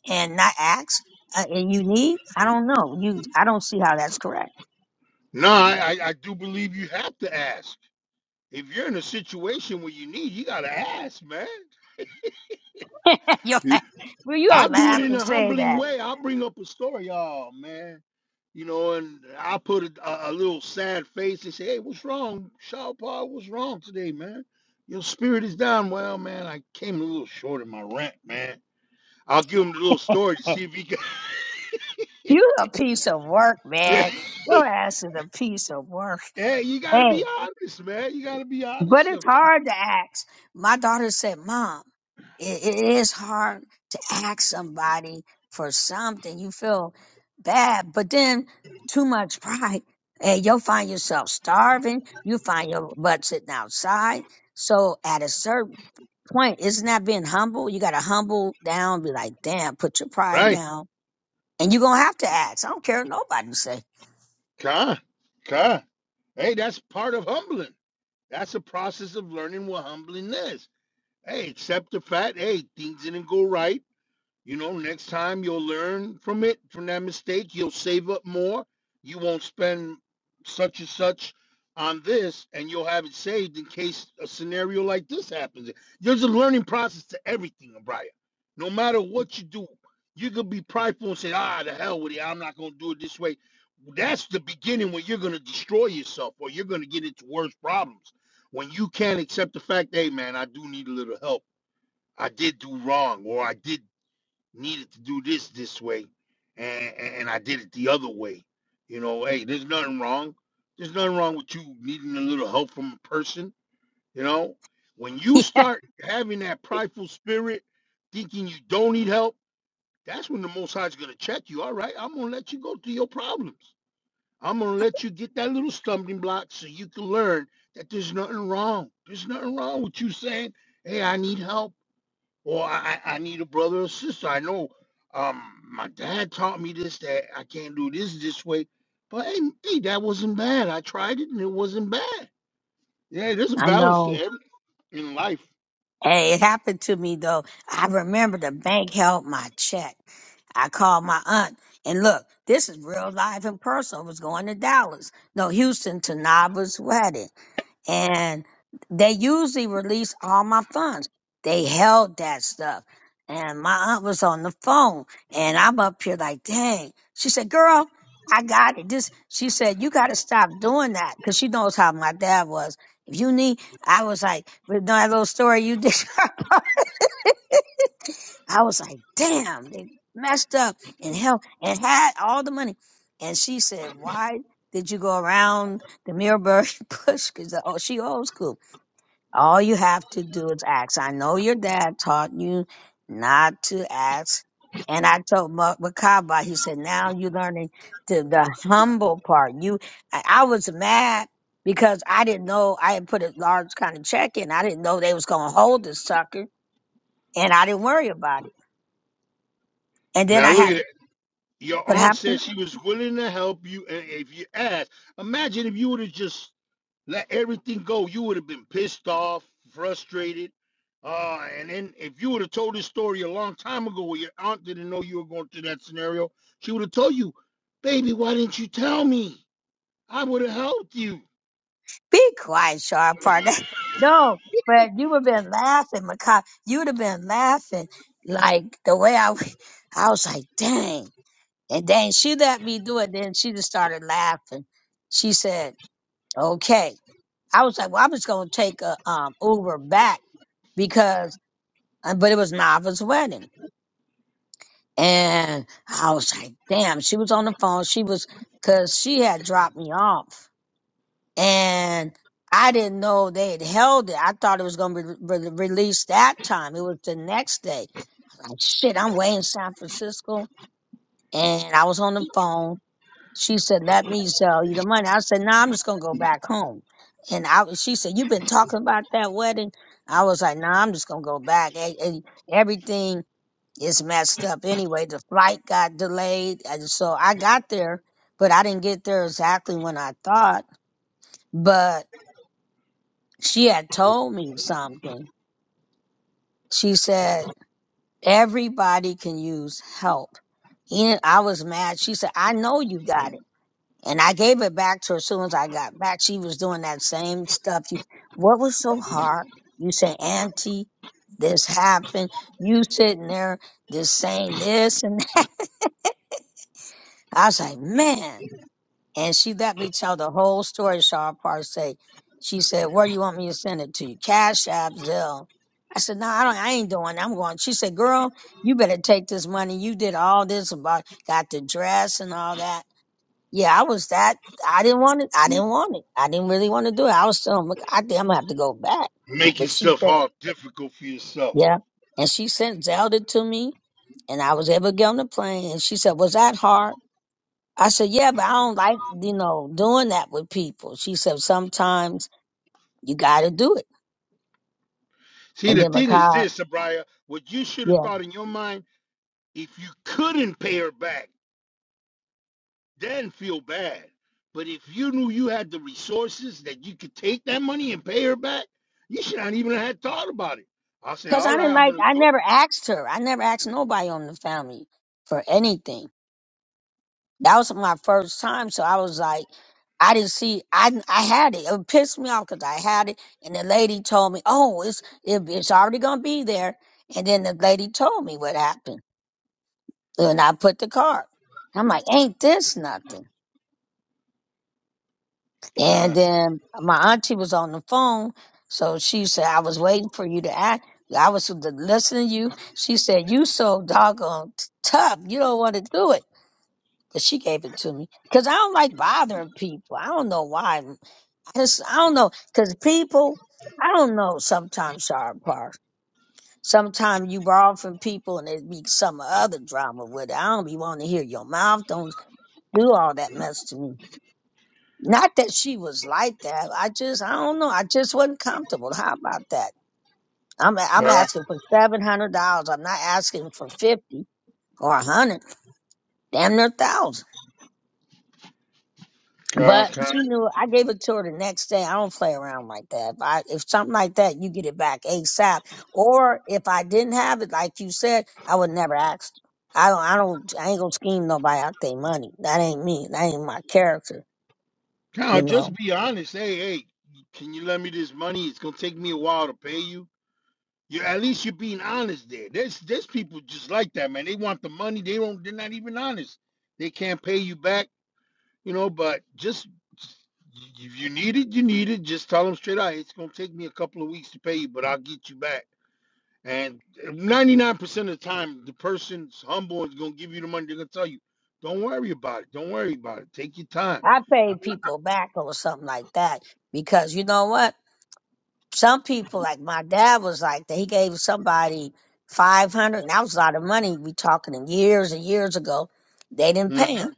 [SPEAKER 2] and not ask. Uh, and you need? I don't know. You, I don't see how that's correct.
[SPEAKER 9] No, I, I I do believe you have to ask. If you're in a situation where you need, you gotta ask, man.
[SPEAKER 2] You're like, well, you
[SPEAKER 9] I
[SPEAKER 2] don't
[SPEAKER 9] do it
[SPEAKER 2] laugh
[SPEAKER 9] in
[SPEAKER 2] and
[SPEAKER 9] a
[SPEAKER 2] say
[SPEAKER 9] humbling
[SPEAKER 2] that.
[SPEAKER 9] way. I'll bring up a story, oh man. You know, and I put a, a, a little sad face and say, "Hey, what's wrong, Shaw Paul? What's wrong today, man? Your spirit is down." Well, man, I came a little short in my rant, man. I'll give him the little story to
[SPEAKER 2] Hey,
[SPEAKER 9] see if he can.
[SPEAKER 2] You a piece of work,
[SPEAKER 9] Yeah.
[SPEAKER 2] man. Your ass is a piece of work.
[SPEAKER 9] hey, you gotta be
[SPEAKER 2] Hey,
[SPEAKER 9] honest, man. You gotta be
[SPEAKER 2] but
[SPEAKER 9] honest
[SPEAKER 2] it's
[SPEAKER 9] sometimes,
[SPEAKER 2] hard to ask. My daughter said, Mom, it, it is hard to ask somebody for something. You feel bad, but then too much pride. And you'll find yourself starving. You find your butt sitting outside. So at a certain point, isn't that being humble? You got to humble down, be like, damn, put your pride
[SPEAKER 9] right?
[SPEAKER 2] down. And you're going to have to ask. I don't care what nobody say.
[SPEAKER 9] Con, con. Hey, that's part of humbling. That's a process of learning what humbling is. Hey, accept the fact. Hey, things didn't go right You know, next time you'll learn from it, from that mistake. You'll save up more. You won't spend such and such on this, and you'll have it saved in case a scenario like this happens. There's a learning process to everything, Brian. No matter what you do, you could be prideful and say, ah, the hell with it. I'm not going to do it this way. That's the beginning where you're going to destroy yourself or you're going to get into worse problems. When you can't accept the fact, hey, man, I do need a little help. I did do wrong or I did needed to do this this way, and and I did it the other way. You know, hey, there's nothing wrong. There's nothing wrong with you needing a little help from a person. You know, when you
[SPEAKER 2] yeah,
[SPEAKER 9] start having that prideful spirit, thinking you don't need help, that's when the Most High is gonna check you. All right, I'm gonna let you go through your problems. I'm gonna let you get that little stumbling block so you can learn that there's nothing wrong. There's nothing wrong with you saying, "Hey, I need help." Or I, I I need a brother or sister. I know um my dad taught me this that I can't do this this way. But hey, hey, that wasn't bad. I tried it and it wasn't bad. Yeah, there's a
[SPEAKER 2] I
[SPEAKER 9] balance
[SPEAKER 2] know.
[SPEAKER 9] to everything in life.
[SPEAKER 2] Hey, it happened to me though. I remember the bank held my check. I called my aunt and look, this is real life in person. I was going to Dallas, no, Houston to Naba's wedding and they usually release all my funds. They held that stuff. And my aunt was on the phone and I'm up here like, dang. She said, girl, I got it. This, she said, you got to stop doing that because she knows how my dad was. If you need, I was like, with that little story you did. I was like, damn, they messed up and hell and had all the money. And she said, why did you go around the Mirrorberg bush? Because oh, she old school. All you have to do is ask. I know your dad taught you not to ask. And I told Ma- Makaba, he said, now you're learning the, the humble part. You, I, I was mad because I didn't know I had put a large kind of check in. I didn't know they was going to hold this sucker and I didn't worry about it. And then
[SPEAKER 9] Now
[SPEAKER 2] I
[SPEAKER 9] look
[SPEAKER 2] had
[SPEAKER 9] at it. Your
[SPEAKER 2] what
[SPEAKER 9] aunt said
[SPEAKER 2] happened?
[SPEAKER 9] she was willing to help you, and if you asked, imagine if you would have just let everything go, you would have been pissed off, frustrated. Uh, and then if you would have told this story a long time ago where your aunt didn't know you were going through that scenario, she would have told you, baby, why didn't you tell me? I would have helped you.
[SPEAKER 2] Be quiet, sharp partner. no, but you would have been laughing, Makai. You would have been laughing like the way I, w- I was like, dang. And then she let me do it. Then she just started laughing. She said, okay. I was like, well, I'm just going to take a um, Uber back because, uh, but it was Nava's wedding. And I was like, damn, she was on the phone. She was, cause she had dropped me off and I didn't know they had held it. I thought it was going to be re- re- released that time. It was the next day. I'm Like shit, I'm way in San Francisco, and I was on the phone. She said, "Let me sell you the money." I said, "No, nah, I'm just going to go back home." And I, was- she said, "You've been talking about that wedding." I was like, "No, nah, I'm just going to go back. E- e- Everything is messed up anyway. The flight got delayed, and so I got there, but I didn't get there exactly when I thought, but." she had told me something. She said, everybody can use help. And I was mad. She said, I know you got it. And I gave it back to her as soon as I got back. She was doing that same stuff. You, what was so hard? You say, Auntie, this happened. You sitting there just saying this and that. I was like, man. And she let me tell the whole story, Shaw Say She said, Where you want me to send it to you? Cash App, Zelle. I said, No, I don't I ain't doing that. I'm going. She said, Girl, you better take this money. You did all this about got the dress and all that. Yeah, I was that I didn't want it. I didn't want it. I didn't really want to do it. I was telling "Look, I think I'm gonna have to go back.
[SPEAKER 9] Making
[SPEAKER 2] But she
[SPEAKER 9] stuff
[SPEAKER 2] said,
[SPEAKER 9] all difficult for yourself.
[SPEAKER 2] Yeah. And she sent Zelda to me and I was able to get on the plane and she said, Was that hard? I said, yeah, but I don't like, you know, doing that with people. She said, sometimes you got to do it.
[SPEAKER 9] See,
[SPEAKER 2] And
[SPEAKER 9] the
[SPEAKER 2] then
[SPEAKER 9] thing is
[SPEAKER 2] Macabre,
[SPEAKER 9] this, Abraya, what you should have
[SPEAKER 2] yeah.
[SPEAKER 9] thought in your mind, if you couldn't pay her back. then feel bad. But if you knew you had the resources that you could take that money and pay her back, you should not even have thought about it. I say,
[SPEAKER 2] Because
[SPEAKER 9] all
[SPEAKER 2] I didn't
[SPEAKER 9] right, I'm
[SPEAKER 2] like,
[SPEAKER 9] gonna
[SPEAKER 2] I
[SPEAKER 9] go.
[SPEAKER 2] never asked her. I never asked nobody on the family for anything. That was my first time. So I was like, I didn't see, I, I had it. It pissed me off because I had it. And the lady told me, oh, it's, it, it's already going to be there. And then the lady told me what happened. And I put the card. I'm like, ain't this nothing?
[SPEAKER 9] Can
[SPEAKER 2] And
[SPEAKER 9] I,
[SPEAKER 2] then my auntie was on the phone, so she said, "I was waiting for you to act. I was listening to you." She said, "You so doggone t- tough. You don't want to do it." But she gave it to me because I don't like bothering people. I don't know why. I just I don't know because people. I don't know. Sometimes sharp parts. Sometimes you borrow from people and it be some other drama with it. I don't be wanting to hear your mouth. Don't do all that mess to me. Not that she was like that. I just, I don't know. I just wasn't comfortable. How about that? I'm,
[SPEAKER 9] can
[SPEAKER 2] I'm
[SPEAKER 9] I,
[SPEAKER 2] asking for seven hundred dollars. I'm not asking for fifty or a hundred. Damn near thousand.
[SPEAKER 9] can I,
[SPEAKER 2] But
[SPEAKER 9] can I,
[SPEAKER 2] she knew. I gave it to her the next day. I don't play around like that. If I, if something like that, you get it back ASAP. Or if I didn't have it, like you said, I would never ask. I don't. I don't. I ain't gonna scheme nobody out their money. That ain't me. That ain't my character.
[SPEAKER 9] can I
[SPEAKER 2] You know.
[SPEAKER 9] just be honest? Hey, hey, can you lend me this money? It's gonna take me a while to pay you. You at least you're being honest there. There's there's people just like that, man. They want the money. They don't. They're not even honest. They can't pay you back You know, but just if you need it, you need it. Just tell them straight out. It's gonna take me a couple of weeks to pay you, but I'll get you back. And 99% of the time, the person's humble is gonna give you the money. They're gonna tell you, "Don't worry about it. Don't worry about it. Take your time."
[SPEAKER 2] I pay people back or something like that because you know what? Some people, like my dad, was like that. He gave somebody five hundred, and that was a lot of money. We talking in years and years ago. They didn't pay
[SPEAKER 9] Mhm.
[SPEAKER 2] him,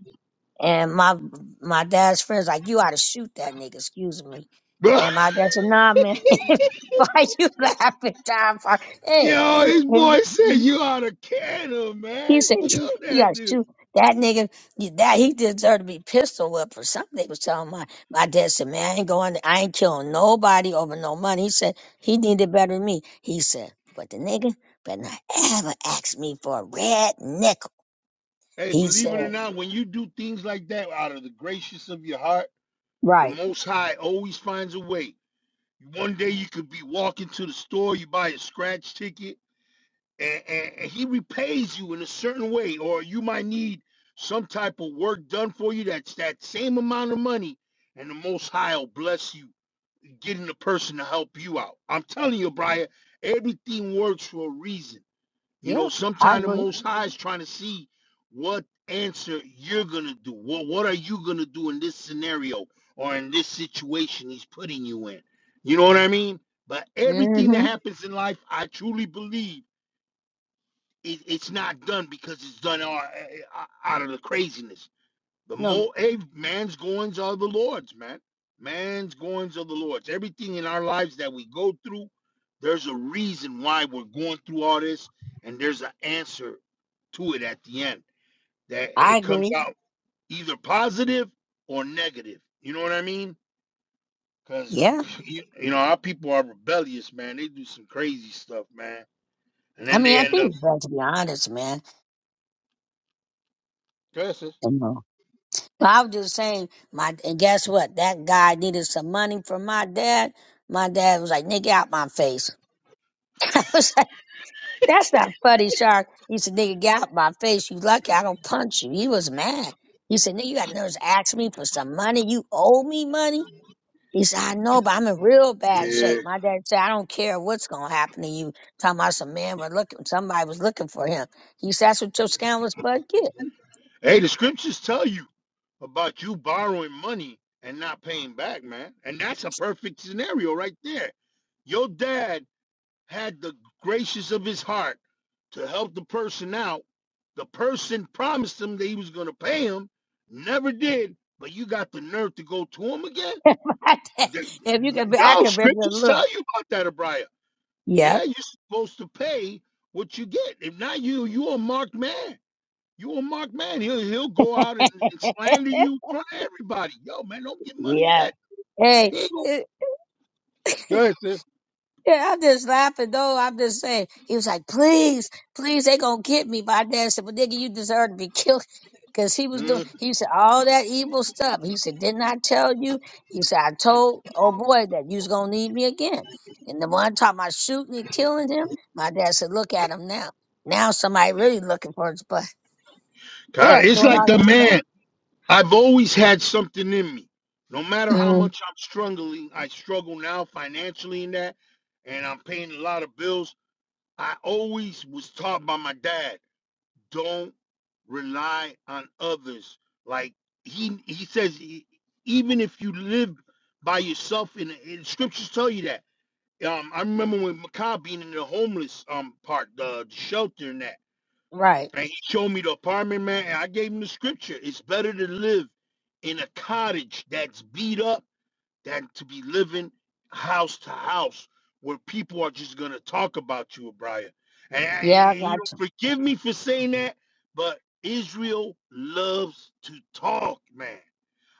[SPEAKER 2] and my my dad's friends like you ought to shoot that nigga. Excuse me, and my dad said, Nah, man, why you laughing, John? Hey,
[SPEAKER 9] yo, this boy said you out of Canada, man.
[SPEAKER 2] He said,
[SPEAKER 9] Kill
[SPEAKER 2] "Yeah,
[SPEAKER 9] that dude.
[SPEAKER 2] shoot that nigga. That he deserved to be pistol whipped or something." They was telling my my dad said, "Man, I ain't going. I ain't killing nobody over no money." He said he needed better than me. He said, "But the nigga better not ever ask me for a red nickel."
[SPEAKER 9] Hey,
[SPEAKER 2] He
[SPEAKER 9] believe it or
[SPEAKER 2] said,
[SPEAKER 9] not, when you do things like that out of the gracious of your heart, the
[SPEAKER 2] "Right?
[SPEAKER 9] Most High always finds a way. One day you could be walking to the store, you buy a scratch ticket, and, and, and he repays you in a certain way, or you might need some type of work done for you that's that same amount of money, and the Most High will bless you, getting the person to help you out. I'm telling you, Brian, everything works for a reason. You
[SPEAKER 2] Yeah,
[SPEAKER 9] know,
[SPEAKER 2] I
[SPEAKER 9] sometimes the
[SPEAKER 2] agree.
[SPEAKER 9] Most High is trying to see what answer you're going to do. What, what are you going to do in this scenario or in this situation he's putting you in? You know what I mean? But everything that
[SPEAKER 2] hmm
[SPEAKER 9] happens in life, I truly believe it, it's not done because it's done out, out of the craziness. The more
[SPEAKER 2] No,
[SPEAKER 9] hey, man's goings are the Lord's, man. Man's goings are the Lord's. Everything in our lives that we go through, there's a reason why we're going through all this, and there's an answer to it at the end. That
[SPEAKER 2] I
[SPEAKER 9] it comes
[SPEAKER 2] agree.
[SPEAKER 9] out either positive or negative. You know what I mean? Because
[SPEAKER 2] Yeah."
[SPEAKER 9] you, you know our people are rebellious, man. They do some crazy stuff, man, and
[SPEAKER 2] I
[SPEAKER 9] then
[SPEAKER 2] mean,
[SPEAKER 9] they
[SPEAKER 2] I
[SPEAKER 9] end
[SPEAKER 2] think
[SPEAKER 9] up.
[SPEAKER 2] it's better to be honest,
[SPEAKER 9] Yes, yes.
[SPEAKER 2] man. I was just saying, my and guess what? That guy needed some money from my dad. My dad was like, "Nigga, out my face." I was like, "That's not funny, Shark." He said, "Nigga, get out my face. You lucky I don't punch you." He was mad. He said, "Nigga, you got nerves to ask me for some money? You owe me money." He said, "I know, but I'm in real bad
[SPEAKER 9] Yeah.
[SPEAKER 2] shape." My dad said, "I don't care what's gonna happen to you." Talking about some man were looking, somebody was looking for him. He said, "That's what your scandalous butt get."
[SPEAKER 9] Hey, the scriptures tell you. about you borrowing money and not paying back, man. And that's a perfect scenario right there. Your dad had the gracious of his heart to help the person out. The person promised him that he was going to pay him, never did, but you got the nerve to go to him again? Th-
[SPEAKER 2] if you can, be, I
[SPEAKER 9] No,
[SPEAKER 2] can remember the
[SPEAKER 9] scriptures tell
[SPEAKER 2] look.
[SPEAKER 9] you about that, Abriah. Yeah,
[SPEAKER 2] Yep.
[SPEAKER 9] you're supposed to pay what you get. If not you, you're a marked man. You a mark man. He'll he'll go out and, and slander you in front of everybody. Yo, man, don't give money to
[SPEAKER 2] Yeah.
[SPEAKER 9] that.
[SPEAKER 2] Hey,
[SPEAKER 9] He ain't gonna
[SPEAKER 2] it,
[SPEAKER 9] go ahead, sis.
[SPEAKER 2] yeah, I'm just laughing though. I'm just saying. He was like, please, please, they gonna get me. My dad said, well, nigga, you deserve to be killed. Cause he was doing,
[SPEAKER 9] Mm,
[SPEAKER 2] he said, all that evil stuff. He said, didn't I tell you? He said, I told, oh boy, that you was gonna need me again. And the one time I shooting and killing him, my dad said, look at him now. Now somebody really looking for his butt.
[SPEAKER 9] God,
[SPEAKER 2] Yeah,
[SPEAKER 9] it's
[SPEAKER 2] doing
[SPEAKER 9] like
[SPEAKER 2] all
[SPEAKER 9] the
[SPEAKER 2] that
[SPEAKER 9] man.
[SPEAKER 2] stuff.
[SPEAKER 9] I've always had something in me. No matter how
[SPEAKER 2] Mm,
[SPEAKER 9] much I'm struggling, I struggle now financially in that, and I'm paying a lot of bills. I always was taught by my dad, don't rely on others. Like he he says, e- even if you live by yourself, in, in scriptures tell you that Um, I remember when Makai being in the homeless um part, the, the shelter and that,
[SPEAKER 2] right.
[SPEAKER 9] and he showed me the apartment, man, and I gave him the scripture. It's better to live in a cottage that's beat up than to be living house to house where people are just gonna talk about you, O'Brien. And,
[SPEAKER 2] Yeah, I
[SPEAKER 9] and you know,
[SPEAKER 2] got you.
[SPEAKER 9] forgive me for saying that, but Israel loves to talk, man.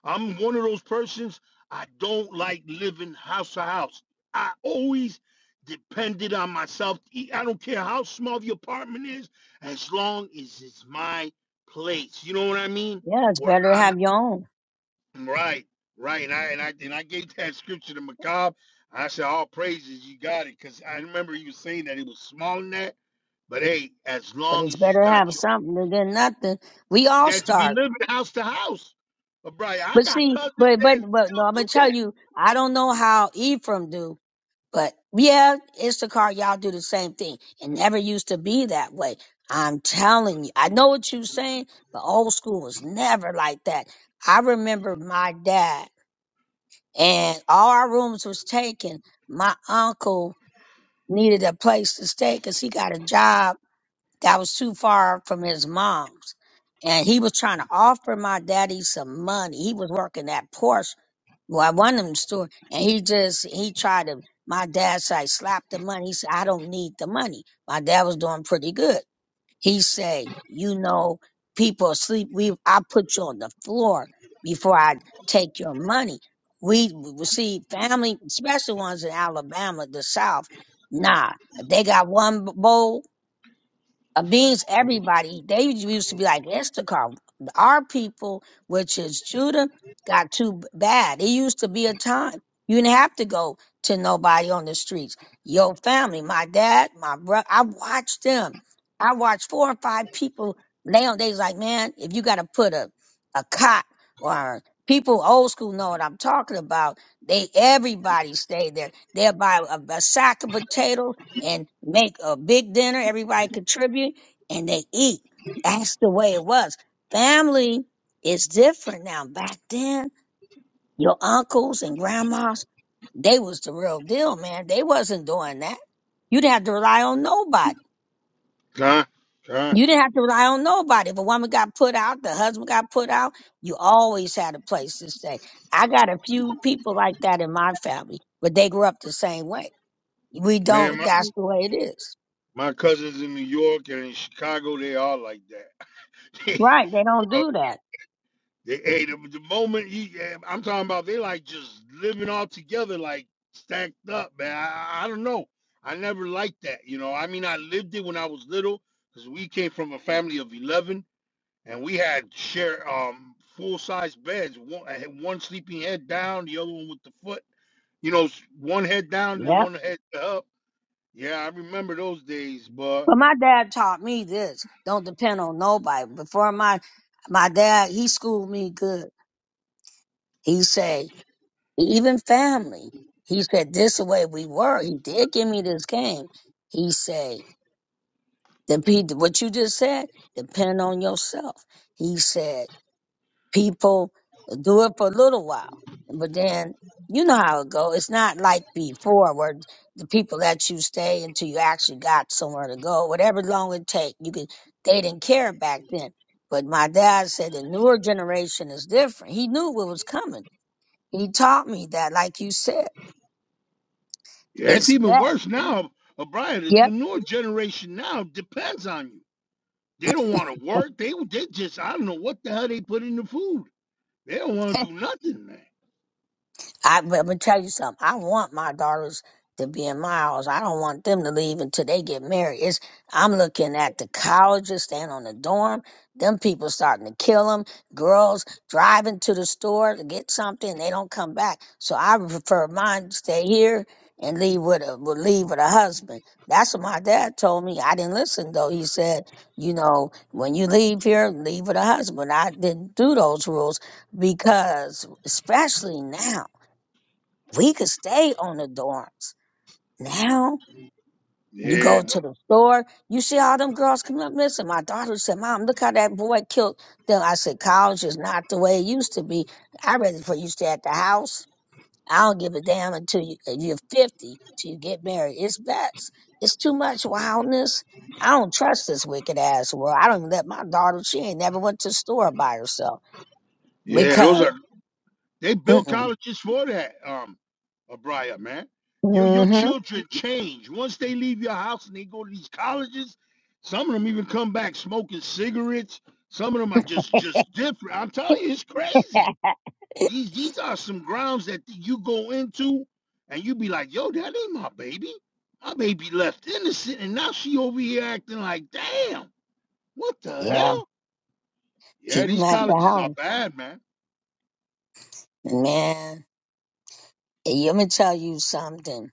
[SPEAKER 9] I'm one of those persons. I don't like living house to house. I always depended on myself. to eat. I don't care how small the apartment is, as long as it's my place. You know what I mean?
[SPEAKER 2] Yeah, it's
[SPEAKER 9] Where
[SPEAKER 2] better to
[SPEAKER 9] I'm
[SPEAKER 2] have your own.
[SPEAKER 9] right, right. And I and I and I gave that scripture to Macabre. I said, all praises, you got it. Cause I remember you saying that it was small in that. But hey, as
[SPEAKER 2] but
[SPEAKER 9] long
[SPEAKER 2] it's
[SPEAKER 9] as you
[SPEAKER 2] better to
[SPEAKER 9] got
[SPEAKER 2] have
[SPEAKER 9] your
[SPEAKER 2] something than nothing. We all
[SPEAKER 9] that to be
[SPEAKER 2] start,
[SPEAKER 9] living house to house. But Brian, I
[SPEAKER 2] but
[SPEAKER 9] got
[SPEAKER 2] see,
[SPEAKER 9] cousins
[SPEAKER 2] but
[SPEAKER 9] that
[SPEAKER 2] but but no,
[SPEAKER 9] still
[SPEAKER 2] I'm
[SPEAKER 9] do
[SPEAKER 2] gonna
[SPEAKER 9] that.
[SPEAKER 2] tell you, I don't know how Ephraim do, but yeah, Instacart, y'all do the same thing. It never used to be that way. I'm telling you, I know what you're saying, but old school was never like that. I remember my dad, and all our rooms was taken. My uncle needed a place to stay because he got a job That was too far from his mom's. And he was trying to offer my daddy some money. He was working at Porsche. Well, I wanted him store. And he just, he tried to, my dad said, "Slap the money. He said, I don't need the money. My dad was doing pretty good. He said, you know, people sleep. We, I put you on the floor before I take your money. We, we see family, especially ones in Alabama, the South. Nah, if they got one bowl uh, means everybody. They used to be like Issachar. Our people, which is Judah, got too bad. It used to be a time you didn't have to go to nobody on the streets. Your family, my dad, my brother, I watched them. I watched four or five people lay on. They's like, man, if you got to put a, a cot or people old school know what I'm talking about. They everybody stayed there. They'll buy a, a sack of potatoes and make a big dinner. Everybody contribute and they eat. That's the way it was. Family is different now. Back then, your uncles and grandmas, they was the real deal, man. They wasn't doing that. You didn't have to rely on nobody.
[SPEAKER 9] Con, con.
[SPEAKER 2] You didn't have to rely on nobody. If a woman got put out, the husband got put out, you always had a place to stay. I got a few people like that in my family, but they grew up the same way. We
[SPEAKER 9] Man,
[SPEAKER 2] don't,
[SPEAKER 9] my,
[SPEAKER 2] that's the way it is.
[SPEAKER 9] my cousins in New York and in Chicago, they are like that.
[SPEAKER 2] Right. They don't
[SPEAKER 9] Uh,
[SPEAKER 2] do that.
[SPEAKER 9] they ate them. The moment he. yeah, I'm talking about, they like just living all together, like stacked up, man. I, I I don't know. I never liked that, you know. I mean, I lived it when I was little because we came from a family of 11 and we had share um full size beds. One, I had one sleeping head down, the other one with the foot, you know, s- one head down, the
[SPEAKER 2] Yep.
[SPEAKER 9] one head up Yeah, I remember those days, but
[SPEAKER 2] But my dad taught me this. Don't depend on nobody. Before my my dad, he schooled me good. He said, even family. He said, this the way we were. He did give me this game. He said, the what you just said, depend on yourself. He said, people do it for a little while, but then you know how it go. It's not like before where the people let you stay until you actually got somewhere to go. Whatever long it take, you could. They didn't care back then. But my dad said the newer generation is different. He knew what was coming. He taught me that, like you said,
[SPEAKER 9] it's
[SPEAKER 2] it's
[SPEAKER 9] even
[SPEAKER 2] back.
[SPEAKER 9] worse now. O'Brien, the
[SPEAKER 2] Yep.
[SPEAKER 9] newer generation now depends on you. They don't want to work. They they just I don't know what the hell they put in the food. They don't want to do nothing, man.
[SPEAKER 2] I, but I'm gonna tell you something. I want my daughters to be in my house. I don't want them to leave until they get married. It's, I'm looking at the colleges staying on the dorm. Them people starting to kill them. Girls driving to the store to get something. They don't come back. So I prefer mine to stay here and leave with a with- leave with a husband. That's what my dad told me. I didn't listen though. He said, you know, when you leave here, leave with a husband. I didn't do those rules because, especially now we could stay on the dorms. Now you
[SPEAKER 9] Yeah,
[SPEAKER 2] go
[SPEAKER 9] no-
[SPEAKER 2] to the store, you see all them girls come up. Listen, my daughter said, Mom, look how that boy killed them. I said, College is not the way it used to be. I'd rather for you stay at the house. I don't give a damn until you, uh, you're 50 till you get married. It's best. It's too much wildness. I don't trust this wicked ass world. I don't even let my daughter, she ain't never went to the store by herself
[SPEAKER 9] yeah, those
[SPEAKER 2] because,
[SPEAKER 9] are they build
[SPEAKER 2] mm-mm,
[SPEAKER 9] colleges for that. Um, O'Brien, man, your your
[SPEAKER 2] mm-hmm,
[SPEAKER 9] children change once they leave your house and they go to these colleges. Some of them even come back smoking cigarettes. Some of them are just just different. I'm telling you, it's crazy. These these are some grounds that you go into and you be like, yo, that ain't my baby. My baby left innocent and now she over here acting like, damn, what the
[SPEAKER 2] yeah,
[SPEAKER 9] hell? Yeah,
[SPEAKER 2] keep them
[SPEAKER 9] these
[SPEAKER 2] at the
[SPEAKER 9] colleges are
[SPEAKER 2] house.
[SPEAKER 9] bad, man.
[SPEAKER 2] Man, I'm gonna tell you something.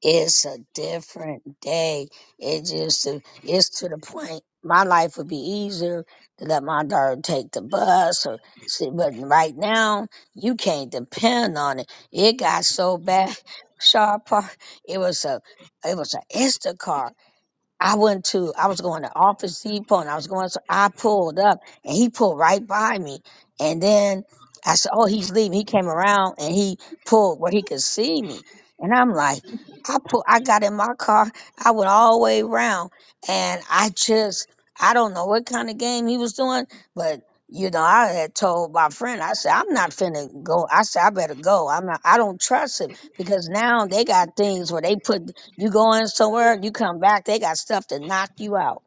[SPEAKER 2] It's a different day. It just uh, it's to the point. My life would be easier to let my daughter take the bus or see, but right now you can't depend on it. It got so bad, Sharp. It was a it was a Instacart. I went to, I was going to Office Depot and I was going, so I pulled up and he pulled right by me. And then I said, Oh, he's leaving. He came around and he pulled where he could see me. And I'm like, I pull, I got in my car. I went all the way around and I just, I don't know what kind of game he was doing, but you know, I had told my friend, I said, I'm not finna go. I said, I better go. I'm not, I don't trust him because now they got things where they put you go in somewhere, you come back, they got stuff to knock you out.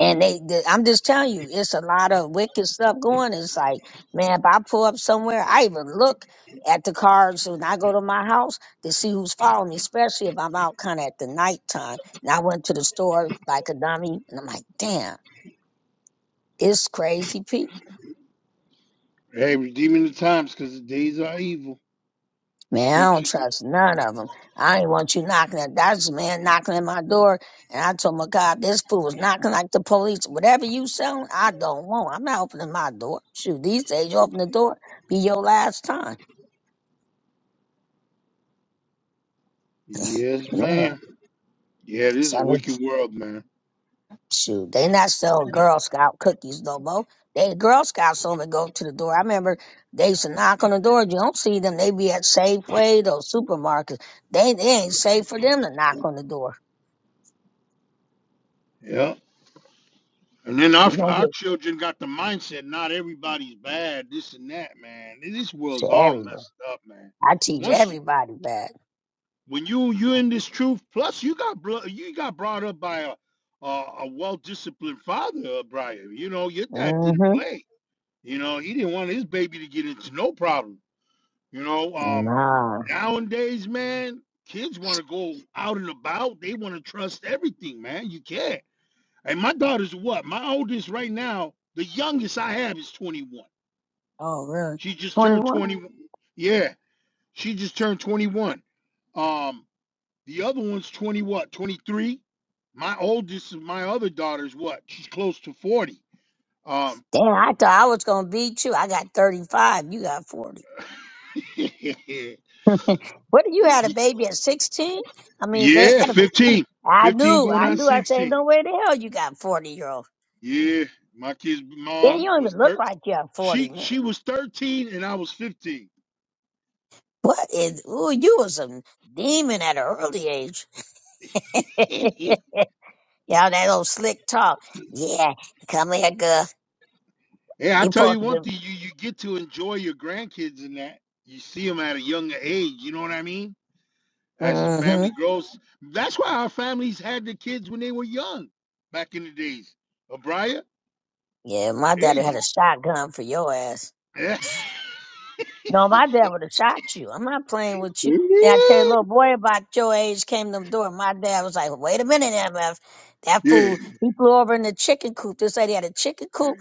[SPEAKER 2] And they, they, I'm just telling you, it's a lot of wicked stuff going. It's like, man, if I pull up somewhere, I even look at the cars when I go to my house to see who's following me, especially if I'm out kind of at the nighttime. And I went to the store like a dummy, and I'm like, damn, it's crazy people.
[SPEAKER 9] Hey, redeeming the times because the days are evil.
[SPEAKER 2] Man, I don't
[SPEAKER 9] Scriptures.
[SPEAKER 2] trust none of them. I ain't want you knocking at that's a man knocking at my door, and I told my God, this fool was knocking like the police. Whatever you selling, I don't want. I'm not opening my door. Shoot, these days you open the door, be your last time.
[SPEAKER 9] Yes,
[SPEAKER 2] Man,
[SPEAKER 9] man. Yeah, this is a
[SPEAKER 2] son of
[SPEAKER 9] wicked world, man.
[SPEAKER 2] shoot, they not selling Girl Scout cookies no more. They Girl Scouts only go to the door. I remember they used to knock on the door. You don't see them. They be at Safeway, those supermarkets. They, they ain't safe for them to knock on the door.
[SPEAKER 9] Yeah. And then our,
[SPEAKER 2] You gonna
[SPEAKER 9] our
[SPEAKER 2] get
[SPEAKER 9] children got the mindset, not everybody's bad, this and that, man. This world's
[SPEAKER 2] shit
[SPEAKER 9] all
[SPEAKER 2] everywhere.
[SPEAKER 9] messed up, man.
[SPEAKER 2] I teach
[SPEAKER 9] Once
[SPEAKER 2] everybody back.
[SPEAKER 9] when you you in this truth plus you got blo- you got brought up by a a, a well disciplined father uh, Brian you know your dad didn't
[SPEAKER 2] Mm-hmm.
[SPEAKER 9] play you know he didn't want his baby to get into no problem you know um
[SPEAKER 2] Nah.
[SPEAKER 9] nowadays man kids want to go out and about they want to trust everything man you can't and my daughter's what my oldest right now the youngest I have is 21
[SPEAKER 2] Oh, really?
[SPEAKER 9] she just turned
[SPEAKER 2] 21?
[SPEAKER 9] 21 yeah she just turned 21 um the other one's 20, what, 23? My oldest, my other daughter's what? She's close to 40. Um,
[SPEAKER 2] Damn, I thought I was going to beat you. I got 35. You got 40. what, you had a baby at 16? I mean, they
[SPEAKER 9] yeah,
[SPEAKER 2] had a,
[SPEAKER 9] 15.
[SPEAKER 2] I
[SPEAKER 9] 15
[SPEAKER 2] do,
[SPEAKER 9] going
[SPEAKER 2] I
[SPEAKER 9] on
[SPEAKER 2] do. I say,
[SPEAKER 9] 16.
[SPEAKER 2] no way the hell you got 40 year old.
[SPEAKER 9] Yeah, my kid's
[SPEAKER 2] Yeah, you
[SPEAKER 9] mom
[SPEAKER 2] don't
[SPEAKER 9] was
[SPEAKER 2] even look
[SPEAKER 9] 13.
[SPEAKER 2] like you are 40,
[SPEAKER 9] She
[SPEAKER 2] man.
[SPEAKER 9] she was 13 and I was 15.
[SPEAKER 2] What is, ooh, you was a demon at an early age. yeah, that old slick talk. Yeah, come here, girl.
[SPEAKER 9] Yeah, I
[SPEAKER 2] You
[SPEAKER 9] tell you
[SPEAKER 2] supposed to be.
[SPEAKER 9] one thing, you you get to enjoy your grandkids in that. You see them at a younger age, you know what I mean? As the
[SPEAKER 2] mm-hmm.
[SPEAKER 9] family grows, that's why our families had the kids when they were young, back in the days. Abria.
[SPEAKER 2] Yeah, my
[SPEAKER 9] Hey,
[SPEAKER 2] daddy
[SPEAKER 9] D-
[SPEAKER 2] had a shotgun for your ass.
[SPEAKER 9] yeah,
[SPEAKER 2] No, my dad would have shot you. I'm not playing with you. Then I tell you, little boy about your age came to the door. My dad was like, wait a minute, MF. That
[SPEAKER 9] Yeah,
[SPEAKER 2] fool, he flew over in the chicken coop. This lady had a chicken coop.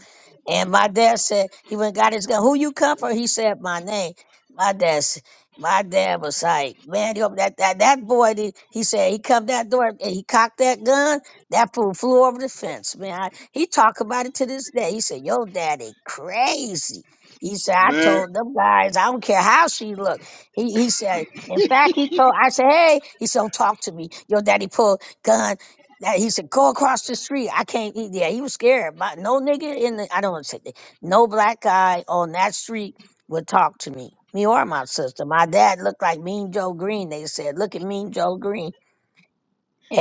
[SPEAKER 2] And my dad said, he went and got his gun. Who you come for? He said, my name. My dad said, my dad was like, man, you opened that, that, that boy, he, he said, he come that door and he cocked that gun. That fool flew over the fence, man. I, he talk about it to this day. He said, your daddy crazy. He said, I
[SPEAKER 9] man.
[SPEAKER 2] told them guys, I don't care how she looked. He he said, in fact, he told I said, hey, he said, don't talk to me. Your daddy pulled gun. That he said, go across the street. I can't eat there. He was scared. My, no nigga in the I don't want to say that. No black guy on that street would talk to me. Me or my sister. My dad looked like Mean Joe Green. They said, look at Mean Joe Green.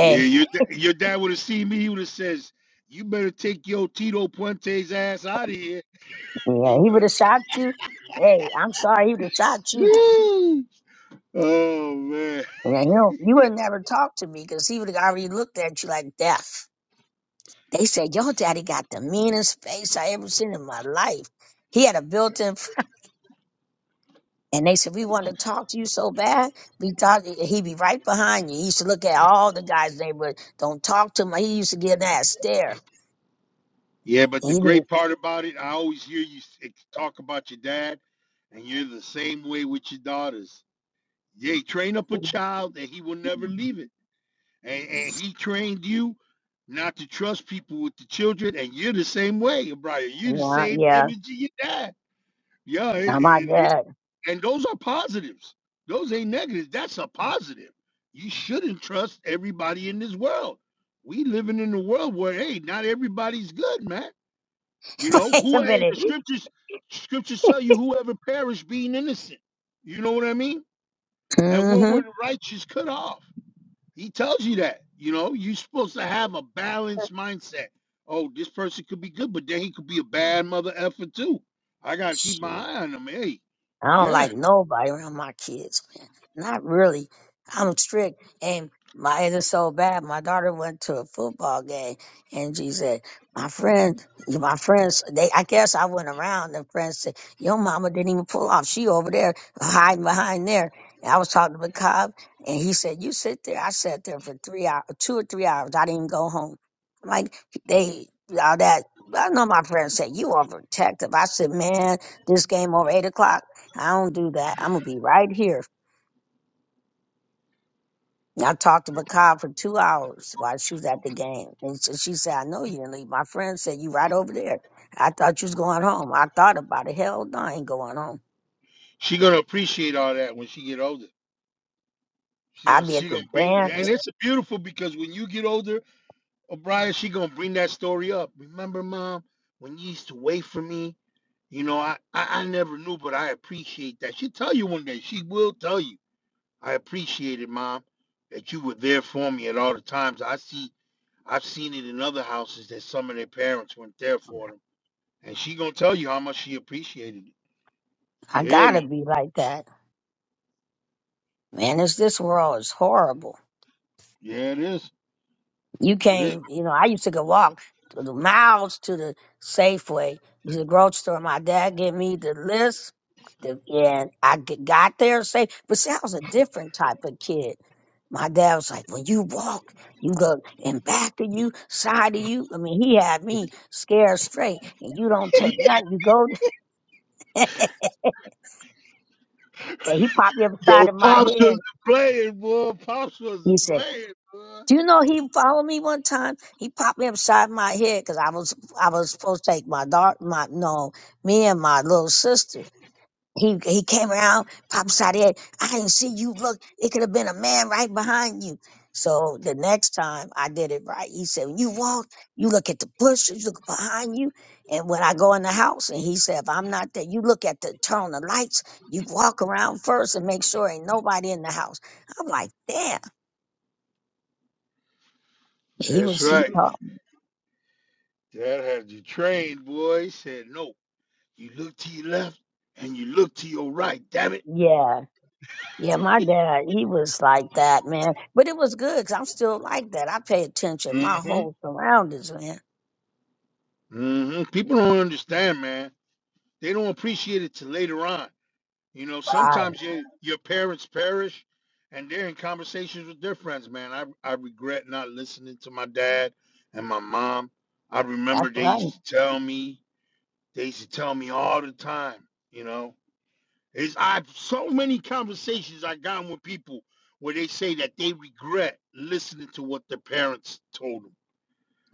[SPEAKER 9] Yeah, your da- your dad would have seen me. He would have says, "You better take your Tito Puente's ass out of here."
[SPEAKER 2] yeah,
[SPEAKER 9] He
[SPEAKER 2] he would
[SPEAKER 9] would.
[SPEAKER 2] have shot you. Hey, I'm sorry, he would have shot you.
[SPEAKER 9] Ooh. Oh man.
[SPEAKER 2] Yeah, you know, you would never talk to me because he would have already looked at you like death. They said your daddy got the meanest face I ever seen in my life. He had a built-in, fr-" and they said we wanted to talk to you so bad. We thought he- he'd be right behind you. He used to look at all the guys in the neighborhood. Don't talk to him. He used to give that stare.
[SPEAKER 9] Yeah, but the
[SPEAKER 2] He didn't.
[SPEAKER 9] great part about it, I always hear you s- ex- talk about your dad, and you're the same way with your daughters. Yeah, train up a child, and he will never leave it. and, and he trained you not to trust people with the children, and you're the same way, Brian. You're the
[SPEAKER 2] Yeah,
[SPEAKER 9] same
[SPEAKER 2] yeah.
[SPEAKER 9] image of your dad. Yeah, it,
[SPEAKER 2] Not my
[SPEAKER 9] it, it-
[SPEAKER 2] dad.
[SPEAKER 9] and those are positives. Those ain't negatives. That's a positive. You shouldn't trust everybody in this world. We living in a world where hey, not everybody's good, man. You know
[SPEAKER 2] Wait a
[SPEAKER 9] who? Hey, the
[SPEAKER 2] minute.
[SPEAKER 9] scriptures, scriptures tell you whoever perish being innocent. You know what I mean? And what were
[SPEAKER 2] Mm-hmm.
[SPEAKER 9] the righteous cut off? He tells you that. You know, you're supposed to have a balanced mindset. Oh, this person could be good, but then he could be a bad mother effer too. I gotta keep my eye on him. Hey,
[SPEAKER 2] I don't
[SPEAKER 9] yeah,
[SPEAKER 2] like nobody around my kids, man. Not really. I'm strict. And my it is so bad. My daughter went to a football game and she said, My friend, my friends, they I guess I went around and friends said, Your mama didn't even pull off. She over there hiding behind there. And I was talking to McCobb and he said, You sit there. I sat there for three hours two or three hours. I didn't even go home. I'm like they all that I know my friends said, You are protective. I said, Man, this game over eight o'clock. I don't do that. I'm gonna be right here. And I talked to Makai for two hours while she was at the game, and so she said, "I know you didn't leave." My friend said, "You right over there." I thought you was going home. I thought about it. Hell, no, I ain't going home.
[SPEAKER 9] she gonna appreciate all that when she get older. She
[SPEAKER 2] I
[SPEAKER 9] gonna
[SPEAKER 2] be at
[SPEAKER 9] she
[SPEAKER 2] the
[SPEAKER 9] gonna bring and
[SPEAKER 2] dance.
[SPEAKER 9] it's beautiful because when you get older, O'Brien, she gonna bring that story up. Remember, mom, when you used to wait for me. You know, I, I I never knew, but I appreciate that. She tell you one day. She will tell you. I appreciate it, Mom, that you were there for me at all the times. I see, I've seen it in other houses that some of their parents weren't there for them, and she gonna tell you how much she appreciated it.
[SPEAKER 2] I
[SPEAKER 9] Yeah,
[SPEAKER 2] gotta
[SPEAKER 9] man.
[SPEAKER 2] be like that, man. It's this world is horrible.
[SPEAKER 9] Yeah, it is.
[SPEAKER 2] you
[SPEAKER 9] It is.
[SPEAKER 2] came, you know, I used to go walk to the miles to the Safeway, to the grocery store. My dad gave me the list, the, and I g- got there safe. But see, I was a different type of kid. My dad was like, when you walk, you go in back of you, side of you. I mean, he had me scared straight, and you don't take nothing. You go, and he popped me up the
[SPEAKER 9] Yo,
[SPEAKER 2] side of my
[SPEAKER 9] pops wasn't
[SPEAKER 2] head.
[SPEAKER 9] playing, boy. Pops
[SPEAKER 2] He
[SPEAKER 9] wasn't
[SPEAKER 2] said.
[SPEAKER 9] playing, boy.
[SPEAKER 2] Do you know he followed me one time? He popped me upside my head because I was I was supposed to take my daughter, my no, me and my little sister. He he came around, popped upside the head. I didn't see you. Look, it could have been a man right behind you. So the next time I did it right. He said, when you walk, you look at the bushes, you look behind you, and when I go in the house, and he said, if I'm not there, you look at the turn on the lights. You walk around first and make sure ain't nobody in the house. I'm like, damn. He
[SPEAKER 9] That's
[SPEAKER 2] was he
[SPEAKER 9] right.
[SPEAKER 2] taught.
[SPEAKER 9] Dad had you trained, boy. He said, "No, you look to your left and you look to your right. Damn it."
[SPEAKER 2] Yeah. Yeah, my dad, he was like that, man. But it was good because I'm still like that. I pay attention. My
[SPEAKER 9] hmm
[SPEAKER 2] whole surroundings, man.
[SPEAKER 9] hmm People don't understand, man. They don't appreciate it till later on. You know,
[SPEAKER 2] Right.
[SPEAKER 9] sometimes your your parents perish, and they're in conversations with their friends. Man, I I regret not listening to my dad and my mom. I remember
[SPEAKER 2] That's
[SPEAKER 9] they used
[SPEAKER 2] right.
[SPEAKER 9] to tell me. They used to tell me all the time. You know, it's I've so many conversations I got with people where they say that they regret listening to what their parents told them.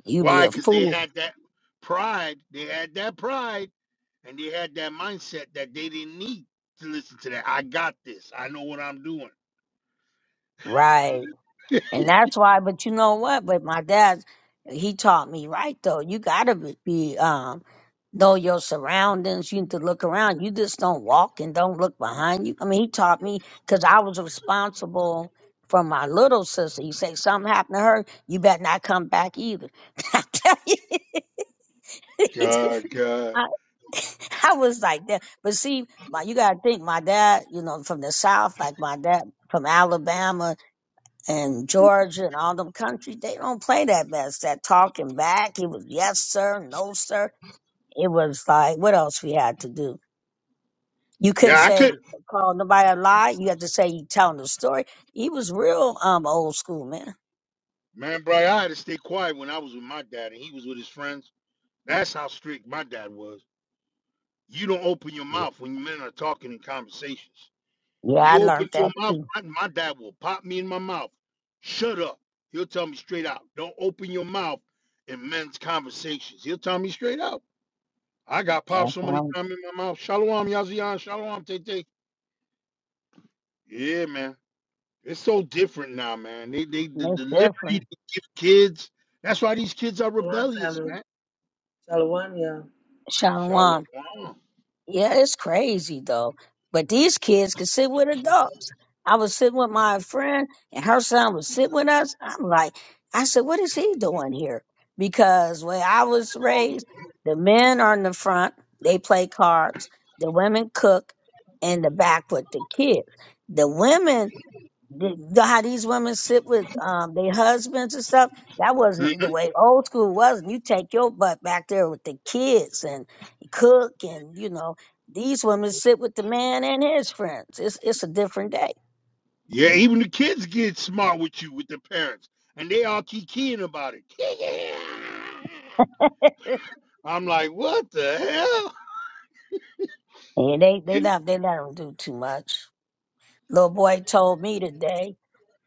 [SPEAKER 2] You be
[SPEAKER 9] Why?
[SPEAKER 2] a
[SPEAKER 9] Because they
[SPEAKER 2] fool.
[SPEAKER 9] had that pride. They had that pride and they had that mindset that they didn't need to listen to that. I got this. I know what I'm doing.
[SPEAKER 2] Right. And that's why, but you know what? But my dad, he taught me right though. You gotta be, be, um, know your surroundings. You need to look around. You just don't walk and don't look behind you. I mean, he taught me because I was responsible for my little sister. You say something happened to her, you better not come back either. I tell you, he
[SPEAKER 9] God, God.
[SPEAKER 2] I was like that. But see, my, you got to think, my dad, you know, from the South, like my dad from Alabama and Georgia and all them countries, they don't play that best. That talking back, it was yes sir, no sir. It was like what else we had to do. You couldn't
[SPEAKER 9] Yeah, I
[SPEAKER 2] say
[SPEAKER 9] could.
[SPEAKER 2] call nobody a lie. You had to say you telling the story. He was real um old school man.
[SPEAKER 9] Man, bro, I had to stay quiet when I was with my dad and he was with his friends. That's how strict my dad was. You don't open your
[SPEAKER 2] Yeah,
[SPEAKER 9] mouth when men are talking in conversations.
[SPEAKER 2] yeah I
[SPEAKER 9] You open
[SPEAKER 2] learned
[SPEAKER 9] your
[SPEAKER 2] that
[SPEAKER 9] mouth,
[SPEAKER 2] too.
[SPEAKER 9] my, my dad will pop me in my mouth. Shut up. He'll tell me straight out. Don't open your mouth in men's conversations. He'll tell me straight out. I got
[SPEAKER 2] Yeah,
[SPEAKER 9] popped so many
[SPEAKER 2] so
[SPEAKER 9] times in my mouth. Shalom, Yazian. Shalom, Tete. Yeah, man. It's so different now, man. They they the,
[SPEAKER 2] it's
[SPEAKER 9] the liberty
[SPEAKER 2] different.
[SPEAKER 9] they give kids. That's why these kids are
[SPEAKER 10] Shalom,
[SPEAKER 9] rebellious,
[SPEAKER 10] family.
[SPEAKER 9] man.
[SPEAKER 10] Shalom, yeah.
[SPEAKER 9] Shalom.
[SPEAKER 2] Shalom. Yeah, it's crazy though. But these kids can sit with adults. I was sitting with my friend and her son was sitting with us. I'm like, I said, what is he doing here? Because when I was raised, the men are in the front, they play cards, the women cook, and the back with the kids. The women the, the- how these women sit with um their husbands and stuff. That
[SPEAKER 9] Mhm.
[SPEAKER 2] wasn't the way old school was. You take your butt back there with the kids and cook, and you know these women sit with the man and his friends. It's it's a different day,
[SPEAKER 9] Yeah, even the kids get smart with you, with the parents, and they all kikiing about it. I'm like, what the hell?
[SPEAKER 2] and they they not they let them do too much. Little boy told me today.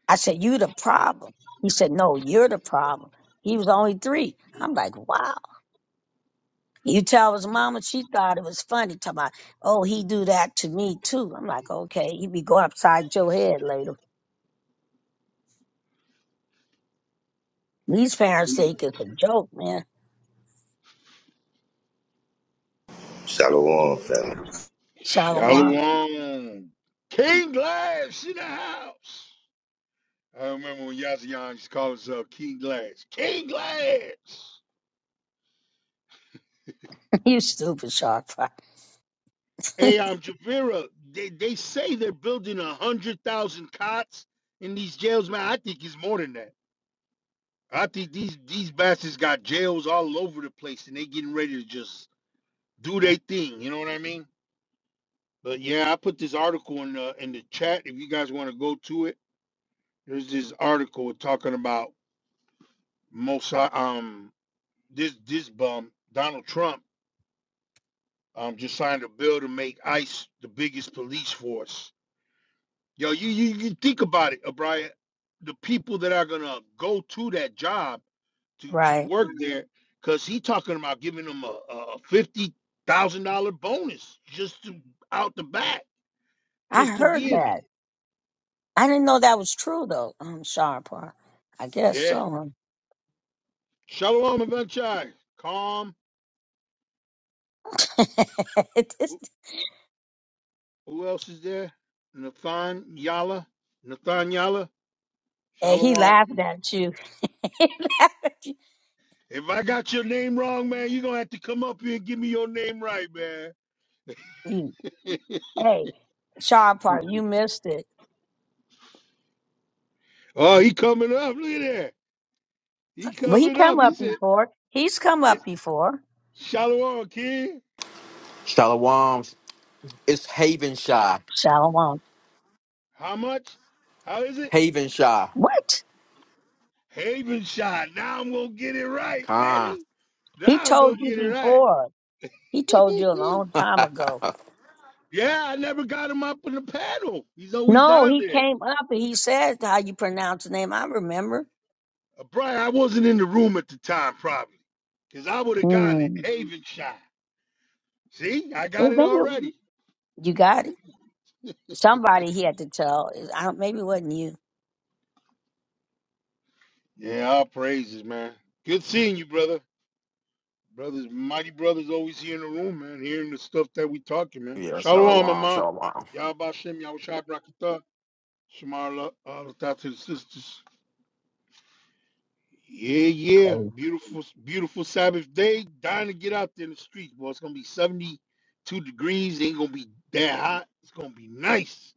[SPEAKER 2] I said, "You the problem." He said, "No, you're the problem." He was only three. I'm like, "Wow." You tell his mama, she thought it was funny. Talking about, oh, he do that to me too. I'm like, okay, he be going upside your head later. These parents think it's a joke, man.
[SPEAKER 11] Shalom, family.
[SPEAKER 2] Shalom,
[SPEAKER 9] Shalom. King Glass in the house. I remember when Yazian used to call himself King Glass. King Glass.
[SPEAKER 2] you stupid shark fry.
[SPEAKER 9] Hey, um, Javira, they, they say they're building a hundred thousand cots in these jails, man. I think it's more than that. I think these these bastards got jails all over the place, and they getting ready to just do their thing. You know what I mean? But yeah, I put this article in the in the chat if you guys want to go to it. There's this article talking about Mossad. Um, this this bum Donald Trump um just signed a bill to make ICE the biggest police force Yo, you you, you think about it, O'Brien. The people that are gonna go to that job to to
[SPEAKER 2] Right.
[SPEAKER 9] work there, because he talking about giving them a, a fifty thousand dollar bonus just to out the back,
[SPEAKER 2] I
[SPEAKER 9] just to
[SPEAKER 2] heard
[SPEAKER 9] be in
[SPEAKER 2] that. I didn't know that was true though. Um, sharp fry. I guess
[SPEAKER 9] there. Yeah.
[SPEAKER 2] so.
[SPEAKER 9] Shalom Avachai. Calm.
[SPEAKER 2] Huh? It
[SPEAKER 9] Who,
[SPEAKER 2] just-
[SPEAKER 9] who else is there? Nathan Yala. Nathan Yala.
[SPEAKER 2] hey, he
[SPEAKER 9] Shalom.
[SPEAKER 2] laughing at you. he laughing at you.
[SPEAKER 9] If I got your name wrong, man, you're gonna have to come up here and give me your name right, man.
[SPEAKER 2] you. Hey, sharp fry, you missed it.
[SPEAKER 9] oh, he coming up. Look at that. He
[SPEAKER 2] Well, he
[SPEAKER 9] covered
[SPEAKER 2] come
[SPEAKER 9] up. He
[SPEAKER 2] up
[SPEAKER 9] said,
[SPEAKER 2] before. He's come
[SPEAKER 9] it-
[SPEAKER 2] up before.
[SPEAKER 9] Shalom, kid.
[SPEAKER 12] Shalom. It's Haven Shy.
[SPEAKER 2] Shalom.
[SPEAKER 9] How much? How is it?
[SPEAKER 12] Haven Shy.
[SPEAKER 2] What?
[SPEAKER 9] Haven shot. Now I'm going to get it right,
[SPEAKER 12] Con.
[SPEAKER 9] baby.
[SPEAKER 2] He
[SPEAKER 9] Now I'm
[SPEAKER 2] told
[SPEAKER 9] going to
[SPEAKER 2] you
[SPEAKER 9] get it right.
[SPEAKER 2] before. He told you a long time ago.
[SPEAKER 9] yeah, I never got him up on the paddle. He's always
[SPEAKER 2] No,
[SPEAKER 9] down
[SPEAKER 2] he
[SPEAKER 9] there.
[SPEAKER 2] came up and he said how you pronounce the name. I remember.
[SPEAKER 9] Uh, Brian, I wasn't in the room at the time, probably, because I would have gotten it.
[SPEAKER 2] Mm.
[SPEAKER 9] Haven shot. See, I
[SPEAKER 2] Well,
[SPEAKER 9] got it
[SPEAKER 2] maybe
[SPEAKER 9] already.
[SPEAKER 2] you got it. Somebody he had to tell. I don't, maybe it wasn't you.
[SPEAKER 9] Yeah, all praises, man. Good seeing you, brother. Brothers, mighty brothers always here in the room, man, hearing the stuff that we talking, man.
[SPEAKER 12] yeah,
[SPEAKER 9] Shalom,
[SPEAKER 12] Shalom.
[SPEAKER 9] Mama.
[SPEAKER 12] Shalom.
[SPEAKER 9] Yabashem, Yahushua Brakita. Shemar Lata to the sisters. Yeah, yeah.
[SPEAKER 2] Crazy.
[SPEAKER 9] Beautiful, beautiful Sabbath day. Dying to get out there in the streets, boy. It's going to be 72 degrees. Ain't going to be that hot. It's going to be nice.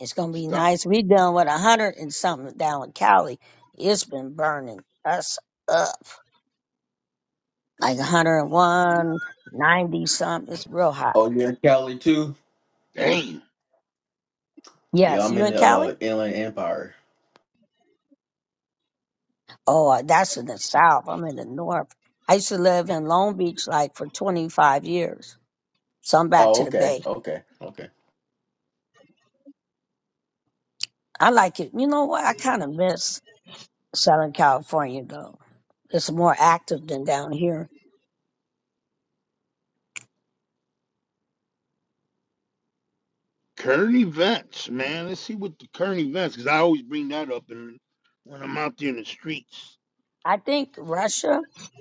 [SPEAKER 2] It's gonna be
[SPEAKER 9] Stop.
[SPEAKER 2] nice. We done with a hundred and something down in Cali. It's been burning us up. Like a hundred and one ninety something. It's real hot.
[SPEAKER 12] Oh, you're in Cali too?
[SPEAKER 9] Damn.
[SPEAKER 12] Yeah,
[SPEAKER 2] Yes,
[SPEAKER 12] I'm
[SPEAKER 2] you
[SPEAKER 12] in
[SPEAKER 2] in
[SPEAKER 12] the
[SPEAKER 2] Cali?
[SPEAKER 12] uh, Inland Empire.
[SPEAKER 2] Oh, uh, that's in the South. I'm in the North. I used to live in Long Beach like for 25 years. So I'm back
[SPEAKER 12] Oh,
[SPEAKER 2] to the
[SPEAKER 12] okay.
[SPEAKER 2] Bay.
[SPEAKER 12] Okay. Okay.
[SPEAKER 2] I like it. You know what? I kind of miss Southern California though. It's more active than down here.
[SPEAKER 9] Current events, man. Let's see what the current events, because I always bring that up in, when I'm out there in the streets.
[SPEAKER 2] I think Russia,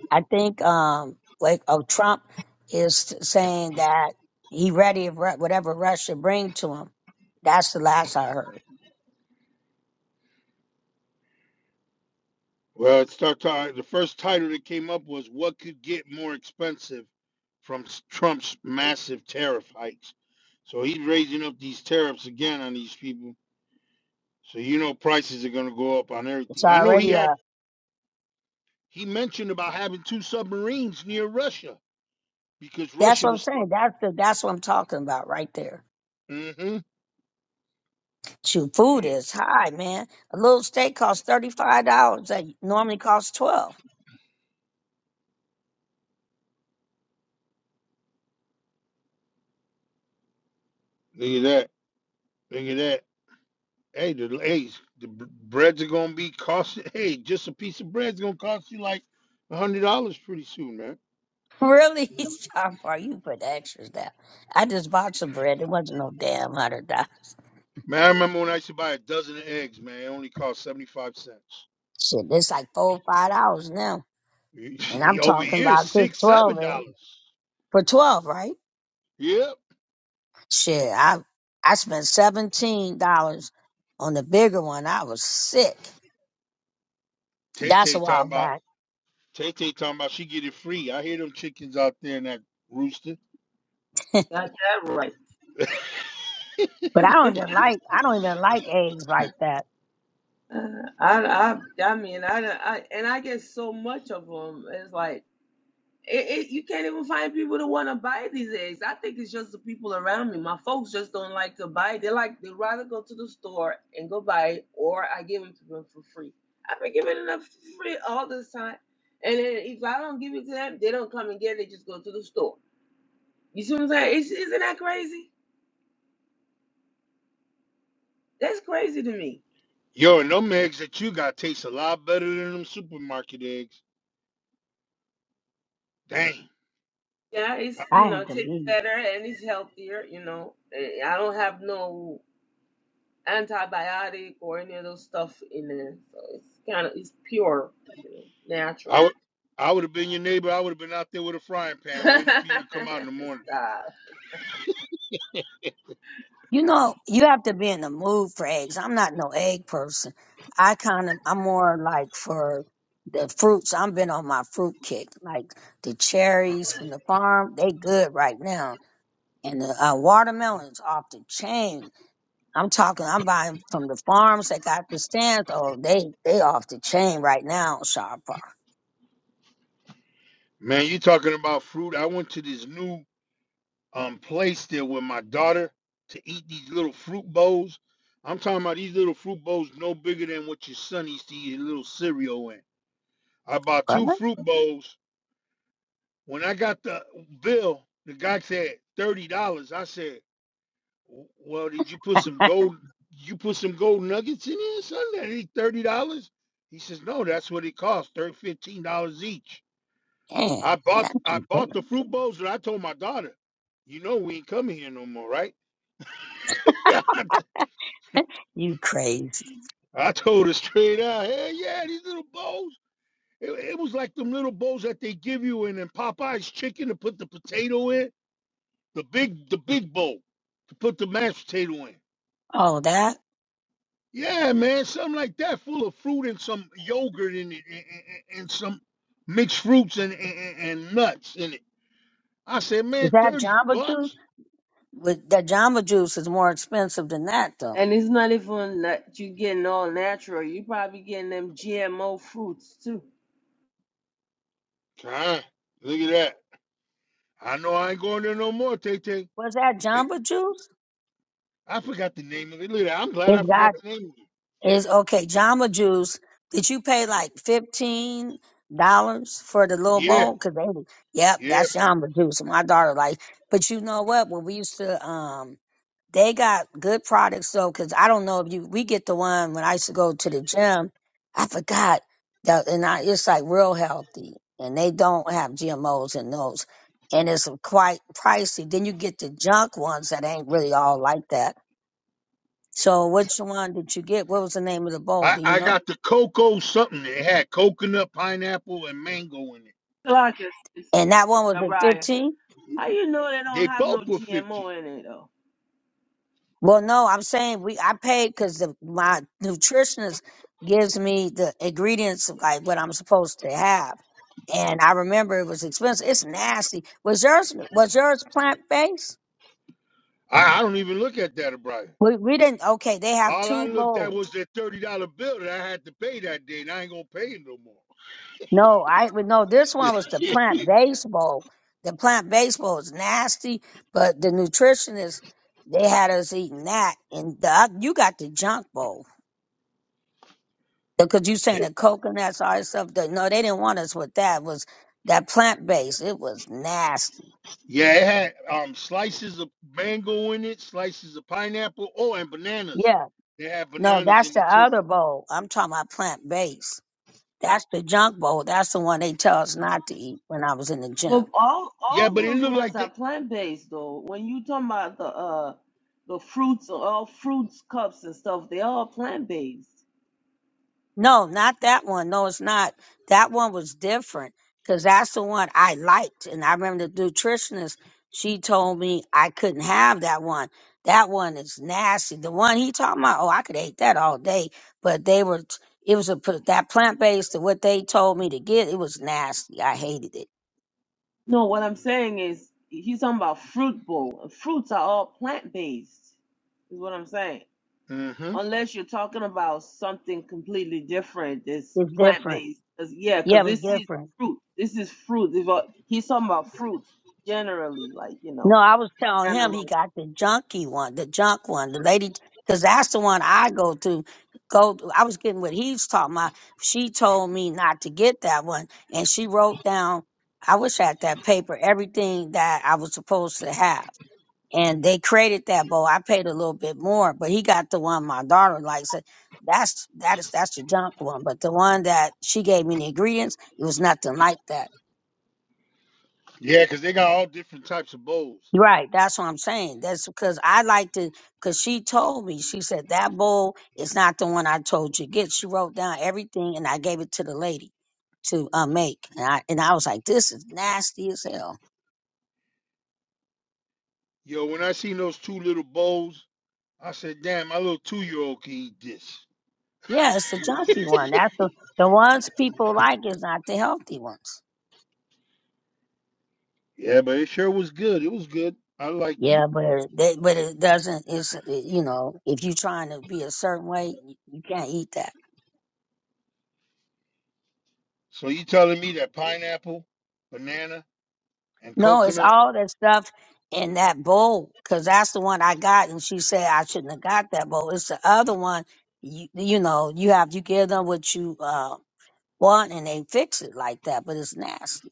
[SPEAKER 2] I think, um, like, oh, Trump is t- saying that he ready if Ru- whatever Russia bring to him. That's the last I heard.
[SPEAKER 9] Well, it start talking. The first title that came up was "What could get more expensive from s- Trump's massive tariff hikes?" So he's raising up these tariffs again on these people. So you know prices are going to go up on
[SPEAKER 2] It's
[SPEAKER 9] everything. I know he
[SPEAKER 2] already,
[SPEAKER 9] had
[SPEAKER 2] a.
[SPEAKER 9] he mentioned about having two submarines near Russia because
[SPEAKER 2] that's
[SPEAKER 9] Russia
[SPEAKER 2] what I'm
[SPEAKER 9] was.
[SPEAKER 2] saying. That's the, that's what I'm talking about right there.
[SPEAKER 9] Mm-hmm.
[SPEAKER 2] Shoot, food
[SPEAKER 9] Yeah,
[SPEAKER 2] is high, man. A little steak costs thirty five dollars that normally costs twelve.
[SPEAKER 9] Look at that. Look at that. Hey, the hey, the br- breads are going to be cost. Hey, just a piece of bread's going to cost you like a hundred dollars pretty soon, man.
[SPEAKER 2] Really, Sean Paul, you put the extras down. I just bought some bread. It wasn't no damn hundred dollars.
[SPEAKER 9] Man, I remember when I used to buy a dozen of eggs, man. It only cost 75 cents.
[SPEAKER 2] Shit, it's like four five dollars now, and I'm
[SPEAKER 9] Over
[SPEAKER 2] talking
[SPEAKER 9] here,
[SPEAKER 2] about just
[SPEAKER 9] six,
[SPEAKER 2] twelve
[SPEAKER 9] seven
[SPEAKER 2] eh?
[SPEAKER 9] dollars.
[SPEAKER 2] for twelve, right?
[SPEAKER 9] Yep.
[SPEAKER 2] Shit, I I spent seventeen dollars on the bigger one. I was sick.
[SPEAKER 9] Tay
[SPEAKER 2] That's
[SPEAKER 9] Tay
[SPEAKER 2] a while
[SPEAKER 9] talking about
[SPEAKER 2] back,
[SPEAKER 9] Tay Tay talking about she get it free. I hear them chickens out there in that rooster.
[SPEAKER 10] Got that right.
[SPEAKER 2] but I don't even like I don't even like eggs like that.
[SPEAKER 10] Uh, I, I, I mean, I, I, and I get so much of them. It's like it, it, you can't even find people that want to buy these eggs. I think it's just the people around me. My folks just don't like to buy. They like they rather go to the store and go buy it, or I give them to them for free. I've been giving them for free all this time, and then if I don't give it to them, they don't come and get it. They just go to the store. You see what I'm saying? It's, isn't that crazy? That's crazy to me.
[SPEAKER 9] Yo, and them eggs that you got taste a lot better than them supermarket eggs. Dang.
[SPEAKER 10] Yeah, it's
[SPEAKER 9] I,
[SPEAKER 2] I
[SPEAKER 10] you know,
[SPEAKER 2] have to
[SPEAKER 10] tastes
[SPEAKER 2] be.
[SPEAKER 10] better and it's healthier, you know. Eh, I don't have no antibiotic or any of those stuff in there. So it's kinda it's pure, you know,
[SPEAKER 9] I
[SPEAKER 10] natural.
[SPEAKER 9] would I would have been your neighbor. I would have been out there with a frying pan waiting
[SPEAKER 10] Stop.
[SPEAKER 9] for you to come out in the morning.
[SPEAKER 2] You know, you have to be in the mood for eggs. I'm not no egg person. I kind of, I'm more like for the fruits. I've been on my fruit kick, like the cherries from the farm. They good right now, and the uh, watermelons off the chain. I'm talking. I'm buying from the farms that got the stands. Oh, they they off the chain right now, on Sharper.
[SPEAKER 9] Man, you talking about fruit. I went to this new um place there with my daughter to eat these little fruit bowls. I'm talking about these little fruit bowls no bigger than what your son used to eat a little cereal in. I bought
[SPEAKER 2] What?
[SPEAKER 9] two fruit bowls. When I got the bill, the guy said thirty dollars. I said, "W- "Well, did you put some gold? You put some gold nuggets in here, son? That ain't thirty dollars." He says, "No, that's what it costs. Thirty fifteen dollars each."
[SPEAKER 2] Dang,
[SPEAKER 9] I bought
[SPEAKER 2] that's
[SPEAKER 9] I bought
[SPEAKER 2] ridiculous.
[SPEAKER 9] the fruit bowls, and I told my daughter, "You know we ain't coming here no more, right?"
[SPEAKER 2] You crazy?
[SPEAKER 9] I told her straight out, hell yeah, these little bowls. It, it was like them little bowls that they give you in, in Popeye's chicken to put the potato in, the big the big bowl to put the mashed potato in.
[SPEAKER 2] Oh, that
[SPEAKER 9] Yeah, man, something like that, full of fruit and some yogurt in it, and, and, and some mixed fruits and, and, and and nuts in it. I said, man,
[SPEAKER 2] is that
[SPEAKER 9] thirty
[SPEAKER 2] Jamba Juice?
[SPEAKER 9] bucks.
[SPEAKER 2] But that Jamba Juice is more expensive than that, though.
[SPEAKER 10] And it's not even that you getting all natural. You probably getting them GMO fruits too.
[SPEAKER 9] Huh? Look at that. I know I ain't going there no more, Tay Tay.
[SPEAKER 2] Was that
[SPEAKER 9] It-
[SPEAKER 2] Jamba Juice?
[SPEAKER 9] I forgot the name of it. Look at that. I'm glad I
[SPEAKER 2] It's
[SPEAKER 9] forgot
[SPEAKER 2] got it.
[SPEAKER 9] the name of it.
[SPEAKER 2] It's okay. Jamba Juice. Did you pay like fifteen dollars for the little
[SPEAKER 9] Yeah,
[SPEAKER 2] bowl? Cause they, yep,
[SPEAKER 9] yeah.
[SPEAKER 2] that's Jamba Juice. My daughter like. But you know what? When we used to, um, they got good products though, because I don't know if you we get the one when I used to go to the gym. I forgot that, and I, it's like real healthy, and they don't have GMOs in those, and it's quite pricey. Then you get the junk ones that ain't really all like that. So which one did you get? What was the name of the bowl?
[SPEAKER 9] I,
[SPEAKER 2] Do you
[SPEAKER 9] I
[SPEAKER 2] know?
[SPEAKER 9] got the cocoa something. It had coconut, pineapple, and mango in it.
[SPEAKER 10] Clarkus,
[SPEAKER 2] And that one was at
[SPEAKER 10] Abraya.
[SPEAKER 2] fifteen.
[SPEAKER 10] How you know they don't
[SPEAKER 9] They
[SPEAKER 10] have
[SPEAKER 9] both
[SPEAKER 10] no
[SPEAKER 9] were 50.
[SPEAKER 10] GMO in it though?
[SPEAKER 2] Well, no, I'm saying we I paid because my nutritionist gives me the ingredients of like what I'm supposed to have, and I remember it was expensive. It's nasty. Was yours was yours plant based?
[SPEAKER 9] I, I don't even look at that, Brian.
[SPEAKER 2] We we didn't. Okay, they have
[SPEAKER 9] All I
[SPEAKER 2] two
[SPEAKER 9] looked at
[SPEAKER 2] bowls.
[SPEAKER 9] was that $30 bill that I had to pay that day, and I ain't gonna pay it no more.
[SPEAKER 2] No, I well, no. This one was the plant based bowl. The plant based bowl is nasty, but the nutritionist they had us eating that, and the, oth- you got the junk bowl. Because you saying the coconuts, all that stuff. That, no, they didn't want us with that. Was that plant based? It was nasty.
[SPEAKER 9] yeah, it had um slices of mango in it, slices of pineapple, oh, and bananas.
[SPEAKER 2] Yeah.
[SPEAKER 9] They had
[SPEAKER 2] No,
[SPEAKER 9] bananas in
[SPEAKER 2] that's the
[SPEAKER 9] it too.
[SPEAKER 2] other bowl. I'm talking about plant based. That's the junk bowl. That's the one they tell us not to eat when I was in the gym.
[SPEAKER 10] But all
[SPEAKER 9] Yeah,
[SPEAKER 10] all
[SPEAKER 9] but it
[SPEAKER 10] those
[SPEAKER 9] looked
[SPEAKER 10] ones
[SPEAKER 9] like they
[SPEAKER 10] are plant based though. When you talking about the uh the fruits or all fruits cups and stuff, they all plant based.
[SPEAKER 2] No, not that one. No, it's not. That one was different because that's the one I liked. And I remember the nutritionist, she told me I couldn't have that one. That one is nasty. The one he talking about, oh, I could eat that all day. But they were, it was a, p- that plant based, what they told me to get, it was nasty. I hated it.
[SPEAKER 10] No, what I'm saying is he's talking about fruit bowl. Fruits are all plant based, is what I'm saying.
[SPEAKER 9] hmm
[SPEAKER 10] Unless you're talking about something completely different that's
[SPEAKER 2] It's
[SPEAKER 10] plant
[SPEAKER 2] different.
[SPEAKER 10] based. yeah,
[SPEAKER 2] Yeah,
[SPEAKER 10] because
[SPEAKER 2] it was
[SPEAKER 10] this is
[SPEAKER 2] different.
[SPEAKER 10] fruit. This is fruit. If, uh, He's talking about fruits generally, like you
[SPEAKER 2] No,
[SPEAKER 10] know,
[SPEAKER 2] I was telling him he
[SPEAKER 10] cantaloupe,
[SPEAKER 2] got the junky one, the junk one, the lady, because that's the one I go to. Go, I was getting what he's talking about. She told me not to get that one, and she wrote down. I wish I had that paper, everything that I was supposed to have, and they created that bowl. I paid a little bit more, but he got the one my daughter likes. It. That's that is that's the junk one, but the one that she gave me the ingredients, it was nothing like that.
[SPEAKER 9] Yeah, because they got all different types of bowls.
[SPEAKER 2] Right, that's what I'm saying. That's because I like to, because she told me, she said, that bowl is not the one I told you to get. She wrote down everything and I gave it to the lady to uh, make. And I, and I was like, this is nasty as hell.
[SPEAKER 9] Yo, when I seen those two little bowls, I said, damn, my little two year old can eat this.
[SPEAKER 2] Yeah, it's the junky one. That's the, the ones people like is not the healthy ones.
[SPEAKER 9] Yeah, but it sure was good. It was good. I liked it.
[SPEAKER 2] Yeah, but it- they, but it doesn't, it's, uh, you know, if you're trying to be a certain way, you, you can't eat that.
[SPEAKER 9] So you telling me that pineapple, banana, and
[SPEAKER 2] No, it's
[SPEAKER 9] coconut?
[SPEAKER 2] all that stuff in that bowl because that's the one I got, and she said I shouldn't have got that bowl. It's the other one. You, you know, you have you give them what you uh, want, and they fix it like that. But it's nasty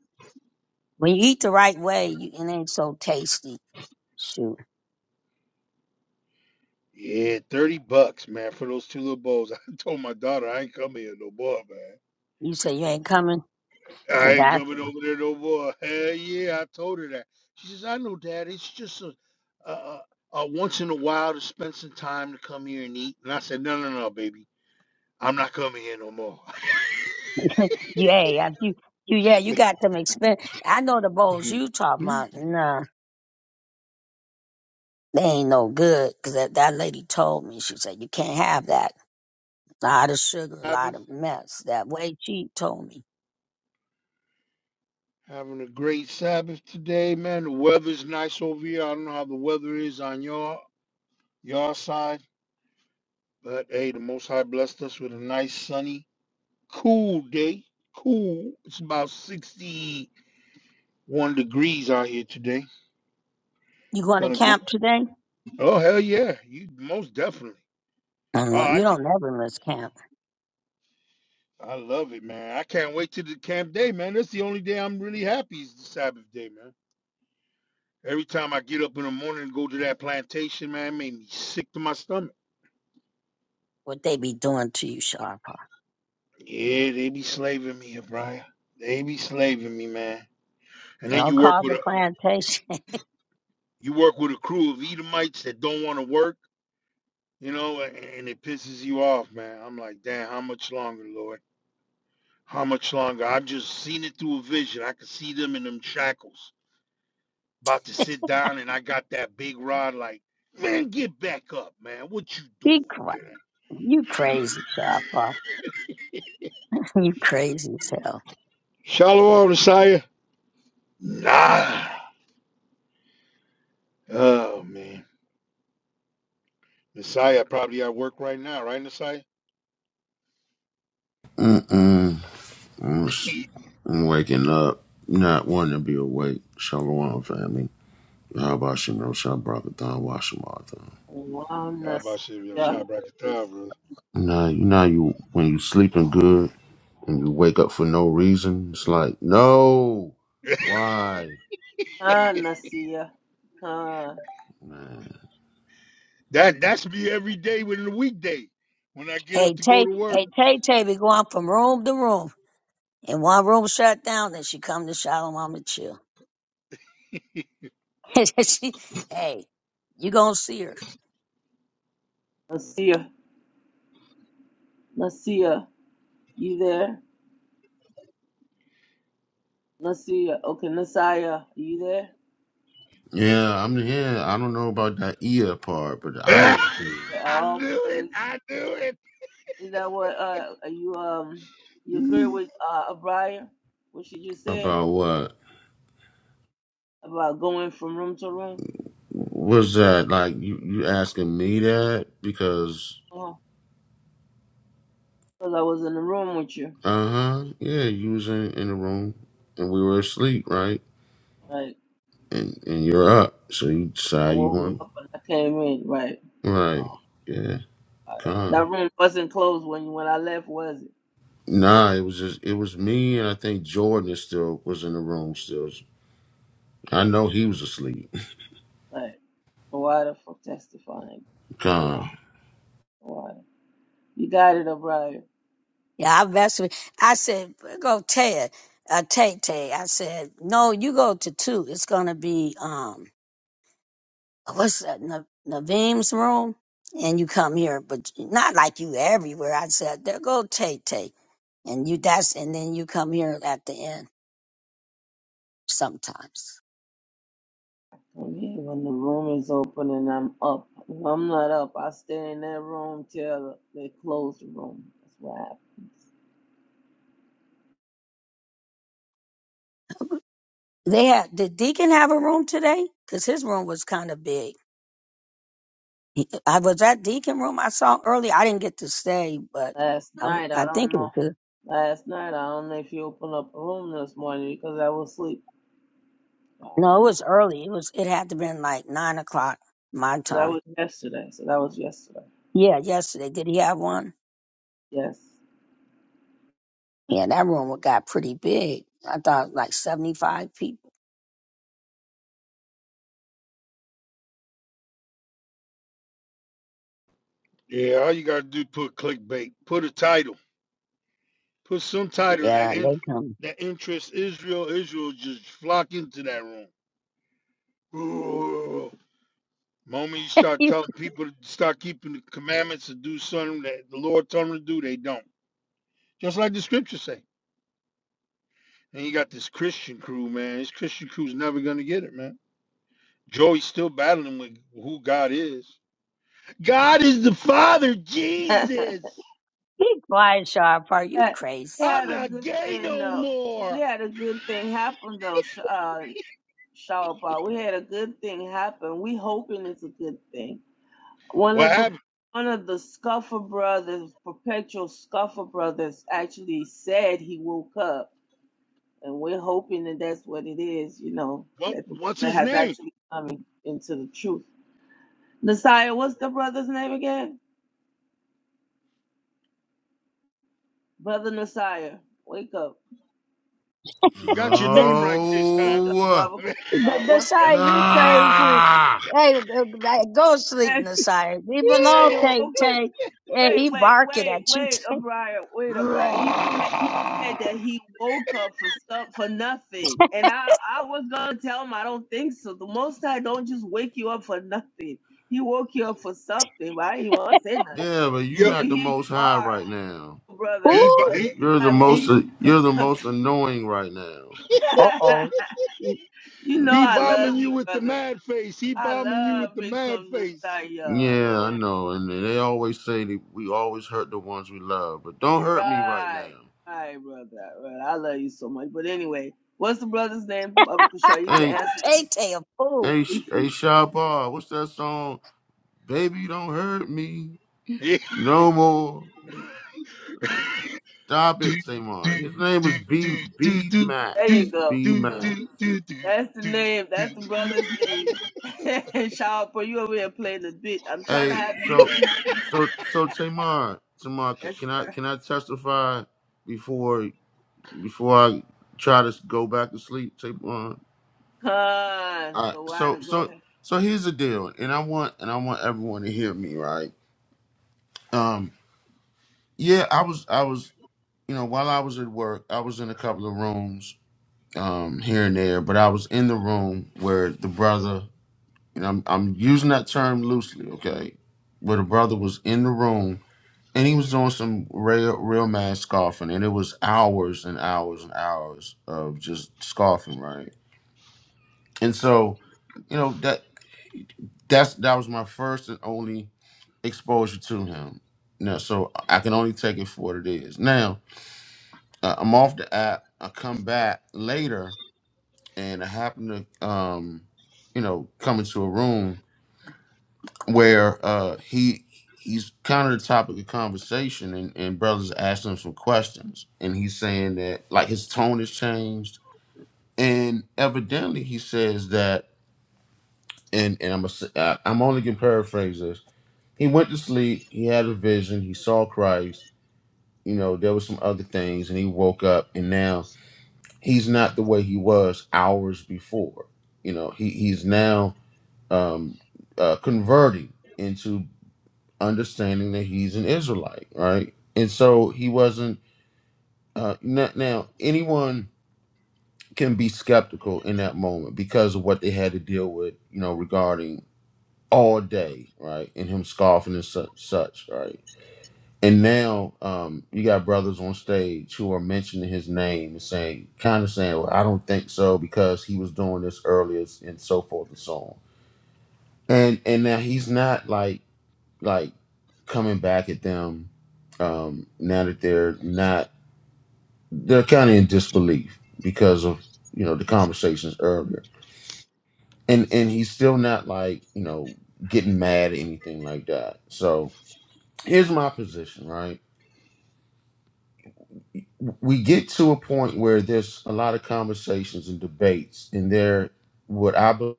[SPEAKER 2] when you eat the right way. You, it ain't so tasty. Shoot,
[SPEAKER 9] Yeah, 30 bucks, man, for those two little bowls. I told my daughter I ain't coming here no more, man.
[SPEAKER 2] you say you ain't coming
[SPEAKER 9] I
[SPEAKER 2] because
[SPEAKER 9] ain't
[SPEAKER 2] that
[SPEAKER 9] coming over there no more. Hell yeah, I told her that. She says, I know, Dad. It's just a, a, a, a once in a while to spend some time to come here and eat. And I said, no, no, no, baby. I'm not coming here no more.
[SPEAKER 2] yeah, if you you yeah you got them expensive. I know the bowls you talking
[SPEAKER 9] Mhm.
[SPEAKER 2] about. Nah, they ain't no good because that that lady told me. She said you can't have that A lot of sugar, a lot
[SPEAKER 9] Sabbath.
[SPEAKER 2] of mess. That way she told me.
[SPEAKER 9] Having a great Sabbath today, man. The weather's nice over here. I don't know how the weather is on your your side, but hey, the Most High blessed us with a nice, sunny, cool day. Cool. It's about sixty-one degrees out here today.
[SPEAKER 2] You going to
[SPEAKER 9] Gonna go.
[SPEAKER 2] camp today?
[SPEAKER 9] Oh hell yeah! You most definitely.
[SPEAKER 2] I don't
[SPEAKER 9] Oh,
[SPEAKER 2] know.
[SPEAKER 9] I
[SPEAKER 2] You
[SPEAKER 9] ca-
[SPEAKER 2] don't never miss camp.
[SPEAKER 9] I love it, man. I can't wait till the camp day, man. That's the only day I'm really happy is the Sabbath day, man. Every time I get up in the morning and go to that plantation, man, it made me sick to my stomach.
[SPEAKER 2] What they be doing to you, Sharpa.
[SPEAKER 9] Yeah, they be slaving me, Brian. They be slaving me, man. And
[SPEAKER 2] They
[SPEAKER 9] then
[SPEAKER 2] don't
[SPEAKER 9] you work
[SPEAKER 2] call
[SPEAKER 9] with
[SPEAKER 2] the
[SPEAKER 9] a
[SPEAKER 2] plantation.
[SPEAKER 9] you work with a crew of Edomites that don't want to work, you know, and, and it pisses you off, man. I'm like, damn, how much longer, Lord? How much longer? I've just seen it through a vision. I could see them in them shackles, about to sit down, and I got that big rod, like, man, get back up, man. What you doing,
[SPEAKER 2] be quiet.
[SPEAKER 9] man?
[SPEAKER 2] You crazy, Sharpa. you crazy as hell.
[SPEAKER 9] Shalom, Messiah. Nah. Oh man, Messiah probably at work right now, right, Messiah?
[SPEAKER 13] Mm-mm. I'm, s- I'm waking up, not wanting to be awake. Shalom, family. How about you know, Shabbat Thon, Washamartha?
[SPEAKER 9] How about
[SPEAKER 10] walnuts.
[SPEAKER 9] shit your
[SPEAKER 10] Yeah.
[SPEAKER 9] shot bracket time, brother?
[SPEAKER 13] Now, you know, you when you sleeping good and you wake up for no reason, it's like, no, why?
[SPEAKER 10] Ah, Nasia. Ah,
[SPEAKER 13] Man.
[SPEAKER 9] That that's me every day within the weekday when I get up
[SPEAKER 2] Hey,
[SPEAKER 9] to go
[SPEAKER 2] Tay,
[SPEAKER 9] to work.
[SPEAKER 2] hey, Tay Tay be going from room to room. And one room shut down, then she come to Shalom Mama Chill. she, hey, you gonna see her.
[SPEAKER 10] Nasia. Nasia, you there? Nasia. Okay, Nasiah, you there?
[SPEAKER 13] Yeah, I'm here. I don't know about that ear part, but I
[SPEAKER 9] I
[SPEAKER 13] am here.
[SPEAKER 10] Yeah, all
[SPEAKER 9] knew it.
[SPEAKER 10] praise.
[SPEAKER 9] I knew
[SPEAKER 10] Is that what uh are you um you agree
[SPEAKER 9] it.
[SPEAKER 10] with uh Abriah? What she just said
[SPEAKER 13] About what?
[SPEAKER 10] about going from room to room?
[SPEAKER 13] Was that like you, you asking me that? Because
[SPEAKER 10] Uh-huh. Because I was in the room with you.
[SPEAKER 13] Uh huh. Yeah, you was in, in the room, and we were asleep, right?
[SPEAKER 10] Like
[SPEAKER 13] And and you're up, so you
[SPEAKER 10] I
[SPEAKER 13] decide you
[SPEAKER 10] woke
[SPEAKER 13] want
[SPEAKER 10] up and I came in. Right.
[SPEAKER 13] right. Yeah, con.
[SPEAKER 10] That room wasn't closed when when I left, was it?
[SPEAKER 13] Nah, it was just it was me, and I think Jordan is still was in the room. Still, I know he was asleep.
[SPEAKER 10] Like why the fuck testifying? Oh,
[SPEAKER 13] Con.
[SPEAKER 10] why? You got it, Abriah.
[SPEAKER 2] Yeah, I messed with. I said, "Go Ted, uh, Tay Tay." I said, "No, you go to two. It's gonna be um, what's that? Na- Naveem's room, and you come here, but not like you everywhere." I said, "There go Tay Tay, and you that's, and then you come here at the end sometimes."
[SPEAKER 10] I'm when the room is open and I'm up. If I'm not up, I stay in that room till they close the room. That's what happens.
[SPEAKER 2] They had did Deacon have a room today? Cause his room was kind of big. He- I was at Deacon room. I saw early. I didn't get to stay, but
[SPEAKER 10] Last
[SPEAKER 2] I,
[SPEAKER 10] night, I
[SPEAKER 2] I
[SPEAKER 10] don't
[SPEAKER 2] think it
[SPEAKER 10] know.
[SPEAKER 2] was. good.
[SPEAKER 10] Last night, I don't know if you opened up a room this morning because I was asleep. I
[SPEAKER 2] No, it
[SPEAKER 10] don't know.
[SPEAKER 2] was early. It was. It had to been like nine o'clock my
[SPEAKER 10] So that
[SPEAKER 2] time.
[SPEAKER 10] was yesterday. So that was yesterday.
[SPEAKER 2] Yeah, yesterday. Did he have one?
[SPEAKER 10] Yes.
[SPEAKER 2] Yeah, that room got pretty big. I thought like seventy five people.
[SPEAKER 9] Yeah, all you gotta do is put clickbait. Put a title. Put some title that
[SPEAKER 2] Yeah,
[SPEAKER 9] in,
[SPEAKER 2] they come.
[SPEAKER 9] that interests Israel. Israel just flock into that room. Ooh. Moment you start
[SPEAKER 2] You
[SPEAKER 9] telling people to start keeping the commandments and do something that the Lord told them to do, they don't. Just like the scriptures say. And you got this Christian crew, man. This Christian crew's never gonna get it, man. Joey's still battling with who God is. God is the Father, Jesus.
[SPEAKER 2] keep quiet, Sharp. Are you
[SPEAKER 10] Had-
[SPEAKER 2] crazy?
[SPEAKER 10] we
[SPEAKER 9] I'm
[SPEAKER 10] had a
[SPEAKER 9] not
[SPEAKER 10] good
[SPEAKER 9] gay
[SPEAKER 10] thing
[SPEAKER 9] no
[SPEAKER 10] though. We
[SPEAKER 9] more.
[SPEAKER 10] had a good thing happen though. Sh- Uh, Shawpa. We had a good thing happen. We hoping it's a good thing. One
[SPEAKER 9] What
[SPEAKER 10] of the
[SPEAKER 9] happened?
[SPEAKER 10] one of the Scuffer brothers, perpetual Scuffer brothers, actually said he woke up, and we're hoping that that's what it is. You know
[SPEAKER 9] What,
[SPEAKER 10] that the
[SPEAKER 9] what's
[SPEAKER 10] brother
[SPEAKER 9] his
[SPEAKER 10] has
[SPEAKER 9] name?
[SPEAKER 10] actually coming into the truth. Nasiah, what's the brother's name again? Brother Nasiah, wake up,
[SPEAKER 9] She got your name right this
[SPEAKER 10] wake
[SPEAKER 9] time.
[SPEAKER 10] up,
[SPEAKER 13] Oh.
[SPEAKER 10] brother.
[SPEAKER 2] The,
[SPEAKER 10] Uh,
[SPEAKER 2] the
[SPEAKER 10] what's that?
[SPEAKER 2] side you crazy.
[SPEAKER 13] Ah.
[SPEAKER 2] Hey, uh, like, go sleep,
[SPEAKER 10] I
[SPEAKER 2] Nasai. Leave alone,
[SPEAKER 10] you
[SPEAKER 2] Tay
[SPEAKER 10] woke up.
[SPEAKER 2] Tay. And
[SPEAKER 10] Wait,
[SPEAKER 2] he
[SPEAKER 10] wait,
[SPEAKER 2] barking
[SPEAKER 10] wait,
[SPEAKER 2] at you,
[SPEAKER 10] wait,
[SPEAKER 2] Tay.
[SPEAKER 10] O'Brien, wait, O'Brien. He said he
[SPEAKER 9] Rah!
[SPEAKER 10] said that he woke up for some for nothing, and I I was gonna tell him I don't think so. The Most High don't just wake you up for nothing. He woke you up for something, but I didn't want to say nothing.
[SPEAKER 13] Yeah, but you
[SPEAKER 9] Yep.
[SPEAKER 10] So
[SPEAKER 13] not the
[SPEAKER 10] here you
[SPEAKER 13] most high
[SPEAKER 10] are,
[SPEAKER 13] right now.
[SPEAKER 9] he,
[SPEAKER 10] brother.
[SPEAKER 9] bo-
[SPEAKER 2] Ooh,
[SPEAKER 9] he,
[SPEAKER 13] You're
[SPEAKER 10] I
[SPEAKER 13] the
[SPEAKER 10] woke
[SPEAKER 13] most.
[SPEAKER 9] he,
[SPEAKER 10] up for
[SPEAKER 13] You're the most annoying right now.
[SPEAKER 10] something.
[SPEAKER 2] uh oh.
[SPEAKER 10] you know
[SPEAKER 9] he
[SPEAKER 10] I love
[SPEAKER 9] bombing you
[SPEAKER 10] you,
[SPEAKER 9] with the
[SPEAKER 10] brother.
[SPEAKER 9] mad face. He
[SPEAKER 10] I
[SPEAKER 9] bombing you with
[SPEAKER 10] love
[SPEAKER 9] the
[SPEAKER 10] me
[SPEAKER 9] mad
[SPEAKER 10] some
[SPEAKER 9] face.
[SPEAKER 10] nostalgia.
[SPEAKER 13] Yeah,
[SPEAKER 10] Oh.
[SPEAKER 13] I know. And they always say that we always hurt the ones we love, but don't hurt me right now.
[SPEAKER 10] Right. All right, brother. Well, I love you so much. But anyway, what's the brother's name? Baba Kushaw, you can
[SPEAKER 13] Hey,
[SPEAKER 10] answer.
[SPEAKER 2] Tay Tay a fool.
[SPEAKER 13] hey, Sh-
[SPEAKER 10] me.
[SPEAKER 13] hey, Shabba, what's that song? Baby, don't hurt me
[SPEAKER 9] Yeah.
[SPEAKER 13] no more. Like, stop
[SPEAKER 9] do,
[SPEAKER 13] it,
[SPEAKER 9] do, do,
[SPEAKER 13] Tamar. His name
[SPEAKER 9] do,
[SPEAKER 13] was B
[SPEAKER 9] do, do,
[SPEAKER 13] B
[SPEAKER 9] do,
[SPEAKER 10] there you
[SPEAKER 9] do,
[SPEAKER 13] Max.
[SPEAKER 10] go.
[SPEAKER 13] B
[SPEAKER 9] do,
[SPEAKER 13] Max.
[SPEAKER 9] do, do,
[SPEAKER 10] That's the
[SPEAKER 9] do.
[SPEAKER 10] name.
[SPEAKER 9] do.
[SPEAKER 10] That's the brother's name. Shout out for you over here playing the bit. I'm trying to
[SPEAKER 13] Hey,
[SPEAKER 10] have you.
[SPEAKER 13] so, so, so Tamar, Tamar, can,
[SPEAKER 10] Yes,
[SPEAKER 13] can I
[SPEAKER 10] sir.
[SPEAKER 13] can I testify before before I try to go back to sleep, Tamar?
[SPEAKER 10] Con.
[SPEAKER 13] All right.
[SPEAKER 10] So why
[SPEAKER 13] So
[SPEAKER 10] to go
[SPEAKER 13] so
[SPEAKER 10] ahead?
[SPEAKER 13] so here's the deal, and I want and I want everyone to hear me, right? Um, yeah, I was I was you know while I was at work, I was in a couple of rooms um here and there, but I was in the room where the brother, and I'm I'm using that term loosely, okay, where the brother was in the room and he was doing some real real mad scoffing, and it was hours and hours and hours of just scoffing, right? And so, you know that that's that was my first and only expose you to him. Now, so I can only take it for what it is. Now, uh, I'm off the app. I come back later, and I happen to, um, you know, come into a room where uh, he he's kind of the topic of conversation, and, and brothers asking him some questions, and he's saying that like his tone has changed, and evidently he says that, and and I'm a, I'm only gonna paraphrase this. He went to sleep. He had a vision. He saw Christ you know, there was some other things, and he woke up, and now he's not the way he was hours before. You know, he he's now um, uh, converting into understanding that he's an Israelite, right? And so he wasn't. Uh, not, now, anyone can be skeptical in that moment because of what they had to deal with, you know, regarding all day, right, and him scoffing and such, such right And now um, you got brothers on stage who are mentioning his name and saying, kind of saying, well, I don't think so because he was doing this earlier and so forth and so on. And and now he's not like like coming back at them um, now that they're not they're kind of in disbelief because of you know the conversations earlier. And and he's still not like you know getting mad or anything like that. So here's my position, right? we get to a point where there's a lot of conversations and debates, and there, what I be-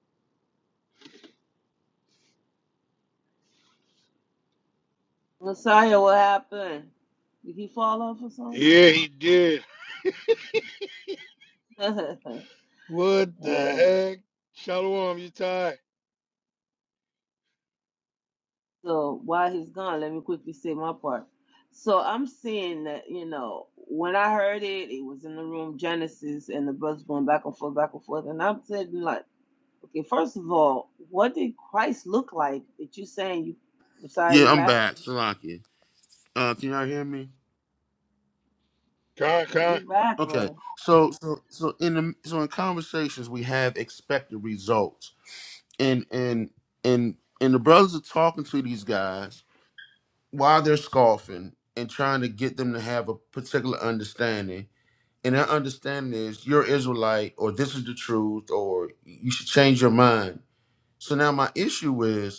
[SPEAKER 10] Messiah, what happened? Did he fall off or something?
[SPEAKER 9] Yeah, he did. What the
[SPEAKER 10] Alright.
[SPEAKER 9] heck? Shalom, you tie.
[SPEAKER 10] So while he's gone, let me quickly say my part. So I'm seeing that, you know, when I heard it, it was in the room Genesis and the brothers going back and forth, back and forth. And I'm saying like, okay, first of all, what did Christ look like that you saying you I'm sorry
[SPEAKER 13] yeah,
[SPEAKER 10] you
[SPEAKER 13] I'm
[SPEAKER 10] back?
[SPEAKER 13] back, Salaki. Uh, can y'all hear me?
[SPEAKER 9] Con, con,
[SPEAKER 10] You back,
[SPEAKER 13] Okay,
[SPEAKER 10] brother.
[SPEAKER 13] so so so in the, so in conversations we have expected results, and and and and the brothers are talking to these guys while they're scoffing and trying to get them to have a particular understanding. And that understanding is you're Israelite, or this is the truth, or you should change your mind. So now my issue is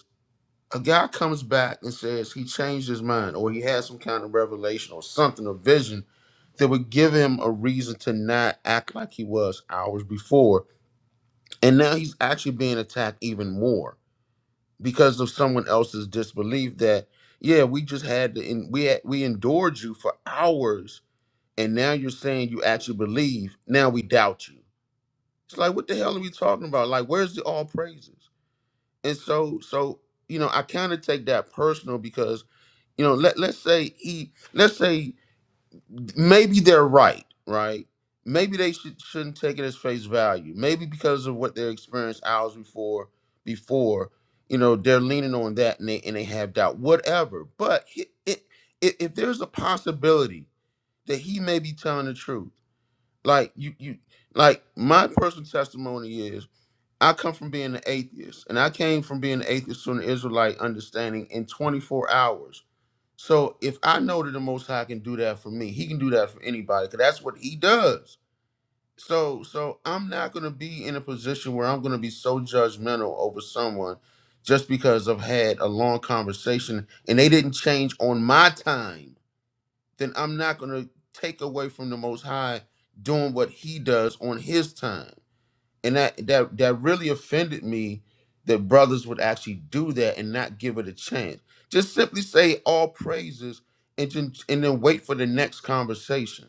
[SPEAKER 13] a guy comes back and says he changed his mind or he had some kind of revelation or something, a vision that would give him a reason to not act like he was hours before. And now he's actually being attacked even more because of someone else's disbelief that, yeah, we just had to, and we, had, we endured you for hours. And now you're saying you actually believe. Now we doubt you. It's like, what the hell are we talking about? Like, where's the all praises? And so, so, you know, I kind of take that personal because you know let, let's say he let's say maybe they're right right maybe they should, shouldn't take it as face value maybe because of what they experienced hours before before you know they're leaning on that and they and they have doubt whatever but it, it, if if there's a possibility that he may be telling the truth like you you like my personal testimony is I come from being an atheist, and I came from being an atheist to an Israelite understanding in 24 hours so if I know that the Most High can do that for me, He can do that for anybody, because that's what He does. So, so I'm not gonna be in a position where I'm gonna be so judgmental over someone just because I've had a long conversation and they didn't change on my time. Then I'm not gonna take away from the Most High doing what He does on His time and that that that really offended me that brothers would actually do that and not give it a chance just simply say all praises and then, and then wait for the next conversation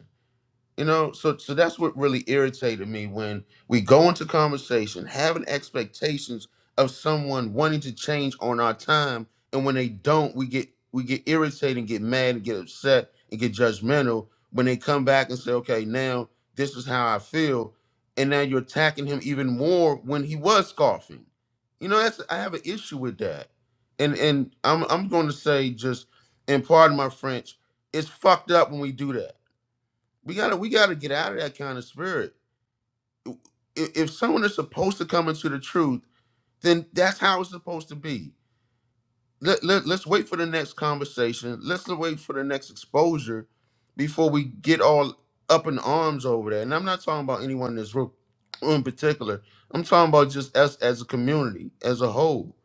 [SPEAKER 13] you know, so so that's what really irritated me when we go into conversation having expectations of someone wanting to change on our time, and when they don't, we get we get irritated and get mad and get upset and get judgmental when they come back and say, "Okay, now this is how I feel," and now you're attacking him even more when he was scoffing. You know, that's I have an issue with that, and and I'm I'm going to say just, and pardon my French, it's fucked up when we do that we gotta we gotta get out of that kind of spirit. I- If someone is supposed to come into the truth, then that's how it's supposed to be. Let, let, let's wait for the next conversation. Let's wait for the next exposure before we get all up in arms over that. And I'm not talking about anyone in this room in particular. I'm talking about just us as a community, as a whole.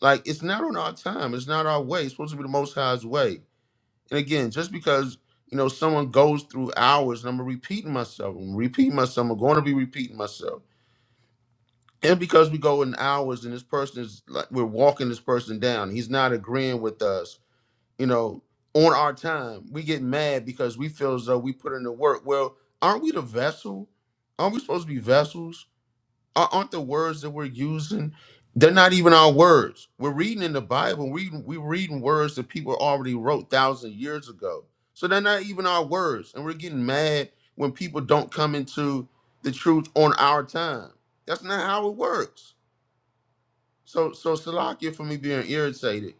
[SPEAKER 13] Like it's not on our time. It's not our way. It's supposed to be the Most High's way. And again, just because you know someone goes through hours, and I'm repeating myself, I'm repeating myself, I'm going to be repeating myself. And because we go in hours, and this person is like we're walking this person down, he's not agreeing with us, you know, on our time. We get mad because we feel as though we put in the work. Well, aren't we the vessel? Aren't we supposed to be vessels? Ar- Aren't the words that we're using? They're not even our words. We're reading in the Bible. We we're reading words that people already wrote thousand years ago. So they're not even our words, and we're getting mad when people don't come into the truth on our time. That's not how it works. So so Salakia for me being irritated,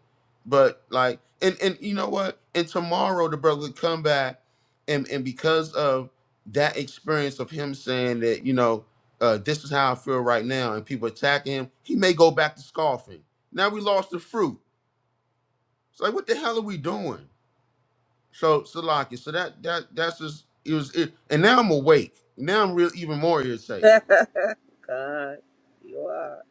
[SPEAKER 13] but like and and you know what? And tomorrow the brother would come back, and and because of that experience of him saying that you know uh, this is how I feel right now, and people attacking him, he may go back to scoffing. Now we lost the fruit. It's like what the hell are we doing? So Salakia, so that that that's just it was it, and now I'm awake. Now I'm real even more irritated.
[SPEAKER 10] God, you are.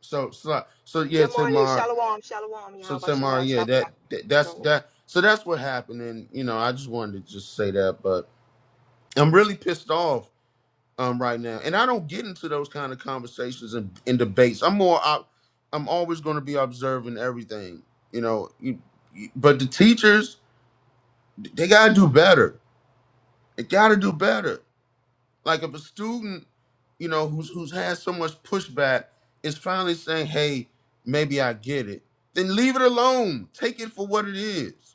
[SPEAKER 13] So so so yeah,
[SPEAKER 14] Good morning,
[SPEAKER 13] Tamar.
[SPEAKER 14] Shalom, Shalom,
[SPEAKER 13] So
[SPEAKER 14] Yahweh Shem
[SPEAKER 13] Tamara,
[SPEAKER 14] Yahweh
[SPEAKER 13] yeah,
[SPEAKER 14] Shabbat.
[SPEAKER 13] that, that that's
[SPEAKER 14] Shalom,
[SPEAKER 13] that. So that's what happened, and you know, I just wanted to just say that, but I'm really pissed off um right now, and I don't get into those kind of conversations and, and debates. I'm more, I, I'm always going to be observing everything, you know. You, you, but the teachers, they gotta do better. They gotta do better. Like if a student, you know, who's who's had so much pushback is finally saying, "Hey, maybe I get it," then leave it alone. Take it for what it is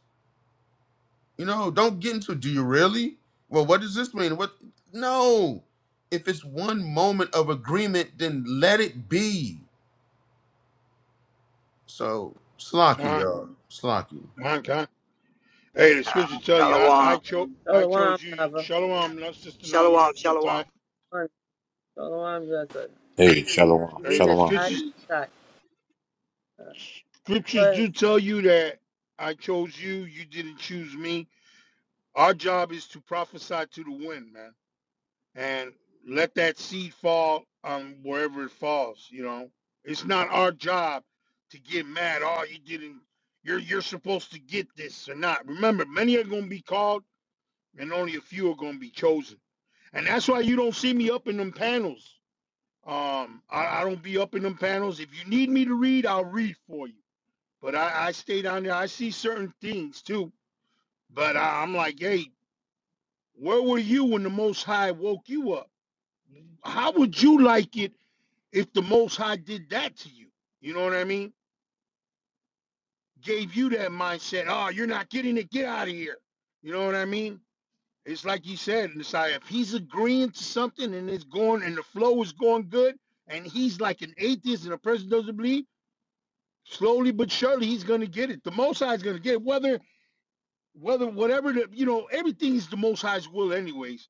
[SPEAKER 13] You know, don't get into do you really? Well, what does this mean? What no. If it's one moment of agreement, then let it be. So slocky,
[SPEAKER 9] con,
[SPEAKER 13] y'all. Slocky.
[SPEAKER 9] con, con. Hey, the scripture tell you, I, I
[SPEAKER 14] Shalom,
[SPEAKER 9] chose, I
[SPEAKER 10] Shalom,
[SPEAKER 9] chose you. you-
[SPEAKER 10] lover.
[SPEAKER 9] Shalom, not sister Nava,
[SPEAKER 14] Shalom,
[SPEAKER 9] you
[SPEAKER 14] Shalom,
[SPEAKER 9] tie.
[SPEAKER 10] Shalom, brother.
[SPEAKER 15] Hey,
[SPEAKER 10] You-
[SPEAKER 15] shalom,
[SPEAKER 10] It's
[SPEAKER 9] Hey, the
[SPEAKER 10] either
[SPEAKER 15] shalom.
[SPEAKER 10] die
[SPEAKER 9] scriptures,
[SPEAKER 10] or
[SPEAKER 9] scriptures
[SPEAKER 10] die.
[SPEAKER 9] do tell you that I chose you. You didn't choose me. Our job is to prophesy to the wind, man. and let that seed fall um, wherever it falls. You know, it's not our job to get mad. Oh, you didn't. You're you're supposed to get this or not. Remember, many are going to be called, and only a few are going to be chosen. And that's why you don't see me up in them panels. Um, I, I don't be up in them panels. If you need me to read, I'll read for you. But I, I stay down there. I see certain things too. But I, I'm like, hey, where were you when the Most High woke you up? How would you like it if the Most High did that to you, you know what I mean? Gave you that mindset, oh, you're not getting it, get out of here. You know what I mean? It's like he said, Messiah, if he's agreeing to something and it's going and the flow is going good, and he's like an atheist and a person doesn't believe, slowly but surely he's gonna get it. The most high is gonna get it, whether whether whatever the you know, everything is the most high's will anyways,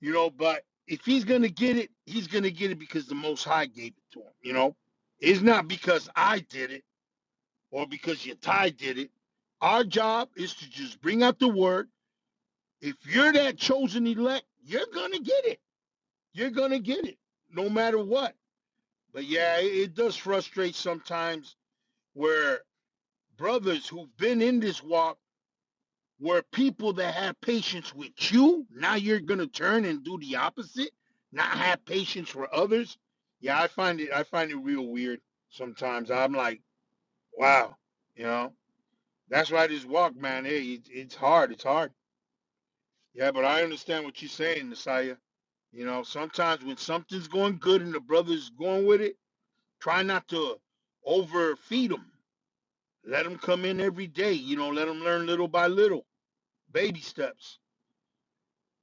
[SPEAKER 9] you know, but if he's gonna get it, he's gonna get it because the most high gave it to him, you know. It's not because I did it or because your tie did it. Our job is to just bring out the word. If you're that chosen elect, you're going to get it. You're going to get it no matter what. But yeah, it, it does frustrate sometimes where brothers who've been in this walk were people that had patience with you. Now you're going to turn and do the opposite, not have patience for others. Yeah, I find it I find it real weird sometimes. I'm like, wow, you know. That's why this walk, man. Hey, it, it's hard. It's hard. Yeah, but I understand what you're saying, Nasiah. You know, sometimes when something's going good and the brother's going with it, try not to overfeed them. Let them come in every day. You know, let them learn little by little, baby steps.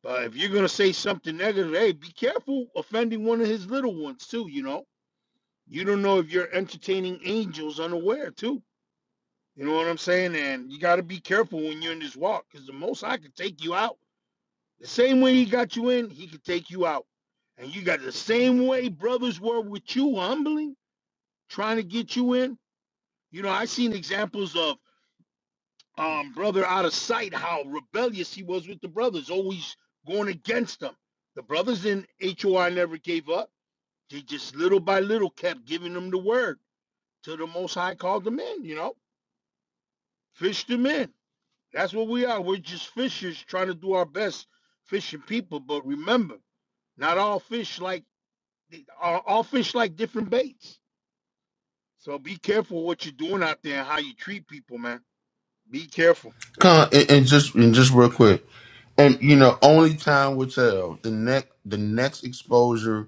[SPEAKER 9] But if you're gonna say something negative, hey, be careful offending one of his little ones too. You know, you don't know if you're entertaining angels unaware too. You know what I'm saying? And you got to be careful when you're in this walk, because the most I could take you out. The same way he got you in, he could take you out. And you got the same way brothers were with you, humbling, trying to get you in. You know, I seen examples of um brother out of sight, how rebellious he was with the brothers, always going against them. The brothers in HOI never gave up. They just little by little kept giving them the word till the most high called them in, you know, fished them in. That's what we are. We're just fishers trying to do our best fishing people. But remember, not all fish like they, all, all fish like different baits. So be careful what you're doing out there and how you treat people, man. Be careful.
[SPEAKER 13] Con and, and just and just real quick. And you know, only time will tell. The next the next exposure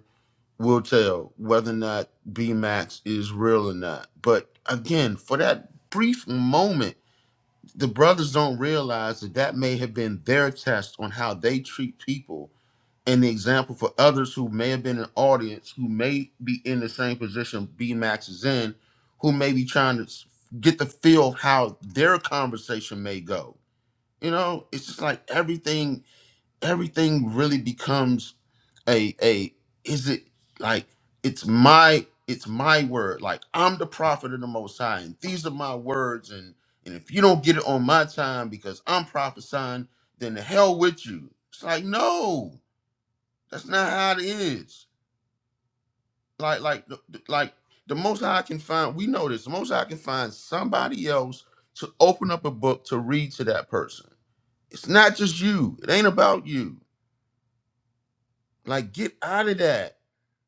[SPEAKER 13] will tell whether or not B Max is real or not. But again, for that brief moment, the brothers don't realize that that may have been their test on how they treat people and the example for others who may have been an audience who may be in the same position B Max is in, who may be trying to s- get the feel of how their conversation may go. You know, it's just like everything, everything really becomes a a is it like it's my it's my word. Like I'm the prophet of the most high, and these are my words, and and if you don't get it on my time because I'm prophesying, then the hell with you. It's like no. That's not how it is. Like, like, like the most I can find, we know this. The most I can find somebody else to open up a book to read to that person. It's not just you. It ain't about you. Like, get out of that.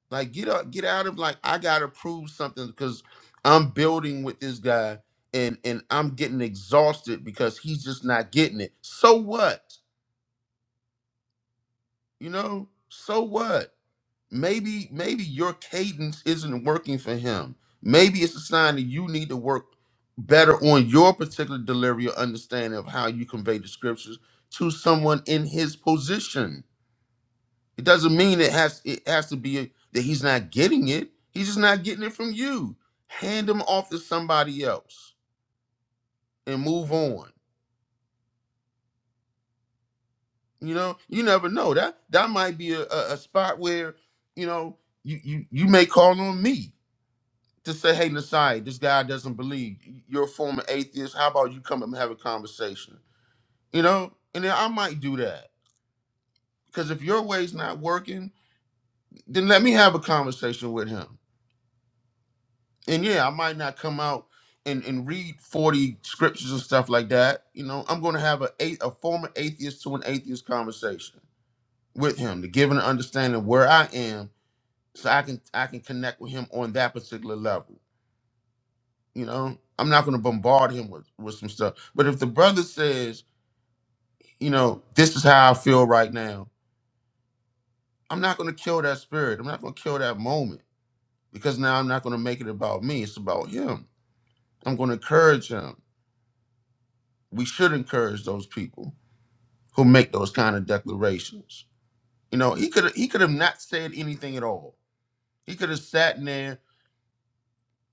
[SPEAKER 13] Like, get up. get out of like I gotta prove something because I'm building with this guy and and I'm getting exhausted because he's just not getting it. So what? You know? So what? maybe maybe your cadence isn't working for him maybe it's a sign that you need to work better on your particular delivery or understanding of how you convey the scriptures to someone in his position it doesn't mean it has it has to be that he's not getting it he's just not getting it from you hand him off to somebody else and move on you know you never know that that might be a, a, a spot where you know you, you you may call on me to say, hey, Nasai, this guy doesn't believe. You're a former atheist. How about you come up and have a conversation? You know? And then I might do that. Because if your way's not working, then let me have a conversation with him. And yeah, I might not come out and, and read 40 scriptures and stuff like that. You know, I'm going to have a, a, a former atheist to an atheist conversation with him to give an understanding where I am so I can I can connect with him on that particular level. You know, I'm not going to bombard him with, with some stuff. But if the brother says, you know, this is how I feel right now, I'm not going to kill that spirit. I'm not going to kill that moment because now I'm not going to make it about me. It's about him. I'm going to encourage him. We should encourage those people who make those kind of declarations. You know, he could he could have not said anything at all. He could have sat in there.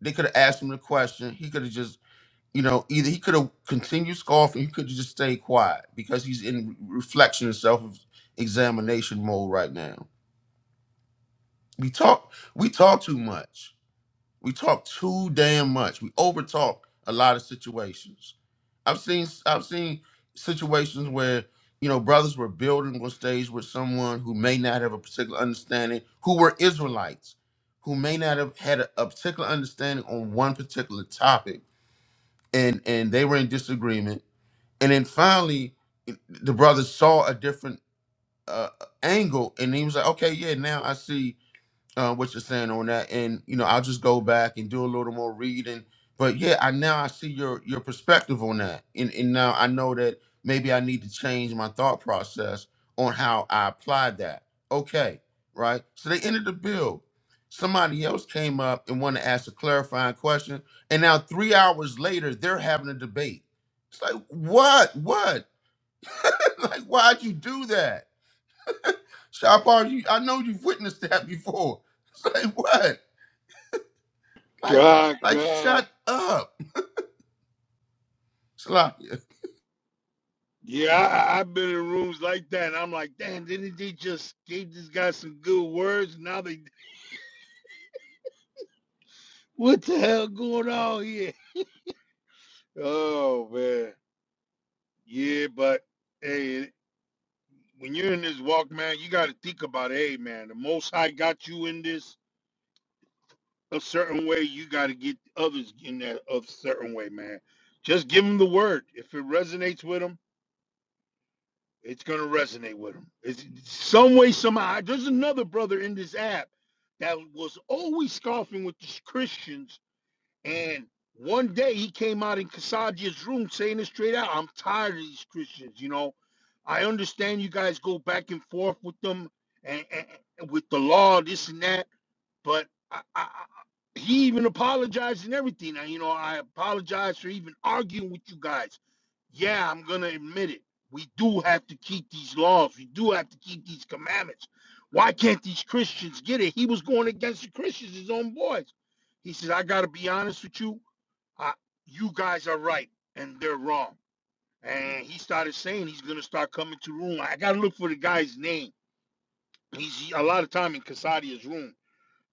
[SPEAKER 13] They could have asked him the question. He could have just you know, either he could have continued scoffing, he could have just stayed quiet because he's in reflection and self-examination mode right now. We talk, we talk too much. We talk too damn much. We overtalk a lot of situations. I've seen, I've seen situations where you know brothers were building on stage with someone who may not have a particular understanding, who were Israelites, who may not have had a, a particular understanding on one particular topic, and and they were in disagreement and then finally the brother saw a different uh, angle and he was like okay yeah now i see uh, what you're saying on that, and you know, I'll just go back and do a little more reading. But yeah, I now I see your your perspective on that, and and now I know that maybe I need to change my thought process on how I apply that. Okay, right. So they ended the bill. Somebody else came up and wanted to ask a clarifying question, and now three hours later they're having a debate. It's like what, what? like why'd you do that, Shopar? You I know you've witnessed that before. It's like what? Like,
[SPEAKER 9] God,
[SPEAKER 13] like,
[SPEAKER 9] God.
[SPEAKER 13] shut up, Salakia.
[SPEAKER 9] Yeah, I, I- have been in rooms like that, and I'm like, damn, didn't they just gave this guy some good words? Now they, what the hell going on here? Oh man, yeah, but hey, when you're in this walk, man, you got to think about, hey, man, the Most High got you in this a certain way, you got to get others in that a certain way, man. Just give them the word. If it resonates with them, it's gonna resonate with them. It's some way, somehow. There's another brother in this app that was always scoffing with the Christians, and one day he came out in Kasajia's room saying it straight out. I'm tired of these Christians. You know, I understand you guys go back and forth with them and, and and with the law, this and that but I, I, I- he even apologized and everything. Now, you know, I apologize for even arguing with you guys. Yeah, I'm going to admit it. We do have to keep these laws. We do have to keep these commandments. Why can't these Christians get it? He was going against the Christians, his own boys. He says, I got to be honest with you. I, you guys are right and they're wrong. And he started saying he's going to start coming to room. I got to look for the guy's name. He's a lot of time in Casadia's room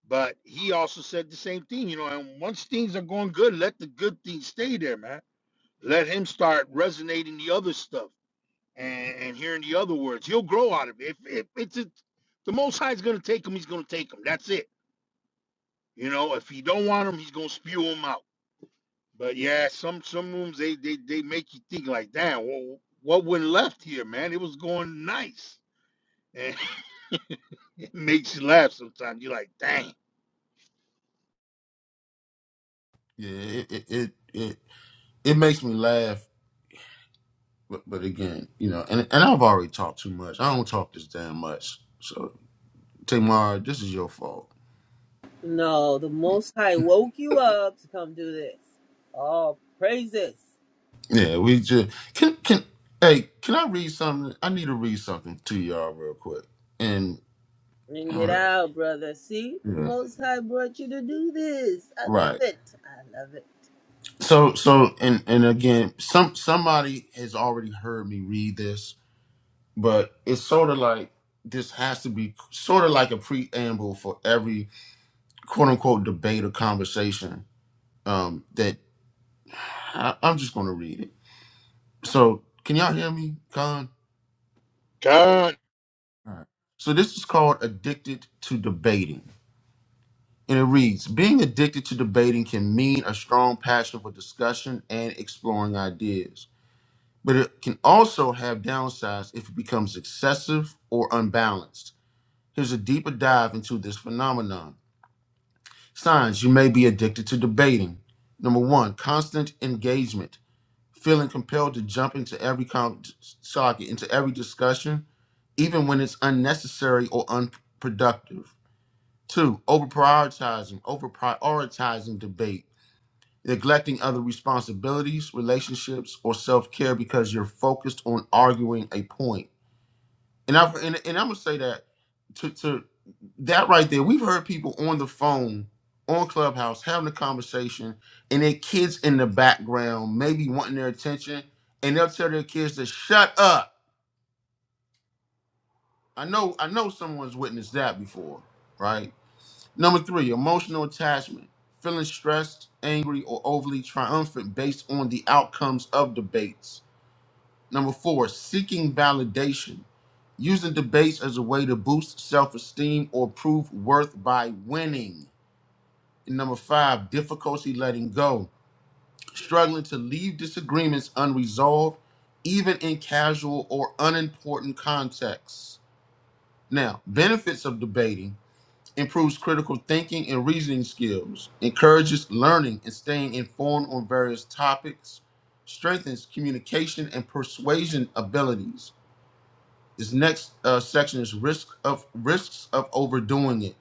[SPEAKER 9] but he also said the same thing, you know, and once things are going good, let the good things stay there, man. Let him start resonating the other stuff and, and hearing the other words. He'll grow out of it. If, if it's a, the most high's going to take him, he's going to take him. That's it. You know, if he don't want him, he's going to spew him out. But yeah, some some rooms they they, they make you think like, damn, what, what went left here, man? It was going nice. And it makes you laugh sometimes. You're like, dang.
[SPEAKER 13] Yeah, it it, it it it makes me laugh, but but again, you know, and and I've already talked too much. I don't talk this damn much. So Tamar, this is your fault.
[SPEAKER 10] No, the Most High woke you up to come do this. All praises.
[SPEAKER 13] Yeah, we just can can hey, can I read something? I need to read something to y'all real quick. And
[SPEAKER 10] Bring it
[SPEAKER 13] hold up,
[SPEAKER 10] out, brother. See, the
[SPEAKER 13] yeah,
[SPEAKER 10] Most High brought you to do this. I love
[SPEAKER 13] right.
[SPEAKER 10] it. I love it.
[SPEAKER 13] So so and and again, some somebody has already heard me read this but it's sort of like this has to be sort of like a preamble for every quote unquote debate or conversation um, that I, I'm just going to read it. So, can y'all hear me, Con?
[SPEAKER 9] God,
[SPEAKER 13] All right. So, this is called Addicted to Debating. And it reads Being addicted to debating can mean a strong passion for discussion and exploring ideas, but it can also have downsides if it becomes excessive or unbalanced. Here's a deeper dive into this phenomenon. Signs you may be addicted to debating. Number one, constant engagement, feeling compelled to jump into every con- socket, into every discussion, even when it's unnecessary or unproductive. Two, over prioritizing, over prioritizing debate, neglecting other responsibilities, relationships, or self care because you're focused on arguing a point. And I and, and I'm gonna say that to to that right there. We've heard people on the phone on Clubhouse having a conversation, and their kids in the background maybe wanting their attention, and they'll tell their kids to shut up. I know I know someone's witnessed that before, right? Number three, emotional attachment. Feeling stressed, angry, or overly triumphant based on the outcomes of debates Number four, seeking validation. Using debates as a way to boost self esteem or prove worth by winning. And number five, difficulty letting go. Struggling to leave disagreements unresolved, even in casual or unimportant contexts. Now, benefits of debating improves critical thinking and reasoning skills, encourages learning and staying informed on various topics, strengthens communication and persuasion abilities This next uh, section is risk of risks of overdoing it.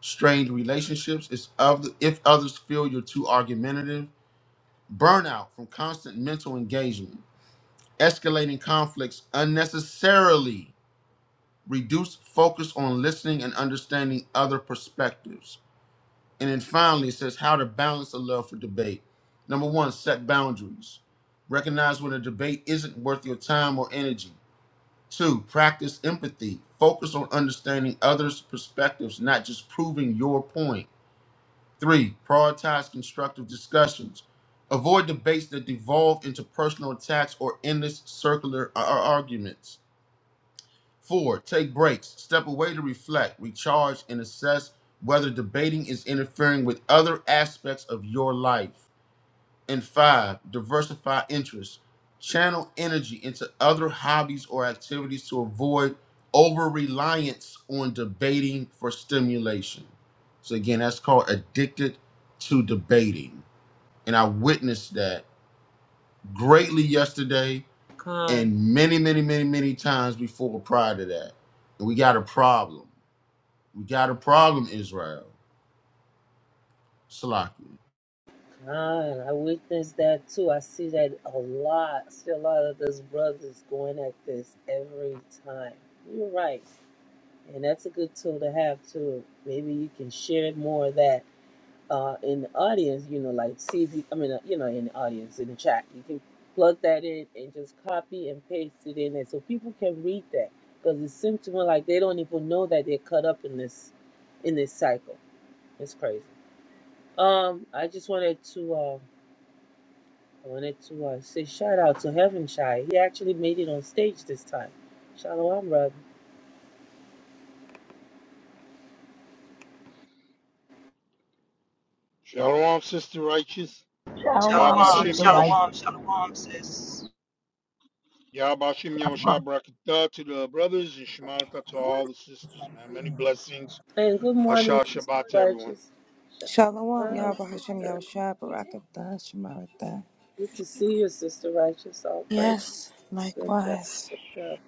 [SPEAKER 13] Strained relationships is of the, if others feel you're too argumentative. Burnout from constant mental engagement. Escalating conflicts unnecessarily. Reduce focus on listening and understanding other perspectives. And then finally, it says how to balance a love for debate. Number one, set boundaries. Recognize when a debate isn't worth your time or energy. Two, practice empathy. Focus on understanding others' perspectives, not just proving your point. Three, prioritize constructive discussions. Avoid debates that devolve into personal attacks or endless circular uh, uh, arguments. Four, take breaks. Step away to reflect, recharge, and assess whether debating is interfering with other aspects of your life. And five, diversify interests. Channel energy into other hobbies or activities to avoid over reliance on debating for stimulation. So, again, that's called addicted to debating. And I witnessed that greatly yesterday
[SPEAKER 10] Con,
[SPEAKER 13] and many, many, many, many times before prior to that. And we got a problem. We got a problem, Israel. Salakia.
[SPEAKER 10] con. I witnessed that too. I see that a lot. I see a lot of those brothers going at this every time. You're right. And that's a good tool to have too. Maybe you can share more of that uh, in the audience, you know, like see if you, I mean, uh, you know, in the audience, in the chat, you can plug that in and just copy and paste it in there so people can read that because it seems to me like they don't even know that they're caught up in this, in this cycle. It's crazy. Um, I just wanted to, uh, I wanted to uh, say shout out to Heaven Shy. He actually made it on stage this time. Shalom, brother.
[SPEAKER 9] shalom, sister righteous.
[SPEAKER 2] Shalom,
[SPEAKER 14] Shalom,
[SPEAKER 2] sister,
[SPEAKER 9] Yahbashim
[SPEAKER 2] right?
[SPEAKER 9] Yahush
[SPEAKER 14] Shalom, Shalom, sis.
[SPEAKER 9] Yahbashim Yahusha Brakita to the brothers and Shemarta to all the sisters, man. Many blessings.
[SPEAKER 10] And good morning,
[SPEAKER 9] Asha
[SPEAKER 10] Sister
[SPEAKER 9] Shabbat to everyone.
[SPEAKER 10] Righteous.
[SPEAKER 16] Shalom,
[SPEAKER 10] Shalom,
[SPEAKER 16] Yahweh Hashem,
[SPEAKER 10] sister.
[SPEAKER 16] Yahushua, Barakatah, Shemaratah.
[SPEAKER 10] Good to see you, Sister Righteous. All praise.
[SPEAKER 16] Yes,
[SPEAKER 10] Good job.
[SPEAKER 16] likewise.
[SPEAKER 10] Good job.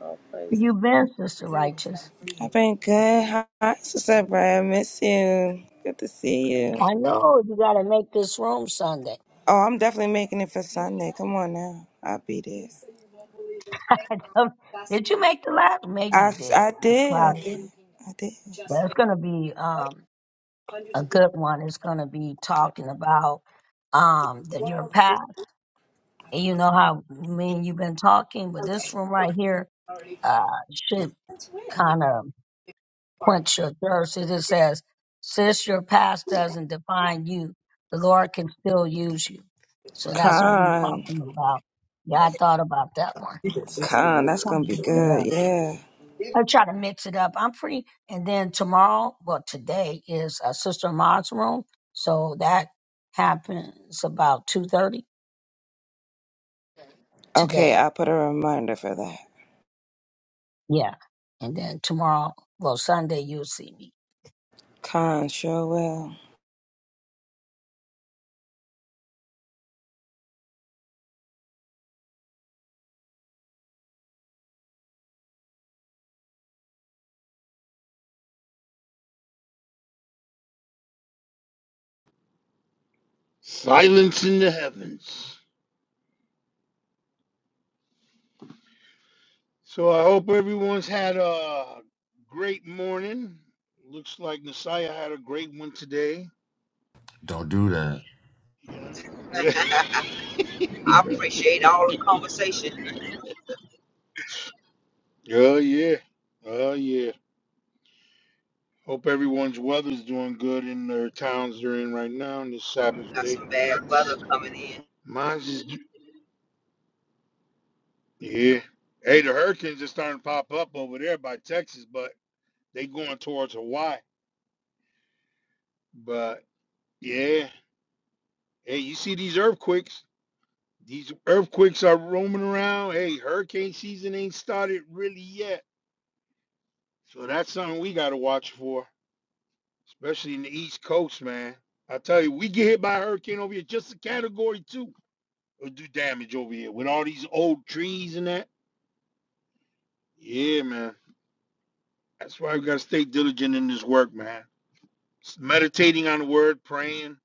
[SPEAKER 10] All praises.
[SPEAKER 2] You been, Sister Righteous?
[SPEAKER 16] I've been good. Hi, Sister Brad, miss you. Good to see you.
[SPEAKER 2] I know you got to make this room Sunday.
[SPEAKER 16] Oh, I'm definitely making it for Sunday. Come on now. I'll be there.
[SPEAKER 2] Um, Did you make the last? Maybe
[SPEAKER 16] I,
[SPEAKER 2] you did.
[SPEAKER 16] I
[SPEAKER 2] You
[SPEAKER 16] did, I
[SPEAKER 2] clouded.
[SPEAKER 16] did, I did.
[SPEAKER 2] But it's going to be um, a good one. It's going to be talking about um, the, your path. And you know how me and you've been talking, but this room right here uh, should kind of. quench your thirst. It just says, since your past doesn't define you, the Lord can still use you. So that's what we're
[SPEAKER 16] Con,
[SPEAKER 2] talking about. Yeah, I thought about that one.
[SPEAKER 16] con, that's
[SPEAKER 2] Trying
[SPEAKER 16] gonna
[SPEAKER 2] to
[SPEAKER 16] be
[SPEAKER 2] mix it
[SPEAKER 16] good,
[SPEAKER 2] up.
[SPEAKER 16] yeah.
[SPEAKER 2] I try to mix it up. I'm free. And then tomorrow, well, today is uh, Sister Maud's room. So that happens about 2.30
[SPEAKER 16] Okay,
[SPEAKER 2] today.
[SPEAKER 16] I'll put a reminder for that.
[SPEAKER 2] Yeah. And then tomorrow, well, Sunday, you'll see me.
[SPEAKER 16] Con, sure will.
[SPEAKER 9] Silence in the heavens. So I hope everyone's had a great morning. Looks like Messiah had a great one today.
[SPEAKER 13] Don't do that.
[SPEAKER 9] Yeah. Yeah.
[SPEAKER 13] Don't
[SPEAKER 14] I
[SPEAKER 13] do that.
[SPEAKER 14] appreciate all the conversation.
[SPEAKER 9] oh yeah. Oh yeah. Hope everyone's weather's doing good in their towns they're in right now on this Sabbath
[SPEAKER 14] Got
[SPEAKER 9] day.
[SPEAKER 14] some bad weather coming in.
[SPEAKER 9] Mine's is Yeah. Hey, the hurricanes are starting to pop up over there by Texas, but they going towards Hawaii. But yeah, hey, you see these earthquakes? These earthquakes are roaming around. Hey, hurricane season ain't started really yet. So that's something we gotta watch for, especially in the East Coast, man. I tell you, we get hit by a hurricane over here, just a category two will do damage over here with all these old trees and that. Yeah, man. That's why we gotta stay diligent in this work, man. S- Meditating on the word, praying,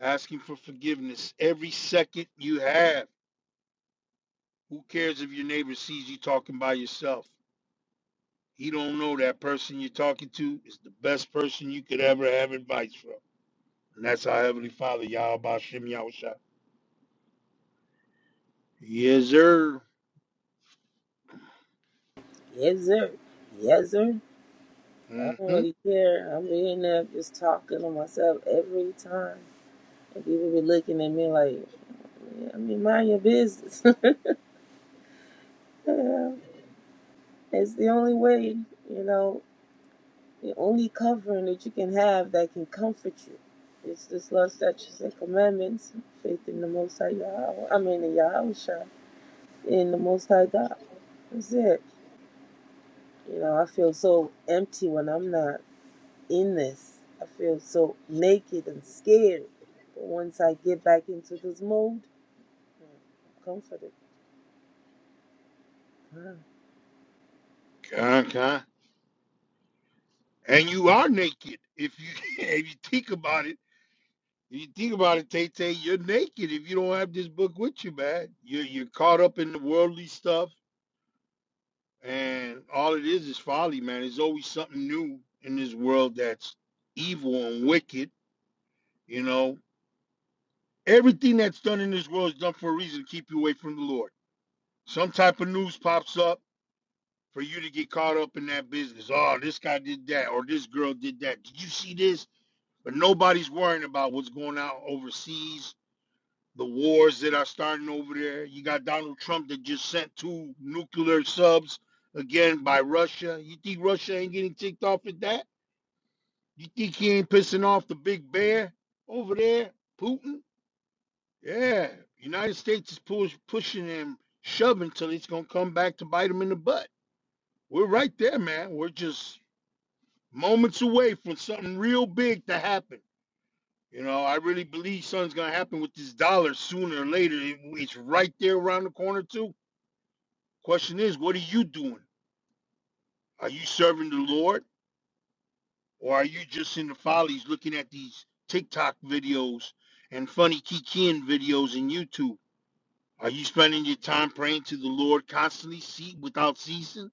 [SPEAKER 9] asking for forgiveness every second you have. Who cares if your neighbor sees you talking by yourself? He don't know that person you're talking to is the best person you could ever have advice from. And that's our Heavenly Father, Yahweh Bashem Yahusha. Yes, sir.
[SPEAKER 10] Yes, sir. Yes, sir. I don't
[SPEAKER 9] Mm-hmm.
[SPEAKER 10] really care. I'm in there just talking to myself every time. And people be looking at me like, yeah, I mean, mind your business. Yeah. it's the only way, you know, the only covering that you can have that can comfort you. It's this love, statutes, and commandments, faith in the Most High Yahweh. I mean, in Yahweh Shai, in the Most High God. That's it. You know, I feel so empty when I'm not. in this. I feel so naked and scared. But once I get back into this mode, I'm comforted. Wow.
[SPEAKER 9] Con, con. And you are naked. If you if you think about it, if you think about it, Tay Tay, you're naked if you don't have this book with you, man. You're you're caught up in the worldly stuff And all it is is folly, man. There's always something new in this world that's evil and wicked, you know. Everything that's done in this world is done for a reason to keep you away from the Lord. Some type of news pops up for you to get caught up in that business. Oh, this guy did that or this girl did that. Did you see this? But nobody's worrying about what's going on overseas, the wars that are starting over there. You got Donald Trump that just sent two nuclear subs again by Russia. You think Russia ain't getting ticked off at that? You think he ain't pissing off the big bear over there, Putin? Yeah, United States is push, pushing him, shoving till he's gonna come back to bite him in the butt. We're right there, man. We're just moments away from something real big to happen. You know, I really believe something's gonna happen with this dollar sooner or later. It- It's right there around the corner too. Question is, what are you doing? Are you serving the Lord? Or are you just in the follies looking at these TikTok videos and funny Kikian videos in YouTube? Are you spending your time praying to the Lord constantly, see, without ceasing?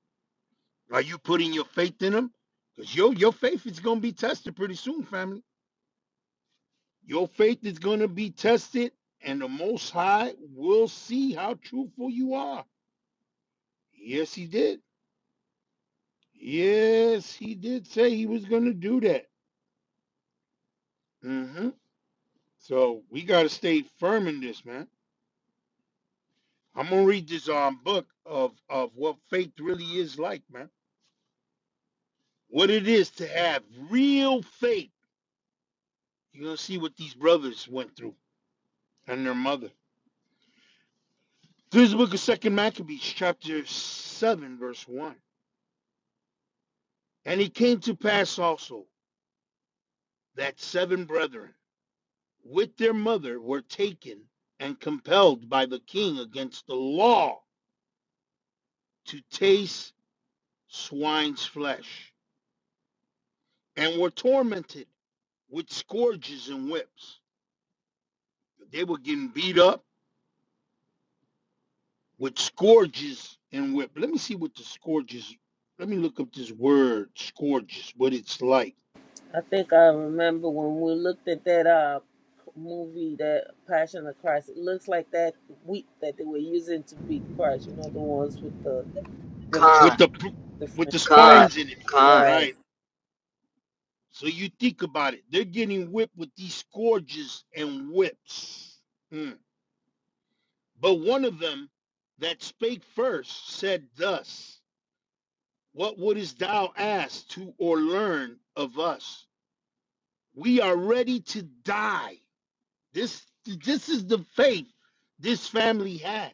[SPEAKER 9] Are you putting your faith in Him? Because your, your faith is going to be tested pretty soon, family. Your faith is going to be tested, and the Most High will see how truthful you are. Yes, He did. Yes, He did say He was going to do that. hmm So we got to stay firm in this, man I'm gonna read this um book of of what faith really is like, man. What it is to have real faith. You're gonna see what these brothers went through and their mother. This is the book of Second Maccabees, chapter seven, verse one. And it came to pass also that seven brethren with their mother were taken and compelled by the king against the law to taste swine's flesh, and were tormented with scourges and whips. They were getting beat up with scourges and whip. Let me see what the scourges. Let me look up this word scourges. What it's like
[SPEAKER 10] I think I remember when we looked at that uh movie, that Passion of Christ. It looks like that wheat that they were using to beat Christ. You know the ones with the different,
[SPEAKER 9] with the
[SPEAKER 14] Con,
[SPEAKER 9] pr- with
[SPEAKER 10] different,
[SPEAKER 9] the
[SPEAKER 14] con,
[SPEAKER 9] spines in it,
[SPEAKER 14] con,
[SPEAKER 10] right?
[SPEAKER 9] right? So you think about it. They're getting whipped with these scourges and whips. Mm. But one of them that spake first said thus, What wouldest thou ask to or learn of us? We are ready to die This this is the faith this family had.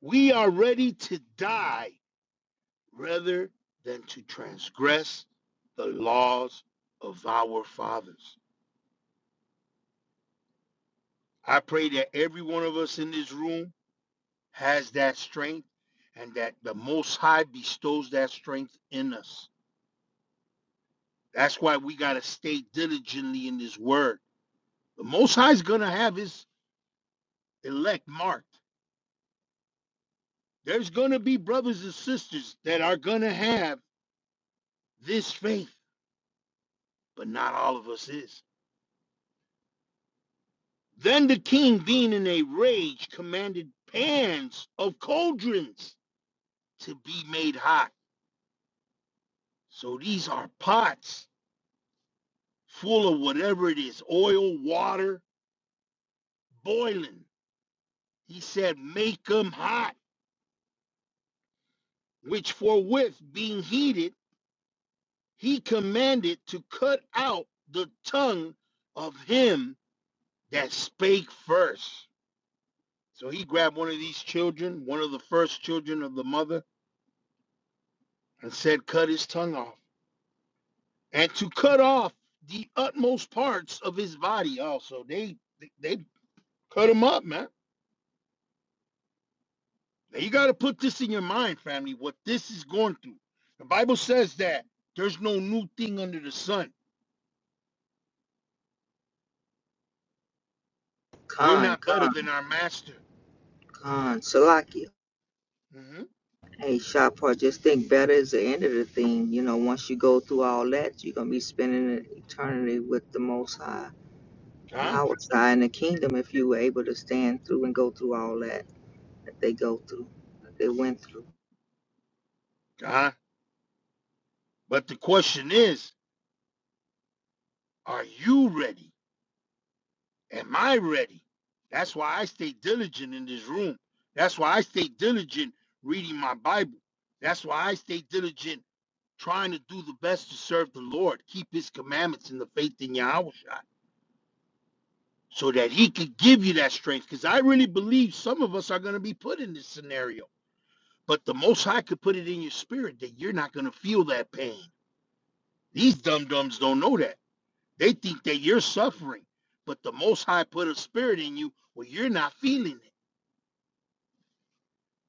[SPEAKER 9] We are ready to die rather than to transgress the laws of our fathers. I pray that every one of us in this room has that strength and that the Most High bestows that strength in us. That's why we got to stay diligently in His Word. The Most High is going to have His elect marked. There's going to be brothers and sisters that are going to have this faith, but not all of us is. Then the king, being in a rage, commanded pans of cauldrons to be made hot. So these are pots full of whatever it is oil, water, boiling. He said, Make them hot, which forthwith, being heated, he commanded to cut out the tongue of him that spake first. So he grabbed one of these children, one of the first children of the mother, and said, Cut his tongue off, and to cut off the utmost parts of his body also. They they, they cut him up, man. Now, you got to put this in your mind, family, what this is going through. The Bible says that there's no new thing under the sun. We're
[SPEAKER 14] con,
[SPEAKER 9] not better
[SPEAKER 14] con,
[SPEAKER 9] than our master.
[SPEAKER 14] con, Salakia.
[SPEAKER 9] Mm-hmm.
[SPEAKER 14] Hey, Shapar, just think better is the end of the thing. You know, once you go through all that, you're going to be spending an eternity with the Most High. And
[SPEAKER 9] God,
[SPEAKER 14] How would I in the kingdom if you were able to stand through and go through all that that they go through, that they went through.
[SPEAKER 9] God. But the question is, are you ready? Am I ready? That's why I stay diligent in this room. That's why I stay diligent reading my Bible. That's why I stay diligent trying to do the best to serve the Lord, keep his commandments in the faith in Yahweh Shai, so that he could give you that strength. Because I really believe some of us are going to be put in this scenario. But the Most High could put it in your spirit that you're not going to feel that pain. These dum dums don't know that. They think that you're suffering. But the Most High put a spirit in you where you're not feeling it.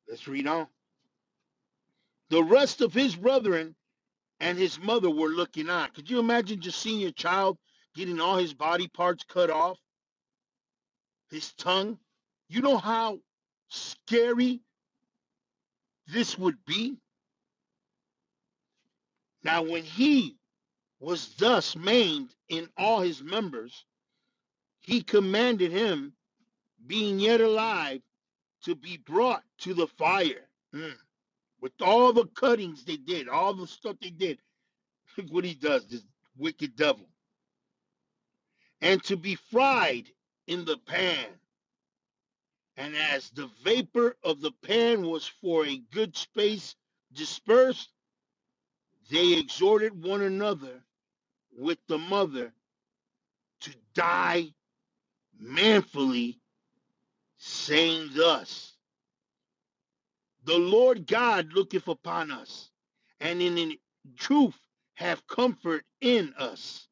[SPEAKER 9] Let's read on. The rest of his brethren and his mother were looking on. Could you imagine just seeing your child getting all his body parts cut off? his tongue. You know how scary this would be? Now, when he was thus maimed in all his members, he commanded him, being yet alive, to be brought to the fire. Mm. With all the cuttings they did, all the stuff they did, look what he does, this wicked devil. And to be fried in the pan. And as the vapor of the pan was for a good space dispersed, They exhorted one another with the mother to die manfully, saying thus The Lord God looketh upon us, and in truth have comfort in us,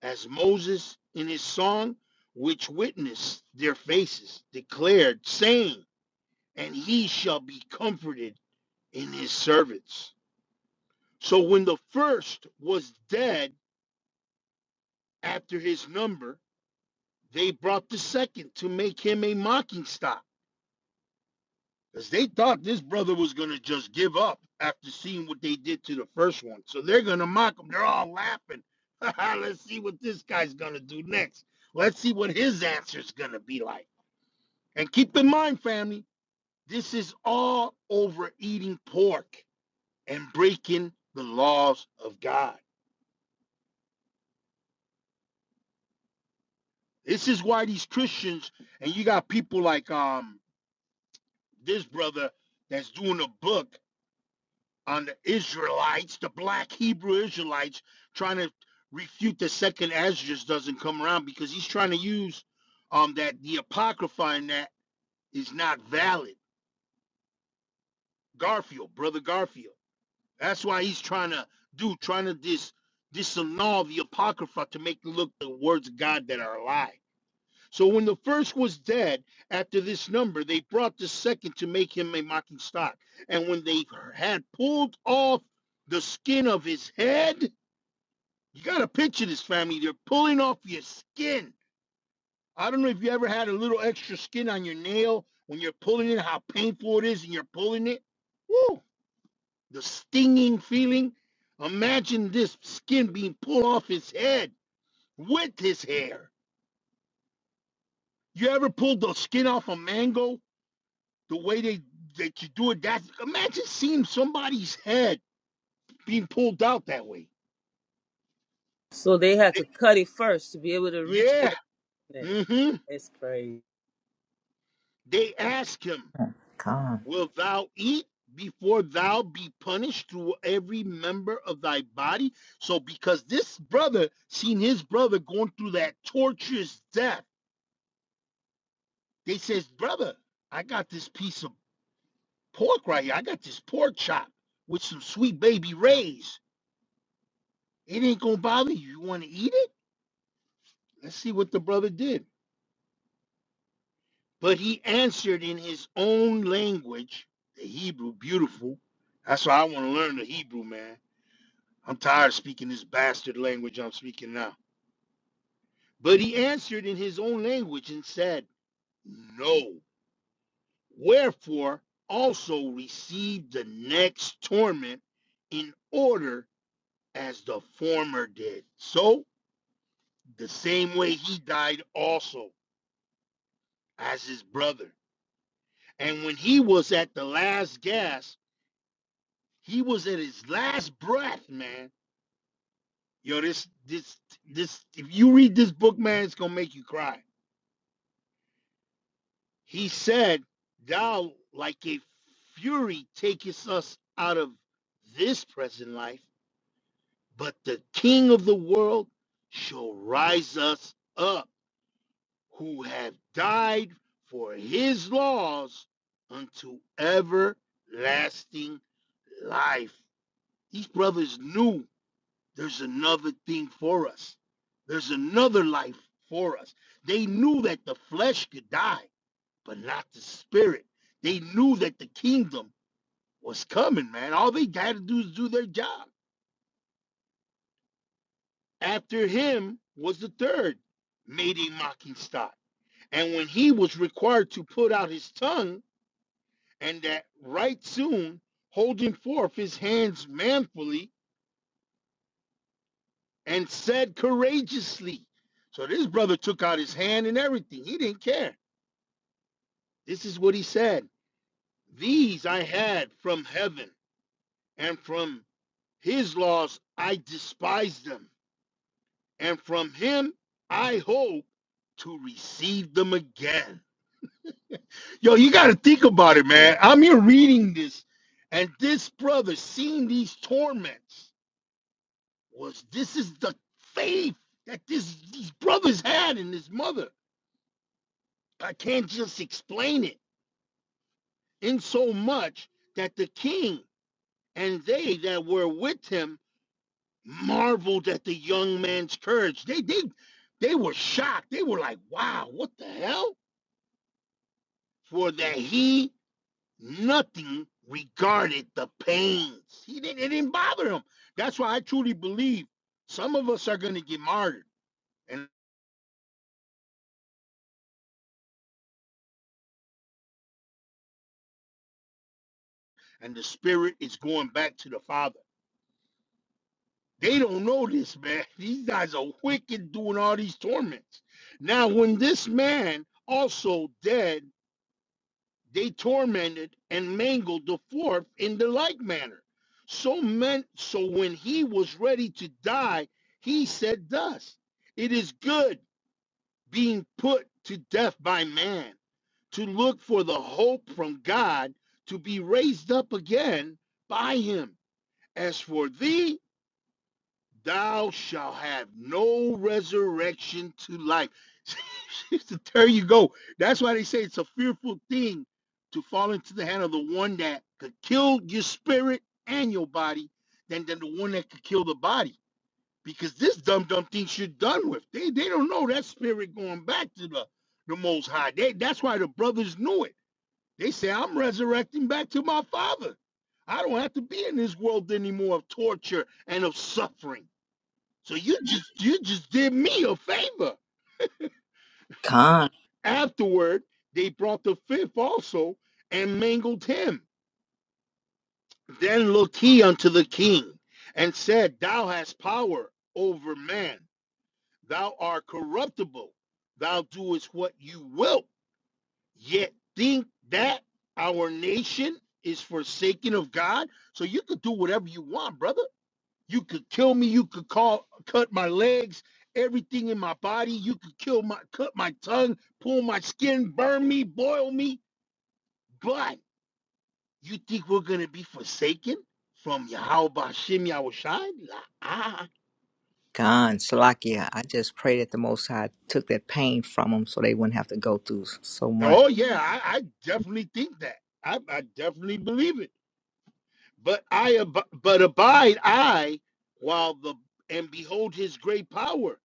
[SPEAKER 9] as Moses in his song, which witnessed their faces, declared, saying, And he shall be comforted in his servants. So when the first was dead after his number, They brought the second to make him a mocking stock because they thought this brother was going to just give up after seeing what they did to the first one. So they're going to mock him. They're all laughing. Let's see what this guy's going to do next. Let's see what his answer's going to be like. And keep in mind, family, this is all over eating pork and breaking the laws of God. This is why these Christians, and you got people like um this brother that's doing a book on the Israelites, the black Hebrew Israelites, trying to refute the second Esdras doesn't come around because he's trying to use um that the apocrypha in that is not valid. Garfield, brother Garfield. That's why he's trying to do, trying to dis disannul the apocrypha to make it look the words of God that are alive. So when the first was dead, after this number, they brought the second to make him a mocking stock. And when they had pulled off the skin of his head, You got to picture this, family. They're pulling off your skin. I don't know if you ever had a little extra skin on your nail when you're pulling it, how painful it is, and you're pulling it. Woo! The stinging feeling. Imagine this skin being pulled off his head with his hair. You ever pulled the skin off a mango? The way they that you do it, that's imagine seeing somebody's head being pulled out that way.
[SPEAKER 10] So they had
[SPEAKER 9] It-
[SPEAKER 10] to cut it first to be able to reach
[SPEAKER 9] Yeah.
[SPEAKER 10] wickedness.
[SPEAKER 9] Mm-hmm.
[SPEAKER 10] It's crazy.
[SPEAKER 9] They ask him.
[SPEAKER 14] Con,
[SPEAKER 9] Wilt thou eat before thou be punished through every member of thy body? So, because this brother seen his brother going through that torturous death, they says, Brother, I got this piece of pork right here. I got this pork chop with some sweet baby rays. It ain't gonna bother you. You wanna eat it? Let's see what the brother did. But he answered in his own language, the Hebrew, beautiful. That's why I wanna learn the Hebrew, man I'm tired of speaking this bastard language I'm speaking now. But he answered in his own language and said, No. Wherefore also received the next torment in order as the former did. So the same way he died also as his brother. And when he was at the last gasp, he was at his last breath, man. Yo, this, this, this, if you read this book, man, it's gonna make you cry. He said, Thou, like a fury, takest us out of this present life, but the King of the world shall rise us up, who have died for his laws unto everlasting life. These brothers knew there's another thing for us, there's another life for us. They knew that the flesh could die but not the spirit. They knew that the kingdom was coming, man. All they had to do is do their job. After him was the third, Mede Mockenstock. And when he was required to put out his tongue, and that right soon, holding forth his hands manfully, and said courageously. So this brother took out his hand and everything. He didn't care. This is what he said These I had from heaven and from His laws, I despise them, and from him I hope to receive them again. Yo, you got to think about it, man. I'm here reading this, and this brother seeing these torments was this is the faith that this these brothers had in his mother. I can't just explain it in so much that the king and they that were with him marveled at the young man's courage. They they they were shocked. They were like, "Wow, what the hell?" For that he nothing regarded the pains. He didn't it didn't bother him. That's why I truly believe some of us are going to get martyred, and and the spirit is going back to the father. They don't know this, man. These guys are wicked doing all these torments. Now, when this man also dead they tormented and mangled the fourth in the like manner. So meant so when he was ready to die, he said thus it is good being put to death by man, to look for the hope from God to be raised up again by him. As for thee, thou shalt have no resurrection to life. there you go. That's why they say it's a fearful thing to fall into the hand of the one that could kill your spirit and your body than, than the one that could kill the body. Because this dumb dumb thing you're done with. They they don't know that spirit going back to the, the most high. They, that's why the brothers knew it. They say, I'm resurrecting back to my father. I don't have to be in this world anymore of torture and of suffering. So you just you just did me a favor.
[SPEAKER 14] con,
[SPEAKER 9] Afterward, they brought the fifth also and mangled him. Then looked he unto the king and said, Thou hast power over man. Thou art corruptible. Thou doest what you wilt. Yet think that our nation is forsaken of God. So you could do whatever you want, brother. You could kill me. You could call, cut my legs, everything in my body. You could kill my, cut my tongue, pull my skin, burn me, boil me. But you think we're gonna be forsaken from Yahweh Bashim Yahushai? La- Ah,
[SPEAKER 14] con, Salakia. I just pray that the Most High took that pain from them so they wouldn't have to go through s- so much.
[SPEAKER 9] oh yeah, I, I definitely think that. I, I definitely believe it. But I, ab- but abide I, while the and behold his great power,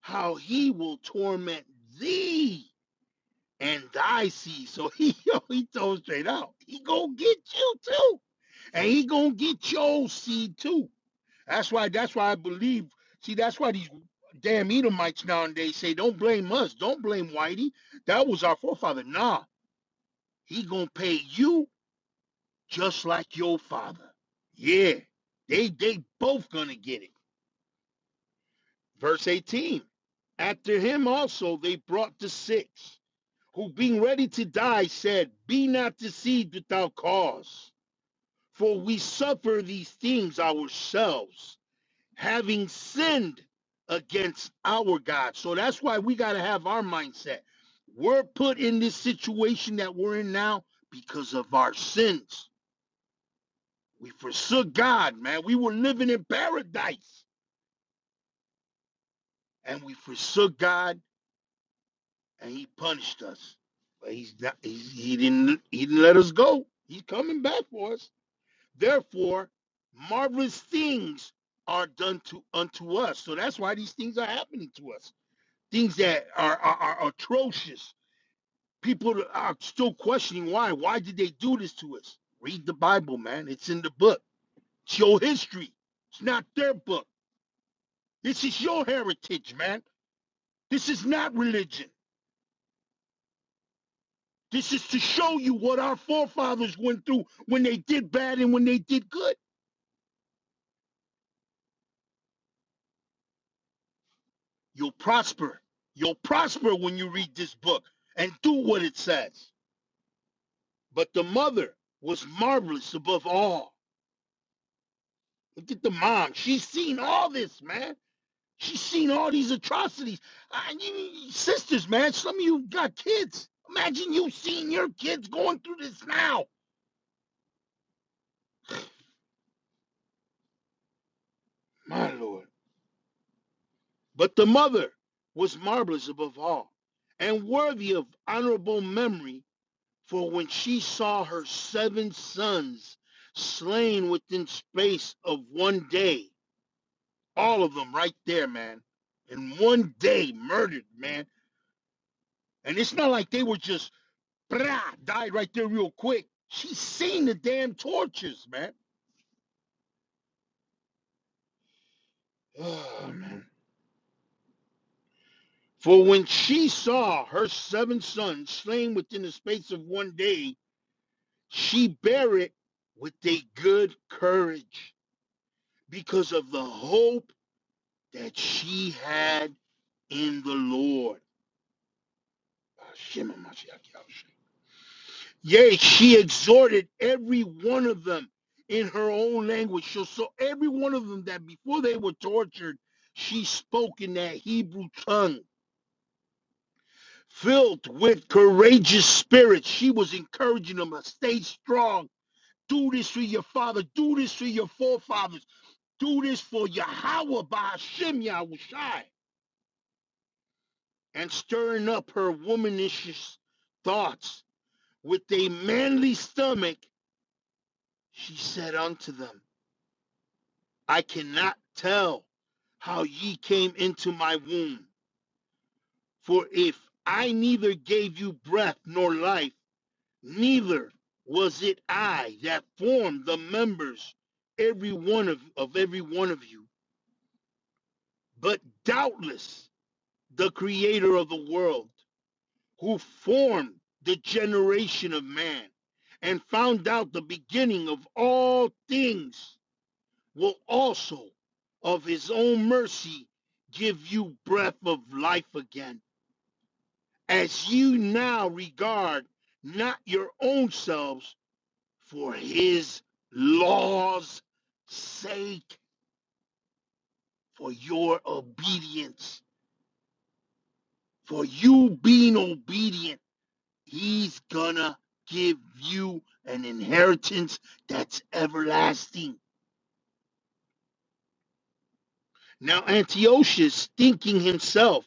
[SPEAKER 9] how he will torment thee and thy seed. So he yo, he told straight out, he gonna get you too, and he gonna get your seed too. That's why. That's why I believe. See, that's why these damn Edomites nowadays say, "Don't blame us. Don't blame Whitey. That was our forefather." Nah, he gonna pay you just like your father. Yeah, they they both gonna get it. Verse eighteen. After him also they brought the six. who being ready to die said, Be not deceived without cause, for we suffer these things ourselves, having sinned against our God. So that's why we got to have our mindset. We're put in this situation that we're in now because of our sins. We forsook God, man. We were living in paradise and we forsook God and he punished us. But he's not, he's, he didn't he didn't let us go. He's coming back for us. Therefore, marvelous things are done to unto us. So that's why these things are happening to us. Things that are, are, are atrocious. People are still questioning why. Why did they do this to us? Read the Bible, man. It's in the book. It's your history. It's not their book. This is your heritage, man. This is not religion. This is to show you what our forefathers went through when they did bad and when they did good. You'll prosper. You'll prosper when you read this book and do what it says. But the mother was marvelous above all. Look at the mom. She's seen all this, man. She's seen all these atrocities. I, you- sisters, man, some of you got kids. Imagine you seeing your kids going through this now. My Lord. But the mother was marvelous above all and worthy of honorable memory For when she saw her seven sons slain within space of one day, all of them right there, man, in one day murdered, man. And it's not like they were just brah, died right there real quick. She seen the damn tortures, man. Oh, man. For when she saw her seven sons slain within the space of one day, she buried with a good courage because of the hope that she had in the Lord. Hashem HaMashiach Yahusha. Yea, she exhorted every one of them in her own language. So, so every one of them that before they were tortured, she spoke in that Hebrew tongue, filled with courageous spirit. She was encouraging them to stay strong. Do this for your father. Do this for your forefathers. Do this for Yahweh by Hashem Yahushai. and stirring up her womanish thoughts with a manly stomach, she said unto them, I cannot tell how ye came into my womb. For if I neither gave you breath nor life, neither was it I that formed the members, every one of, of every one of you, but doubtless the creator of the world. who formed the generation of man and found out the beginning of all things will also of his own mercy give you breath of life again as you now regard not your own selves for his laws sake for your obedience for you being obedient He's gonna give you an inheritance that's everlasting. Now, Antiochus, thinking himself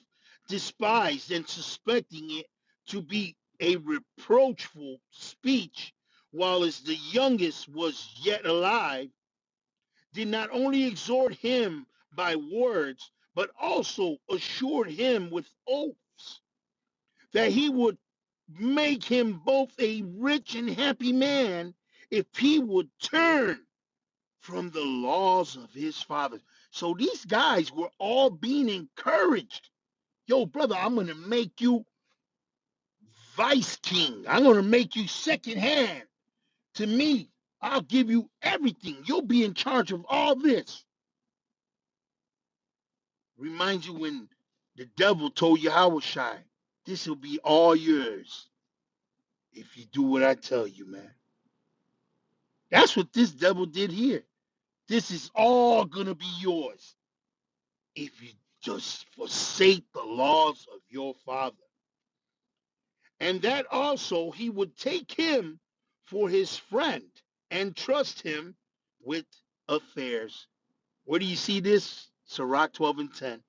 [SPEAKER 9] despised and suspecting it to be a reproachful speech, while as the youngest was yet alive, did not only exhort him by words, but also assured him with oaths that he would make him both a rich and happy man if he would turn from the laws of his fathers. So these guys were all being encouraged. Yo, brother, I'm going to make you vice king. I'm going to make you second hand to me. I'll give you everything. You'll be in charge of all this. Reminds you when the devil told you, Yahushua, this will be all yours if you do what I tell you, man. That's what this devil did here. This is all going to be yours if you just forsake the laws of your father. And that also he would take him for his friend and trust him with affairs. Where do you see this? Sirach 12 and 10.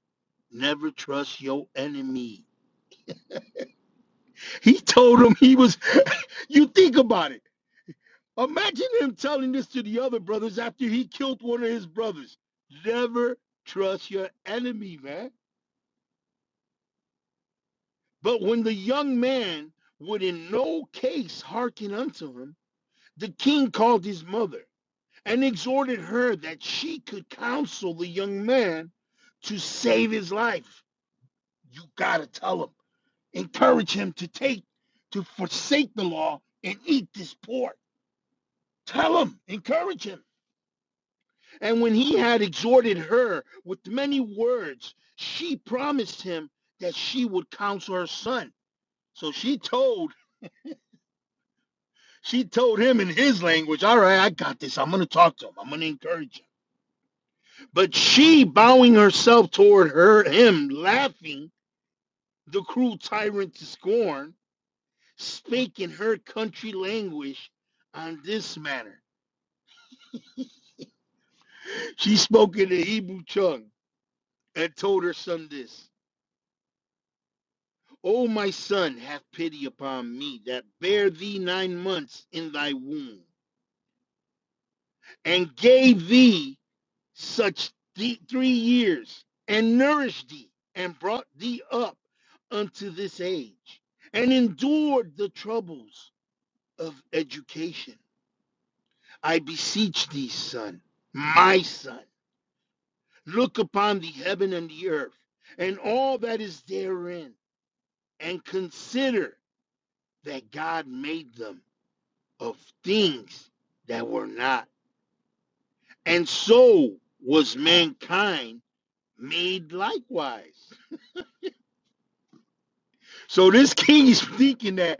[SPEAKER 9] Never trust your enemy. He told him he was, you think about it. Imagine him telling this to the other brothers after he killed one of his brothers. Never trust your enemy, man. But when the young man would in no case hearken unto him, the king called his mother and exhorted her that she could counsel the young man to save his life. You gotta tell him, encourage him to take, to forsake the law and eat this pork. Tell him, encourage him. And when he had exhorted her with many words, she promised him that she would counsel her son. So she told she told him in his language, "All right, I got this. I'm going to talk to him. I'm going to encourage him." But she, bowing herself toward her him, laughing the cruel tyrant to scorn, spake in her country language on this manner. She spoke in the Hebrew tongue and told her son this. O my son, have pity upon me that bare thee nine months in thy womb, and gave thee such th- three years, and nourished thee, and brought thee up unto this age, and endured the troubles of education. I beseech thee, son, my son, look upon the heaven and the earth, and all that is therein, and consider that God made them of things that were not. And so was mankind made likewise. So this king is thinking that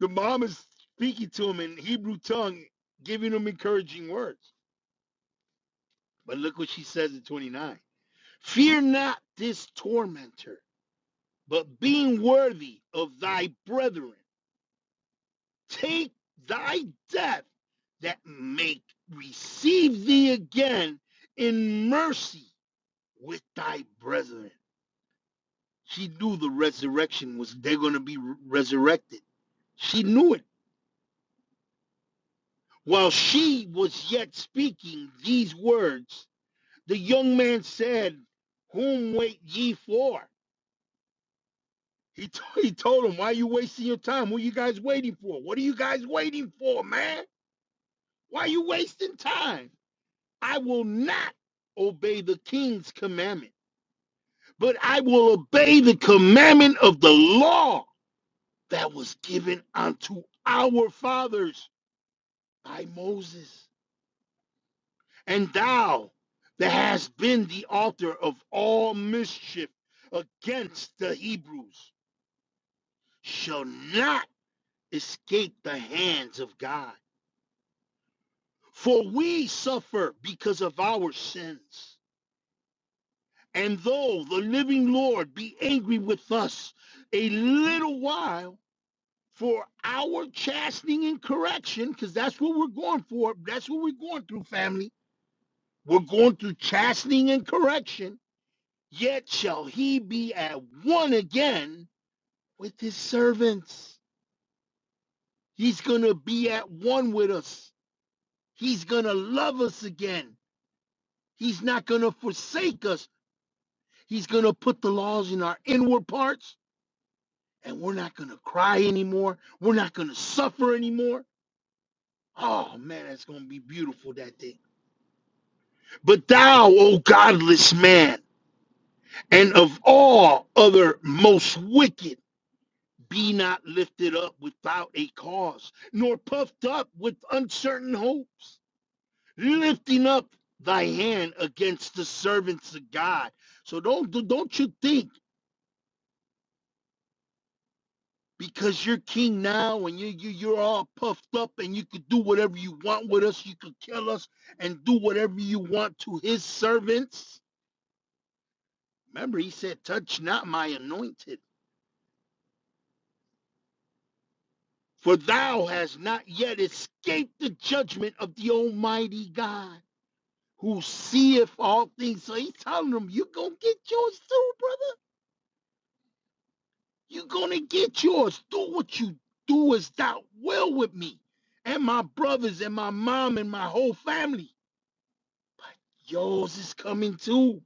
[SPEAKER 9] the mom is speaking to him in Hebrew tongue, giving him encouraging words. But look what she says in 29 Fear not this tormentor, but being worthy of thy brethren, take thy death that may receive thee again in mercy with thy brethren. She knew the resurrection was they're going to be resurrected. She knew it. While she was yet speaking these words, the young man said, Whom wait ye for? He, t- he told him, Why are you wasting your time? What are you guys waiting for? What are you guys waiting for, man? Why are you wasting time? I will not obey the king's commandment, but I will obey the commandment of the law." that was given unto our fathers by Moses. And thou that hast been the author of all mischief against the Hebrews shall not escape the hands of God. For we suffer because of our sins. And though the living Lord be angry with us a little while, for our chastening and correction, because that's what we're going for. That's what we're going through, family We're going through chastening and correction, yet shall he be at one again with his servants. He's going to be at one with us. He's going to love us again. He's not going to forsake us. He's going to put the laws in our inward parts, and we're not going to cry anymore. We're not going to suffer anymore. Oh, man, that's going to be beautiful that day. But thou, O godless man, and of all other most wicked, Be not lifted up without a cause, nor puffed up with uncertain hopes, lifting up thy hand against the servants of God. So don't do- not do not you think because you're king now and you, you you're all puffed up and you could do whatever you want with us, you could kill us and do whatever you want to his servants. Remember, he said, Touch not my anointed, for thou hast not yet escaped the judgment of the Almighty God. who seeth all things. So he's telling them, you gonna get yours too, brother. you gonna get yours. Do what you do is thou will with me and my brothers and my mom and my whole family. Yours is coming too.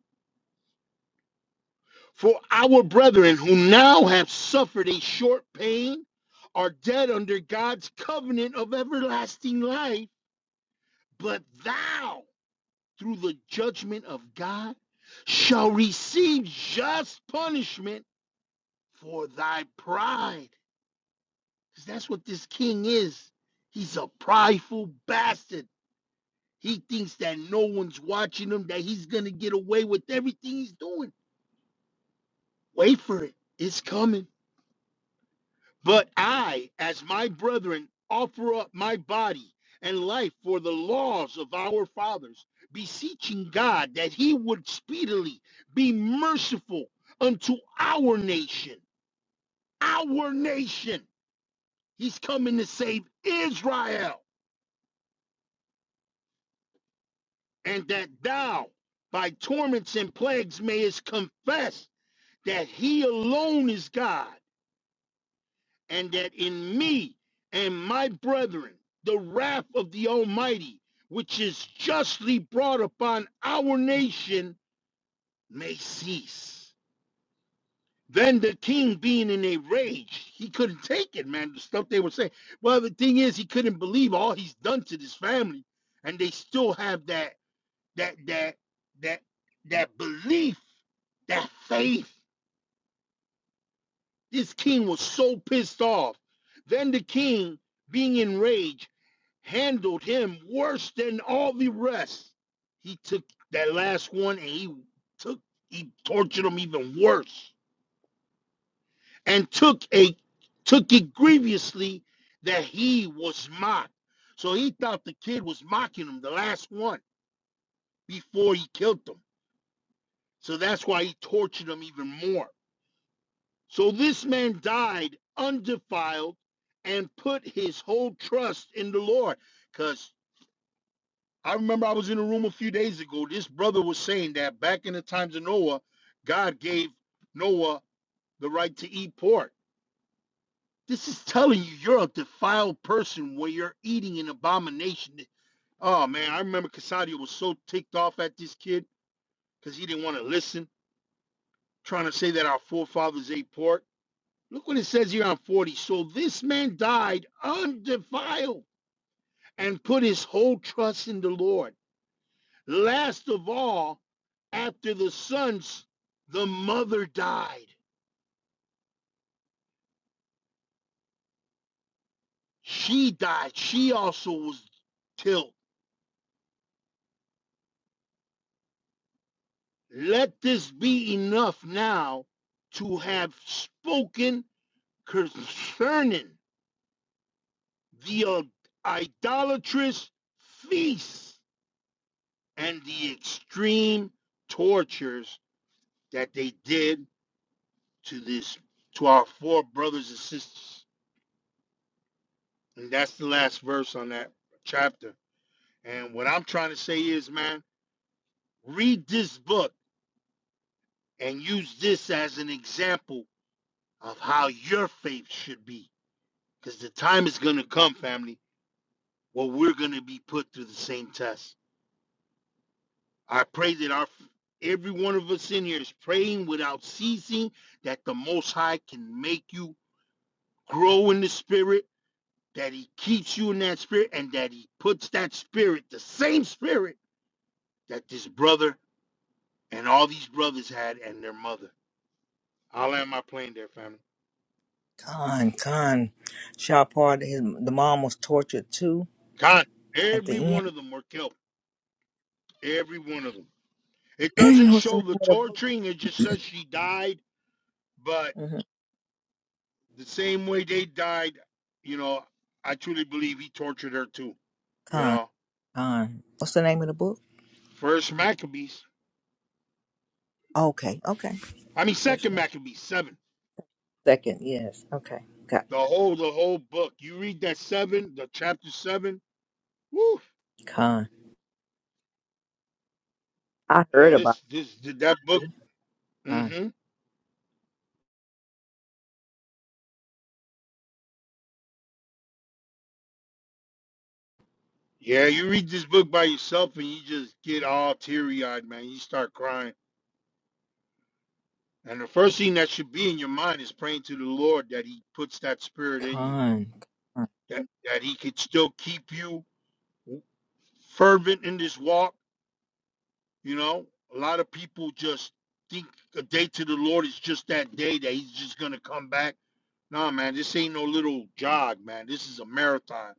[SPEAKER 9] For our brethren who now have suffered a short pain are dead under God's covenant of everlasting life, but thou, through the judgment of God, shall receive just punishment for thy pride. Because that's what this king is. He's a prideful bastard. He thinks that no one's watching him, that he's going to get away with everything he's doing. Wait for it. It's coming. But I, as my brethren, offer up my body and life for the laws of our fathers, beseeching God that he would speedily be merciful unto our nation. Our nation. He's coming to save Israel, and that thou, by torments and plagues, mayest confess that he alone is God, and that in me and my brethren the wrath of the Almighty, which is justly brought upon our nation, may cease. Then the king, being in a rage, he couldn't take it, man. The stuff they were saying. Well, the thing is, he couldn't believe all he's done to this family, and they still have that that that that that belief, that faith. This king was so pissed off. Then the king, being enraged, handled him worse than all the rest. He took that last one and he took he tortured him even worse and took a took it grievously that he was mocked. So he thought the kid was mocking him, the last one, before he killed him. So that's why he tortured him even more. So this man died undefiled and put his whole trust in the Lord. Because I remember I was in a room a few days ago. This brother was saying that back in the times of Noah, God gave Noah the right to eat pork. This is telling you you're a defiled person when you're eating an abomination. Oh man, I remember Casadio was so ticked off at this kid because he didn't want to listen, trying to say that our forefathers ate pork. Look what it says here on 40. So this man died undefiled and put his whole trust in the Lord. Last of all, after the sons, the mother died. She died. She also was killed. Let this be enough now to have spoken concerning the uh, idolatrous feasts and the extreme tortures that they did to this to our four brothers and sisters. And that's the last verse on that chapter. And what I'm trying to say is, man, read this book and use this as an example of how your faith should be. Because the time is going to come, family, where we're going to be put through the same test. I pray that our every one of us in here is praying without ceasing that the most high can make you grow in the spirit that he keeps you in that spirit and that he puts that spirit, the same spirit that this brother and all these brothers had and their mother. I'll land my plane there, family.
[SPEAKER 14] Con, con, Shahpar, his the mom was tortured too.
[SPEAKER 9] God,
[SPEAKER 14] At
[SPEAKER 9] every
[SPEAKER 14] the
[SPEAKER 9] one of them were killed. Every one of them. It
[SPEAKER 14] end,
[SPEAKER 9] doesn't
[SPEAKER 14] what's the
[SPEAKER 9] show
[SPEAKER 14] name
[SPEAKER 9] the
[SPEAKER 14] of the book?
[SPEAKER 9] torturing, it just says she died, but
[SPEAKER 14] Mm-hmm.
[SPEAKER 9] the same way they died, you know, I truly believe he tortured her too. You
[SPEAKER 14] Con,
[SPEAKER 9] know,
[SPEAKER 14] con. What's the name of the book?
[SPEAKER 9] first Maccabees,
[SPEAKER 14] Okay, okay.
[SPEAKER 9] I mean,
[SPEAKER 14] First
[SPEAKER 9] second
[SPEAKER 14] name,
[SPEAKER 9] Maccabees, seven.
[SPEAKER 14] second, yes. Okay, got
[SPEAKER 9] The whole, the whole book. You read that seven, the chapter seven Woo.
[SPEAKER 14] it. con. I heard
[SPEAKER 9] Yeah,
[SPEAKER 14] about.
[SPEAKER 9] this this that book.
[SPEAKER 14] It.
[SPEAKER 9] hmm Yeah, you read this book by yourself and you just get all teary eyed, man. You start crying. And the first thing that should be in your mind is praying to the Lord that He puts that spirit in you,
[SPEAKER 14] Con, con,
[SPEAKER 9] that that He could still keep you fervent in this walk. You know, a lot of people just think a day to the Lord is just that day that He's just gonna come back. Nah, man, this ain't no little jog, man. This is a marathon.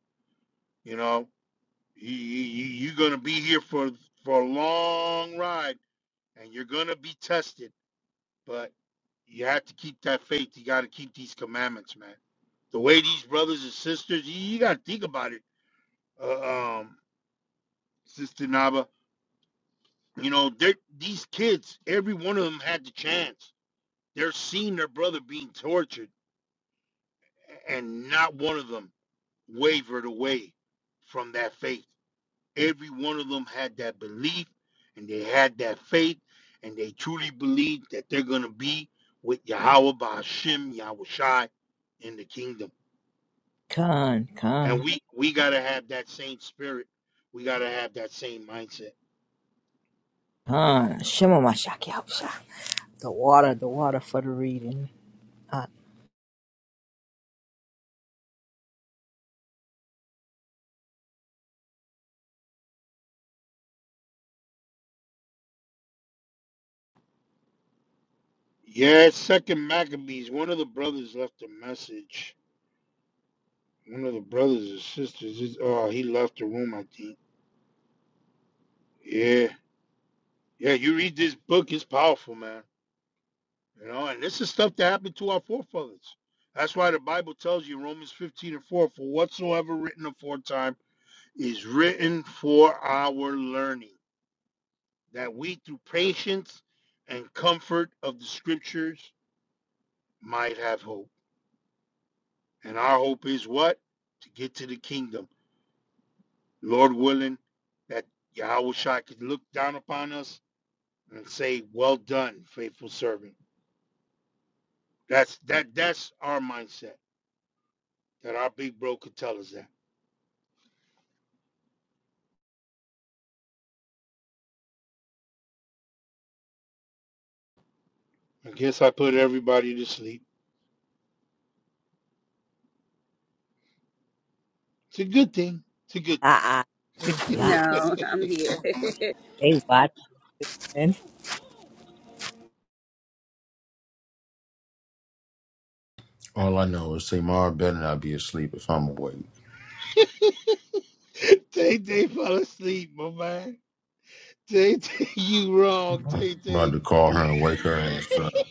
[SPEAKER 9] You know, You, you, you- are going to be here for, for a long ride and you're going to be tested, but you have to keep that faith. You got to keep these commandments, man. The way these brothers and sisters, you, you got to think about it, uh, um, Sister Nava. You know, they're, these kids, every one of them had the chance. They're seeing their brother being tortured, and not one of them wavered away from that faith. Every one of them had that belief and they had that faith and they truly believed that they're going to be with Yahweh by Hashem, Yahweh Shai in the kingdom. And
[SPEAKER 14] con,
[SPEAKER 9] we, we got to have that same spirit. We got to have that same mindset.
[SPEAKER 14] con. Shema Mashaki Hausha. The water, the water for the reading. Uh,
[SPEAKER 9] Yeah, second Maccabees. One of the brothers left a message. One of the brothers or sisters. Is, oh, he left the room, I think. Yeah. Yeah, you read this book. It's powerful, man. You know, and this is stuff that happened to our forefathers. That's why the Bible tells you Romans 15 and 4 for whatsoever written aforetime is written for our learning, that we through patience and comfort of the scriptures might have hope. And our hope is what? To get to the kingdom. Lord willing, that Yahweh Shai could look down upon us and say, Well done, faithful servant. That's that that's our mindset. That our big bro could tell us that. I guess I put everybody to sleep. It's a good thing. It's a good
[SPEAKER 14] la, la,
[SPEAKER 9] thing.
[SPEAKER 14] hey, what? And,
[SPEAKER 13] All I know is Tamar better not be asleep if I'm awake.
[SPEAKER 9] Tay Tay fell asleep, my man. Tay Tay, you wrong, Tay
[SPEAKER 13] About
[SPEAKER 9] Tay.
[SPEAKER 13] to call her and wake her ass up.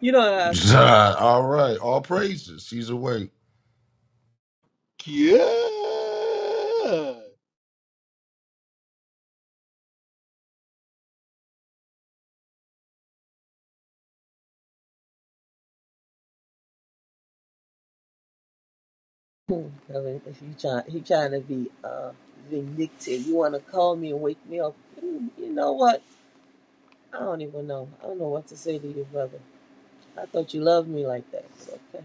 [SPEAKER 10] You know, I
[SPEAKER 13] all right, all praises. She's awake.
[SPEAKER 9] Yeah.
[SPEAKER 10] Hmm, Kelly, if you try, he trying to be uh, vindictive. You want to call me and wake me up? You you know what? I don't even know. I don't know what to say to you, brother. I thought you loved me like that. But okay.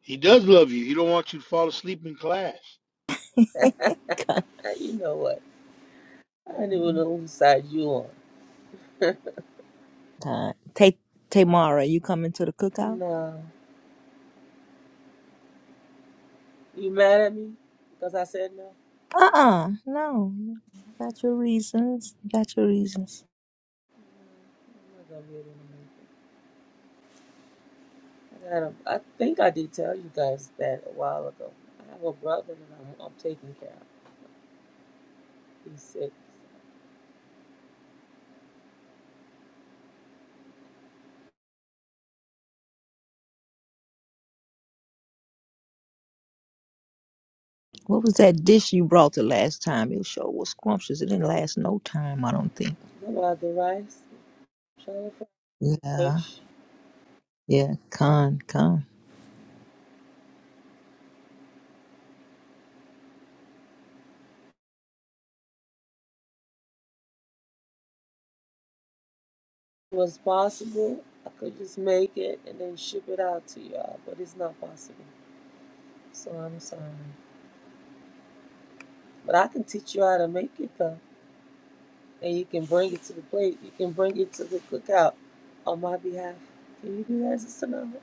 [SPEAKER 9] He does love you. He don't want you to fall asleep in class.
[SPEAKER 10] Uh, you know what? I don't even know whose side you on.
[SPEAKER 14] uh, Tay Tamara, you coming to the cookout?
[SPEAKER 10] No. You mad at me? Because I said no? No,
[SPEAKER 14] Uh-uh, no. Got your reasons. Got your reasons.
[SPEAKER 10] I'm not going to be able to make it. I, gotta, I think I did tell you guys that a while ago. I have a brother that I'm, I'm taking care of. He's sick.
[SPEAKER 14] What was that dish you brought the last time? It sure was scrumptious. It didn't last no time, I don't think.
[SPEAKER 10] You know about the rice? Trying to find
[SPEAKER 14] Yeah,
[SPEAKER 10] fish.
[SPEAKER 14] yeah, con, con.
[SPEAKER 10] was possible, I could just make it and then ship it out to y'all, but it's not possible. So I'm sorry. But I can teach you how to make it though. And you can bring it to the plate. You can bring it to the cookout on my behalf. Can you do that, Sister Nova?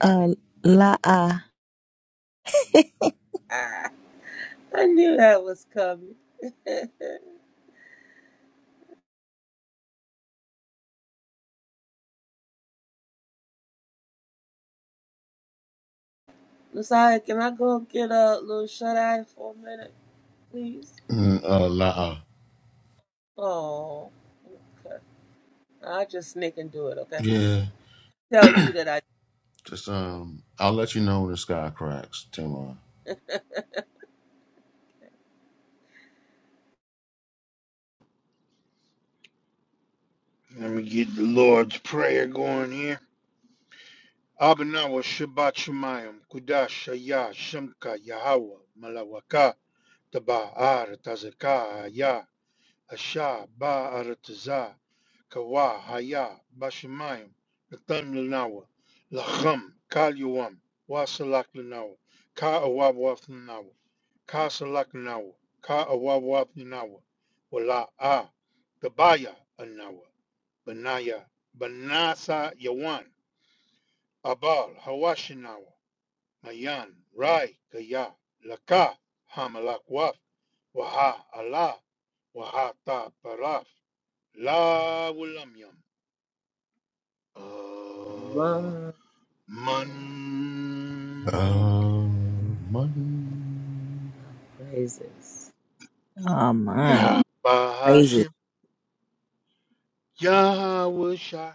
[SPEAKER 14] Uh, la, ah.
[SPEAKER 10] Ah, I knew that was coming. Messiah, can I go get a little shut eye for a minute, please?
[SPEAKER 13] Mm, uh, la- uh,
[SPEAKER 10] Oh, okay. i just sneak and do it, okay?
[SPEAKER 13] yeah.
[SPEAKER 10] Tell you that I
[SPEAKER 13] Just um, I'll let you know when the sky cracks tomorrow.
[SPEAKER 9] Let me get the Lord's Prayer going here. Abanawa Shabbat Shemayim, Kudash Shaya Shemka Yahweh Malawaka Taba Ar Tazaka Ya. Asha, Ba'arataza, Kawa, Haya, Bashamayim, Natan Lanawa, Lacham, Kalyuam, Wasalak Lanawa, Ka Awabwaf Lanawa, Ka Salak Lanawa, Ka Awabwaf Lanawa, Wala A, Tabaya Anawa, Banaya, Banasa Yawan, Abal, Hawashinawa, Mayan, Rai, Kaya, Laka, Hamalak Waf, Waha Allah, Waha Ta Paraf, Lavulamyan, Ah
[SPEAKER 10] love
[SPEAKER 9] Man,
[SPEAKER 13] Uh, Monday.
[SPEAKER 10] praises.
[SPEAKER 14] Oh, man. praises.
[SPEAKER 9] Yahbashem, Yahusha,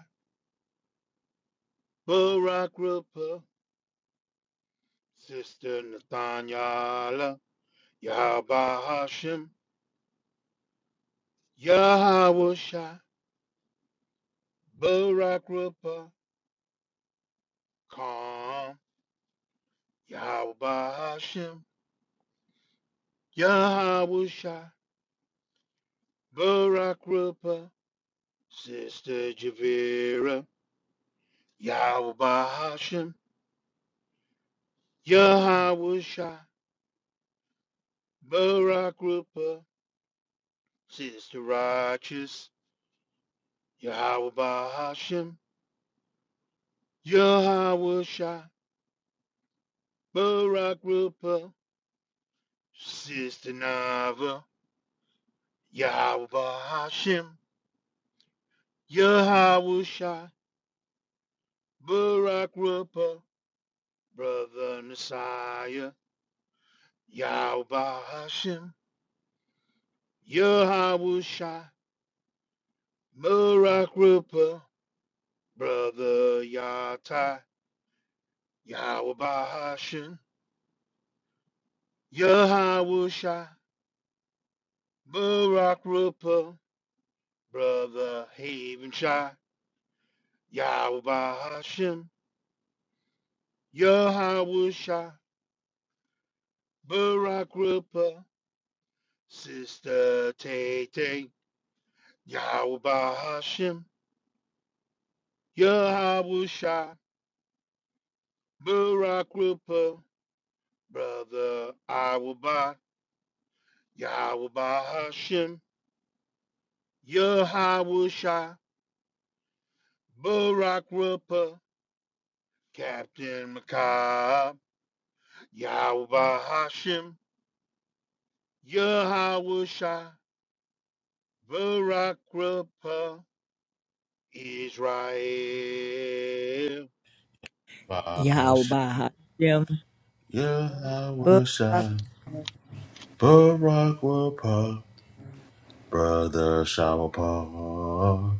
[SPEAKER 9] Barakruba, Sister Nathania, Yahbashem, Yahusha, Barakruba, Come, Yahbashem, Yahusha, Barakruba, Sister Javira, Yahbashem. Yahweh Shai, Barak Rupa, Sister Righteous, Yahweh Bahashim, Yahweh Shai, Barak Rupa, Sister Nava, Yahweh Bahashim, Yahweh Shai, Barak Rupa, Brother Messiah, Yahweh Bahashim, Yahweh Shai, Barak Rupa, Brother Yatai, Yahweh Bahashim. Yahweh Shai, Barak Rupa, Brother Haven Shai, Yahweh Hashem, Yahweh Shai, Barak Rupa, Sister Tay Tay, Yahweh Hashem, Yahweh Shai, Barak Rupa, Brother Awabah, Yahweh Hashem, Yahweh Shai, Barak Rupa, Captain Micaiah. Yahweh Hashem, Yahweh Shai, Barak Rapha, Israel.
[SPEAKER 13] I sh-
[SPEAKER 14] Yahweh Hashem,
[SPEAKER 13] Yeah, I will
[SPEAKER 14] Barak
[SPEAKER 13] shine. Barack will pop. Brother shower pop.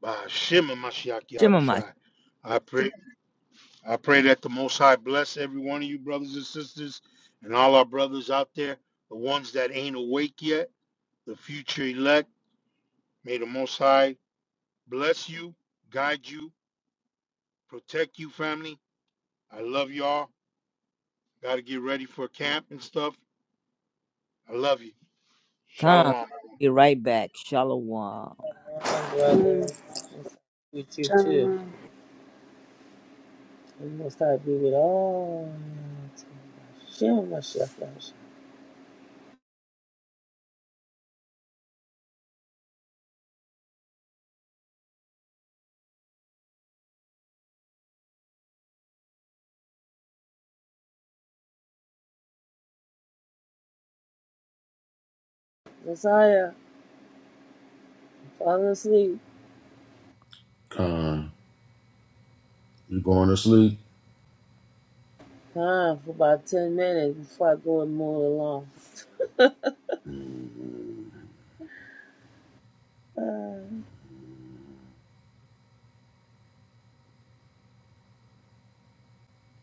[SPEAKER 9] By Hashem and Mashiach Yahweh
[SPEAKER 14] Shemamash.
[SPEAKER 9] Shai. I pray, I pray that the Most High bless every one of you brothers and sisters and all our brothers out there, the ones that ain't awake yet, the future elect. May the Most High bless you, guide you, protect you, family. I love y'all. Got to get ready for camp and stuff. I love you.
[SPEAKER 14] Come,
[SPEAKER 9] Shalom.
[SPEAKER 14] be right back. Shalom.
[SPEAKER 10] My brother, it's with you too. We must have be with all. Shem Mashiach. Messiah, fall asleep.
[SPEAKER 13] Con, you going to sleep?
[SPEAKER 10] Time for about 10 minutes before I go and mow
[SPEAKER 13] Mm,
[SPEAKER 10] the lawn. Uh,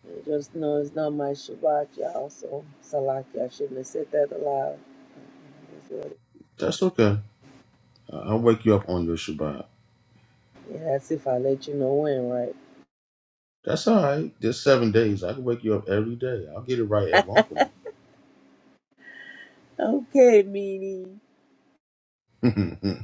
[SPEAKER 10] I just know it's not my Shabbat, y'all, so Salaki, I shouldn't have said that aloud. It's what it-
[SPEAKER 13] That's okay. I- I'll wake you up on your Shabbat.
[SPEAKER 10] Yeah, that's if I let you know when, right?
[SPEAKER 13] That's all right. Just seven days. I can wake you up every day. I'll get it right at one
[SPEAKER 10] Okay, meanie.
[SPEAKER 13] point.